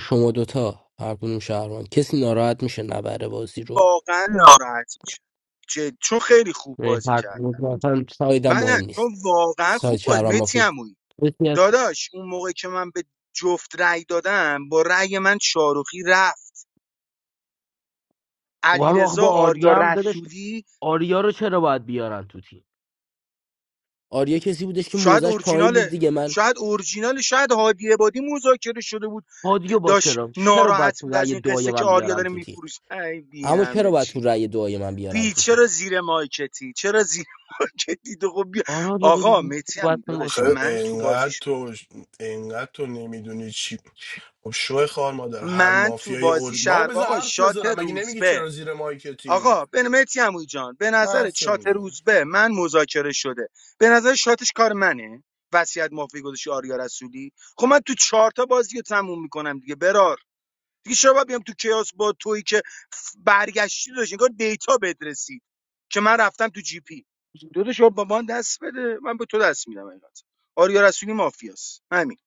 شما دوتا هر کدوم شهروند کسی ناراحت میشه نبره بازی رو
واقعا ناراحت میشه چون خیلی خوب
یعنی
بازی
هر
کرد
کدوم اصلا
من
سایدم
نه،
مهم
چون
نیست
واقعا
ساید
خوب بازی
شهروند
متی
مافی
عمویی.
کسی از
داداش اون موقع که من به جفت رأی دادم با رأی من شاروخی رفت
خب هم آخه
علیرضا
با
آریا
آریا هم دادش
رسولی
آریا رو چرا باید بیارن تو تیم آریا کسی بودش که
شاید
موزش پایین بود
اورجیناله
دیگه من
شاید اورجینال شاید هادی عبادی مذاکره شده بود
هادیو با
داشت
چرا چرا باید
ناراحت
تو
بود از
رأی
این
دعای
قصه که
من
آریا
بیارن
داره
تو تیم
میفروش ای بی
اما چرا
همه
باید تو
چی
رأی دعای من بیارن
بی
تو تیم
چرا زیر مایکتی چرا زیر مایکتی تو خب بیا
آراد یه دادی
آقا متی
باید
هم
من
داداش
آخه
بودم.
من تو
انقدر
بازیش
تو انقدر تو نمیدونی چی خب شو خار مادر هر
من تو
مافیای
بازی
اور بابا
شهر
بذار
آقا
حرف
شات
بزنم مگه نمیگی
روزبه
چرا زیر مایکتی
آقا به متی عموی جان به
من
نظر
حرف
شات
میزنم
روزبه من مذاکره شده به نظر شاتش کار منه وصیت مافی گذاشی آریا رسولی خب من تو چهار تا بازی رو تموم میکنم دیگه برار دیگه چرا باید بیام تو کیاس با تویی که ف- برگشتی داشت انگار دیتا بهت رسید که من رفتم تو جی پی دو تا شما با من دست بده من به تو دست میدم اینقدر آریا رسولی مافیاست همین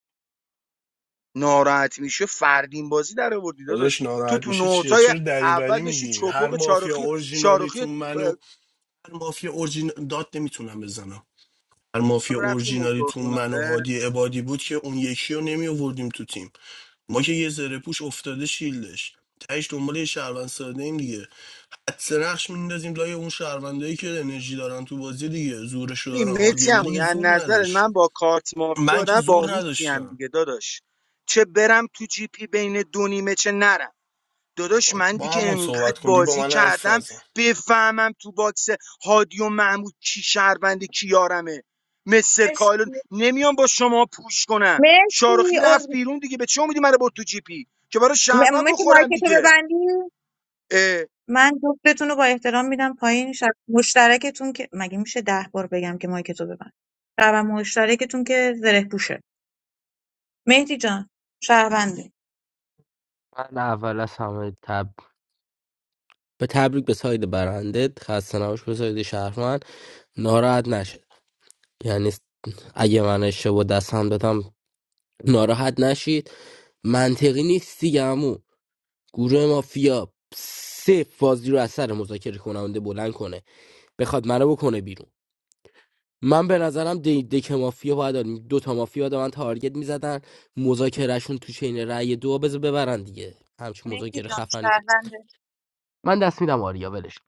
ناراحت میشه فردین بازی در آوردی
داداش
داداش تو
ناراحت
تو
میشه چیه
نوتای
چرا
اول
دریوری
داشتی
میگی هر
چپق
مافیا
چارخی شارخی
اورجینالیتون منو هر مافیا اورجین داد نمیتونم بزنم هر مافیا
هم رفتیم دکتر
اورجینالیتون
خونه
منو
آره
هادی عبادی بود که اون یکی رو نمی آوردیم تو تیم ما که یه زره پوش افتاده شیلدش تهش دنبال یه شهروند ساده ایم دیگه حدس نقش میندازیم لای اون شهروندایی که انرژی دارن تو بازی دیگه زورشو دارن
ببین متی
هادیه با
هم
دیگه
از
زور
نظر
نداشت
من با کارت مافیا
من که
آدم
زور
باهوشی هم
نداشتم
دیگه داداش چه برم تو جی پی بین دو نیمه چه نرم داداش
با,
من
با
دیگه
همون
انقدر
صحبت کن با
بازی
من حرف
کردم
نزن
بفهمم تو باکس هادی و محمود کی شهربنده کی یارمه مستر
مرسی
کایلون نمیام با شما پوش کنم
مرسی
شارخی رفت
ال-
بیرون دیگه به چه امیدی منو برد تو جی پی که برای
م-
شهروند
مرسی
بخورم
مایکتو
دیگه
ببندی من جفتتون رو با احترام میدم پایین شب مشترکتون که مگه میشه ده بار بگم که مایکتو ببند شب مشترکتون که زره پوشه مهدی جان شهروندی
من اول از همه تب به تبریک به ساید برنده خسته نباش به ساید شهروند ناراحت نشید. یعنی اگه من اشتباه دستم دادم ناراحت نشید منطقی نیست دیگه عمو. گروه مافیا سه بازی رو از سر مذاکره کننده بلند کنه بخواد منو بکنه بیرون من به نظرم دی- دک مافیا باید آدم- دو تا مافیا دارن تارگت میزدن مذاکرهشون تو چین رأی دو بذار ببرن دیگه همچین
مهدی
مذاکره
جان
خفنی که
شهرونده
من دست میدم آریا ولش کن.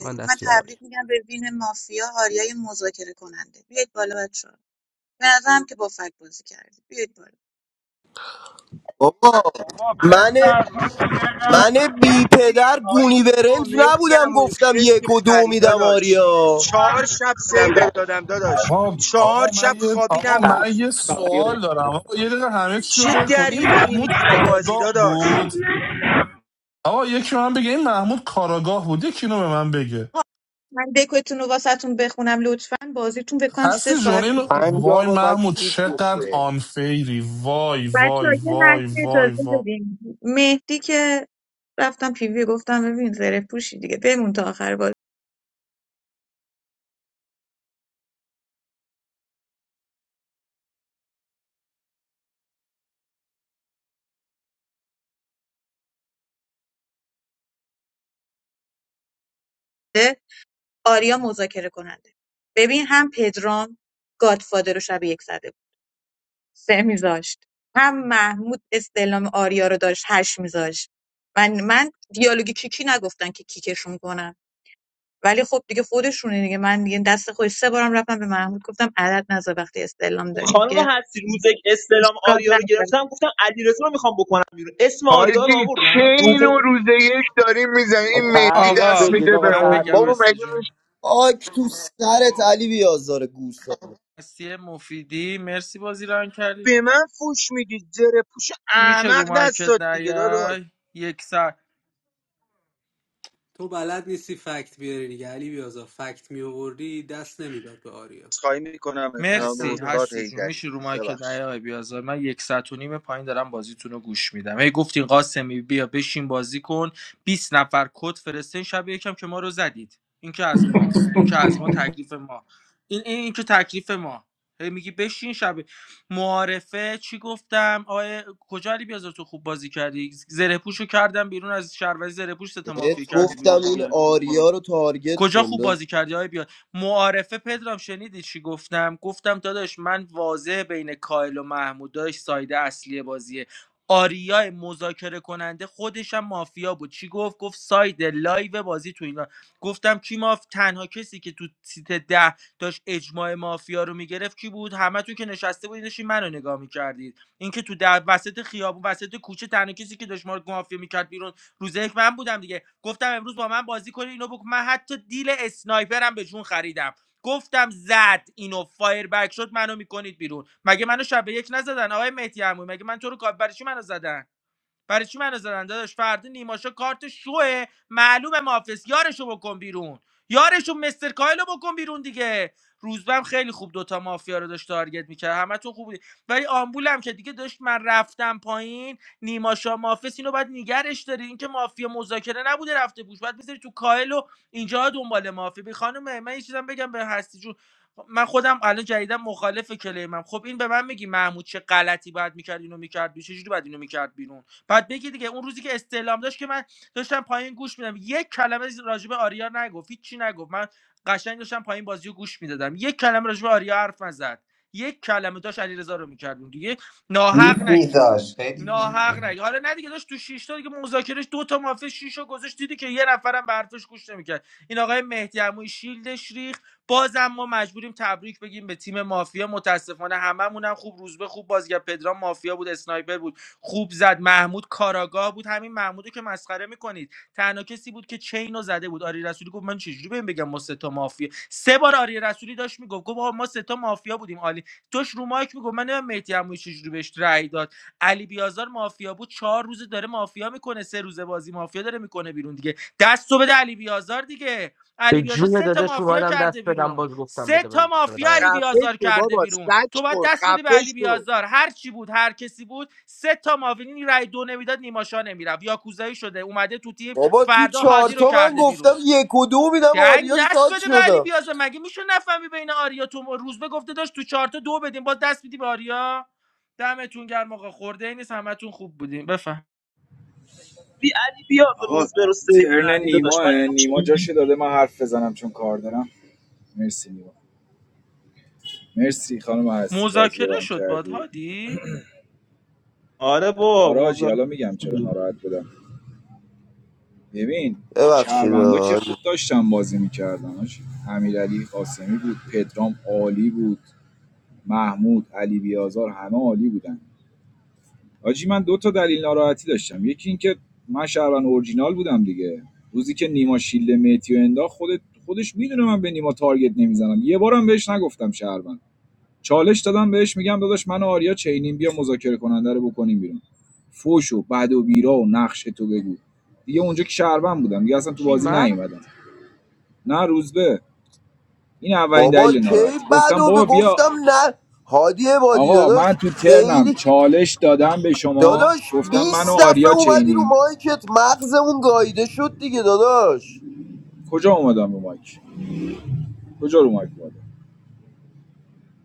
من
من
دست میدم آریا
تبریک میگم به وین مافیا آریای مذاکره کننده بیاید بالا بچه ها، به نظرم که با فک بازی کردید بیاید بالا
بابا
بابا
من
پسر تو که چقدر
من بی پدر
کچی هایی
گونی
با
برنج
مهدی
نبودم
عمویی
گفتم
خیلی
یک و دو
خریدا
میدم
داشت
آریا
چهار شب سیوت دادم داداش
آقا
چهار
آقا
شب
من یه آقا
خوابیدم رود
من یه سوال دارم آقا یه دقیقه همه چی رو
چه
ول کن
دری
این
وری
محمود
میگی تو
علی-
بازی
کاراگاه
داداش
بود آقا یکی به من بگه این محمود کاراگاه بود یکی اینو به من بگه
آه، من دکتون رو واسهتون بخونم لطفا بازیتون فکر کنم سه
هستی
ساعت طول
جونین
کشید
پنجا
وای
بار باید
محمود
فیک
چقدر
بشه
آنفیری وای
بچه‌ها
وای
یه
وای
لحظه
وای
اجازه
وای
بدین مهدی که رفتم پیوی گفتم ببین زره پوشی دیگه بمون تا آخر بازی آریا مذاکره کننده ببین هم پدرام گادفادر رو شب یک زده بود. سه میذاشت هم محمود استعلام آریا رو داشت هشت میذاشت من من دیالوگ کیکی نگفتن که کیکشون کنم ولی خب دیگه خودشونه دیگه من دیگه دست خودش سه بارم رفتم به محمود گفتم عدد نذار وقتی استعلام داری
خانم
دیگه
هستی روزک استلام
اشکال
آریا رو
نداره
گرفتم گفتم علی رو میخوام بکنم بیرون اسم آریا رو
حاجی
آوردم روز
چین و روز یک داریم میزنیم این مهدی
تبریک
دست
آقا
بگید
میده
آقا
به
من
اون
بگم
تبریک
بابا
هستی
مگه
جون
میشه
آک تو سرت علی بیازار گوساله
هستی مفیدی مرسی بازی ران کردی
به من فوش میدی زره پوش
میشه رو
احمق
مارکت
دستات دیگه داداش
نیای یک
تو بلد نیستی فکت بیاری دیگه علی بیازار فکت میآوردی دست نمیداد به آریا
خواهی میکنم جناب
فکت
مرسی
هم داد
استاد
هستی جون
هیدری
میشه رو مایکت
ببخش
نیای آقای بیازار من یک ساعت و نیم پایین دارم بازیتون رو گوش میدم هی گفتین قاسمی بیا بشین بازی کن 20 نفر کد فرستین شب یکم که ما رو زدید این که از ما این که از ما تکلیف ما این این, این که تکلیف ما هی میگی بشین شب معارفه چی گفتم آقای کجا علی بیازار تو خوب بازی کردی زره پوشو کردم بیرون از شهروزی زره پوش ست
بهت
مافیا کردی
گفتم
بیرون
این
دیگه
آریا رو تارگت
کجا
کن
خوب
داد.
بازی کردی های بیاد معارفه پدرام شنیدی چی گفتم گفتم داداش من واضح بین کایل و محمود داداش سایده اصلی بازیه آریا مذاکره کننده خودش هم مافیا بود چی گفت گفت ساید لایو بازی تو اینا گفتم کی ماف تنها کسی که تو سیت ده داشت اجماع مافیا رو میگرفت کی بود همه تو که نشسته بودین داشتین منو نگاه میکردید اینکه تو در وسط خیابون وسط کوچه تنها کسی که داشت ما رو مافیا میکرد بیرون روز یک من بودم دیگه گفتم امروز با من بازی کنی اینو بک. من حتی دیل اسنایپرم به جون خریدم گفتم زد اینو فایر بک شد منو میکنید بیرون مگه منو شب به یک نزدن آقای مهدی عمو مگه من تو رو کا- برای چی منو زدن برای چی منو زدن داداش فردا نیماشا کارت شوه معلومه محافظ یارشو بکن بیرون یارشو مستر کایلو بکن بیرون دیگه روزبم خیلی خوب دوتا مافیا رو داشت تارگت میکرد همتون خوب بودی ولی آمبولم که دیگه داشت من رفتم پایین نیماشا محافظ اینو باید نگرش داری اینکه مافیا مذاکره نبوده رفته بوش باید بذاری تو کایلو اینجا دنبال مافیا بی خانم من یه چیزم بگم به هستی جون من خودم الان جدیدا مخالف کلیمم خب این به من میگی محمود چه غلطی باید میکرد اینو میکرد چجوری باید اینو میکرد بیرون؟ بعد بگی دیگه اون روزی که استعلام داشت که من داشتم پایین گوش میدم یک کلمه راجع به آریا نگفت هیچ چی نگفت من قشنگ داشتم پایین بازی گوش میدادم یک کلمه راجع به آریا حرف نزد یک کلمه داشت علیرضا رو میکردیم دیگه
گیف
ناحق نگید
میذاش خیلی گیف
ناحق نگید حالا نه دیگه داشت تو شیش تا دیگه مذاکرهش دو تا مافیا شیش گذاشت دیدی که یه نفرم به حرفش گوش نمیکرد این آقای مهدی عمویی شیلدش ریخ بازم ما مجبوریم تبریک بگیم به تیم مافیا متاسفانه هممون هم خوب روز به خوب بازی کرد. پدرام مافیا بود اسنایپر بود خوب زد محمود کاراگاه بود همین محمودو که مسخره میکنید تنها کسی بود که چینو زده بود آری رسولی گفت من چجوری بهم بگم ما سه تا مافیا سه بار آری رسولی داشت میگفت گفت آقا ما سه تا مافیا بودیم عالی توش رو مایک میگفت من نمیدونم مهدی عمویی چجوری بهش رأی داد علی بیازار مافیا بود چهار روز داره مافیا میکنه سه روزه بازی مافیا داره میکنه بیرون دیگه دستو بده علی بیازار دیگه
به
علی بیازار
جون
سه تا
داداش
مافیا
اومدم
کرده
دست بدم
بیرون
باز گفتم
سه
بده
تا
بده بدم
مافیا علی
آریا
خفه
بیازار
شو
کرده
بابا
بیرون تو
سگ
باید
خور
دست بدی به
خفه
علی
شو
بیازار هر چی بود هر کسی بود سه تا مافیا این رای دو نمیداد نیماشا نمیرفت یاکوزایی شده اومده تو تیم
بابا تو
فردا هادی رو
چارتا من
کرده
گفتم
بیرون
یک و دو میدم
دنگ
آریا
دست
شاد
بده به علی
شدم
بیازار مگه میشه نفهمی بین آریا تو روزبه گفته داشت تو چهار تا دو بدیم باز دست میدی به آریا دمتون گرم آقا خورده این نیست همتون خوب بودیم بفهم
بی علی بیا
آقا
روز برو سیو
ترن
ندی داداش من
نیماه
اینو چه
نیما جاش داده من حرف بزنم چون کار دارم مرسی نیما مرسی خانم هستی بازی
مذاکره
ران
شد باد
کردی
هادی
آره با
آراجی
مذاکره
حالا میگم چرا
شده
ناراحت بودم ببین
ببخشید
شهروندا که خوب
آریا.
داشتن بازی میکردن امیرعلی قاسمی بود پدرام عالی بود محمود علی بیازار همه عالی بودن آجی من دو تا دلیل ناراحتی داشتم یکی اینکه من شهروند اورجینال بودم دیگه روزی که نیما شیلد متی انداخت خودت خودش میدونه من به نیما تارگت نمیزنم یه بارم بهش نگفتم شهروند چالش دادم بهش میگم داداش من و آریا چینیم بیا مذاکره کننده رو بکنیم بیرون فوشو، و و بیرا و نقش تو بگو دیگه اونجا که شهروند بودم دیگه اصلا تو
چی
بازی
من
نیومدم نه روزبه این اولین
بابا
دلیل
کی
ناراحتی گفتم
بدو به
بابا بیا
گفتم نه هادی عبادی
آقا من
داداش
تو ترنم
خیلی
چالش دادم به شما
داداش
گفتم من و
20 دفعه
آریا
اومدی رو
چینیم
مایکت مغزمون گاییده شد دیگه داداش
کجا اومدم رو مایک کجا رو مایک اومدم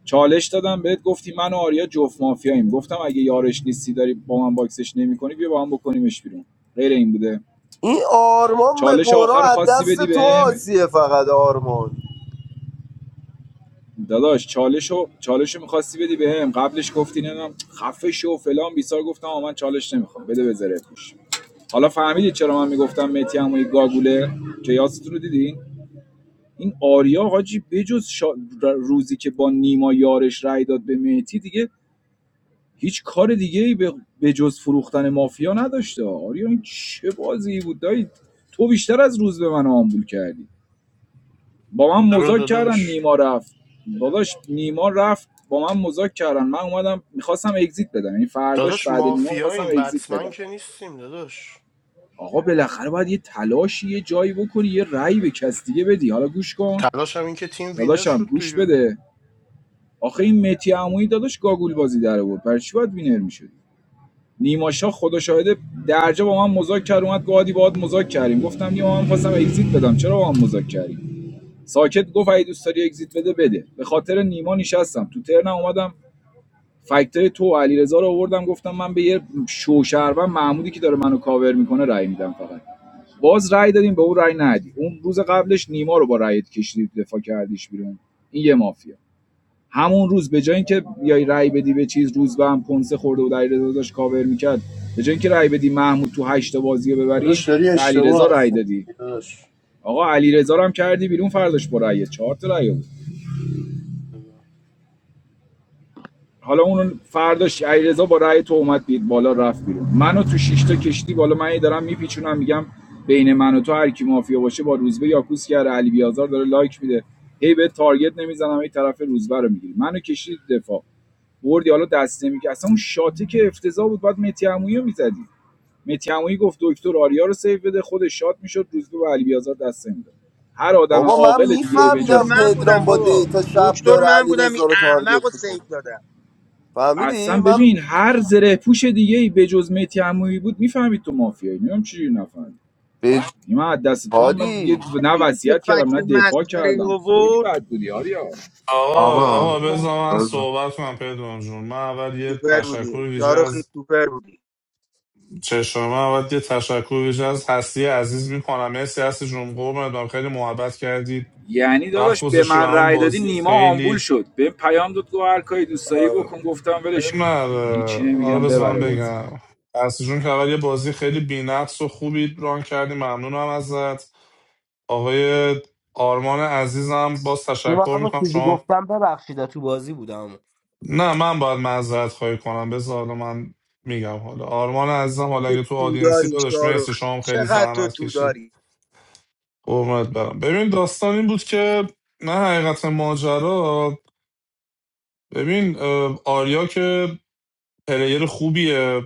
چالش دادم بهت گفتی من و آریا جفت مافیاییم گفتم اگه یارش نیستی داری با من باکسش نمیکنی بیا با هم بکنیمش بیرون غیر این بوده
این آرمان به
چالش
قرا
آخر
از
خواستی
دست
بدی
تو
بهم
آسیه فقط آرمان
داداش چالش رو چالش رو میخواستی بدی بهم قبلش گفتی نمیدونم خفه شو و فلان بیسار گفتم آ من چالش نمیخوام بده بذاره زره حالا فهمیدید چرا من میگفتم متی عمویی گاگوله که یاستون رو دیدین این آریا حاجی بجز شا... روزی که با نیما یارش رای داد به مهتی دیگه هیچ کار دیگه ای به به جز فروختن مافیا نداشته آریا این چه بازی بود دایی تو بیشتر از روز به من آمبول کردی با من
برو
مذاکره کردن
داداش
نیما رفت داداش نیما رفت با من مذاکره کردن من اومدم میخواستم اگزییت بدم یعنی فرداش
داداش
بعد نیما میخواستم
مافیاییم
اگزییت
بتمن
بدم
که نیستیم داداش
آقا بالاخره باید یه تلاشی یه جایی بکنی یه رأی به کس دیگه بدی حالا گوش کن
تلاش هم این که تیم وینر
داداشم
شد
گوش
دیگه
بده آخه این متی عمویی داداش گاگول بازی در آورد برای چی باید وینر میشد نیماشا خدا شاهده درجا با من مذاکره کرد اومد گادی باهات مذاکره کردیم گفتم نیما من خواستم اگزییت بدم چرا با من مذاکره کردیم ساکت گفت اگه دوست داری اگزییت بده بده به خاطر نیما نشستم تو ترنم اومدم فکتای تو و علیرضا رو آوردم گفتم من به یه شوشربن محمودی که داره منو کاور میکنه رأی میدم فقط باز رأی دادیم به اون رأی ندی اون روز قبلش نیما رو با رأیت کشیدی دفاع کردیش بیرون این یه مافیا همون روز به جای اینکه بیای رای بدی به چیز روز به هم کنسه خورده و علیرضا داشت کاور میکرد به جای اینکه رای بدی محمود تو هشت تا بازی رو ببریم
داداش داری
به علیرضا
اشتباه هست
رای دادی
داداش
آقا علیرضا رو هم کردی بیرون فرداش با رأی چهار تا رأی بود حالا اون فرداش علیرضا با رأی تو اومد بید بالا رفت بیرون منو تو شش تا کشتی بالا من دارم میپیچونم میگم بین من و تو هر کی مافیا باشه با روزبه یاکوس کرده علی بیازار داره لایک میده هی به تارگت نمیزنم هی طرف روزبه رو میگیری منو کشید دفاع بردی حالا دست نمیگه اصلا اون شاته که افتضاح بود بعد متی عمویی رو میزدی متی عمویی گفت دکتر آریا رو سیو بده خودش شات میشد روزبه و علی بیازار دست نمیده هر آدم
بابا من
عاقل دیگه ای
دکتر
میفهمیدم
بجز
من بودم
پدرام با
بابا
دیتا شب
دکتر
داره
من بودم این
علیرضا رو تارگت
احمق رو سیو
میکنه
دادم
فهمیدی
اصلا
من
ببین هر زره پوش دیگه ای بجز متی عمویی بود میفهمید تو مافیایی نمیدونم چجوری نفهمید
به
من از دست تو هم من دیگه
هادی
نه
دیدی که
وصیت
فکت
کردم نه دفاع
مسخره
کردم خیلی
آورد
بد بودی آریا
آقا
آقا
آقا بذار من صحبت کنم پدرام جون من اول یه
سوپر
تشکر
بودی
ویژه
یاروخی
از
سوپر بودی
چشم من اول یه تشکر ویژه از هستی عزیز میکنم مرسی هستی جون قربونت برم. خیلی محبت کردید
یعنی
وقت
داداش به
گذاشتی به
من
همون
رأی دادی
بازی
نیما آمبول
خیلی
شد به پیام داد گفت هر کاری دوست داری
اه،
بکن گفتم ولش کن
من
یعنی هیچی
اه، حالا
نمیگم
بذار من
ببره بازی
بگم هستی جون که اول یه بازی خیلی بی‌نقص و خوبی ران کردی ممنونم ازت آقای آرمان عزیزم باز
نیما
تشکر
همون
میکنم
چیزی
شما
گفتم ببخشید تو بازی بودم
نه من باید معذرت خواهی کنم بذار حالا من میگم حالا آرمان عزیزم حالا
تو
اگه تو
تو
آدینسی
داری
داداش مرسی
شاروخی
شما هم خیلی
چقدر تو
زحمت
تو
کشید
داری
قربونت برم ببین داستان این بود که نه حقیقت ماجرا ببین اه، آریا که پلیر خوبیه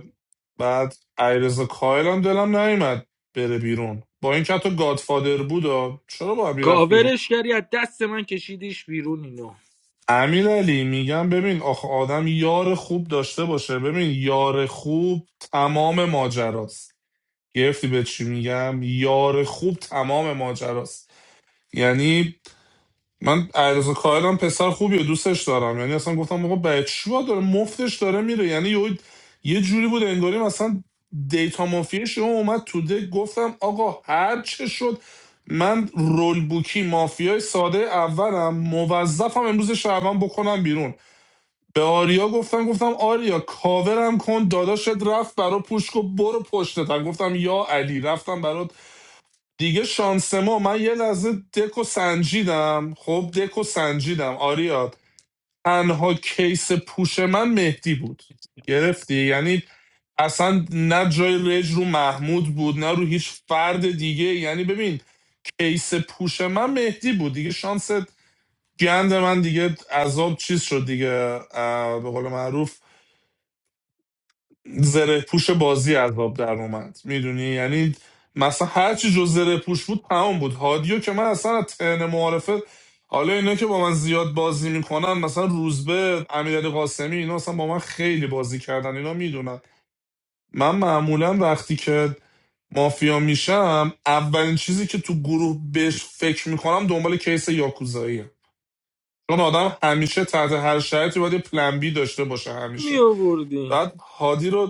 بعد ایرز کایل هم دلم نیومد بره بیرون با این که حتی گادفادر بود آه، چرا باید میرفت بیرون
کاورش کردی از دست من کشیدیش بیرون اینو
امیر علی میگم ببین آخه آدم یار خوب داشته باشه ببین یار خوب تمام ماجراست گرفتی به چی میگم یار خوب تمام ماجراست یعنی من عرض کاهلم پسر خوبی و دوستش دارم یعنی اصلا گفتم آقا بچه داره مفتش داره میره یعنی یه یه جوری بود انگاری مثلا دیتا مافیا اومد تو دک گفتم آقا هر چه شد من رول بوکی مافیای ساده اولم موظفم امروز شعبان بکنم بیرون به آریا گفتم گفتم آریا کاورم کن داداشت رفت برا پوشک و برو پشتتم گفتم یا علی رفتم برات دیگه شانس ما من یه لحظه دکو سنجیدم خب دکو سنجیدم آریا تنها کیس پوش من مهدی بود گرفتی یعنی اصلا نه جای رج رو محمود بود نه رو هیچ فرد دیگه یعنی ببین کیس پوش من مهدی بود دیگه شانس گند من دیگه عذاب چیز شد دیگه به قول معروف زره پوش بازی از آب در اومد میدونی یعنی مثلا هر چی جز زره پوش بود تمام بود هادیو که من اصلا از ترن معارفه حالا اینا که با من زیاد بازی میکنن مثلا روزبه امیرعلی قاسمی اینا اصلا با من خیلی بازی کردن اینا میدونن من معمولا وقتی که مافیا میشم اولین چیزی که تو گروه بهش فکر میکنم دنبال کیس یاکوزاییه چون آدم همیشه تحت هر شرایطی باید یه پلن بی داشته باشه
می
همیشه
آوردی.
بعد هادی رو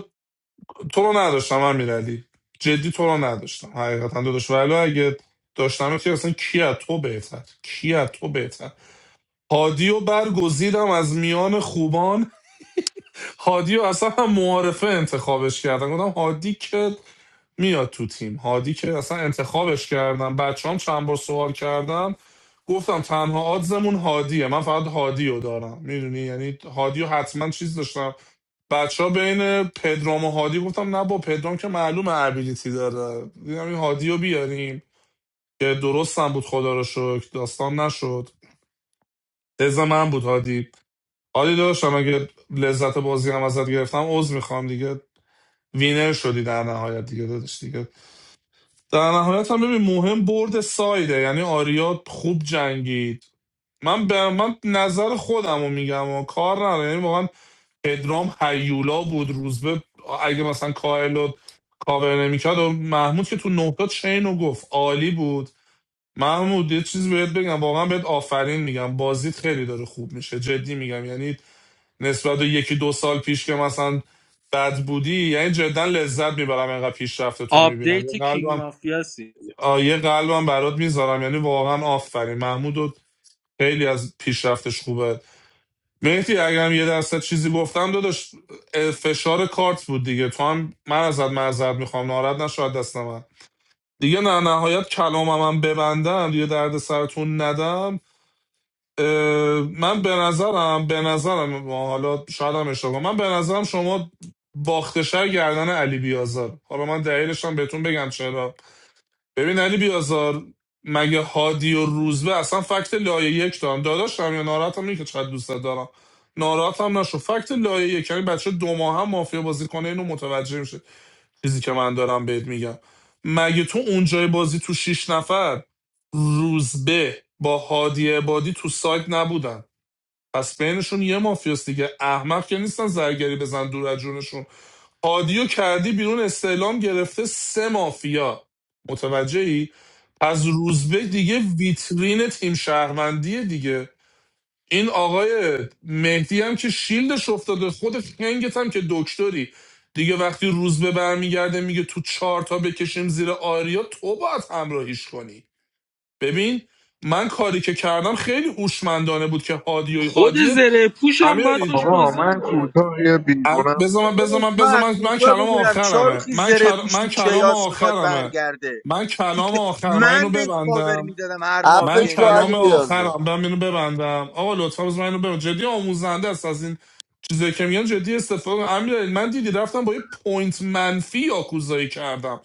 تو رو نداشتم امیرعلی جدی تو رو نداشتم حقیقتا داداش ولی اگه داشتم که اصلا کی از تو بهتر کی از تو بهتر هادی و برگزیدم از میان خوبان هادی رو اصلا هم معارفه انتخابش کردن گفتم هادی که میاد تو تیم هادی که اصلا انتخابش کردم بچه هم چند بار سوال کردم گفتم تنها آدزمون هادیه من فقط هادی رو دارم میدونی یعنی هادی رو حتما چیز داشتم بچه ها بین پدرام و هادی گفتم نه با پدرام که معلوم ابیلیتی داره دیدم این هادی رو بیاریم که درست هم بود خدا رو شکر داستان نشد لذت من بود هادی هادی داشتم اگه لذت بازی هم ازت گرفتم عذر میخوام دیگه وینر شدی در نهایت دیگه دادش دیگه در نهایت هم ببین مهم برد سایده یعنی آریا خوب جنگید من به من نظر خودم رو میگم و کار نداره یعنی واقعا پدرام هیولا بود روزبه اگه مثلا کاهل رو کاور نمیکرد و محمود که تو نقطه چین رو گفت عالی بود محمود یه چیز بهت بگم واقعا بهت آفرین میگم بازیت خیلی داره خوب میشه جدی میگم یعنی نسبت به یکی دو سال پیش که مثلا بد بودی یعنی جدا لذت میبرم اینقدر پیشرفت تو میبینم یه
آپدیت کینگ
قلبم
مافیاسی
آیه یه قلبم برات میذارم یعنی واقعا آفرین محمود و خیلی از پیشرفتش خوبه مهدی اگرم یه درصد چیزی گفتم داداش فشار کارت بود دیگه تو هم من ازت معذرت میخوام ناراحت نشو از دست من دیگه نه نهایت کلامم هم ببندم دیگه درد سرتون ندم اه، من به نظرم به نظرم ما حالا شاید هم اشتباه کنم. من به نظرم شما باختشر گردن علی بیازار حالا من دلیلش هم بهتون بگم چرا ببین علی بیازار مگه هادی و روزبه اصلا فکت لایه یک دارم داداشم یا ناراحتم اینه که چقدر دوستت دارم ناراحتم نشو فکت لایه یک یعنی بچه دو ماه هم مافیا بازی کنه اینو متوجه میشه چیزی که من دارم بهت میگم مگه تو اونجای بازی تو شیش نفر روزبه با هادی عبادی تو سایت نبودن پس بینشون یه مافیاست دیگه احمق که نیستن زرگری بزن دور از جونشون هادیو کردی بیرون استعلام گرفته سه مافیا متوجهی از روزبه دیگه ویترین تیم شهروندیه دیگه این آقای مهدی هم که شیلدش افتاده خود خنگت هم که دکتری دیگه وقتی روزبه برمیگرده میگه تو چهار تا بکشیم زیر آریا تو باید همراهیش کنی ببین من کاری که کردم خیلی هوشمندانه بود که هادی و
خود
هادی
زره پوشم باید
امیر
باش
آقا
بازی
من
میکرد
کوتاه یه
ام-
بیرونم
بذار من بذار من
من
بذار
از
من من
کجا
کلام
بدونم
آخرمه
شاروخی
من
زره
کل...
پوش تو
من کلام
کیاس میخواد
آخرمه
برگرده
من کلام آخرم من اینو
من بهش پاور
ببندم
میدادم هر
من
مافیه
عفش و
میرفت
کلام
علی
بیرون
آخرم
بیازم
من اینو ببندم آقا لطفا بذار من اینو ببندم جدی آموزنده است از این چیزایی که میگن جدی استفاده کن. امیر من دیدی رفتم با یه پوینت منفی یاکوزایی کردم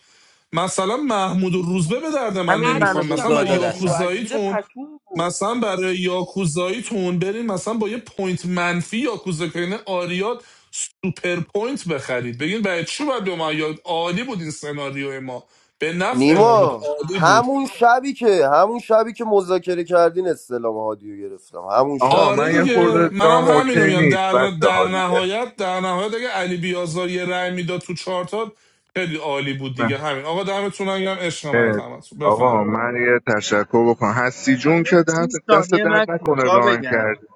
مثلا محمود و روزبه به درد من
همین منو
نمیخوام
به
مثلا
نداشتم
برای
گادا
هادی و
دستم
از زیر
یاکوزاییتون
پتو بود
مثلا برای یاکوزاییتون برین مثلا با یه پوینت منفی یاکوزا کنین آریات سوپر پوینت بخرید بگین برای چی باید به ما یاد عالی بود این سناریو ما به نفع ما بود
نیما
عالی بود
همون شبی که همون شبی که مذاکره کردین استلام هادی رو گرفتم همون شب
آقا
آره
من یه
دیگه
خورده
منم
دام
هم
اوکی
همینو میگم
نیست
در, در
بچه‌ها دیگه
نهایت در نهایت اگه علی بیازار یه رأی میداد تو چارتا خیلی عالی بود دیگه همین آقا دمتون گرم عشق من
اه،
تماس
آقا
بفهمید
من یه تشکر بکنم هستی جون که
سی
درد- دست
ثانیه من
درد نکنه
کوتاه
ران
بگم
کردی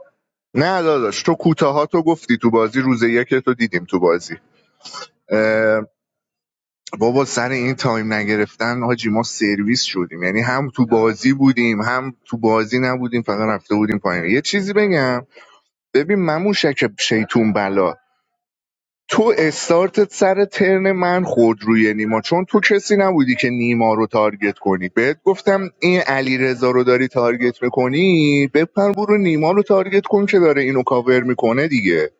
نه داداش تو کوتاها تو گفتی تو بازی روز یک تو دیدیم تو بازی اه، بابا سر این تایم نگرفتن حاجی ما سرویس شدیم یعنی هم تو بازی بودیم هم تو بازی نبودیم فقط رفته بودیم پایین یه چیزی بگم ببین مموشک شیطون بلا تو استارتت سر ترن من خود روی نیما چون تو کسی نبودی که نیما رو تارگت کنی بهت گفتم این علیرضا رو داری تارگت میکنی بپر برو نیما رو تارگت کن که داره اینو کاور میکنه دیگه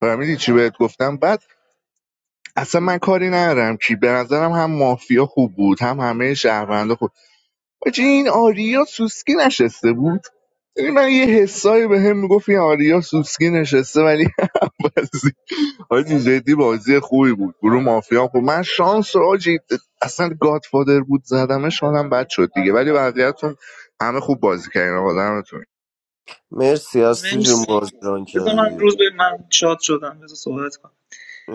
فهمیدی چی بهت گفتم بعد اصلا من کاری ندارم کی به نظرم هم مافیا خوب بود هم همه شهروندا خوب حاجی این آریا سوسکی نشسته بود یعنی من یه حسایی به هم میگفت این آریا سوسکی نشسته ولی حاجی جدی بازی خوبی بود گروه مافیا بود من شانس آجی اصلا گادفادر بود زدمش حالم بد شد دیگه ولی بقیه‌تون همه خوب بازی کردین آقا دمتون
مرسی هستی جون
مرسی
بازران
بذار من
کردی
روز به من شاد شدم بذار صحبت کنم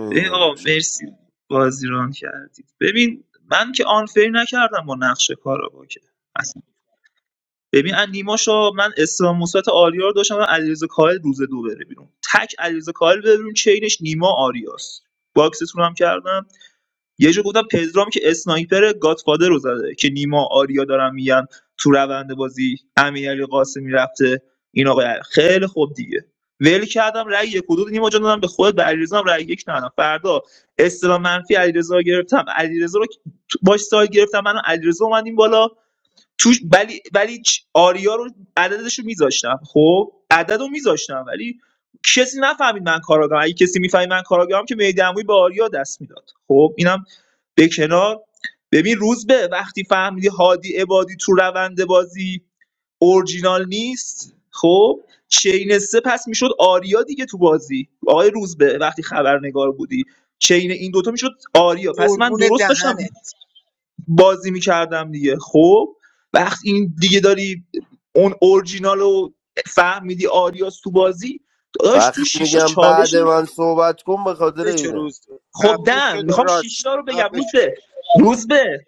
ببین آقا مرسی بازی ران کردید ببین من که آنفری نکردم با نقش کارا که اصلا ببین ان نیما شا من اسلام مثبت آریا رو داشتم و علیرضا کاهل روز دو بره بیرون تک علیرضا کاهل بره بیرون چینش نیما آریاست باکستون هم کردم یه جا گفتم پدرام که اسنایپر گادفادر رو زده که نیما آریا دارن میگن تو روند بازی امیرعلی قاسمی رفته این آقای علی. خیلی خوب دیگه ول کردم رأی یک و دو نیما جان دادم به خودت به علیرضا هم رأی یک ندادم فردا اصطلاح منفی علیرضا رو گرفتم علیرضا رو باش سایت گرفتم منو علیرضا اومدیم بالا توش ولی ولی چ- آریا رو عددش رو میذاشتم خب عدد رو میذاشتم ولی کسی نفهمید من کاراگاهم اگه کسی میفهمید من کاراگاهم که میدموی به آریا دست میداد خب اینم به کنار ببین روز به وقتی فهمیدی هادی عبادی تو روند بازی اورجینال نیست خب چین سه پس میشد آریا دیگه تو بازی آقای روزبه وقتی خبرنگار بودی چین این دوتا میشد آریا پس من
قربون
درست داشتم
دهنت
بازی میکردم دیگه خب وقتی این دیگه داری اون اورجینال رو فهمیدی آریاس تو بازی داشت تو
وقتی
شیشتا
میگم
چالش
بعد
نه.
من صحبت کن به خاطر
بچه
اینه
روز
خب
خفه شد
دن میخوام
راست
شیشتا
میگه
رو بگم
خفه
روز
شد
به روز به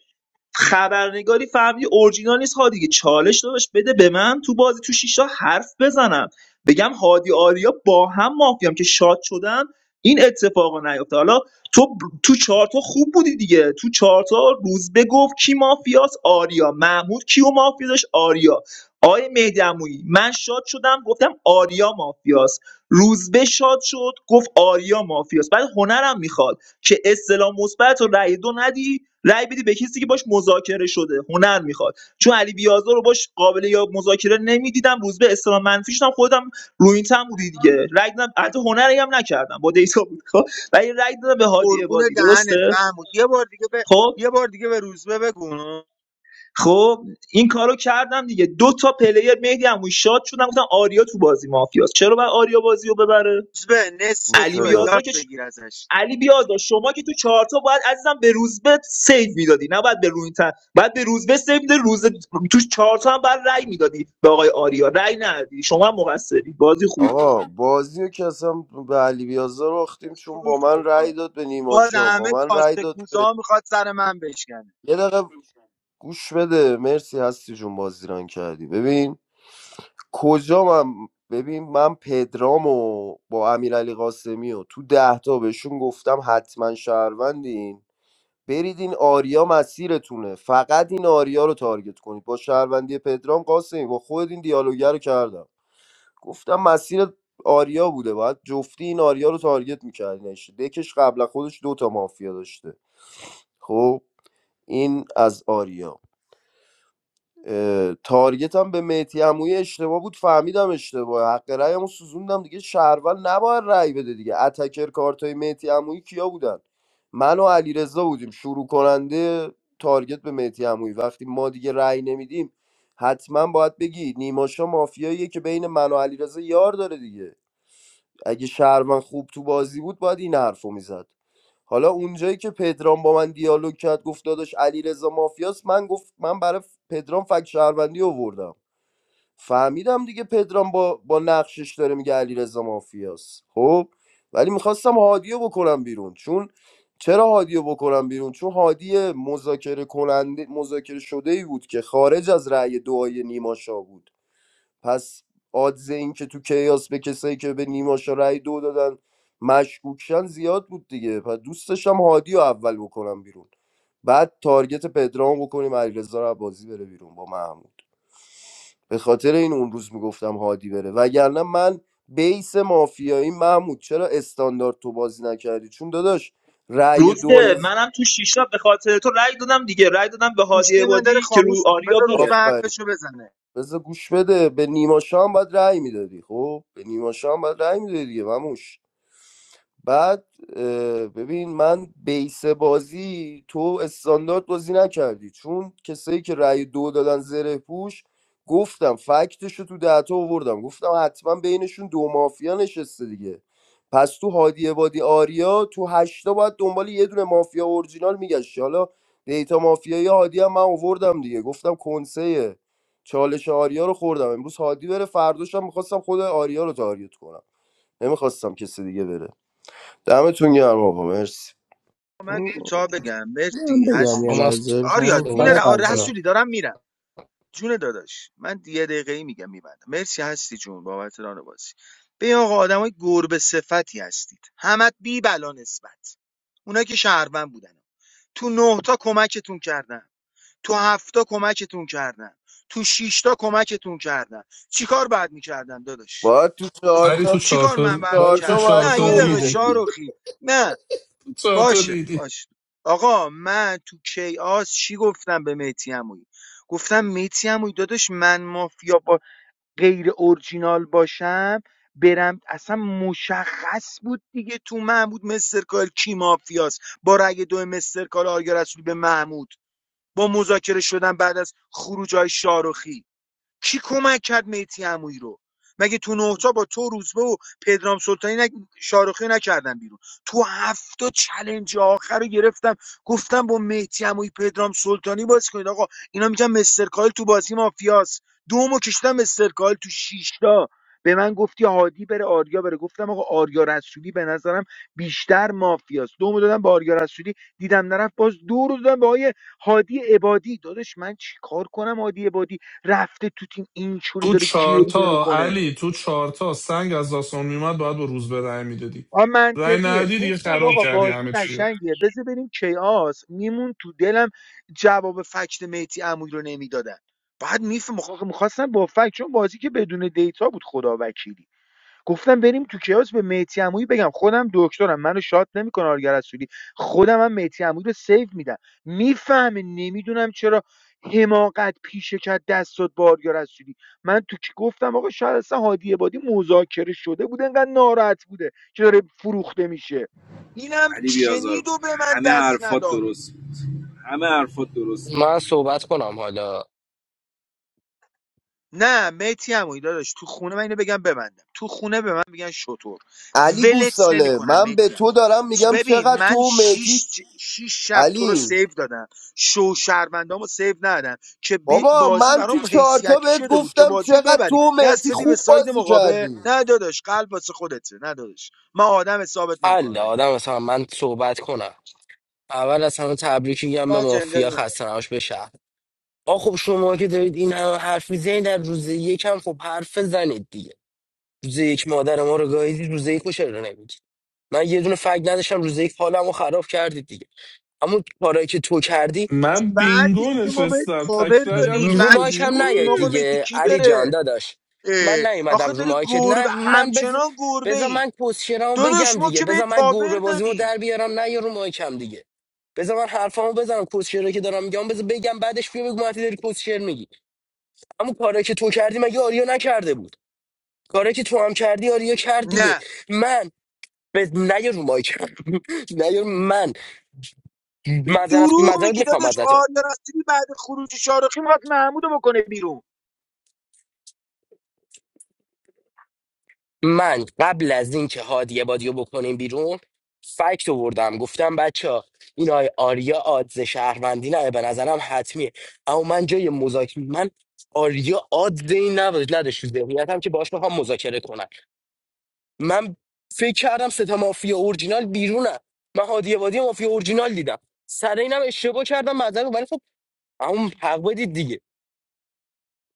خبرنگاری فهمیدی اورجینال نیست هادی که چالش داداش بده به من تو بازی تو شیشتا حرف بزنم بگم هادی آریا با هم مافیام که شاد شدن این اتفاق نیفته حالا تو ب- تو چارتا خوب بودی دیگه تو چارتا روز گفت کی مافیاس آریا محمود کیو مافیا داشت آریا آقای مهدی عمویی، من شاد شدم گفتم آریا مافیاس روزبه شاد شد گفت آریا مافیاس بعد هنرم میخواد که استلام مثبت و رأی دو ندی رأی بدی به کسی که باش مذاکره شده هنر میخواد چون علی بیازار رو باش قابل یا مذاکره نمیدیدم روز به استلام منفیش هم خودم رو این بودی دیگه رأی دادم حتی هنری هم نکردم با دیتا بود خب ولی رأی دادم به هادی
قربون
عبادی
دهنت
درسته
محمود یه بار دیگه به
خب
یه بار دیگه به روزبه بگو
خب این کارو کردم دیگه دو تا پلیر مهدی همون شاد شدن گفتم آریا تو بازی مافیاست چرا باید آریا بازی رو ببره
روزبه نصف
گوش
علی
تو
بده
بیازار
یاد
که
بگیر ازش
علی بیازار شما که تو چهارتا باید عزیزم به روزبه سیو میدادی نه باید به روینتن باید به روزبه سیو میده روز تو چهارتا هم باید رأی میدادی به آقای آریا رأی ندادی شما هم مقصری بازی خوبی بود
آقا بازی رو که اصلا به علی بیازار باختیم چون
روش
با من
بگو
رأی داد به
باز
نیماشا با
همه
من رأی
کاسته
داد به
کوزا میخواد سر من بشکنه
یه دقیقه گوش بده مرسی هستی جون بازی ران کردی ببین کجا من ببین من پدرام و با امیرعلی قاسمی و تو ده تا بهشون گفتم حتما شهروندین برید این آریا مسیرتونه فقط این آریا رو تارگت کنید با شهروندی پدرام قاسمی با خود این دیالوگر رو کردم گفتم مسیر آریا بوده باید جفتی این آریا رو تارگت میکردینش دکش قبل خودش دوتا مافیا داشته خب این از آریا اه، تارگتم به مهدی عمویی اشتباه بود فهمیدم اشتباه حق رأیمو سوزوندم دیگه شهروند نباید رأی بده دیگه اتکر کارتای مهدی عمویی کیا بودن من و علیرضا بودیم شروع کننده تارگت به مهدی عمویی وقتی ما دیگه رأی نمیدیم حتما باید بگی نیماشا مافیاییه که بین من و علیرضا یار داره دیگه اگه شهروند خوب تو بازی بود باید این حرف میزد حالا اونجایی که پدرام با من دیالوگ کرد گفت داداش علیرضا مافیاس من گفت من برای پدرام فک شهروندی آوردم فهمیدم دیگه پدرام با با نقشش داره میگه علیرضا مافیاس خب ولی میخواستم هادیو بکنم بیرون چون چرا هادیو بکنم بیرون چون هادی مذاکره کننده مذاکره شده ای بود که خارج از رأی دعای نیماشا بود پس آدز این که تو کیاس به کسایی که به نیماشا رأی دو دادن مشکوکشن زیاد بود دیگه پس دوستشم هادی رو اول بکنم بیرون بعد تارگت پدرام بکنیم علیرضا رو بازی بره بیرون با محمود به خاطر این اون روز میگفتم هادی بره وگرنه من بیس مافیایی محمود چرا استاندارد تو بازی نکردی چون داداش رأی
روزبه
دوای ز-
منم تو شیشتا به خاطر تو رأی دادم دیگه رأی دادم به
گوشی
هادی
من داره
عبادی که
خاموش
رو
میشه
آریا
بذار روز
بره
به
آفرین
حرفشو بزنه
بذار گوش بده به نیماشا هم باید رأی میدادی خب به نیماشا هم باید رأی میدادی دیگه مموش بعد اه، ببین من بیس بازی تو استاندارد بازی نکردی چون کسایی که رأی دو دادن زره پوش گفتم فکتشو تو دهتا آوردم گفتم حتما بینشون دو مافیا نشسته دیگه پس تو هادی بادی آریا تو هشتا باید دنبال یه دونه مافیا اورجینال میگشتی حالا دیتا مافیایی هادی هم من آوردم دیگه گفتم کنسه چالش آریا رو خوردم امروز هادی بره فرداشم میخواستم خود آریا رو تارگت کنم نمیخواستم کسی دیگه بره دمتون گرم آقا مرسی
من کوتاه بگم
من
مرسی
بگم
هستی
یه
آقا من
چون
لحظه
آریا
میخوام
جون
فرق
صحبت
را
غزل
کنم
رسولی دارم میرم جون داداش من یه دقیقه میگم میبندم مرسی هستی جون بابت ران بازی به آقا آدمای گربه صفتی هستید همت بی بلا نسبت اونا که شهروند بودن تو نه تا کمکتون کردم تو هفت تا کمکتون کردم تو شش تا کمکتون کردم چیکار بعد میکردم داداش
باید تو
ولی تو
چهارتا
چیکار من
چارتا
باید
ولی تو
چهارتا
میکردم
باید
نه
چارتا
یه
دو
دقیقه
ریدی
میدادی
شاروخی نه
چارتا
باشه
ریدی
باشه آقا من تو کیاس چی گفتم به میتی عمویی گفتم میتی عمویی داداش من مافیا با غیر اورجینال باشم برم اصلا مشخص بود دیگه تو محمود مسترکال کی مافیاست با رأی دو مسترکال آریا رسولی به محمود با مذاکره شدن بعد از خروج های شاروخی کی کمک کرد میتی عمویی رو مگه تو نهتا با تو روزبه و پدرام سلطانی نگ... شاروخی رو نکردن بیرون تو هفته چلنج آخر رو گرفتم گفتم با مهدی عمویی پدرام سلطانی بازی کنید آقا اینا میگن مستر کایل تو بازی مافیاس دومو کشتم مستر کایل تو شیشتا به من گفتی هادی بره آریا بره گفتم آقا آریا رسولی به نظرم بیشتر مافیاست دومو دادم به آریا رسولی دیدم نرفت باز دو رو دادم به آقای هادی عبادی داداش من چیکار کنم هادی عبادی رفته تو تیم اینجوری
تو
داره گریه
چارتا
میکنه
علی تو چارتا سنگ از داستان میومد باید با روز به رأی میدادی
آ
رأی
منطقیه
ندی دیگه
گفتم
خراب
آقا
کردی
بازی
همه چی رو.
قشنگیه بذار بریم کیاس میمون تو دلم جواب فکت مهدی عمویی رو نمیدادن بعد میفهم میخواستم با فکت چون بازی که بدون دیتا بود خدا وکیلی گفتم بریم تو کیاس به مهدی عمویی بگم خودم دکترم منو شات نمیکنه آرگر رسولی خودم هم مهدی عمویی رو سیو میدم میفهمه نمیدونم چرا حماقت پیشه کرد دست داد به آرگر رسولی من تو کی گفتم آقا شاید اصلا هادی عبادی مذاکره شده بوده انقدر ناراحت بوده که داره فروخته میشه اینم
علی بیازار
شنید و به من
همه
دست
حرفات
نداد
درست بود همه حرفات درست بود
من صحبت کنم حالا
نه میتی عمویی داداش تو خونه من اینو بگم ببندم تو خونه به من میگن شطور
علی
ولت
گوساله
نمیکنم
من به
میتی
تو
عمویی
دارم میگم
ببین
چقدر
من
تو میتی
شیش, شیش شب تو رو
علی
سیو دادم شو شهروندامو سیو ندادم که
بابا
بازی
من تو
برام
چهارتا
حیثیتی
بهت
شده بود که
گفتم
بازی رو
چقدر
ببریم
تو
دست
میتی
دادی به
خوب
ساید
بازی
مقابل
کردی
نه داداش قلب واسه خودته نه داداش من آدم ثابت نمیکنم
حالا
این ببر
آدم مثلا من صحبت کنم اول از همه تبریک میگم به
من جنده
مافیا
ندارم.
خسته نباش به شهر آ خب شما که دارید این همه حرف میزنید در روز یکم خب حرف زنید دیگه روز یک مادر ما رو گاهیدید روز یک رو چرا نمیگی من یه دونه فکر نداشتم روز یک حالمو خراب کردید دیگه اما کارایی که تو کردی
من
بعدش
بینگو
که ما به
نشستم
پاور
تک رأیم
دادیم
تو
رو
بعدش
مایک
بودی
که
هم
گفتیم
نیاید
آقا
وای.
میتی
دیگه
کی
علی جان
بره
داداش من نیومدم
آخه
رو
داری
مایکت
گربه
نه من بز...
همچنان گربه
بذار
ای
من پوزیشنمو
داداش
بگم
ما
دیگه
که بهت
بذار من گربه
پاور
بازیمو
دادیم
در بیارم نه یا رو مایکم دیگه بذار من حرفامو بزنم پوزیشنی که دارم میگم بذار بگم بعدش بیا بگو مهدی داری پوزیشن میگی اما کاری که تو کردی مگه آریا نکرده بود کاری که تو هم کردی آریا کرد دیگه
نه
من به نه یا رو مایکم نه یا من
تو
معذرت
دروغ
معذرت
میگی
میخوام
داداش
ازت
آریا رسولی بعد خروج شارخی میخواد محمودو بکنه بیرون
من قبل از اینکه هادی بادیو بکنیم بیرون فکت آوردم گفتم بچه ها این آی آریا آدز شهروندی نه به نظرم حتمیه اما من جای مذاکره من آریا آدز این نداشت نداشت تو ذهنیتم که باش بخوام مذاکره کنن من فکر کردم ستا مافیا اورجینال بیرونه من هادی بادی مافیا اورجینال دیدم سر اینم اشتباه کردم معذرت ولی خب اما حق بدید دیگه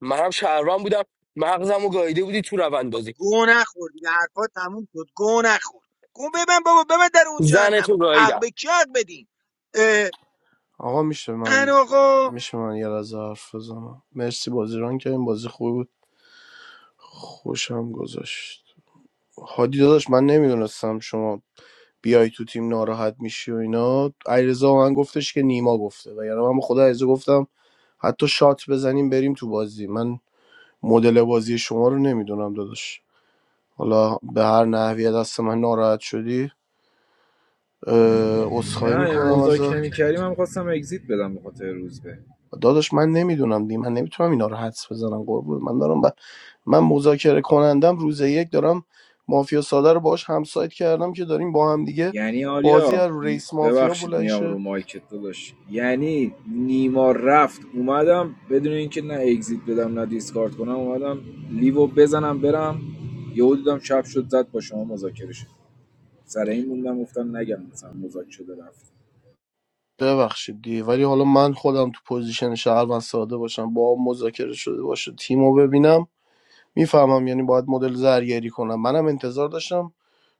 منم شهروند بودم مغزمو گاییده بودی تو روند بازی
گو نخور دیگه حرفات تموم شد گو نخور گو ببن بابا ببن در اون
زنتو
جهنمو حق
گاییدم
به کی حق بدین
آقا میشه
ان
من
آقا
میشه من یه لحظه حرف بزنم مرسی بازی ران که این بازی خوبی بود خوشم گذاشت هادی داداش من نمیدونستم شما بیای تو تیم ناراحت میشی و اینا علیرضا به من گفتش که نیما گفته و یعنی من به خدا علیرضا گفتم حتی شات بزنیم بریم تو بازی من مدل بازی شما رو نمیدونم داداش حالا به هر نحوی دست من ناراحت شدی اه، عذرخواهی
نه این
میکنم
مذاک
ازت
نمیکردی من میخواستم اگزیت بدم به خاطر روزبه
داداش من نمیدونم دی من نمیتونم اینا رو حدس بزنم قربون من دارم ب... من مذاکره کنندم روز یک دارم مافیا ساده رو باهاش همسایت کردم که داریم با هم دیگه
یعنی
بازی
آریا
از رو رئیس مافیا
ببخشید
بلند
میام رو
شه
مایکت داداش یعنی نیما رفت اومدم بدون اینکه نه اگزیت بدم نه دیسکارد کنم اومدم لیو بزنم برم یهو دیدم چپ شد زد با شما مذاکره شد سر این موندم گفتم نگم مثلا مذاکره شده رفت
ببخشید دی ولی حالا من خودم تو پوزیشن شهروند ساده باشم با هم مذاکره شده باشه تیمو ببینم میفهمم یعنی باید مدل زرگری کنم منم انتظار داشتم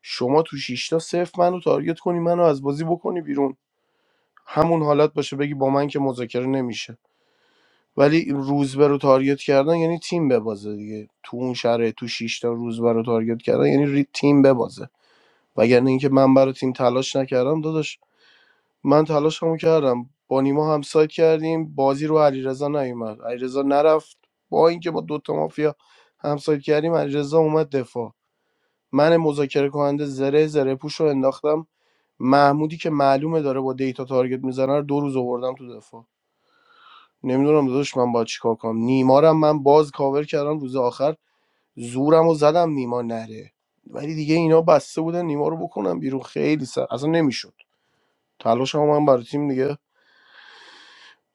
شما تو شیشتا صفر منو تارگت کنی منو از بازی بکنی بیرون همون حالت باشه بگی با من که مذاکره نمیشه ولی این روزبه رو تارگت کردن یعنی تیم ببازه دیگه تو اون شرایط تو 6 تا روزبه رو تارگت کردن یعنی ری تیم ببازه وگرنه اینکه من برای تیم تلاش نکردم داداش من تلاشمو کردم با نیما هم سایت کردیم بازی رو علیرضا نیومد علیرضا نرفت با اینکه با دوتا مافیا هم همسایت کردیم علیرضا اومد دفاع من مذاکره کننده زره زره پوش رو انداختم محمودی که معلومه داره با دیتا تارگت میزنه رو دو روز آوردم تو دفاع نمیدونم داداش من باید چیکار کنم نیمارم من باز کاور کردم روز آخر زورم و زدم نیما نره ولی دیگه اینا بسته بودن نیما رو بکنم بیرون خیلی سر اصلا نمیشد تلاشم من برای تیم دیگه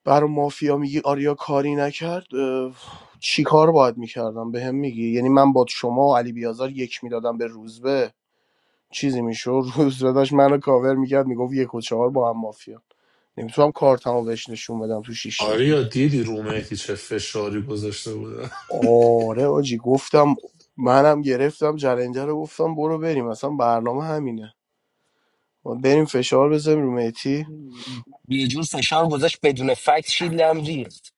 برای مافیا میگی آریا کاری نکرد اه، چی کار باید میکردم به هم میگی یعنی من با شما و علی بیازار یک میدادم به روزبه چیزی میشد روزبه داشت منو کاور میکرد میگفت یک و چهار با هم مافیا نمیتونم کارتمو بهش نشون بدم تو شیش
آریا دیدی رو مهدی چه فشاری گذاشته بودم
آره آجی گفتم منم گرفتم جلنده رو گفتم برو بریم اصلا برنامه همینه ما بریم فشار بزنیم رو مهتی
یه جور فشار گذاشت بدون فکت شیلم ریخت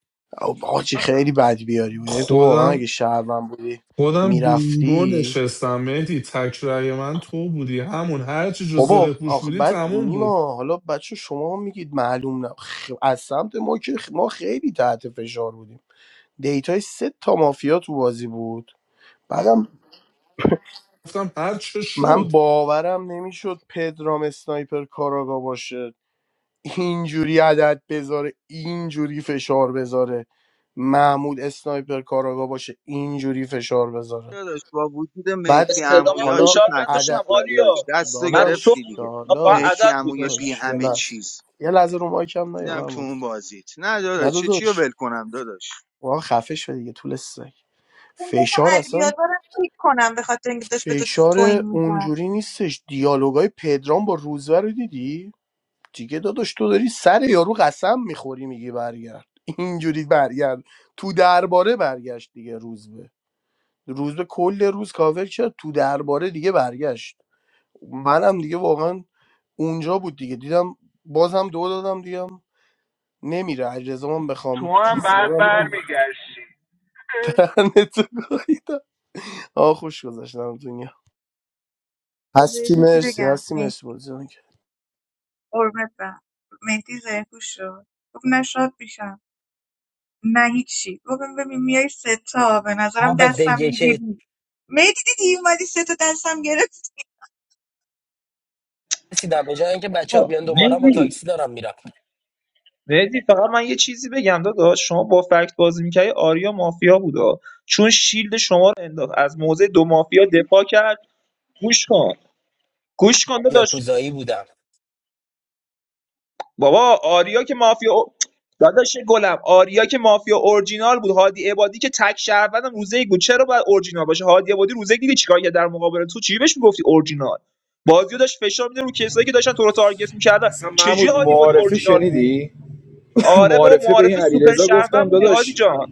آجی
آخ،
خیلی بد بیاری بود یعنی تو واقعا
خودم
اگه شهرون بودی
خودم بینگو
میرفتی
نشستم مهدی تک رأی من تو بودی همون هر چی جز زره
بابا
پوش
آخ
بودی
بد
تموم بود
نیما حالا بچه شما میگید معلوم نه خ- از سمت ما که خ- ما خیلی تحت فشار بودیم دیتای سه تا مافیا تو بازی بود بعدم
گفتم هر چه
من
شد
باورم نمیشد پدرام اسنایپر کاراگا باشه اینجوری عدد بذاره اینجوری فشار بذاره محمود اسنایپر کاراگا باشه اینجوری فشار بذاره
با وجود
بعد
مهتی
استلامم
امویا
حالا
چه
فشار
تحت
نذاشتم
عدد
فشاری داشت
آریا
دستو
من رو تو
داداش
گرفتی دیگه
من فقط
مهتی
داداش
عدد
اموی بی
گذاشتم
داداش یه
همه
لحظه
چیز
یه لحظه رو مایکم نیا
بودم تو
محمود
اون بازیت نه
نه
داداش چه چی رو
داداش
ول کنم داداش
واقعا خفه شده دیگه طول سگ
اون گفتم
فشار
علی
اصلا
بیازار رو کیک کنم به خاطر اینکه داشت به تو توهین
فشار
می‌کرد
اونجوری نیستش دیالوگای پدرام با روزبه رو دیدی دیگه داداش تو داری سر یارو قسم میخوری میگی برگرد اینجوری برگرد تو درباره برگشت دیگه روزبه روزبه کل روز کاور شد تو درباره دیگه برگشت منم دیگه واقعا اونجا بود دیگه دیدم بازم دو دادم دیگه نمیره اجرزا من بخوام
تو هم
چیز
بعد
کنم
برمیگشتی
برنه تو گاهیدم آه خوش گذاشتم دنیا
بذار یه
هستی
چیزی
مرسی
بگم
هستی مرسی
مهدی
بازی جان.
قربت برم مهدی زرکوش شد گفت نه شاد میشم نه هیچی ببین ببین میای سه تا به
اما
نظرم
به
دستم
دیگه که
میگیری مهدی دیدی اومدی سه تا دستم گرفت
رسیدم به جای اینکه بچه ها
آه،
بیان دنبالم با
مهدی
تاکسی دارم میرم
مهدی فقط من یه چیزی بگم داداش شما با فکت بازی میکردی آریا مافیا بودا چون شیلد شما رو انداخت از موضع دو مافیا دفاع کرد گوش کن گوش کن داداش
یاکوزایی بودم
بابا آریا که مافیا داداش گلم آریا که مافیا اورجینال بود هادی عبادی که تک شهروندم روزه یک بود چرا باید اورجینال باشه هادی عبادی روزه یک دیدی چیکار کرد در مقابل تو چی بهش میگفتی اورجینال بازیو داشت فشار میده رو کسایی که داشتن تو رو تارگت میکردن
اصلا
چجوری
محمود
هادی عبادی
معارفه
اورجینال بود
شنیدی؟
آره بابا
معارفه به این
معارفه سوپر
علیرضا گفتم
شهروند بودی هادی
داداش
جان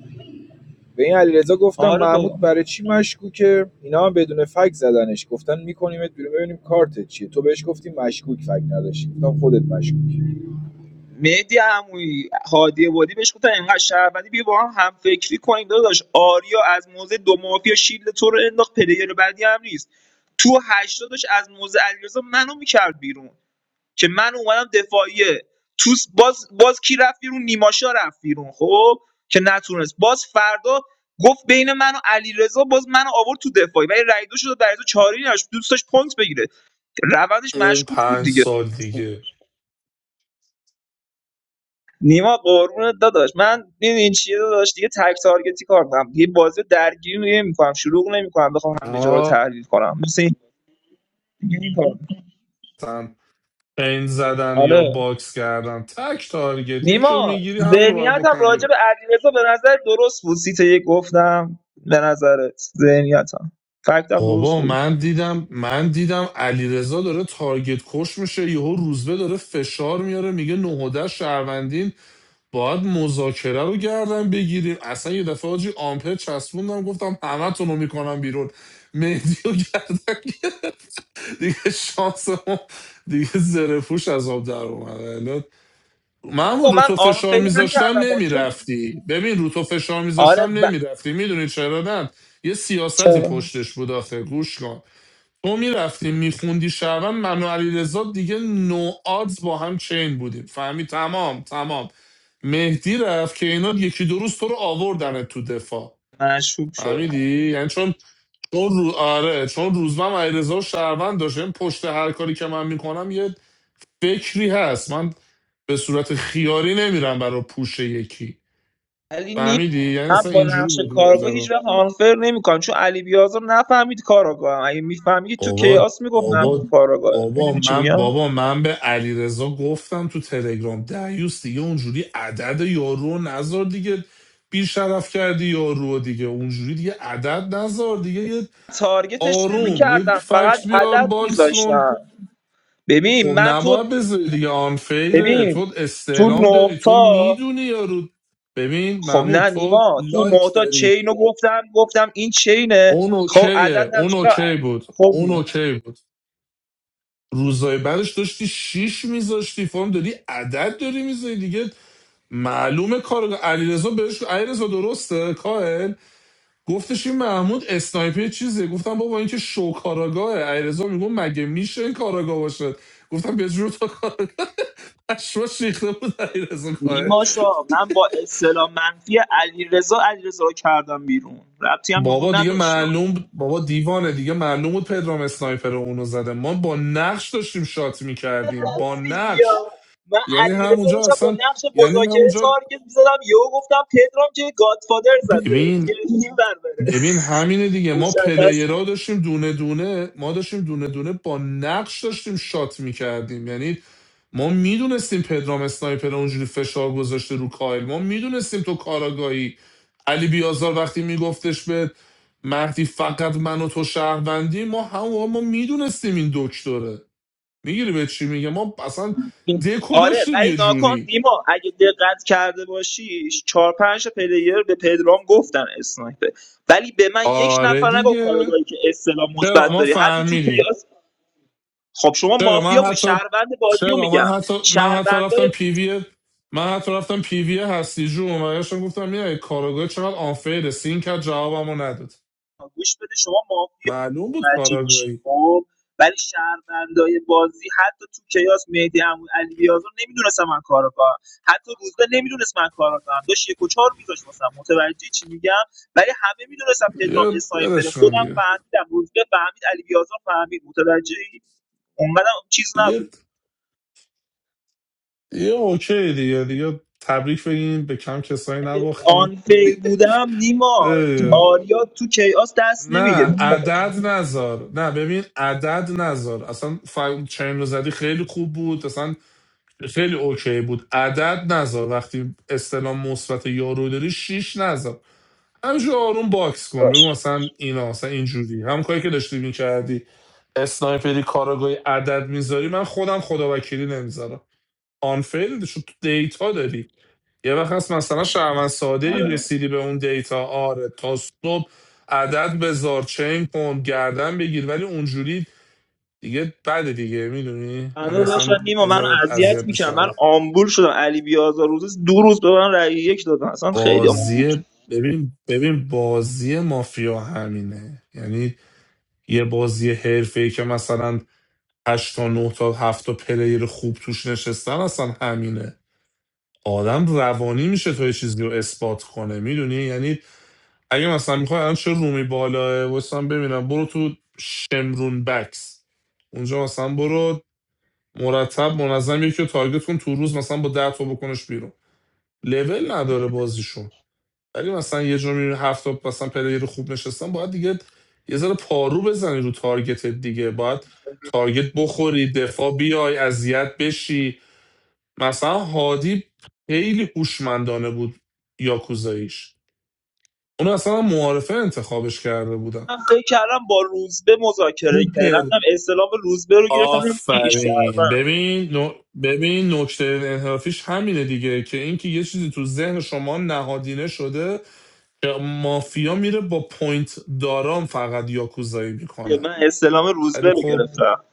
به این علیرضا گفتم
آره بابا
محمود برای چی مشکوکه اینا هم بدون فک زدنش گفتن میکنیمت بیرون ببینیم کارتت چیه تو بهش گفتی مشکوک فک نداشتی گفتم خودت مشکوک
مهدی عمویی هادی بادی بهش گفتن اینقدر شهروندی بیا با هم هم فکری کنیم داداش آریا از موزه دو مافیا شیلد تو رو انداخت پلیر بعدی هم نیست تو هشتادش از موزه علیرضا منو میکرد بیرون که من اومدم دفاعیه تو س- باز باز کی رفت بیرون نیماشا رفت بیرون خب که نتونست باز فردا گفت بین من و علیرضا باز منو آورد تو دفاعی ولی رای دو شد برای تو چاری نداشت دوست داشت پوینت بگیره روندش
اون
مشکوک بود
پنج
دیگه
سال دیگه
نیما قربونت داداش من این این چیه داداش دیگه تک تارگتی کار کنم دیگه بازی درگیری نمی‌کنم شلوغ نمی‌کنم بخوام همه جا رو
آه
تحلیل کنم مثل این دیگه این کار
پین زدن یا
آره
باکس کردن تک تارگت یکی رو
نیما
میگیری همون رو باید
ذهنیتم
بکنه
راجع
بیرون
به علیرضا به نظر درست بود سیت یک گفتم به نظرت ذهنیتم فکتم درست
بابا
بود
من دیدم من دیدم علیرضا داره تارگت کش میشه یهو روزبه داره فشار میاره میگه نهوده شهروندین باید مذاکره رو گردن بگیریم اصلا یه دفعه حاجی آمپر چسبوندم گفتم همتون رو میکنم بیرون مهدی رو گردن گرفت. دیگه شانس ما دیگه زره از آب در اومد
نیما
محمود رو
من
تو
آن
فشار
فکر
میذاشتم
نکردم با چه-
نمیرفتی ببین رو تو فشار
آره
میذاشتم
و...
نمیرفتی میدونی چرا نه یه سیاستی
چرا
پشتش بود آخه گوش کن تو میرفتی میخوندی شعبان من و علیرضا دیگه نو آدز با هم چین بودیم فهمی تمام تمام مهدی رفت که اینا یکی دو روز تو رو آوردن تو دفاع
مشکوک شدم
فهمیدی یعنی چون چون رو... آره چون روزبم علیرضا و شهروند داشت یعنی پشت هر کاری که من میکنم یه فکری هست من به صورت خیاری نمیرم برای پوش یکی
ولی
فهمیدی
نیما
یعنی
من
اصلا
با
اینجوری
نقش
بود
کارگاه هیچ
ماجرا
وقت آنفر نمیکنم چون علی بیازار نفهمید کاراگاهم اگه میفهمید تو
بابا
کیاس میگفت محمود
بابا
کاراگاهه
بابا
میدونی چی
من
میگم
بابا من به علیرضا گفتم تو تلگرام دعیوس دیگه اونجوری عدد یارو رو نذار دیگه بی شرف کردی یارو رو دیگه اونجوری دیگه عدد نذار دیگه یه
تارگتش
آروم یه
نمیکردم فقط
فکت بیار
عدد
باکس کن
میذاشتم ببین
خب
من تو
نباید بذاری دیگه آنفیره
ببین
تو
تو
استعلام داری
نه
تو
تا
میدونی یارو ببین
خب
محمود
نه
تو
نیما تو نه
لایک
تا
داری
چینو گفتم گفتم این چینه
اون
خب
اوکیه
عدد
اون
نذاشتم
اوکی بود
خب
اون اوکی بود روزای بعدش داشتی شیش میذاشتی فرم داری عدد داری میذاری دیگه معلومه کار علیرضا بهش علیرضا درسته کاهل گفتش این محمود اسنایپر چیزه گفتم بابا این که شو کاراگاهه علیرضا میگم مگه میشه این کاراگاه باشه گفتم به جور تو شوش ریخته بود علیرضا کاهل
نیما شا من با اصطلاح منفی علیرضا علیرضا رو کردم بیرون ربطی هم به
بابا
اون
دیگه
نداشت
معلوم بابا دیوانه دیگه معلوم بود پدرام اسنایپر اونو زده ما با نقش داشتیم شات میکردیم با
راستی
نقش
یا من
یعنی
علیرضا رو
همونجا
داشتم با
اصلا
نقش
یعنی
مذاکره
همونجا
تارگت می‌زدم یهو گفتم پدرام که گادفادر زده
ببین
دیگه این بر بره
ببین همینه دیگه ما
مشخص
پلیرها داشتیم دونه دونه ما داشتیم دونه دونه با نقش داشتیم شات میکردیم یعنی ما میدونستیم پدرام اسنایپر اونجوری فشار گذاشته رو کایل ما میدونستیم تو کاراگاهی علی بیازار وقتی میگفتش به مهدی فقط من و تو شهروندی ما هم ما میدونستیم این دکتره میگیری به چی میگه ما اصلا
بود.
دکو
آره
داشتیم
ولی
یه
ناکن
جوری
نیما اگه دقت کرده باشی چهار پنج تا پلیر به پدرام گفتن اسنایپر ولی به من یک
آره
نفر نگو
دیگه
کارگاهی که استلام
چرا
مثبت
ما
داری حتی تو
فهمیدیم
کیاس خب شما
چرا من
مافیا بودی
حتی
شهروند بازی رو
چرا من
میگم
حتی من حتی رفتم
شهروندای
پیوی من حتی رفتم پیوی هستی جون و بهشون گفتم میای کاراگاه چقدر آنفیره سین کرد جوابمو نداد
گوش بده شما مافیا
معلوم بود
متوجه میشین
کاراگاهی
خب ولی شهروندای بازی حتی تو کیاس مهدی عمو علی بیازار نمیدونست من کارو کنم حتی روزبه نمیدونست من کارو کنم داشت یک و چهار میذاشت واسم متوجه چی میگم ولی همه میدونستم پدرام
یه
اسنایپر
برش کن
خودم
دیگه
فهمیدم روزبه فهمید علی بیازار فهمید متوجه اونقدر چیز
دیگه
نبود
یه اوکی دیگه دیگه تبریک بگین به کم کسایی
اگه
نباختین
آنفیر بودم نیما
اه،
آریا تو کیاس دست
نه
نمیگیره
عدد نذار نه ببین عدد نذار اصلا ف... چین رو زدی خیلی خوب بود اصلا خیلی اوکی بود عدد نذار وقتی استلام مثبت یارو داری شیش نذار همینجور آروم باکس کن بگو مثلا اینا مثلا اینجوری هم کاری که داشتی میکردی اسنایپری کاراگاهی عدد میذاری من خودم خدا وکیلی نمیذارم آنفیل شد تو دیتا داری یه وقت هست مثلا شهروند ساده ای رسیدی به اون دیتا آره تا صبح عدد بذار چین کن گردن بگیر ولی اونجوری دیگه بده دیگه میدونی
بنده
یعنی
داشتن
اصلا
نیما
یه
من
ذره
اذیت
اذیت
میکنم
میشه
من آمبول شدم علی بیازار روزی دو روز به من رأی یک دادن اصلا خیلی آمبول شدم.
بازی ببین ببین بازی مافیا همینه یعنی یه بازی حرفه‌ای که مثلا هشت تا 9 تا هفت تا پلیر خوب توش نشستن اصلا همینه آدم روانی میشه تو یه چیزی رو اثبات کنه میدونی یعنی اگه مثلا میخوای الان چه رومی بالاه واسم ببینم برو تو شمرون بکس اونجا مثلا برو مرتب منظم یکی رو تارگت کن تو روز مثلا با ده تا بکنش بیرون لول نداره بازیشون ولی مثلا یه جور میبینی هفته مثلا پلیر خوب نشستن باید دیگه یه ذره پارو بزنی رو تارگت دیگه باید تارگت بخوری دفاع بیای اذیت بشی مثلا هادی خیلی هوشمندانه بود یاکوزاییش اون اصلا معارفه انتخابش کرده بودم
من فکر کردم با روزبه
رو
مذاکره کردم رفتم استلام روزبه رو گرفتم دیدم ای
آفرین
شهروند.
ببین نو- ببین نکته انحرافیش همینه دیگه که اینکه یه چیزی تو ذهن شما نهادینه شده مافیا میره با پوینت داران فقط یاکوزایی میکنه
من استلام روزبه
ولی
رو
خب
گرفتم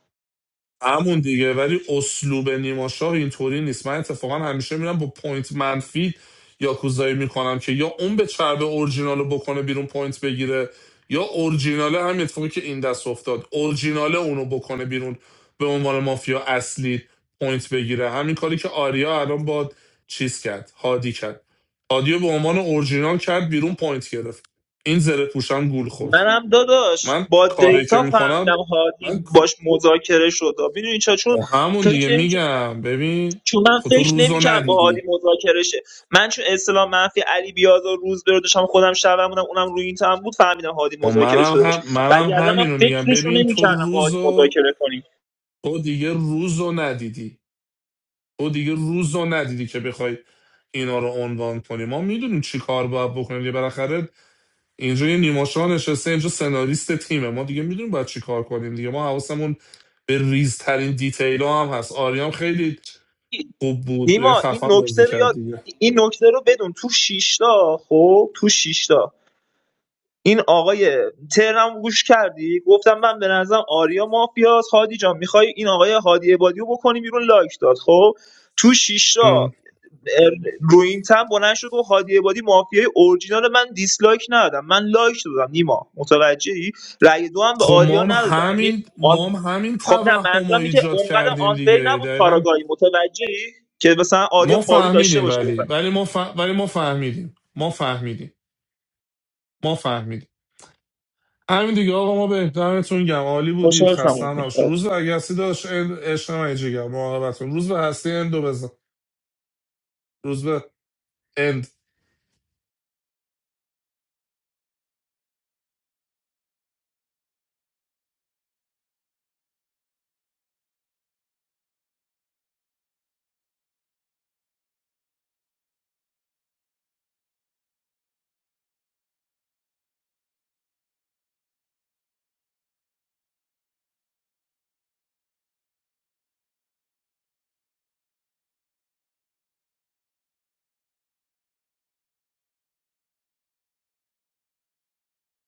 همون دیگه ولی اسلوب نیما نیماشا اینطوری نیست من اتفاقا همیشه میرم با پوینت منفی یاکوزایی میکنم که یا اون به چرب اورجینال بکنه بیرون پوینت بگیره یا اورجیناله همین اتفاقی که این دست افتاد اورجیناله اونو بکنه بیرون به عنوان مافیا اصلی پوینت بگیره همین کاری که آریا الان با چیز کرد هادی کرد هادی رو به عنوان اورجینال کرد بیرون پوینت گرفت این زره پوشان گول خورد
منم داداش
من
با
کاری که
دیتا
میکنم
فهمیدم هادی
من
باش مذاکره شد میدونی چرا چون
خب همون دیگه
فکر نمی‌کردم
میگم ببین
چون من
خب تو
فکر
روزو
نمیکردم با هادی
ندیدی
مذاکره شه من چون اصطلاح منفی علی بیازار روز به رو داشتم خودم شبم بودم اونم روی این تم بود فهمیدم هادی
خب
مذاکره
منم
شده باشه
هم منم
وگرنه من
همینو میگم
فکرش رو
ببین تو
نمیکردم با هادی
روزو
مذاکره کنیم
تو دیگه روزو ندیدی تو دیگه روزو ندیدی که بخوای اینا رو عنوان کنی ما میدونیم چی کار باید بکنیم دیگه بالاخره اینجا یه نیماشا نشسته اینجا سناریست تیمه ما دیگه میدونیم باید چی کار کنیم دیگه ما حواسمون به ریزترین دیتیل هم هست آریام خیلی خوب بود
نیما این
خفن بازی
نکته رو
کرد
یاد
دیگه
این نکته رو بدون تو شیشتا خب تو شیشتا این آقای ترم گوش کردی گفتم من به نظرم آریا مافیاس هادی جان میخوای این آقای هادی عبادی رو بکنی بیرون لایک داد خب تو شیشتا روینتن بلند شد گفت هادی عبادی مافیای اورجینال من دیسلایک ندادم من لایک دادم نیما متوجهی رأی دو هم به
خب
آریا
ما هم
ندادم یعنی
همین
آن
ما هم همین
خب نه
توهم
منظورم
رو
اینه که
ایجاد
اونقدر
کردیم
آنفیر
دیگه
نبود
دقیقا
کاراگاهی متوجهی که مثلا آریا
ما
پارو داشته
فهمیدیم
باشه
ولی
بفهم
ولی ما, ف... ولی ما فهمیدیم ما فهمیدیم ما فهمیدیم همین دیگه آقا ما به احترامتون گم عالی بودید
خوشحال
خسته هم نباشید
شدم.
روز به اگه هستی داشت عشق من جگر مراقبتون روز به هستی اندو بزن روز به اند